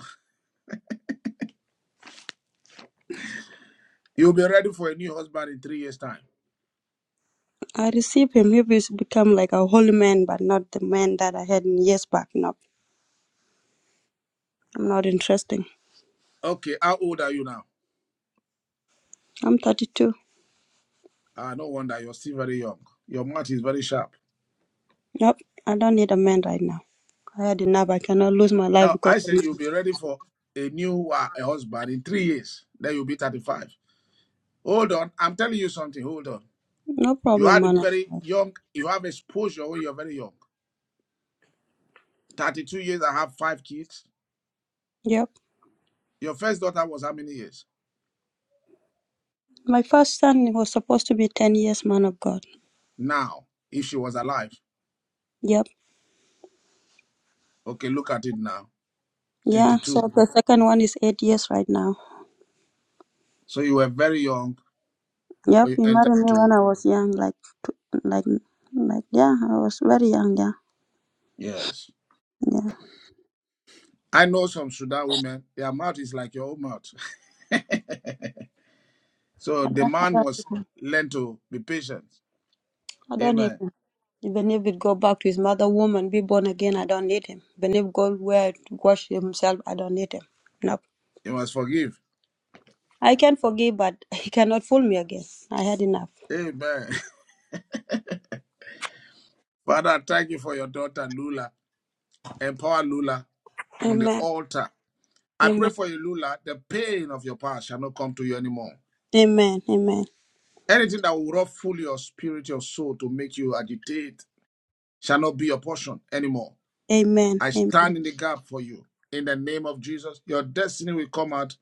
you'll be ready for a new husband in three years' time? I receive him. He will become like a holy man, but not the man that I had in years back. No, I'm not interested. Okay, how old are you now? I'm 32. Ah, no wonder you're still very young. Your mouth is very sharp. Nope. I don't need a man right now. I had enough. I cannot lose my life Now, because I of say you'll men. be ready for a new uh, a husband in three years. Then you'll be 35. Hold on. I'm telling you something. Hold on. No You problem, had a man of very God. young, you have exposure when you're very young. 32 years, I have five kids. Yep. Your first daughter was how many years? My first son was supposed to be 10 years, man of God. Now, if she was alive. Yep. Okay, look at it now. Yeah. 22. So the second one is eight years right now. So you were very young Yep. when you He entered married me when into, I was young, like, like, like, yeah, I was very young, yeah. yes. Yeah. I know some Sudan women, their mouth is like your own mouth. so I the don't, I man don't need must him. learn to be patient I don't need Amen. him. Even if he go back to his mother woman, be born again, I don't need him. Even if go where to wash himself, I don't need him. Nope. You must forgive. I can forgive, but he cannot fool me again. I had enough. Amen. Father, thank you for your daughter Lula. Empower Lula on the Amen. altar. I pray Amen. for you, Lula. The pain of your past shall not come to you anymore. Amen. Amen. Anything that will ruffle your spirit, your soul to make you agitate shall not be your portion anymore. Amen. I stand in the gap for you. In the name of Jesus, your destiny will come out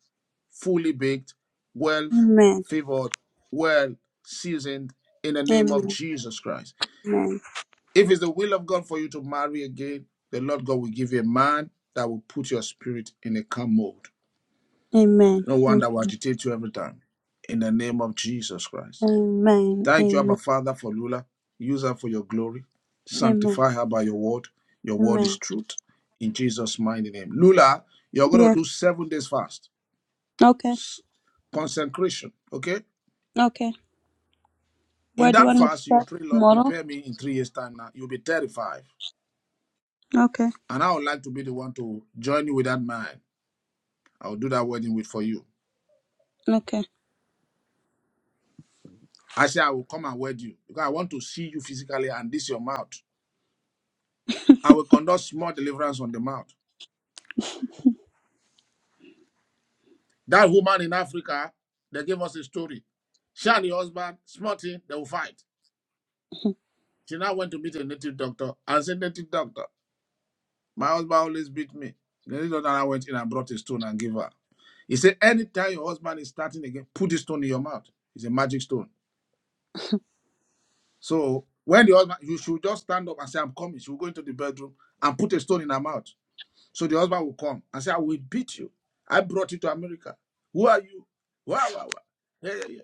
fully baked, well Amen. favored, well seasoned, in the name of Amen. Amen. Jesus Christ. Amen. If it's the will of God for you to marry again, the Lord God will give you a man that will put your spirit in a calm mode. Amen. No one Amen. that will agitate you every time. In the name of Jesus Christ. Amen. Thank you, Abba Amen. Father, for Lula. Use her for your glory. Amen. Sanctify her by your word. Your word is Amen. truth. In Jesus' mighty name. Lula, you're going to Yes. do seven days fast. Okay. Consecration, okay? Okay. In Where do you that want me to fast, you start? pray, Lord, Tomorrow? prepare me in three years' time now. You'll be thirty-five, Okay. And I would like to be the one to join you with that man I will do that wedding with for you. Okay. I say I will come and wed you because I want to see you physically and this your mouth. I will conduct small deliverance on the mouth. That woman in Africa, they gave us a story. She and the husband, small thing, they will fight. She now went to meet a native doctor and said, Native doctor, my husband always beat me. The native doctor now went in and brought a stone and gave her. He said, Anytime your husband is starting again, put this stone in your mouth. It's a magic stone. So when the husband, you should just stand up and say, I'm coming. She will go into the bedroom and put a stone in her mouth. So the husband will come and say, I will beat you. I brought you to America. Who are you? Wow, wow, wow. Yeah, yeah, yeah.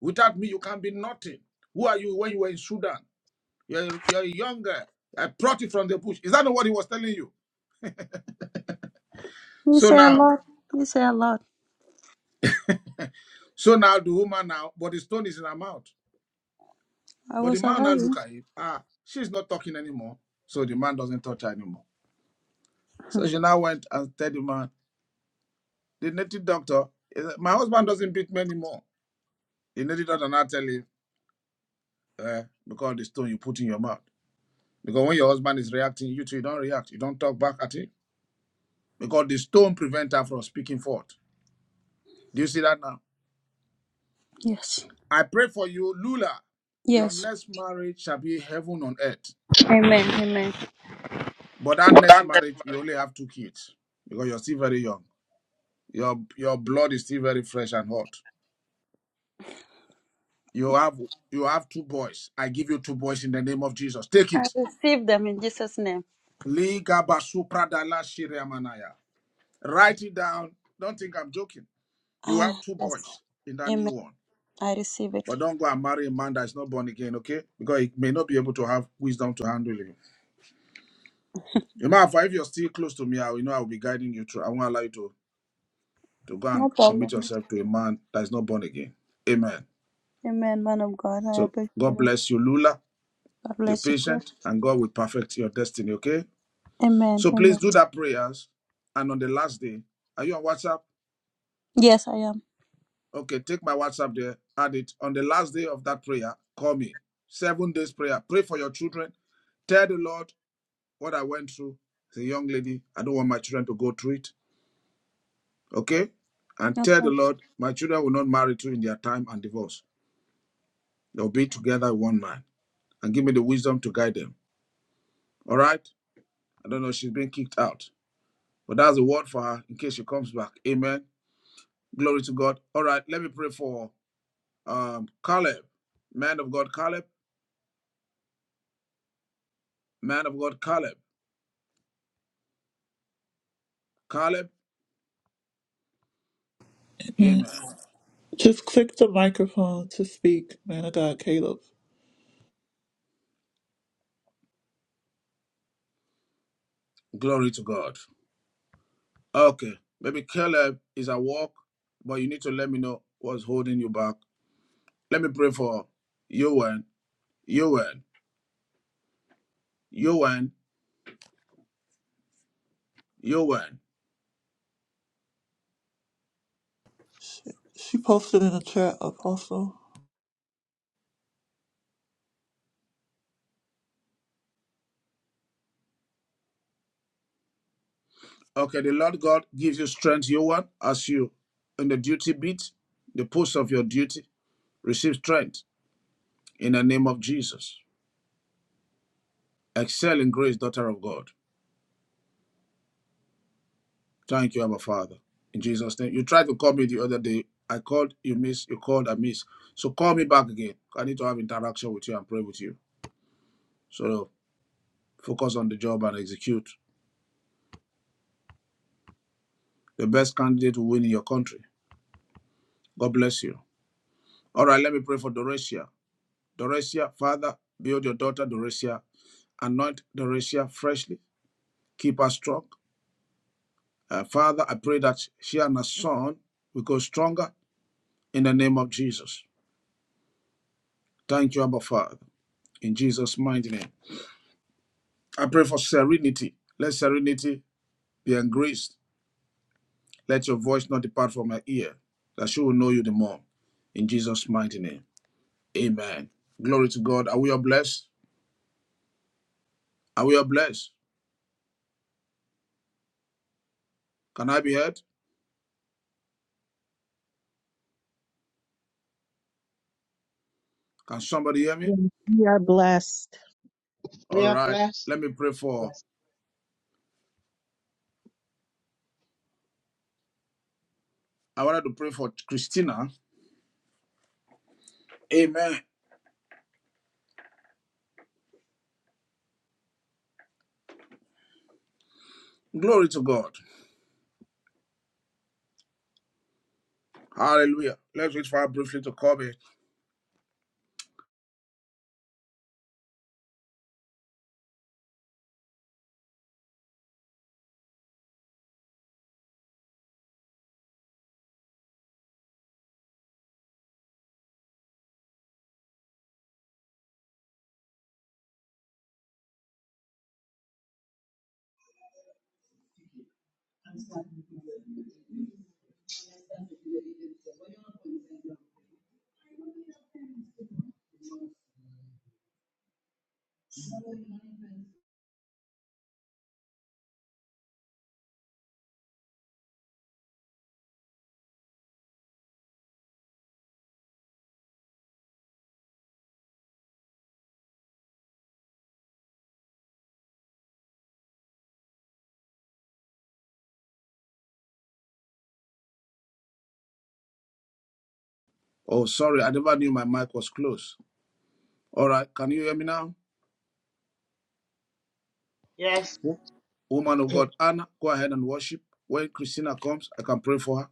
Without me, you can be nothing. Who are you when you were in Sudan? You're, you're a young guy. I brought you from the bush. Is that not what he was telling you? He So said a now, lot. He said a lot. so now the woman now, but the stone is in her mouth. I But will the man now survive him. look at him. Ah, she's not talking anymore. So the man doesn't touch her anymore. So she now went and tell the man, the native doctor, eh, my husband doesn't beat me anymore. The native doctor now tell him, uh, because the stone you put in your mouth. Because when your husband is reacting, you too, you don't react. You don't talk back at him. Because the stone prevents her from speaking forth. Do you see that now? Yes. I pray for you, Lula. Your Yes. next marriage shall be heaven on earth. Amen. Amen. But that next marriage, you only have two kids because you're still very young. Your your blood is still very fresh and hot. You have you have two boys. I give you two boys in the name of Jesus. Take I it. receive them in Jesus' name. Liga basupradala shiriamanaya. Write it down. Don't think I'm joking. You have Ah, two yes. boys in that new Amen. one. I receive it. But don't go and marry a man that is not born again, okay? Because he may not be able to have wisdom to handle you. You matter if you're still close to me, I will know I will be guiding you through. I won't allow you to, to go and No commit problem. yourself to a man that is not born again. Amen. Amen, man of God. I So appreciate God it. bless you, Lula, God the bless you too. patient, and God will perfect your destiny, okay? Amen. So please Amen. do that prayers. And on the last day, are you on WhatsApp? Yes, I am. Okay, take my WhatsApp there, add it. On the last day of that prayer, call me. Seven days prayer. Pray for your children. Tell the Lord what I went through. The young lady, I don't want my children to go through it. Okay? And tell Okay. the Lord, my children will not marry through in their time and divorce. They'll be together one man. And give me the wisdom to guide them. All right? I don't know, she's been kicked out. But that's a word for her in case she comes back. Amen. Glory to God. All right, let me pray for um Caleb. Man of God, Caleb. Man of God, Caleb. Caleb, Amen. amen. Just click the microphone to speak, man of God, Caleb. Glory to God. Okay, maybe Caleb is at work, but you need to let me know what's holding you back. Let me pray for Yowen, Yowen, Yowen, Yowen. She posted in the chat, Apostle. Okay, the Lord God gives you strength, Yowen, as you in the duty beat, the post of your duty, receive strength in the name of Jesus. Excel in grace, daughter of God. Thank you, Abba Father. In Jesus' name. You tried to call me the other day. I called, you missed, you called, I missed. So call me back again. I need to have interaction with you and pray with you. So focus on the job and execute. The best candidate will win in your country. God bless you. All right, let me pray for Doresia. Doresia, Father, build your daughter Doresia. Anoint Doresia freshly. Keep her strong. Uh, Father, I pray that she and her son will go stronger in the name of Jesus. Thank you, Abba Father. In Jesus' mighty name. I pray for serenity. Let serenity be engraced. Let your voice not depart from her ear, that she will know you the more. In Jesus' mighty name. Amen. Glory to God. Are we all blessed? Are we all blessed? Can I be heard? Can somebody hear me? Yes, we are blessed. We All are right. blessed. Let me pray for. Yes. I wanted to pray for Christina. Amen. Glory to God. Hallelujah. Let's reach for her briefly to call me. Gracias. Oh, sorry. I never knew my mic was closed. All right. Can you hear me now? Yes. Woman of God, Anna, go ahead and worship. When Christina comes, I can pray for her.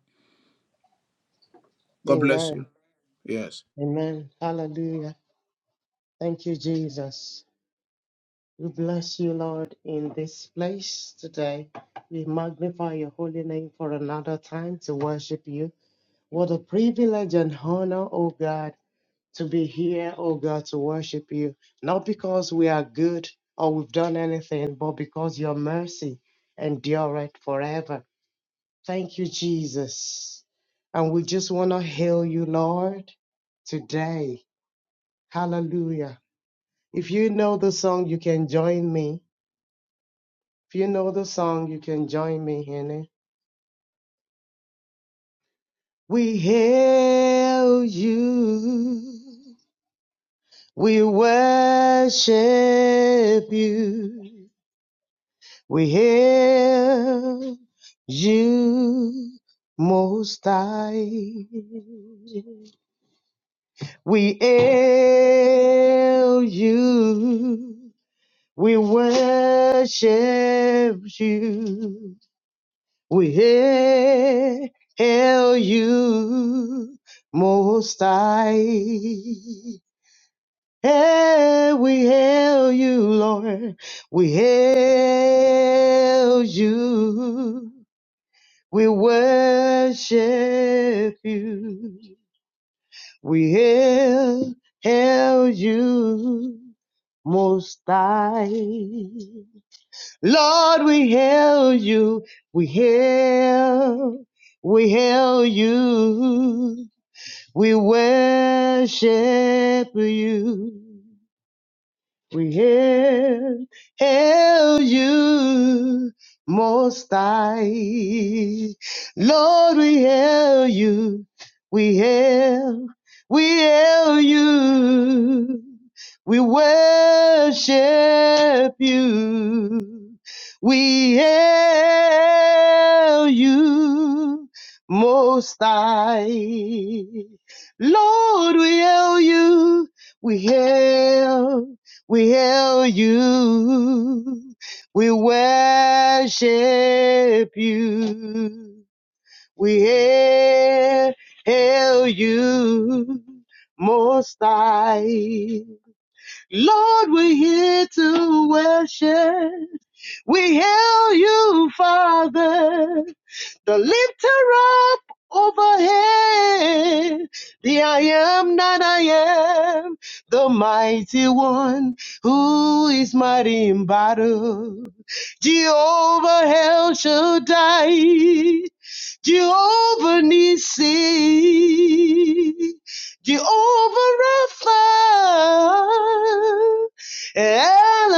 God bless Amen. you. Yes. Amen. Hallelujah. Thank you, Jesus. We bless you, Lord, in this place today. We magnify your holy name for another time to worship you. What a privilege and honor, oh God, to be here, oh God, to worship you. Not because we are good or we've done anything, but because your mercy endureth forever. Thank you, Jesus. And we just want to hail you, Lord, today. Hallelujah. If you know the song, you can join me If you know the song, you can join me in it. We hail you. We worship you. We hail you most high. We hail you. We worship you. We hail you, Most High. Hey, we hail you, Lord. We hail you. We worship you. We hail, hail you, Most High. Lord, we hail you. We hail. We hail you. We worship you. We hail, hail you, Most High. Lord, we hail you. We hail, we hail you. We worship you. We hail you, Most High. Lord, we hail you. We hail, we hail you. We worship you. We hail, hail you, Most High. Lord, we're here to worship. We hail you, Father, the lifter up overhead. The I am that I am, the mighty one who is mighty in battle. Jehovah El Shaddai, Jehovah Nissi, Jehovah Rapha, El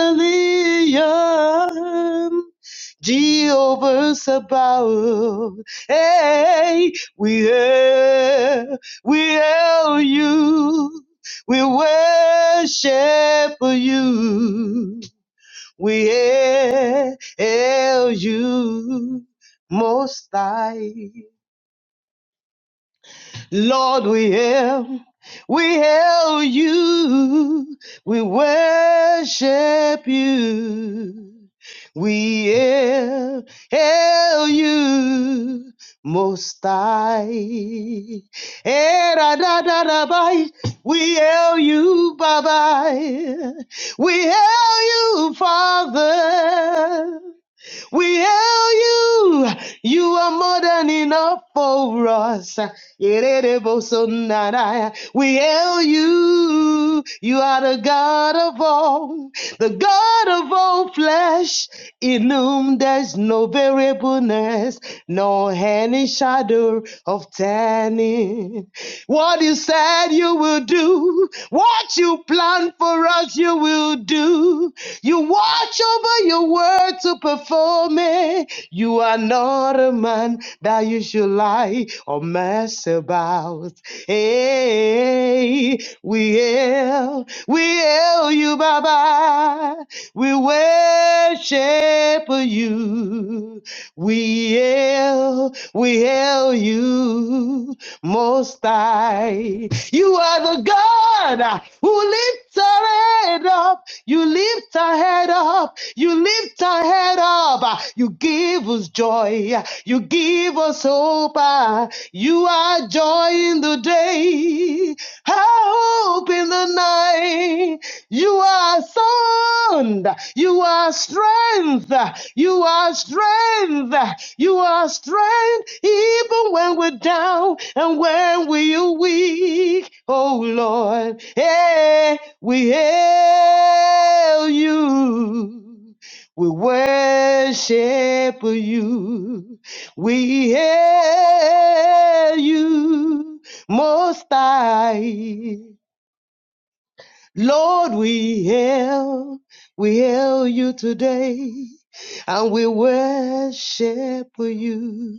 Jehovah Sabaoth. Hey, we hail, we hail you. We worship you. We hail you most high. Lord, we hail, we hail you. We worship you. We hail, hail you most high. Eh, da, da, da, da, bye. We hail you, Baba. We hail you, Father. We hail you. You are more than enough for us. We hail you. You are the God of all, the God of all flesh. In whom there's no variableness, no any shadow of turning. What you said you will do, what you planned for us, you will do. You watch over your word to perform it. You are not a man that you should lie or mess about. Hey, we hail, we hail you, Baba. We worship you. We hail, we hail you, Most High. You are the God who lifts our head up. You lift our head up. You lift our head up. You give us joy. You give us hope. You are joy in the day, hope in the night. You are sound. You are strength. You are strength. You are strength even when we're down and when we're weak. Oh Lord, hey, we hail you. We worship you. We hail you, Most High. Lord, we hail, we hail you today, and we worship you.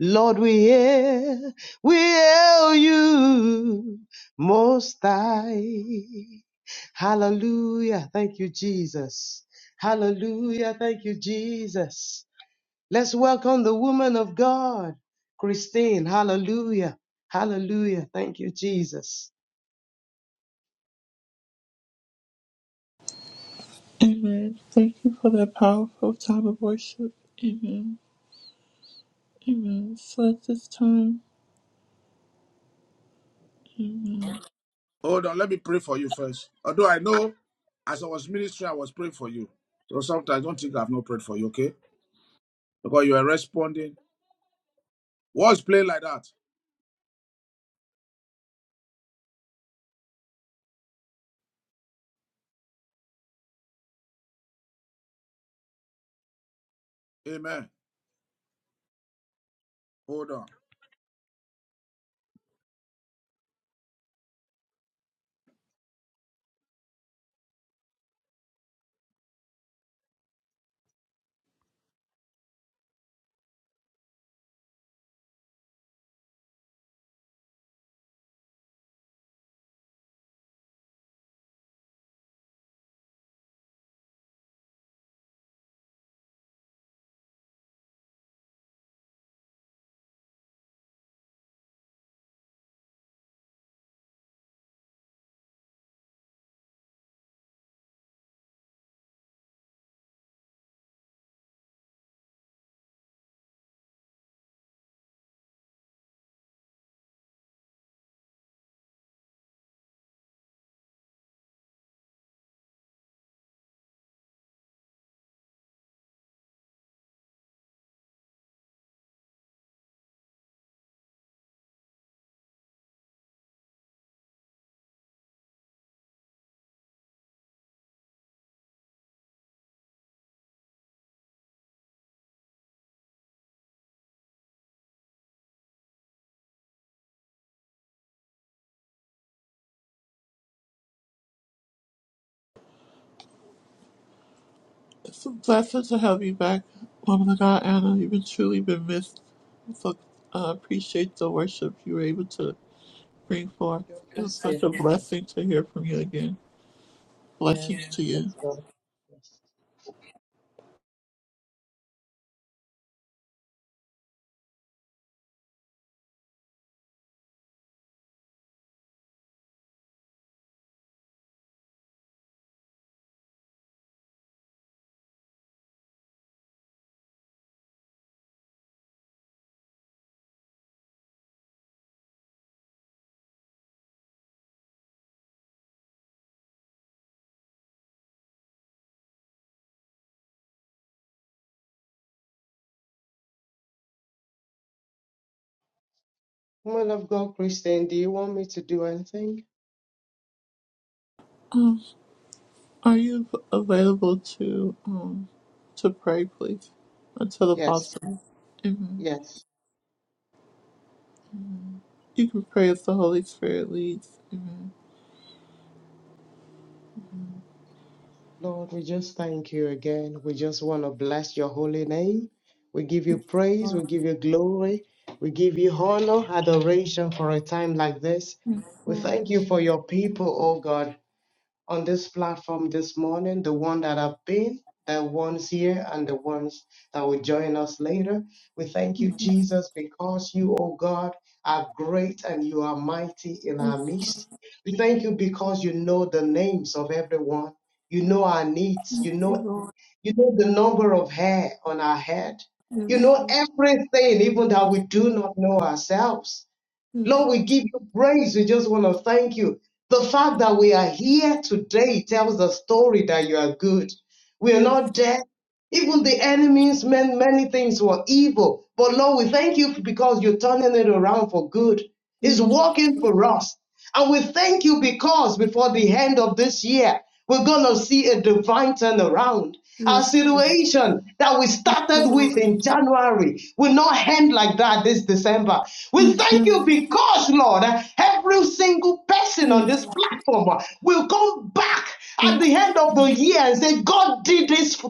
Lord, we hail, we hail you, Most High. Hallelujah. Thank you, Jesus. Hallelujah. Thank you, Jesus. Let's welcome the woman of God, Christine. Hallelujah. Hallelujah. Thank you, Jesus. Amen. Thank you for that powerful time of worship. Amen. Amen. So at this time, amen. Hold on, let me pray for you first. Although I know as I was ministering, I was praying for you. So sometimes I don't think I've not prayed for you, okay? Because you are responding. What's playing like that? Amen. Hold on. It's a blessing to have you back, woman of God, Anna. You've been truly been missed. So I appreciate the worship you were able to bring forth. God It was bless you. such a blessing to hear from you again. Yeah, Blessings to let's you. go. Yes. Woman of God, Christian, do you want me to do anything? Are you available to um to pray, please, until the Yes, apostle? Amen. yes. You can pray as the Holy Spirit leads. Amen. Lord, we just thank you again. We just want to bless your holy name. We give you praise. We give you glory. We give you honor, adoration for a time like this. We Lord, thank you for your people, oh God. on this platform this morning, the one that have been, the ones here, and the ones that will join us later. We thank you, Jesus, because you, O God, are great and you are mighty in our midst. We thank you because you know the names of everyone. You know our needs. You know, you know the number of hair on our head. You yes, know Lord, everything, even that we do not know ourselves. yes, Lord, we Lord, give you praise. We just want to thank you. The fact that we are here today tells the story that you are good. We are yes. not dead. Even the enemies meant many things were evil. But Lord, we thank you because you're turning it around for good. It's Thank working for us. And we thank you because before the end of this year, we're going to see a divine turnaround. you, Our yes, Lord, situation that we started with in January will not end like that this December. We thank you because, Lord, every single person on this platform will come back at yes, the end of the year and say, God did this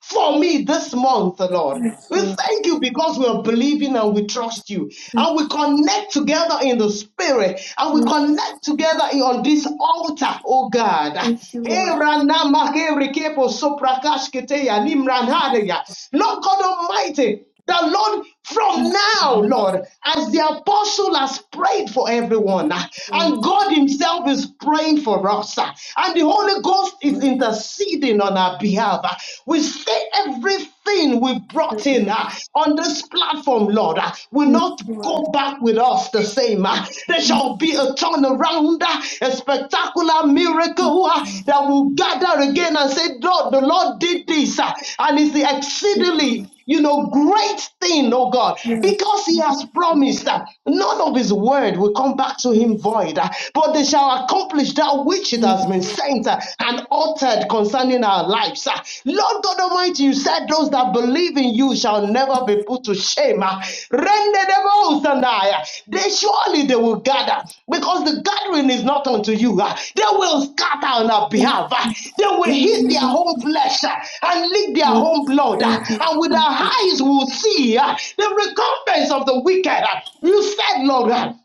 for me this month, Lord. yes, We Lord. thank you because we are believing and we trust you. And we connect together in the spirit. And we connect together on this altar, oh God. Thank you, Eh, Lord, rana ma ke re ke po so prakash ke te Lord God Almighty, the Lord, from now, Lord, as the apostle has prayed for everyone, ah, Lord, and God Himself is praying for us, ah, and the Holy Ghost is Lord, interceding on our behalf. ah, We say everything we yes, brought in Lord, ah, on this platform, Lord, ah, will yes, not Lord, go back with us the same. ah. There shall be a turnaround, ah, a spectacular miracle ah, that will gather again and say, Lord, the Lord did this, ah, and it's the exceedingly you know, great thing, oh God, because He has promised that none of His word will come back to Him void, uh, but they shall accomplish that which it has been sent uh, and uttered concerning our lives. uh. Lord God Almighty, you said those that believe in you shall never be put to shame. uh. Render them all, Sandaya. They surely they will gather because the gathering is not unto you. ah. They will scatter on our behalf. ah. They will hit their own flesh ah, and lick their own blood. ah. And with our eyes we will see ah, the recompense of the wicked. ah. You said, Lord, ah,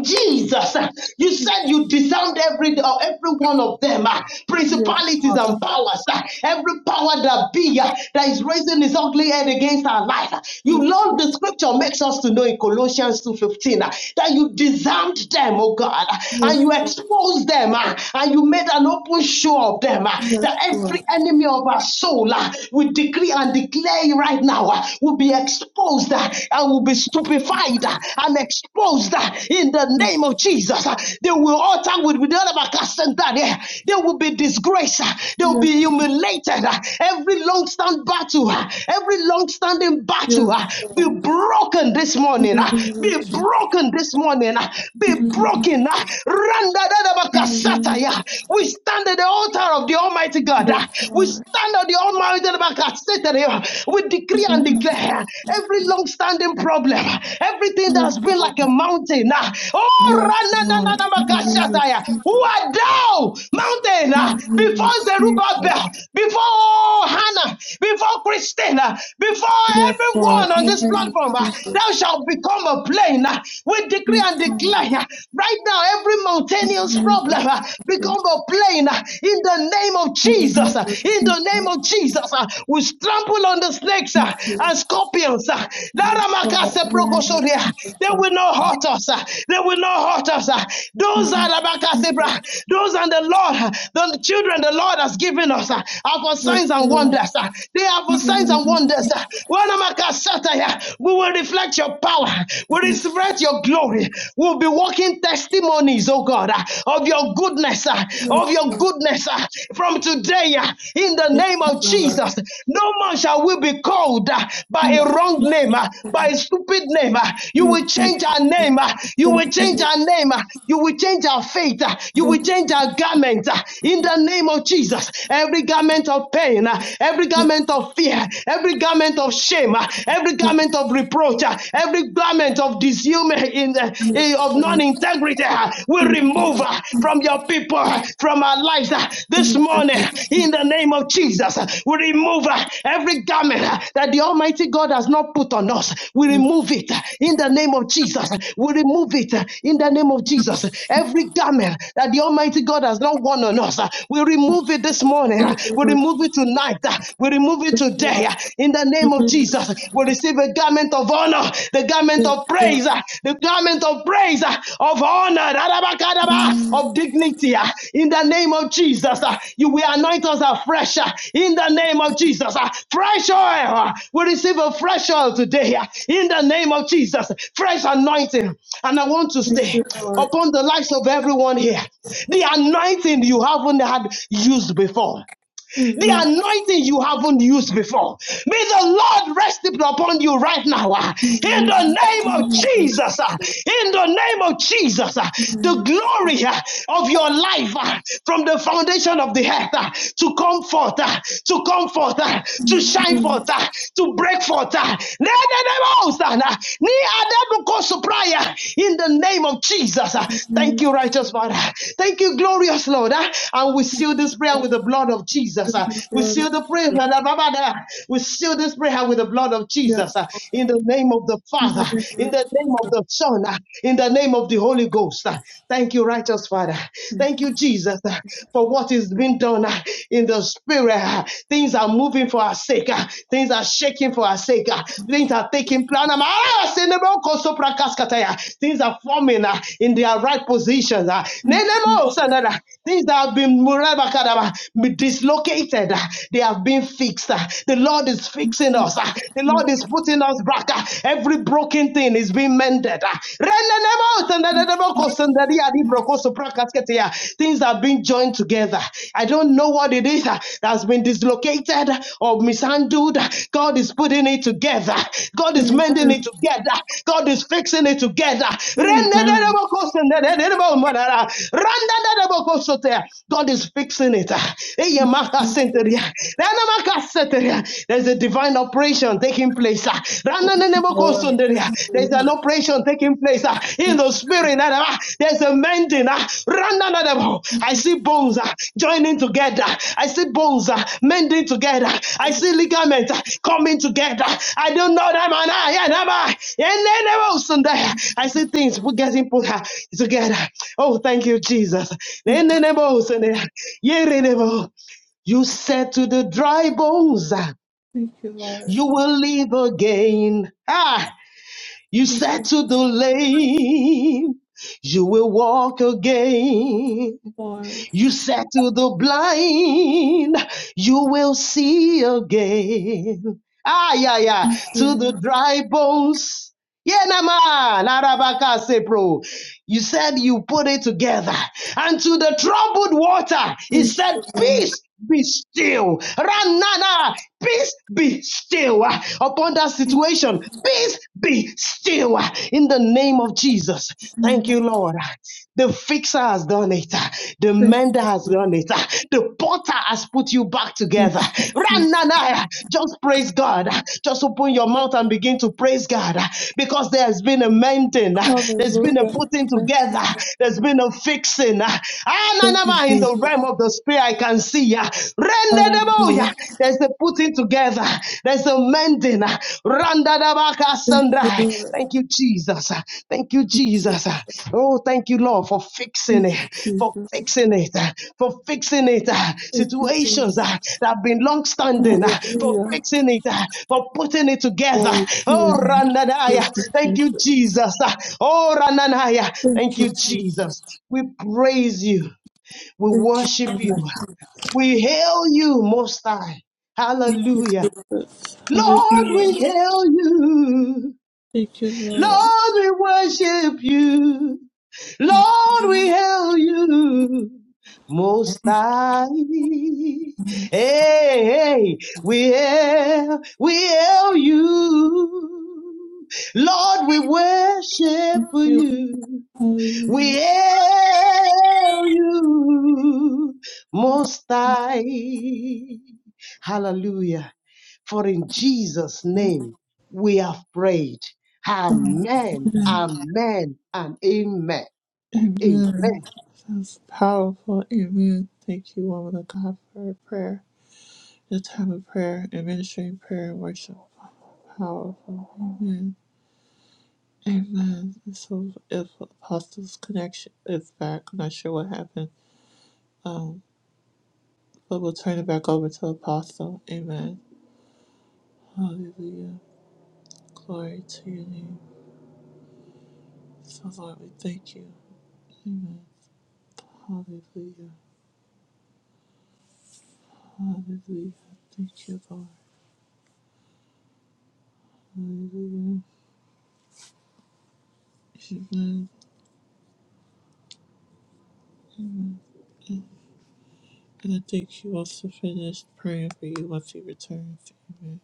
Jesus, you said you disarmed every uh, every one of them, uh, principalities and powers, uh, every power that be uh, that is raising its ugly head against our life. uh. You learned the scripture makes us to know in Colossians two fifteen uh, that you disarmed them, oh God, uh, and you exposed them, uh, and you made an open show of them. uh, That every enemy of our soul, uh, we decree and declare right now, uh, will be exposed. uh, and will be stupefied uh, and exposed uh, in the name of Jesus. Uh, They will utter with with the other yeah. They will be disgraced. uh, They will yes, be humiliated. uh, Every long standing battle, uh, every long standing battle yes. uh, be broken this In the morning. uh, name of Be Jesus, broken this morning. uh, Be broken. uh, Randa da yes, yeah. We stand at the altar of the Almighty God. uh, yes, We stand at the Almighty God that Satan, eh, we decree and declare every long standing problem, everything that's been like a mountain. ah, Oh, yes, Lord. In the name of ranananamakashataya, who Jesus, are thou, mountain, in ah, the name before of Jesus, Zerubbabel, before Hannah, before Christina, before yes, Lord. everyone In on this the name of platform, ah, Jesus, thou shalt become a plain. ah. We decree yes, and Lord. declare ah, right now every mountainous Lord, thank problem you, ah, become a plain. ah, in the name of Jesus. uh, In the name of Jesus, uh, we trample on the snakes uh, and scorpions. uh, Laramacase Lord, thank procosoria. They will not hurt us. uh, They will not hurt us. uh. Those are Laramacase bra- those and the Lord, uh, the children the Lord has given us uh, are for signs and wonders. uh. They are for signs and wonders. uh. Wanamakasataya. We will reflect your power. We will reflect your glory. We'll be walking testimony testimonies, oh God, uh, of your goodness, uh, of your goodness uh, from today uh, in the name of Jesus. No man shall we be called uh, by a wrong name, uh, by a stupid name. uh, You will change our name. uh, You will change our name. uh, You will change our faith. uh, You will change our garment uh, in the name of Jesus. Every garment of pain, uh, every garment of fear, every garment of shame, uh, every garment of reproach, uh, every garment garment of disunion, in the, eh, of non-integrity uh, we remove uh, from your people, uh, from our lives uh, this morning. In the name of Jesus, uh, we remove uh, every garment uh, that the Almighty God has not put on us. We remove it uh, in the name of Jesus. We remove it uh, in the name of Jesus. Every garment that the Almighty God has not worn on us, uh, we remove it this morning. uh, We remove it tonight. uh, We remove it today. uh, In the the name of Jesus will receive a garment of honor, the garment of praise, uh, the garment of praise, uh, of honor, Arabakadaba, of dignity. uh, In the name of Jesus, uh, you will anoint us afresh. uh, In the name of Jesus, uh, fresh oil. uh, We receive a fresh oil today. uh, In the name of Jesus, fresh anointing. And I want to stay upon the lives of everyone here. The anointing you haven't had used before the anointing you haven't used before. May the Lord rest upon you right now. ah. In the name of Jesus. ah. In the name of Jesus. ah. The glory ah, of your life ah, from the foundation of the earth ah, to come forth, ah, to come forth, ah, to shine forth, ah, to break forth. ah. Ne- ne- Ni adabuko supra, ah, In the name of Jesus. ah. Thank you, righteous Father. Thank you, glorious Lord. ah. And we seal this prayer with the blood of Jesus. Jesus. uh, We seal the prayer. uh, We seal this prayer with the blood of Jesus uh, in the name of the Father, in the name of the Son, uh, in the name of the Holy Ghost. uh. Thank you, righteous Father. Thank you, Jesus, uh, for what is being done uh, in the spirit. uh. Things are moving for our sake. uh. Things are shaking for our sake. uh. Things are taking plan. um, ah, senebo Things are forming uh, in their right positions. uh. Nenemo sanada. Things that have been dislocated dislocated, uh, they have been fixed. uh, The Lord is fixing us. uh, The Lord is putting us back. uh, Every broken thing is being mended. uh. Things are being joined together. I don't know what it is uh, that's been dislocated or mishandled. God is putting it together. God is mending it together. God is fixing it together. God is fixing it. There's a divine operation taking place. ah. There's an operation taking place ah, in the spirit. There's a mending. ah. I see bones ah, joining together. I see bones ah, mending together. I see ligaments ah, coming together. I don't know that man. ah, yeah, nah, Yeah, I see things getting put ah, together. Oh, thank you, Jesus. You said to the dry bones, ah, you, you will live again. Ah, you said to the lame, you will walk again. Lord, You said to the blind, you will see again. Ah, yeah, yeah. To the dry bones. Yeah, na man. Arabaka sepro. You said you put it together. And to the troubled water, he said, Peace be still. Ranana, peace be still. Ah, Upon that situation, peace be still. Ah, In the name of Jesus. Thank you, Lord. The fixer has done it. The thank you, mender has done it. The potter has put you back together. Rananaya, just praise God. Just open your mouth and begin to praise God because there has been a mending. Lord. There's been a hallelujah, putting thank you, together. There's been a fixing. thank you, Ananama, In the Jesus, realm of the spirit, I can see. Rendedemoya, hallelujah, There's a putting together. There's a standing. thank you, Randadabakasandai. Lord, Thank you, Jesus. Thank you, Jesus. Oh, thank you, Lord, for fixing thank it, you, for Jesus, fixing it, for fixing it. thank Situations you, uh, that have been long standing, Lord, for hallelujah, fixing it, uh, for putting it together. glory to Oh, your name, thank Randanaya. you, Thank you, Jesus, Jesus. Oh, Randanaya. thank Thank you, you, Jesus, Jesus. We praise you. We thank you, worship you. We hail you most high. Hallelujah. Lord, hallelujah, we hail you. thank you, Lord, Lord, we worship you. Lord, we hail you. Most High. Hey, hey, we hail, we hail you. Lord, we worship thank you, you. hallelujah. We hail you. Most High. Hallelujah. For in Jesus' name we have prayed. Amen, amen, and amen. Amen. Amen. That's powerful. Amen. Thank you, woman of God, for your prayer. Your time of prayer administering prayer and worship. Powerful. Amen. And So if Apostle's connection is back, I'm not sure what happened. Um, but we'll turn it back over to Apostle. Amen. Hallelujah. Glory to your name. So Lord, we thank you. Hallelujah. Hallelujah. Thank you, Lord. Hallelujah. Amen. And I think he wants to finish praying for you once he returns. Amen.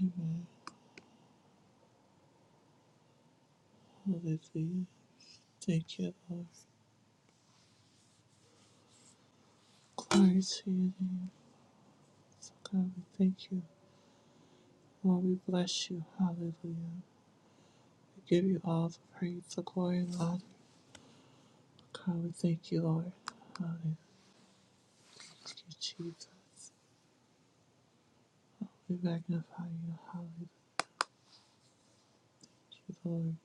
Amen. Hallelujah. Thank you, Lord. Glory to your name. So God, we thank you. Lord, we bless you. Hallelujah. We give you all the praise, the glory, and honor. God, we thank you, Lord. Hallelujah. Thank you, Jesus. We magnify you. Hallelujah. Thank you, Lord.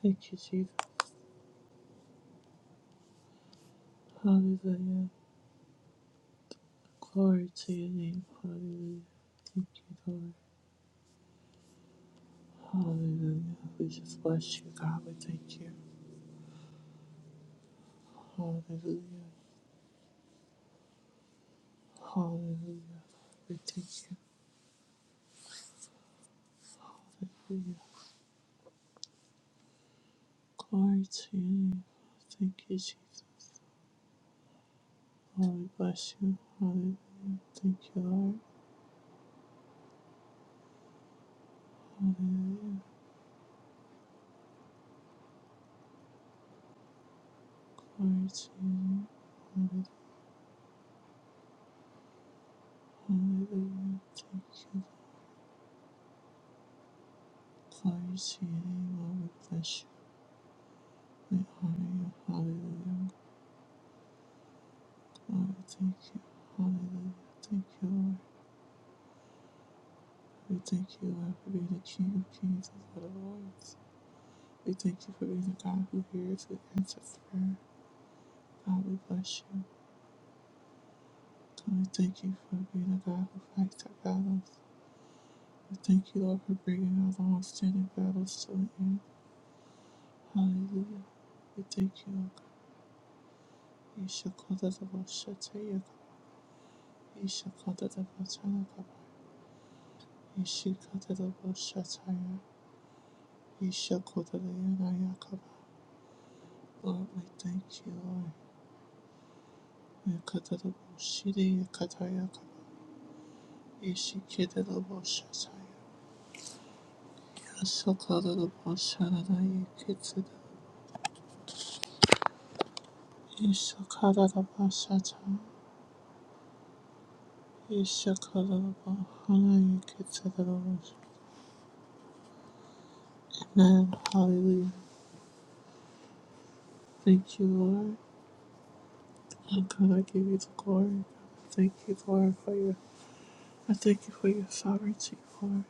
Thank you, Jesus. Hallelujah. Glory to your name. Hallelujah. Thank you, Lord. Hallelujah. We just bless you, God. We thank you. Hallelujah. Hallelujah. We thank you. Glory to your name. Thank you, Jesus. Lord, we bless you. Hallelujah. Thank you, Lord. Hallelujah. Glory to your name. Hallelujah. Thank you. Glory to your name, Lord. We bless you. We honor you. Hallelujah. Glory. Thank you. Hallelujah. Thank you, Lord. We thank you, Lord, for being the King of Kings and Lord of Lords. We thank you for being a God who hears, who answers prayer. God, we bless you. God, we thank you for being a God who fights our battles. We thank you, Lord, for bringing our long-standing battles to an end. Hallelujah. We thank you, Lord God. You shall call the devil Shataya. You shall call the devil Tanakaba. You shall call the devil Shataya. You shall call the devil Lord, we thank you, Lord. You call the devil Shidi Yakatayakaba. You shall kill the devil Shataya. Shatada Bashada Kitsuda Ishakada Bashata Ishakada Bahana Kitsuda Man, hallelujah. Thank you, Lord. And God, I give you the glory. Thank you, Lord, for your I thank you for your sovereignty, Lord.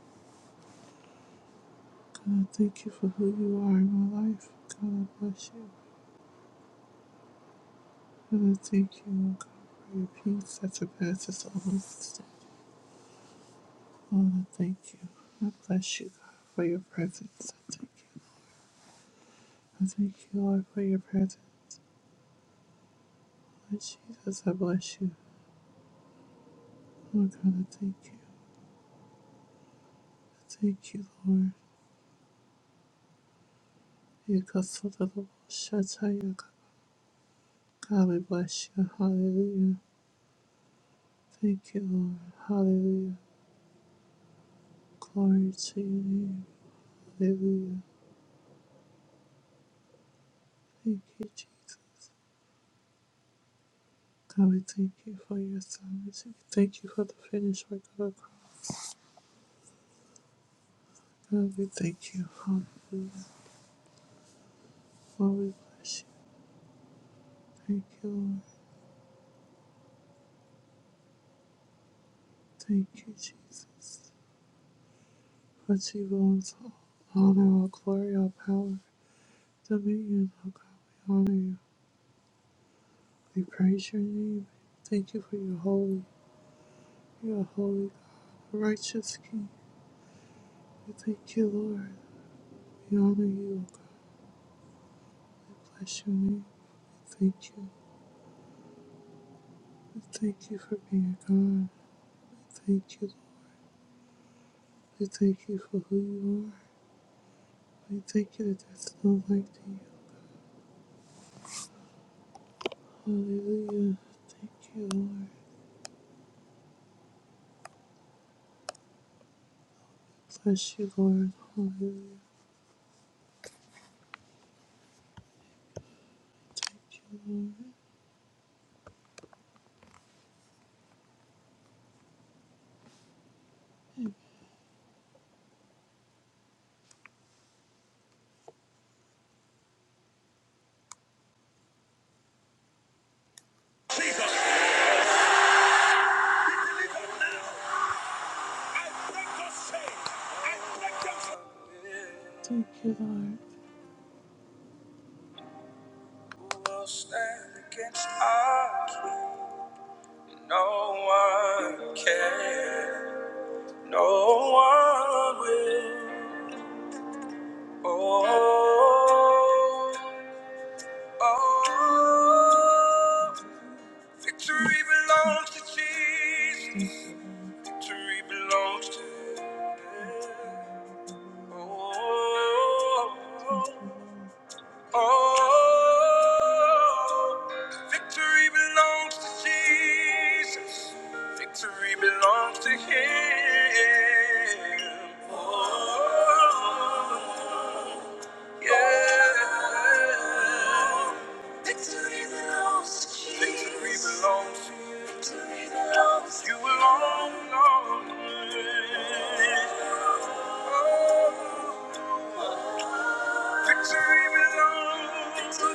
God, I thank you for who you are in my life. God, I bless you. God, I thank you, Lord God, for your peace that surpasses all understanding. Lord, I thank you. I bless you, God, for your presence. I thank you. I thank you, Lord, for your presence. Lord Jesus, I bless you. Lord God, I thank you. I thank you, Lord. You got so little Shatai, God, we bless you. Hallelujah. Thank you, Lord. Hallelujah. Glory to your name. Hallelujah. Thank you, Jesus. God, we thank you for your salvation. Thank you for the finished work of the cross. God, we thank you. Hallelujah. Lord, we bless you. Thank you, Lord. Thank you, Jesus. But to you belongs all honor, all glory, all power, dominion. Oh God, we honor you. We praise your name. Thank you for your holy. You are holy God, a righteous King. We thank you, Lord. We honor you. Oh God, bless your name. We thank you. We thank you for being God. We thank you. Lord. We thank you for who you are. We thank you that there's no like to you. Hallelujah. Thank you, Lord. Bless you, Lord. Hallelujah. Thank you, Lord. will stand against us. No one can. No one will. Oh, oh. Victory belongs to Jesus. Victory belongs to. Oh. Oh, victory belongs to Jesus. Victory belongs to Him. Oh, yeah. Victory belongs to Jesus. Victory belongs to you. Victory belongs to you alone, Lord. Oh, Victory belongs to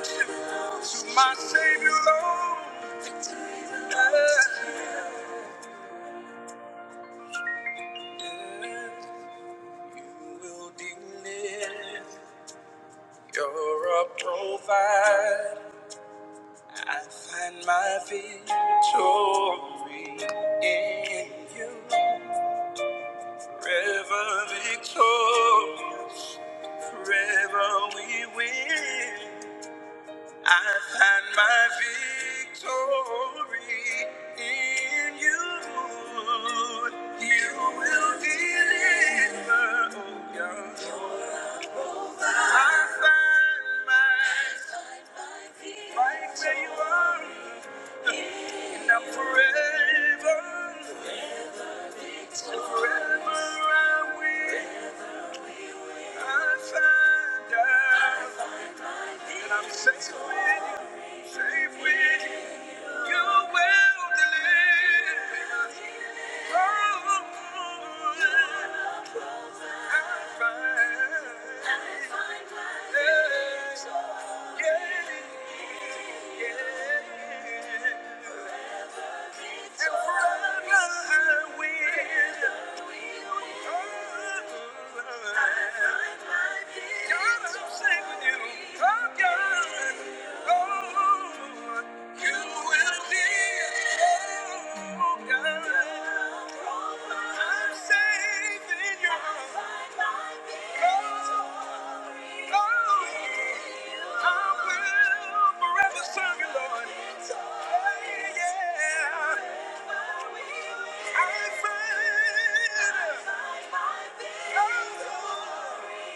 my Savior alone. you will deliver. You're a provider. I find my victory in you. Forever victorious, forever we win. I find my victory in you. You will deliver, oh God. I find my right where you are, and I'm forever, and forever I will. I find out. And I'm safe with you, safe with you. You will deliver. Oh, I find. Yes, yeah, yeah. And forever I will. Oh, I Yeah.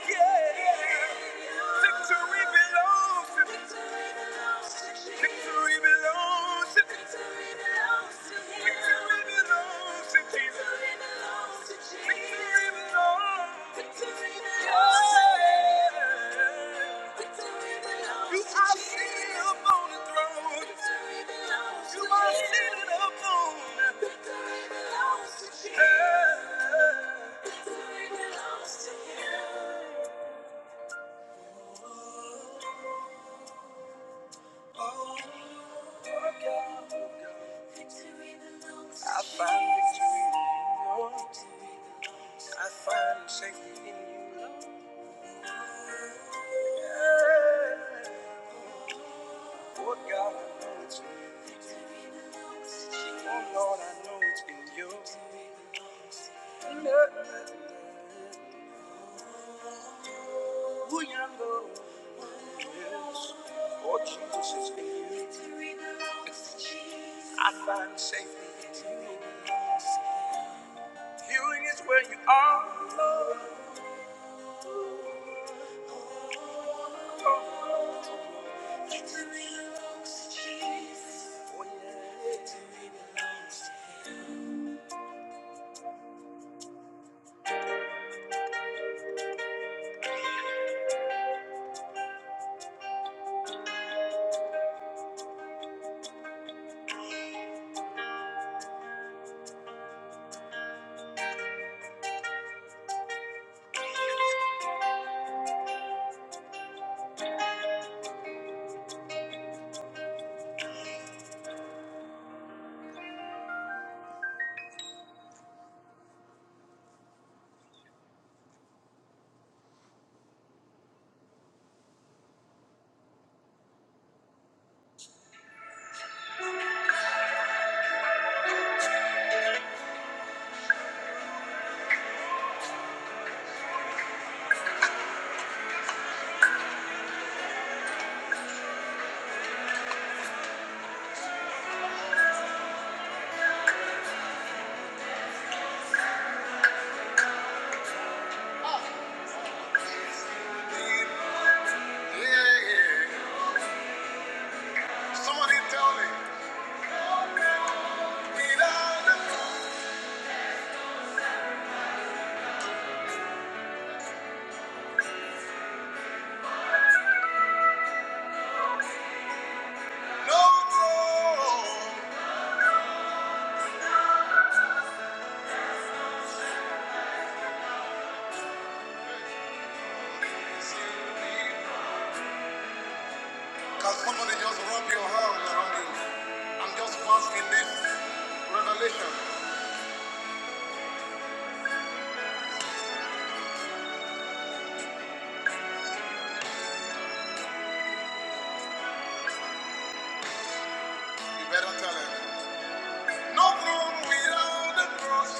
Yeah. Oh. I find victory in you, Lord. I find safety in you, Lord. Yeah. Lord God, I know it's in you. Oh Lord, I know it's in you. Lord, who you know is. Lord Jesus it's in you. Victory belongs to I find safety in you. Healing is where you are, Lord. Oh, Somebody just rub your hand around you. I'm just basking this revelation. You better tell him. No throne without the cross.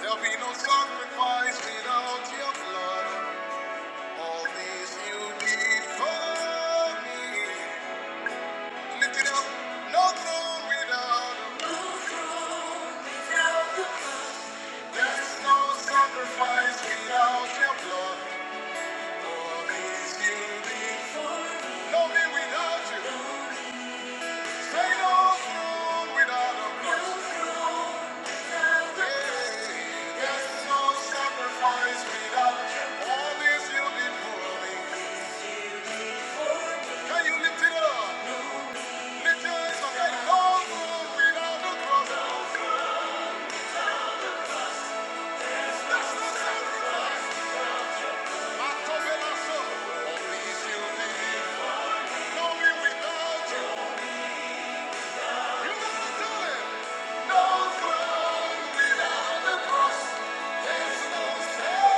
There'll be no sacrifice without your blood. All this you did for me. Lift it up. No throne without Without you, you gotta do it. No throne without the cross.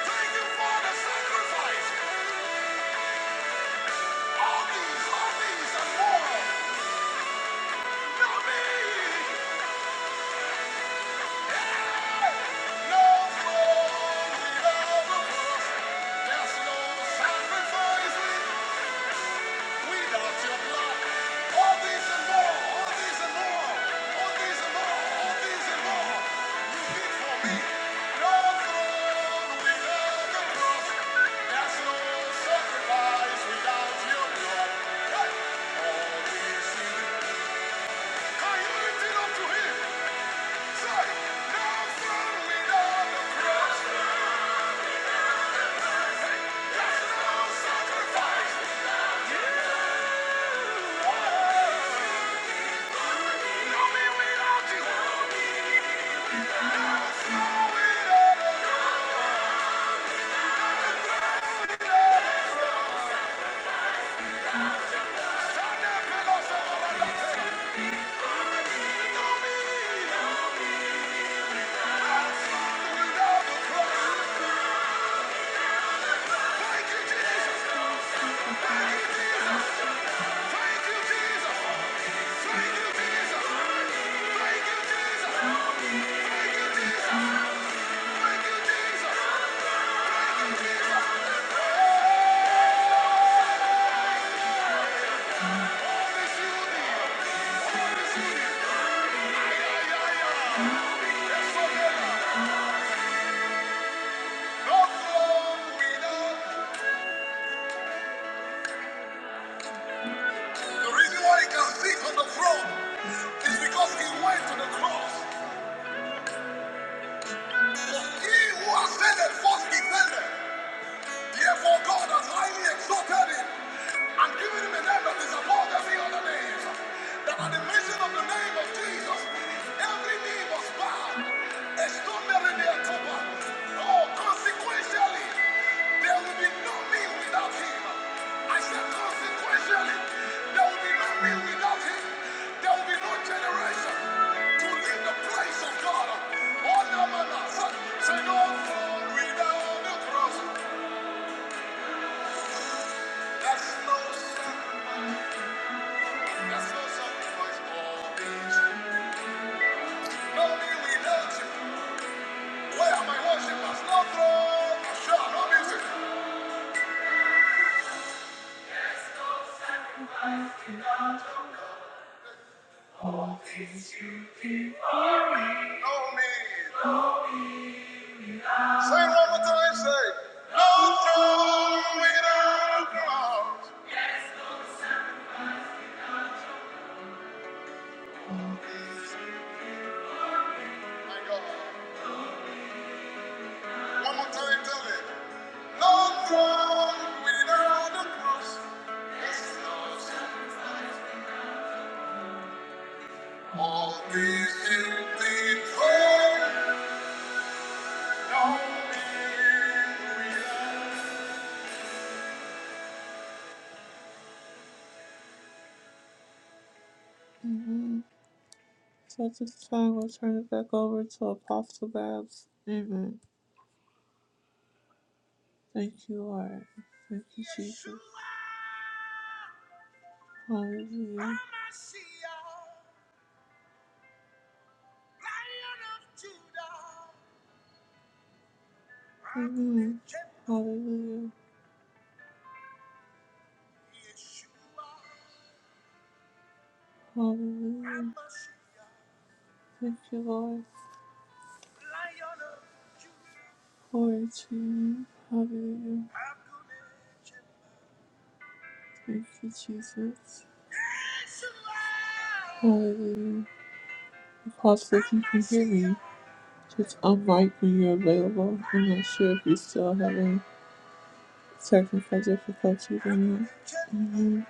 Thank you for the sacrifice. All these, all these, and more. Say, no throne without the cross. The reason why he can sit on the throne is because he went to the cross. He who ascended first descended. Therefore, God has highly exalted him and given him a name that is above every other name. That at the mention of the name of Jesus, every knee must bow. Extraordinary near cover. Oh, consequentially, there will be no me without him. I said, consequentially, there will be no me without him. There will be no generation to leave the place of God. Oh, no, no, no. Say, no throne without the cross. So at this time, we'll turn it back over to Apostle Babs. Amen. Thank you, Lord. Thank you, Jesus. Hallelujah. Amen. Hallelujah. Hallelujah. Thank you, Lord. Glory to you. Hallelujah. Thank you, Jesus. Hallelujah. Apostle, if you can hear me, just unmic when you're available. I'm not sure if you still have it. surfing for difficulties and that. Mhm.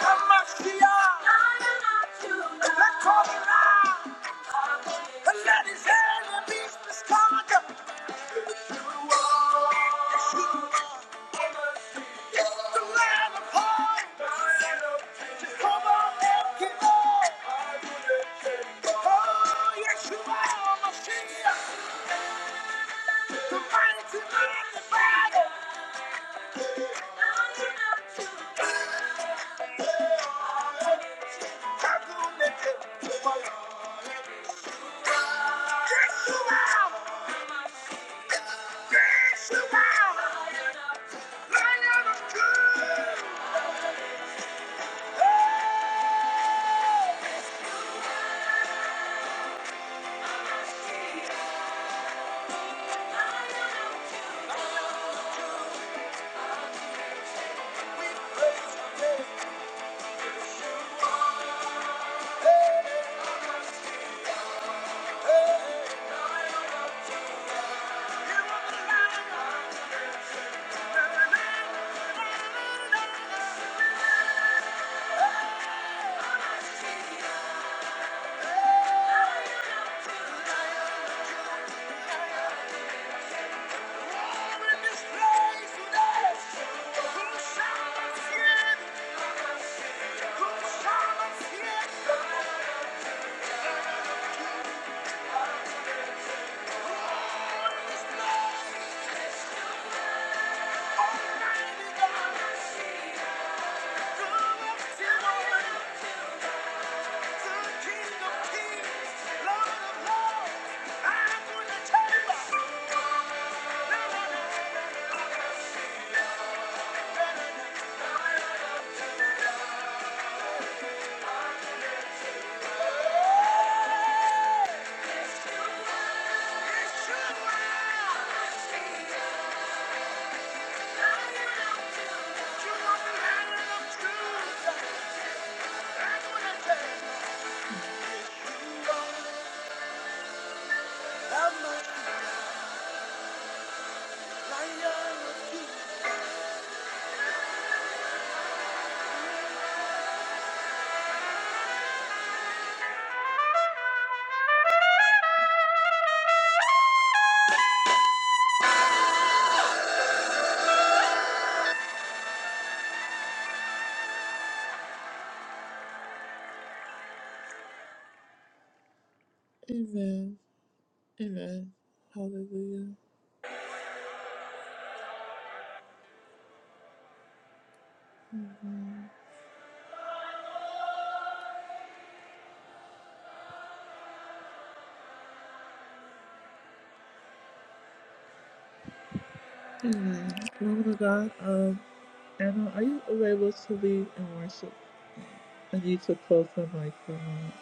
Come on, Let's Thank you. Amen. Amen. Hallelujah. Amen. Lord of God, um, Anna, are you available to lead and worship? I need to close the mic for a moment.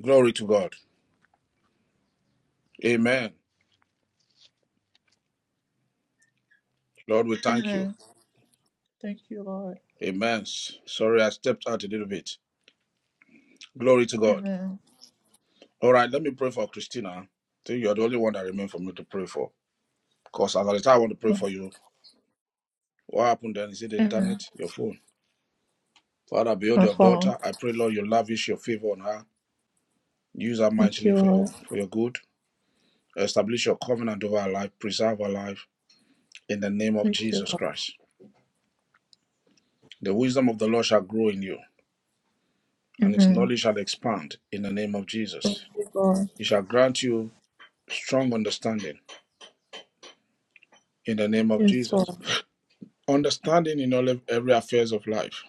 Glory to God. Amen. Lord, we thank you. Amen. Thank you, Lord. Amen. Sorry, I stepped out a little bit. Glory to God. Amen. All right, let me pray for Christina. I think you're the only one that remains for me to pray for. Because at the time I want to pray Oh, for you, What happened then? Is it the amen. internet? Your phone? Father, behold My your phone. daughter. I pray, Lord, you lavish your favor on her. Use her Thank mightily you, for your Lord. for your good. Establish your covenant over her life. Preserve her life in the name of Thank you, Jesus Lord. Christ. The wisdom of the Lord shall grow in you, and his Amen. knowledge shall expand in the name of Thank Jesus. you, Lord. He shall grant you strong understanding in the name of Yes, Lord. Jesus. Understanding in all of every affairs of life.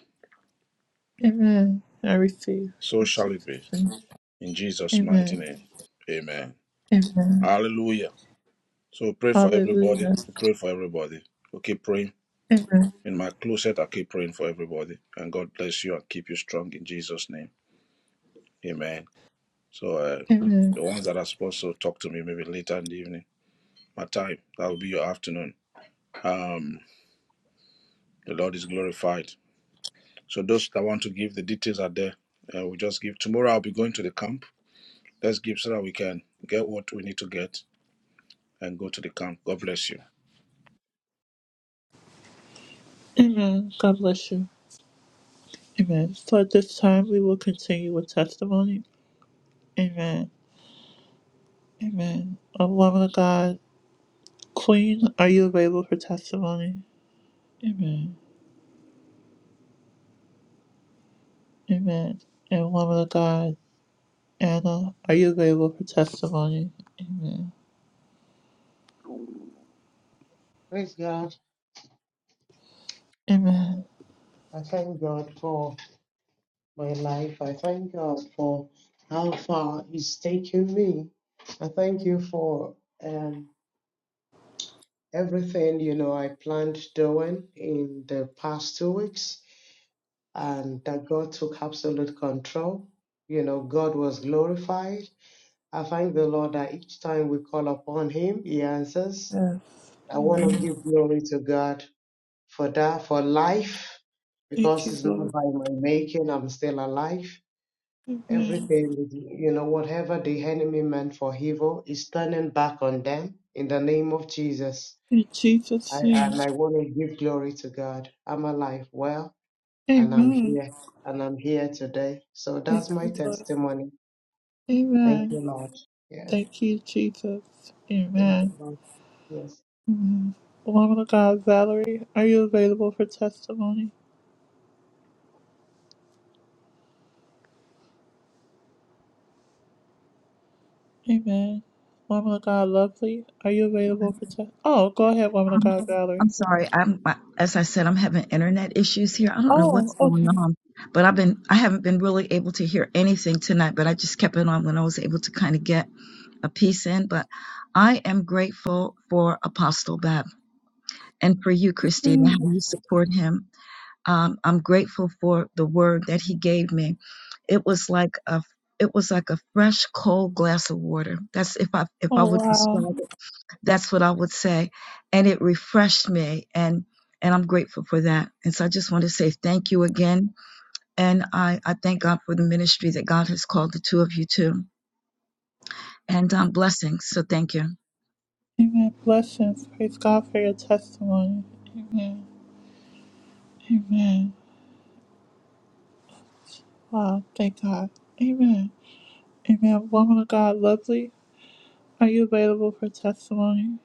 Amen. I receive So in shall it Jesus' be. name. In Jesus' mighty Amen. name. Amen. Amen. Hallelujah. So pray for everybody. Hallelujah. Pray for everybody. We'll keep praying. Amen. In my closet, I keep praying for everybody. And God bless you and keep you strong in Jesus' name. Amen. So uh, Amen. the ones that are supposed to talk to me maybe later in the evening, my time, that will be your afternoon. Um, the Lord is glorified. So those that want to give, the details are there. Uh, we just give. Tomorrow I'll be going to the camp. Let's give so that we can get what we need to get and go to the camp. God bless you. Amen. God bless you. Amen. So at this time, we will continue with testimony. Amen. Amen. A woman of God, Queen, are you available for testimony? Amen. Amen. And woman of God, Anna, are you available for testimony? Amen. Praise God. Amen. I thank God for my life. I thank God for how far He's taken me. I thank you for um, everything you know I planned doing in the past two weeks, and that God took absolute control. You know, God was glorified I thank the Lord that each time we call upon Him, He answers. I want to give glory to God for that, for life, because Thank it's you, not Lord. by my making I'm still alive. Amen. Everything, you know, whatever the enemy meant for evil is turning back on them in the name of Jesus. In I, Jesus' name. and I want to give glory to God. I'm alive, well, and I'm Amen. here, and I'm here today. So Thank that's my you, Lord. testimony. Thank you, Amen. Lord. Yeah, Thank you, Jesus. thank you, Amen. Lord. Yes. Mhm. Woman of God, Valerie, are you available for testimony? Amen. Woman of God, Lovely, are you available for testimony? Oh, go ahead, Woman of I'm, God, I'm Valerie. sorry. I'm I- as I said, I'm having internet issues here. I don't know Oh, what's going okay. on, but I've been I haven't been really able to hear anything tonight. But I just kept it on when I was able to kind of get a piece in. But I am grateful for Apostle Bab and for you, Christina, how Mm. you support him Um, I'm grateful for the word that he gave me. It was like a it was like a fresh cold glass of water. That's if I if I Oh, would wow. describe it, that's what I would say. And it refreshed me and and I'm grateful for that. And so I just want to say thank you again. And I, I thank God for the ministry that God has called the two of you to. And um, blessings. So thank you. Amen. Blessings. Praise God for your testimony. Amen. Amen. Wow. Thank God. Amen. Amen. Woman of God, Lovely, are you available for testimony?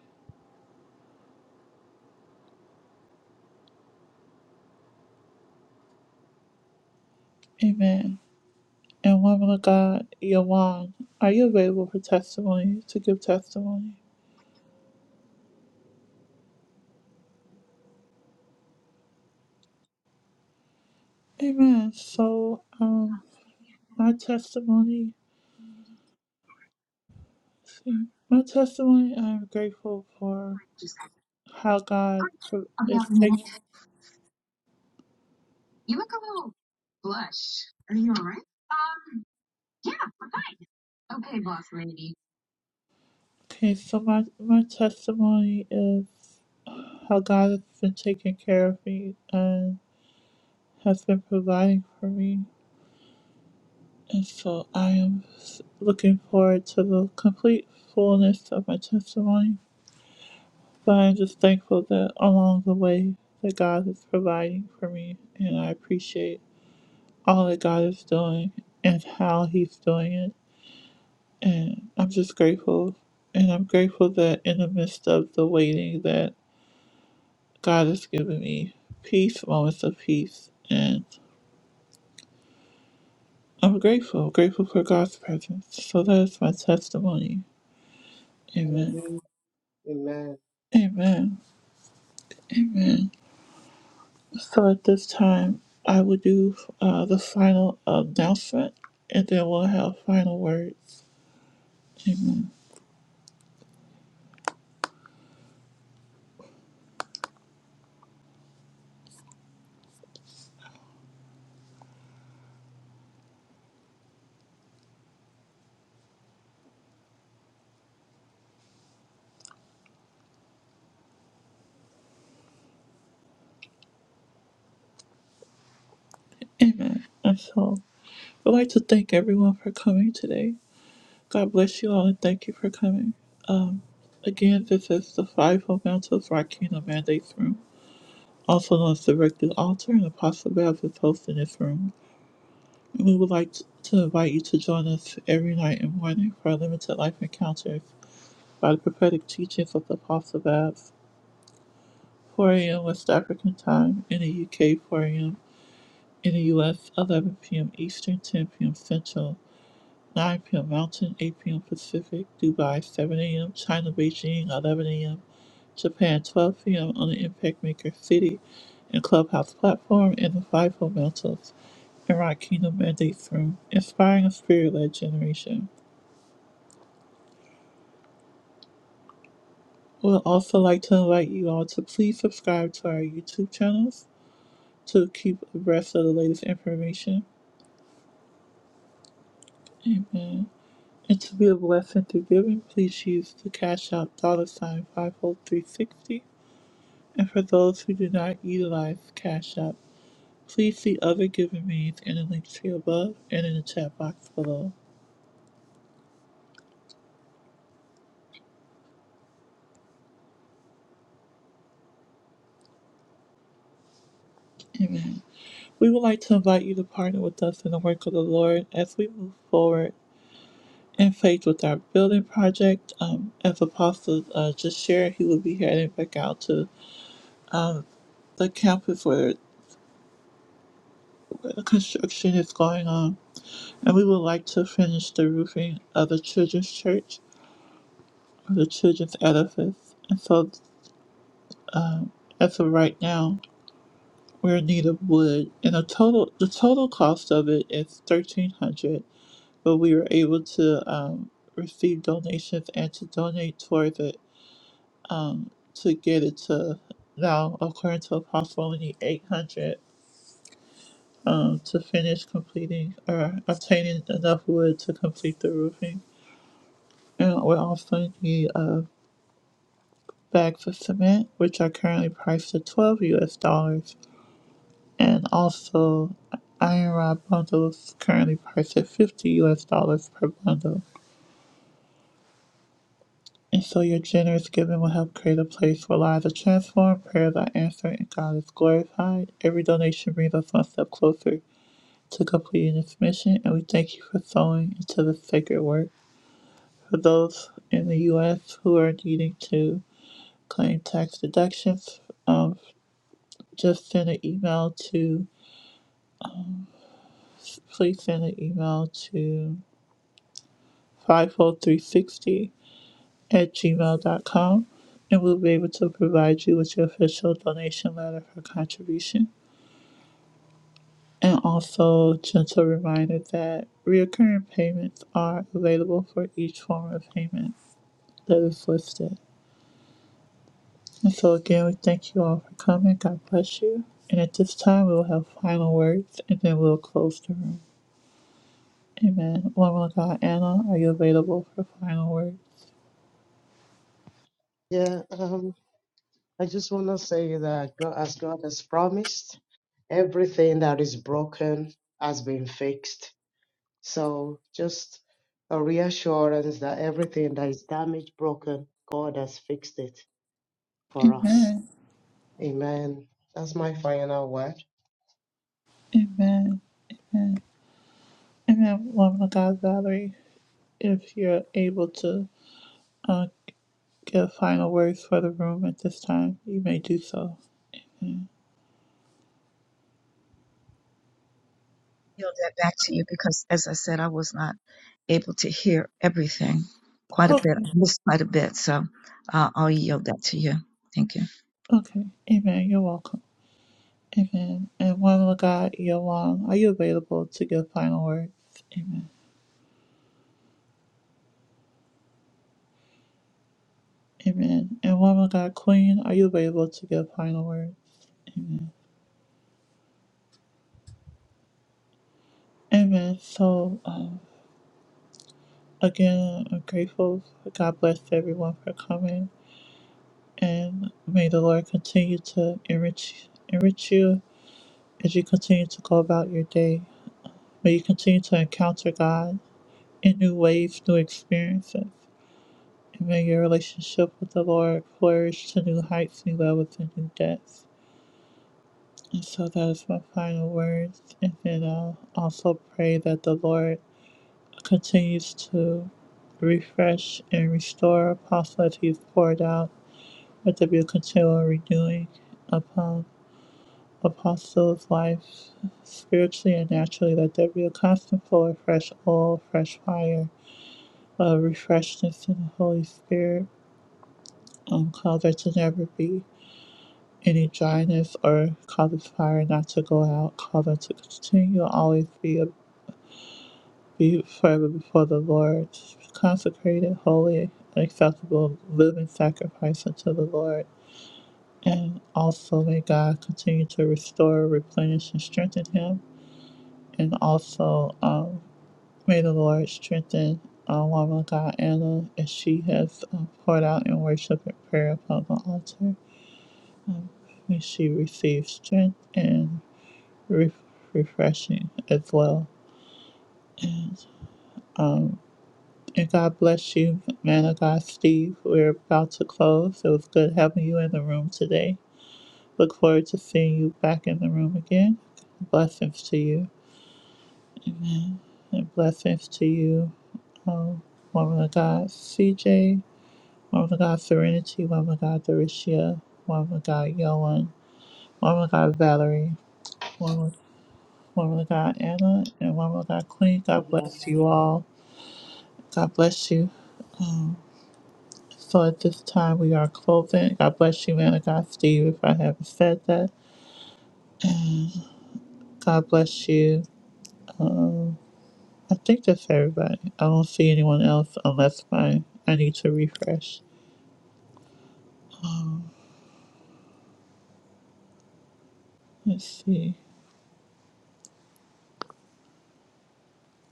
Amen. And woman of God, Yawan, are you available for testimony to give testimony? Amen. So, um, my testimony, my testimony, I'm grateful for how God is taking. Okay, so my my testimony is how God has been taking care of me and has been providing for me, and so I am s- looking forward to the complete fullness of my testimony. But I'm just thankful that along the way that God is providing for me, and I appreciate. all that God is doing and how He's doing it. And I'm just grateful. And I'm grateful that in the midst of the waiting that God has given me peace, moments of peace. And I'm grateful, grateful for God's presence. So that is my testimony. Amen. Hallelujah. Amen. Amen. Amen. So at this time, I will do uh, the final announcement and then we'll have final words. Amen. Amen. And so I'd like to thank everyone for coming today. God bless you all and thank you for coming. Again, this is the Five Fundamentals for Our Kingdom Mandates Room, also known as the Directed Altar, and Apostle Bev is hosting this room. And we would like to invite you to join us every night and morning for our limited life encounters by the prophetic teachings of the Apostle Bev, 4 a.m. West African time, in the UK 4 a.m., in the US 11 p.m. Eastern, 10 p.m. Central. 9 p.m. Mountain, 8 p.m. Pacific, Dubai, 7 a.m., China, Beijing, 11 a.m., Japan, 12 p.m. on the Impact Maker City and Clubhouse platform and the Fivefold Mountains and Rock Kingdom Mandates Room, inspiring a spirit-led generation. We would also like to invite you all to please subscribe to our YouTube channels to keep abreast of the latest information. Amen. And to be a blessing through giving, please use the Cash App dollar sign 50360 And for those who do not utilize Cash App, please see other giving means in the link tree above and in the chat box below. Amen. We would like to invite you to partner with us in the work of the Lord as we move forward in faith with our building project. Um, as Apostle uh, just shared, he will be heading back out to the campus where, where the construction is going on. And we would like to finish the roofing of the children's church or the children's edifice. And so, as of right now, We're in need of wood, and a total the total cost of it is thirteen hundred. But we were able to um, receive donations and to donate towards it to get it to now, according to Apostle, we need eight hundred um, to finish completing or obtaining enough wood to complete the roofing. And we also need uh, bags of cement, which are currently priced at twelve U.S. dollars. And also, Iron Rod bundles currently priced at 50 US dollars per bundle. And so your generous giving will help create a place where lives are transformed, prayers are answered, and God is glorified. Every donation brings us one step closer to completing this mission, and we thank you for sowing into this sacred work. For those in the U.S. who are needing to claim tax deductions, um, just send an email to, please send an email to 50360 at gmail dot com, and we'll be able to provide you with your official donation letter for contribution. And also, gentle reminder that recurring payments are available for each form of payment that is listed. And so, again, we thank you all for coming. God bless you. And at this time, we will have final words and then we'll close the room. Amen. Woman of God, Anna, are you available for final words? Yeah, um, I just want to say that God, as God has promised, everything that is broken has been fixed. So just a reassurance that everything that is damaged, broken, God has fixed it for us. Amen. Amen. That's my final word. Amen. Amen. Amen. Woman of God, Valerie. If you're able to uh, give final words for the room at this time, you may do so. yield that back to you because, as I said, I was not able to hear everything quite a Oh, bit. I missed quite a bit. So uh, I'll yield that to you. Thank you. okay. Amen. You're welcome. Amen. And one with God, Yolong, are you available to give final words? Amen. Amen. And one with God, Queen, are you available to give final words? Amen. So, um, again, I'm grateful. God bless everyone for coming. And may the Lord continue to enrich, enrich you as you continue to go about your day. May you continue to encounter God in new ways, new experiences. And may your relationship with the Lord flourish to new heights, new levels, and new depths. And so that is my final words. And then I'll also pray that the Lord continues to refresh and restore Apostle as he's poured out, that there be a continual renewing upon Apostle's life spiritually and naturally, that there be a constant flow of fresh oil, fresh fire uh, refreshness in the Holy Spirit, um, cause there to never be any dryness or cause the fire not to go out, cause us to continue to always be, a, be forever before the Lord, consecrated, holy, and acceptable living sacrifice unto the Lord. And also may God continue to restore, replenish, and strengthen him. And also, um, May the Lord strengthen our woman of God, Anna, as she has uh, poured out in worship and prayer upon the altar. May she receive strength and re- refreshing as well. And, um, and God bless you, man of God, Steve. We're about to close. It was good having you in the room today. Look forward to seeing you back in the room again. Blessings to you. And blessings to you, um, woman of God, CJ. Woman of God Serenity, Woman of God Dorishia, Woman of God Yoan, Woman of God Valerie, Woman, Woman of God Anna, and Woman of God Queen. God God bless bless you. you all. God bless you. So at this time we are closing. God bless you, man of God Steve, if I haven't said that. God bless you. Um, I think that's everybody. I don't see anyone else unless my I need to refresh. Let's see.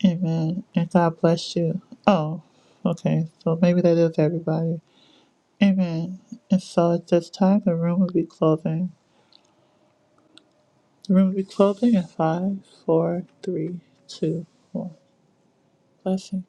Amen. And God bless you. Oh, okay. So maybe that is everybody. Amen. And so at this time, the room will be closing. The room will be closing in five, four, three, two, one. Blessing.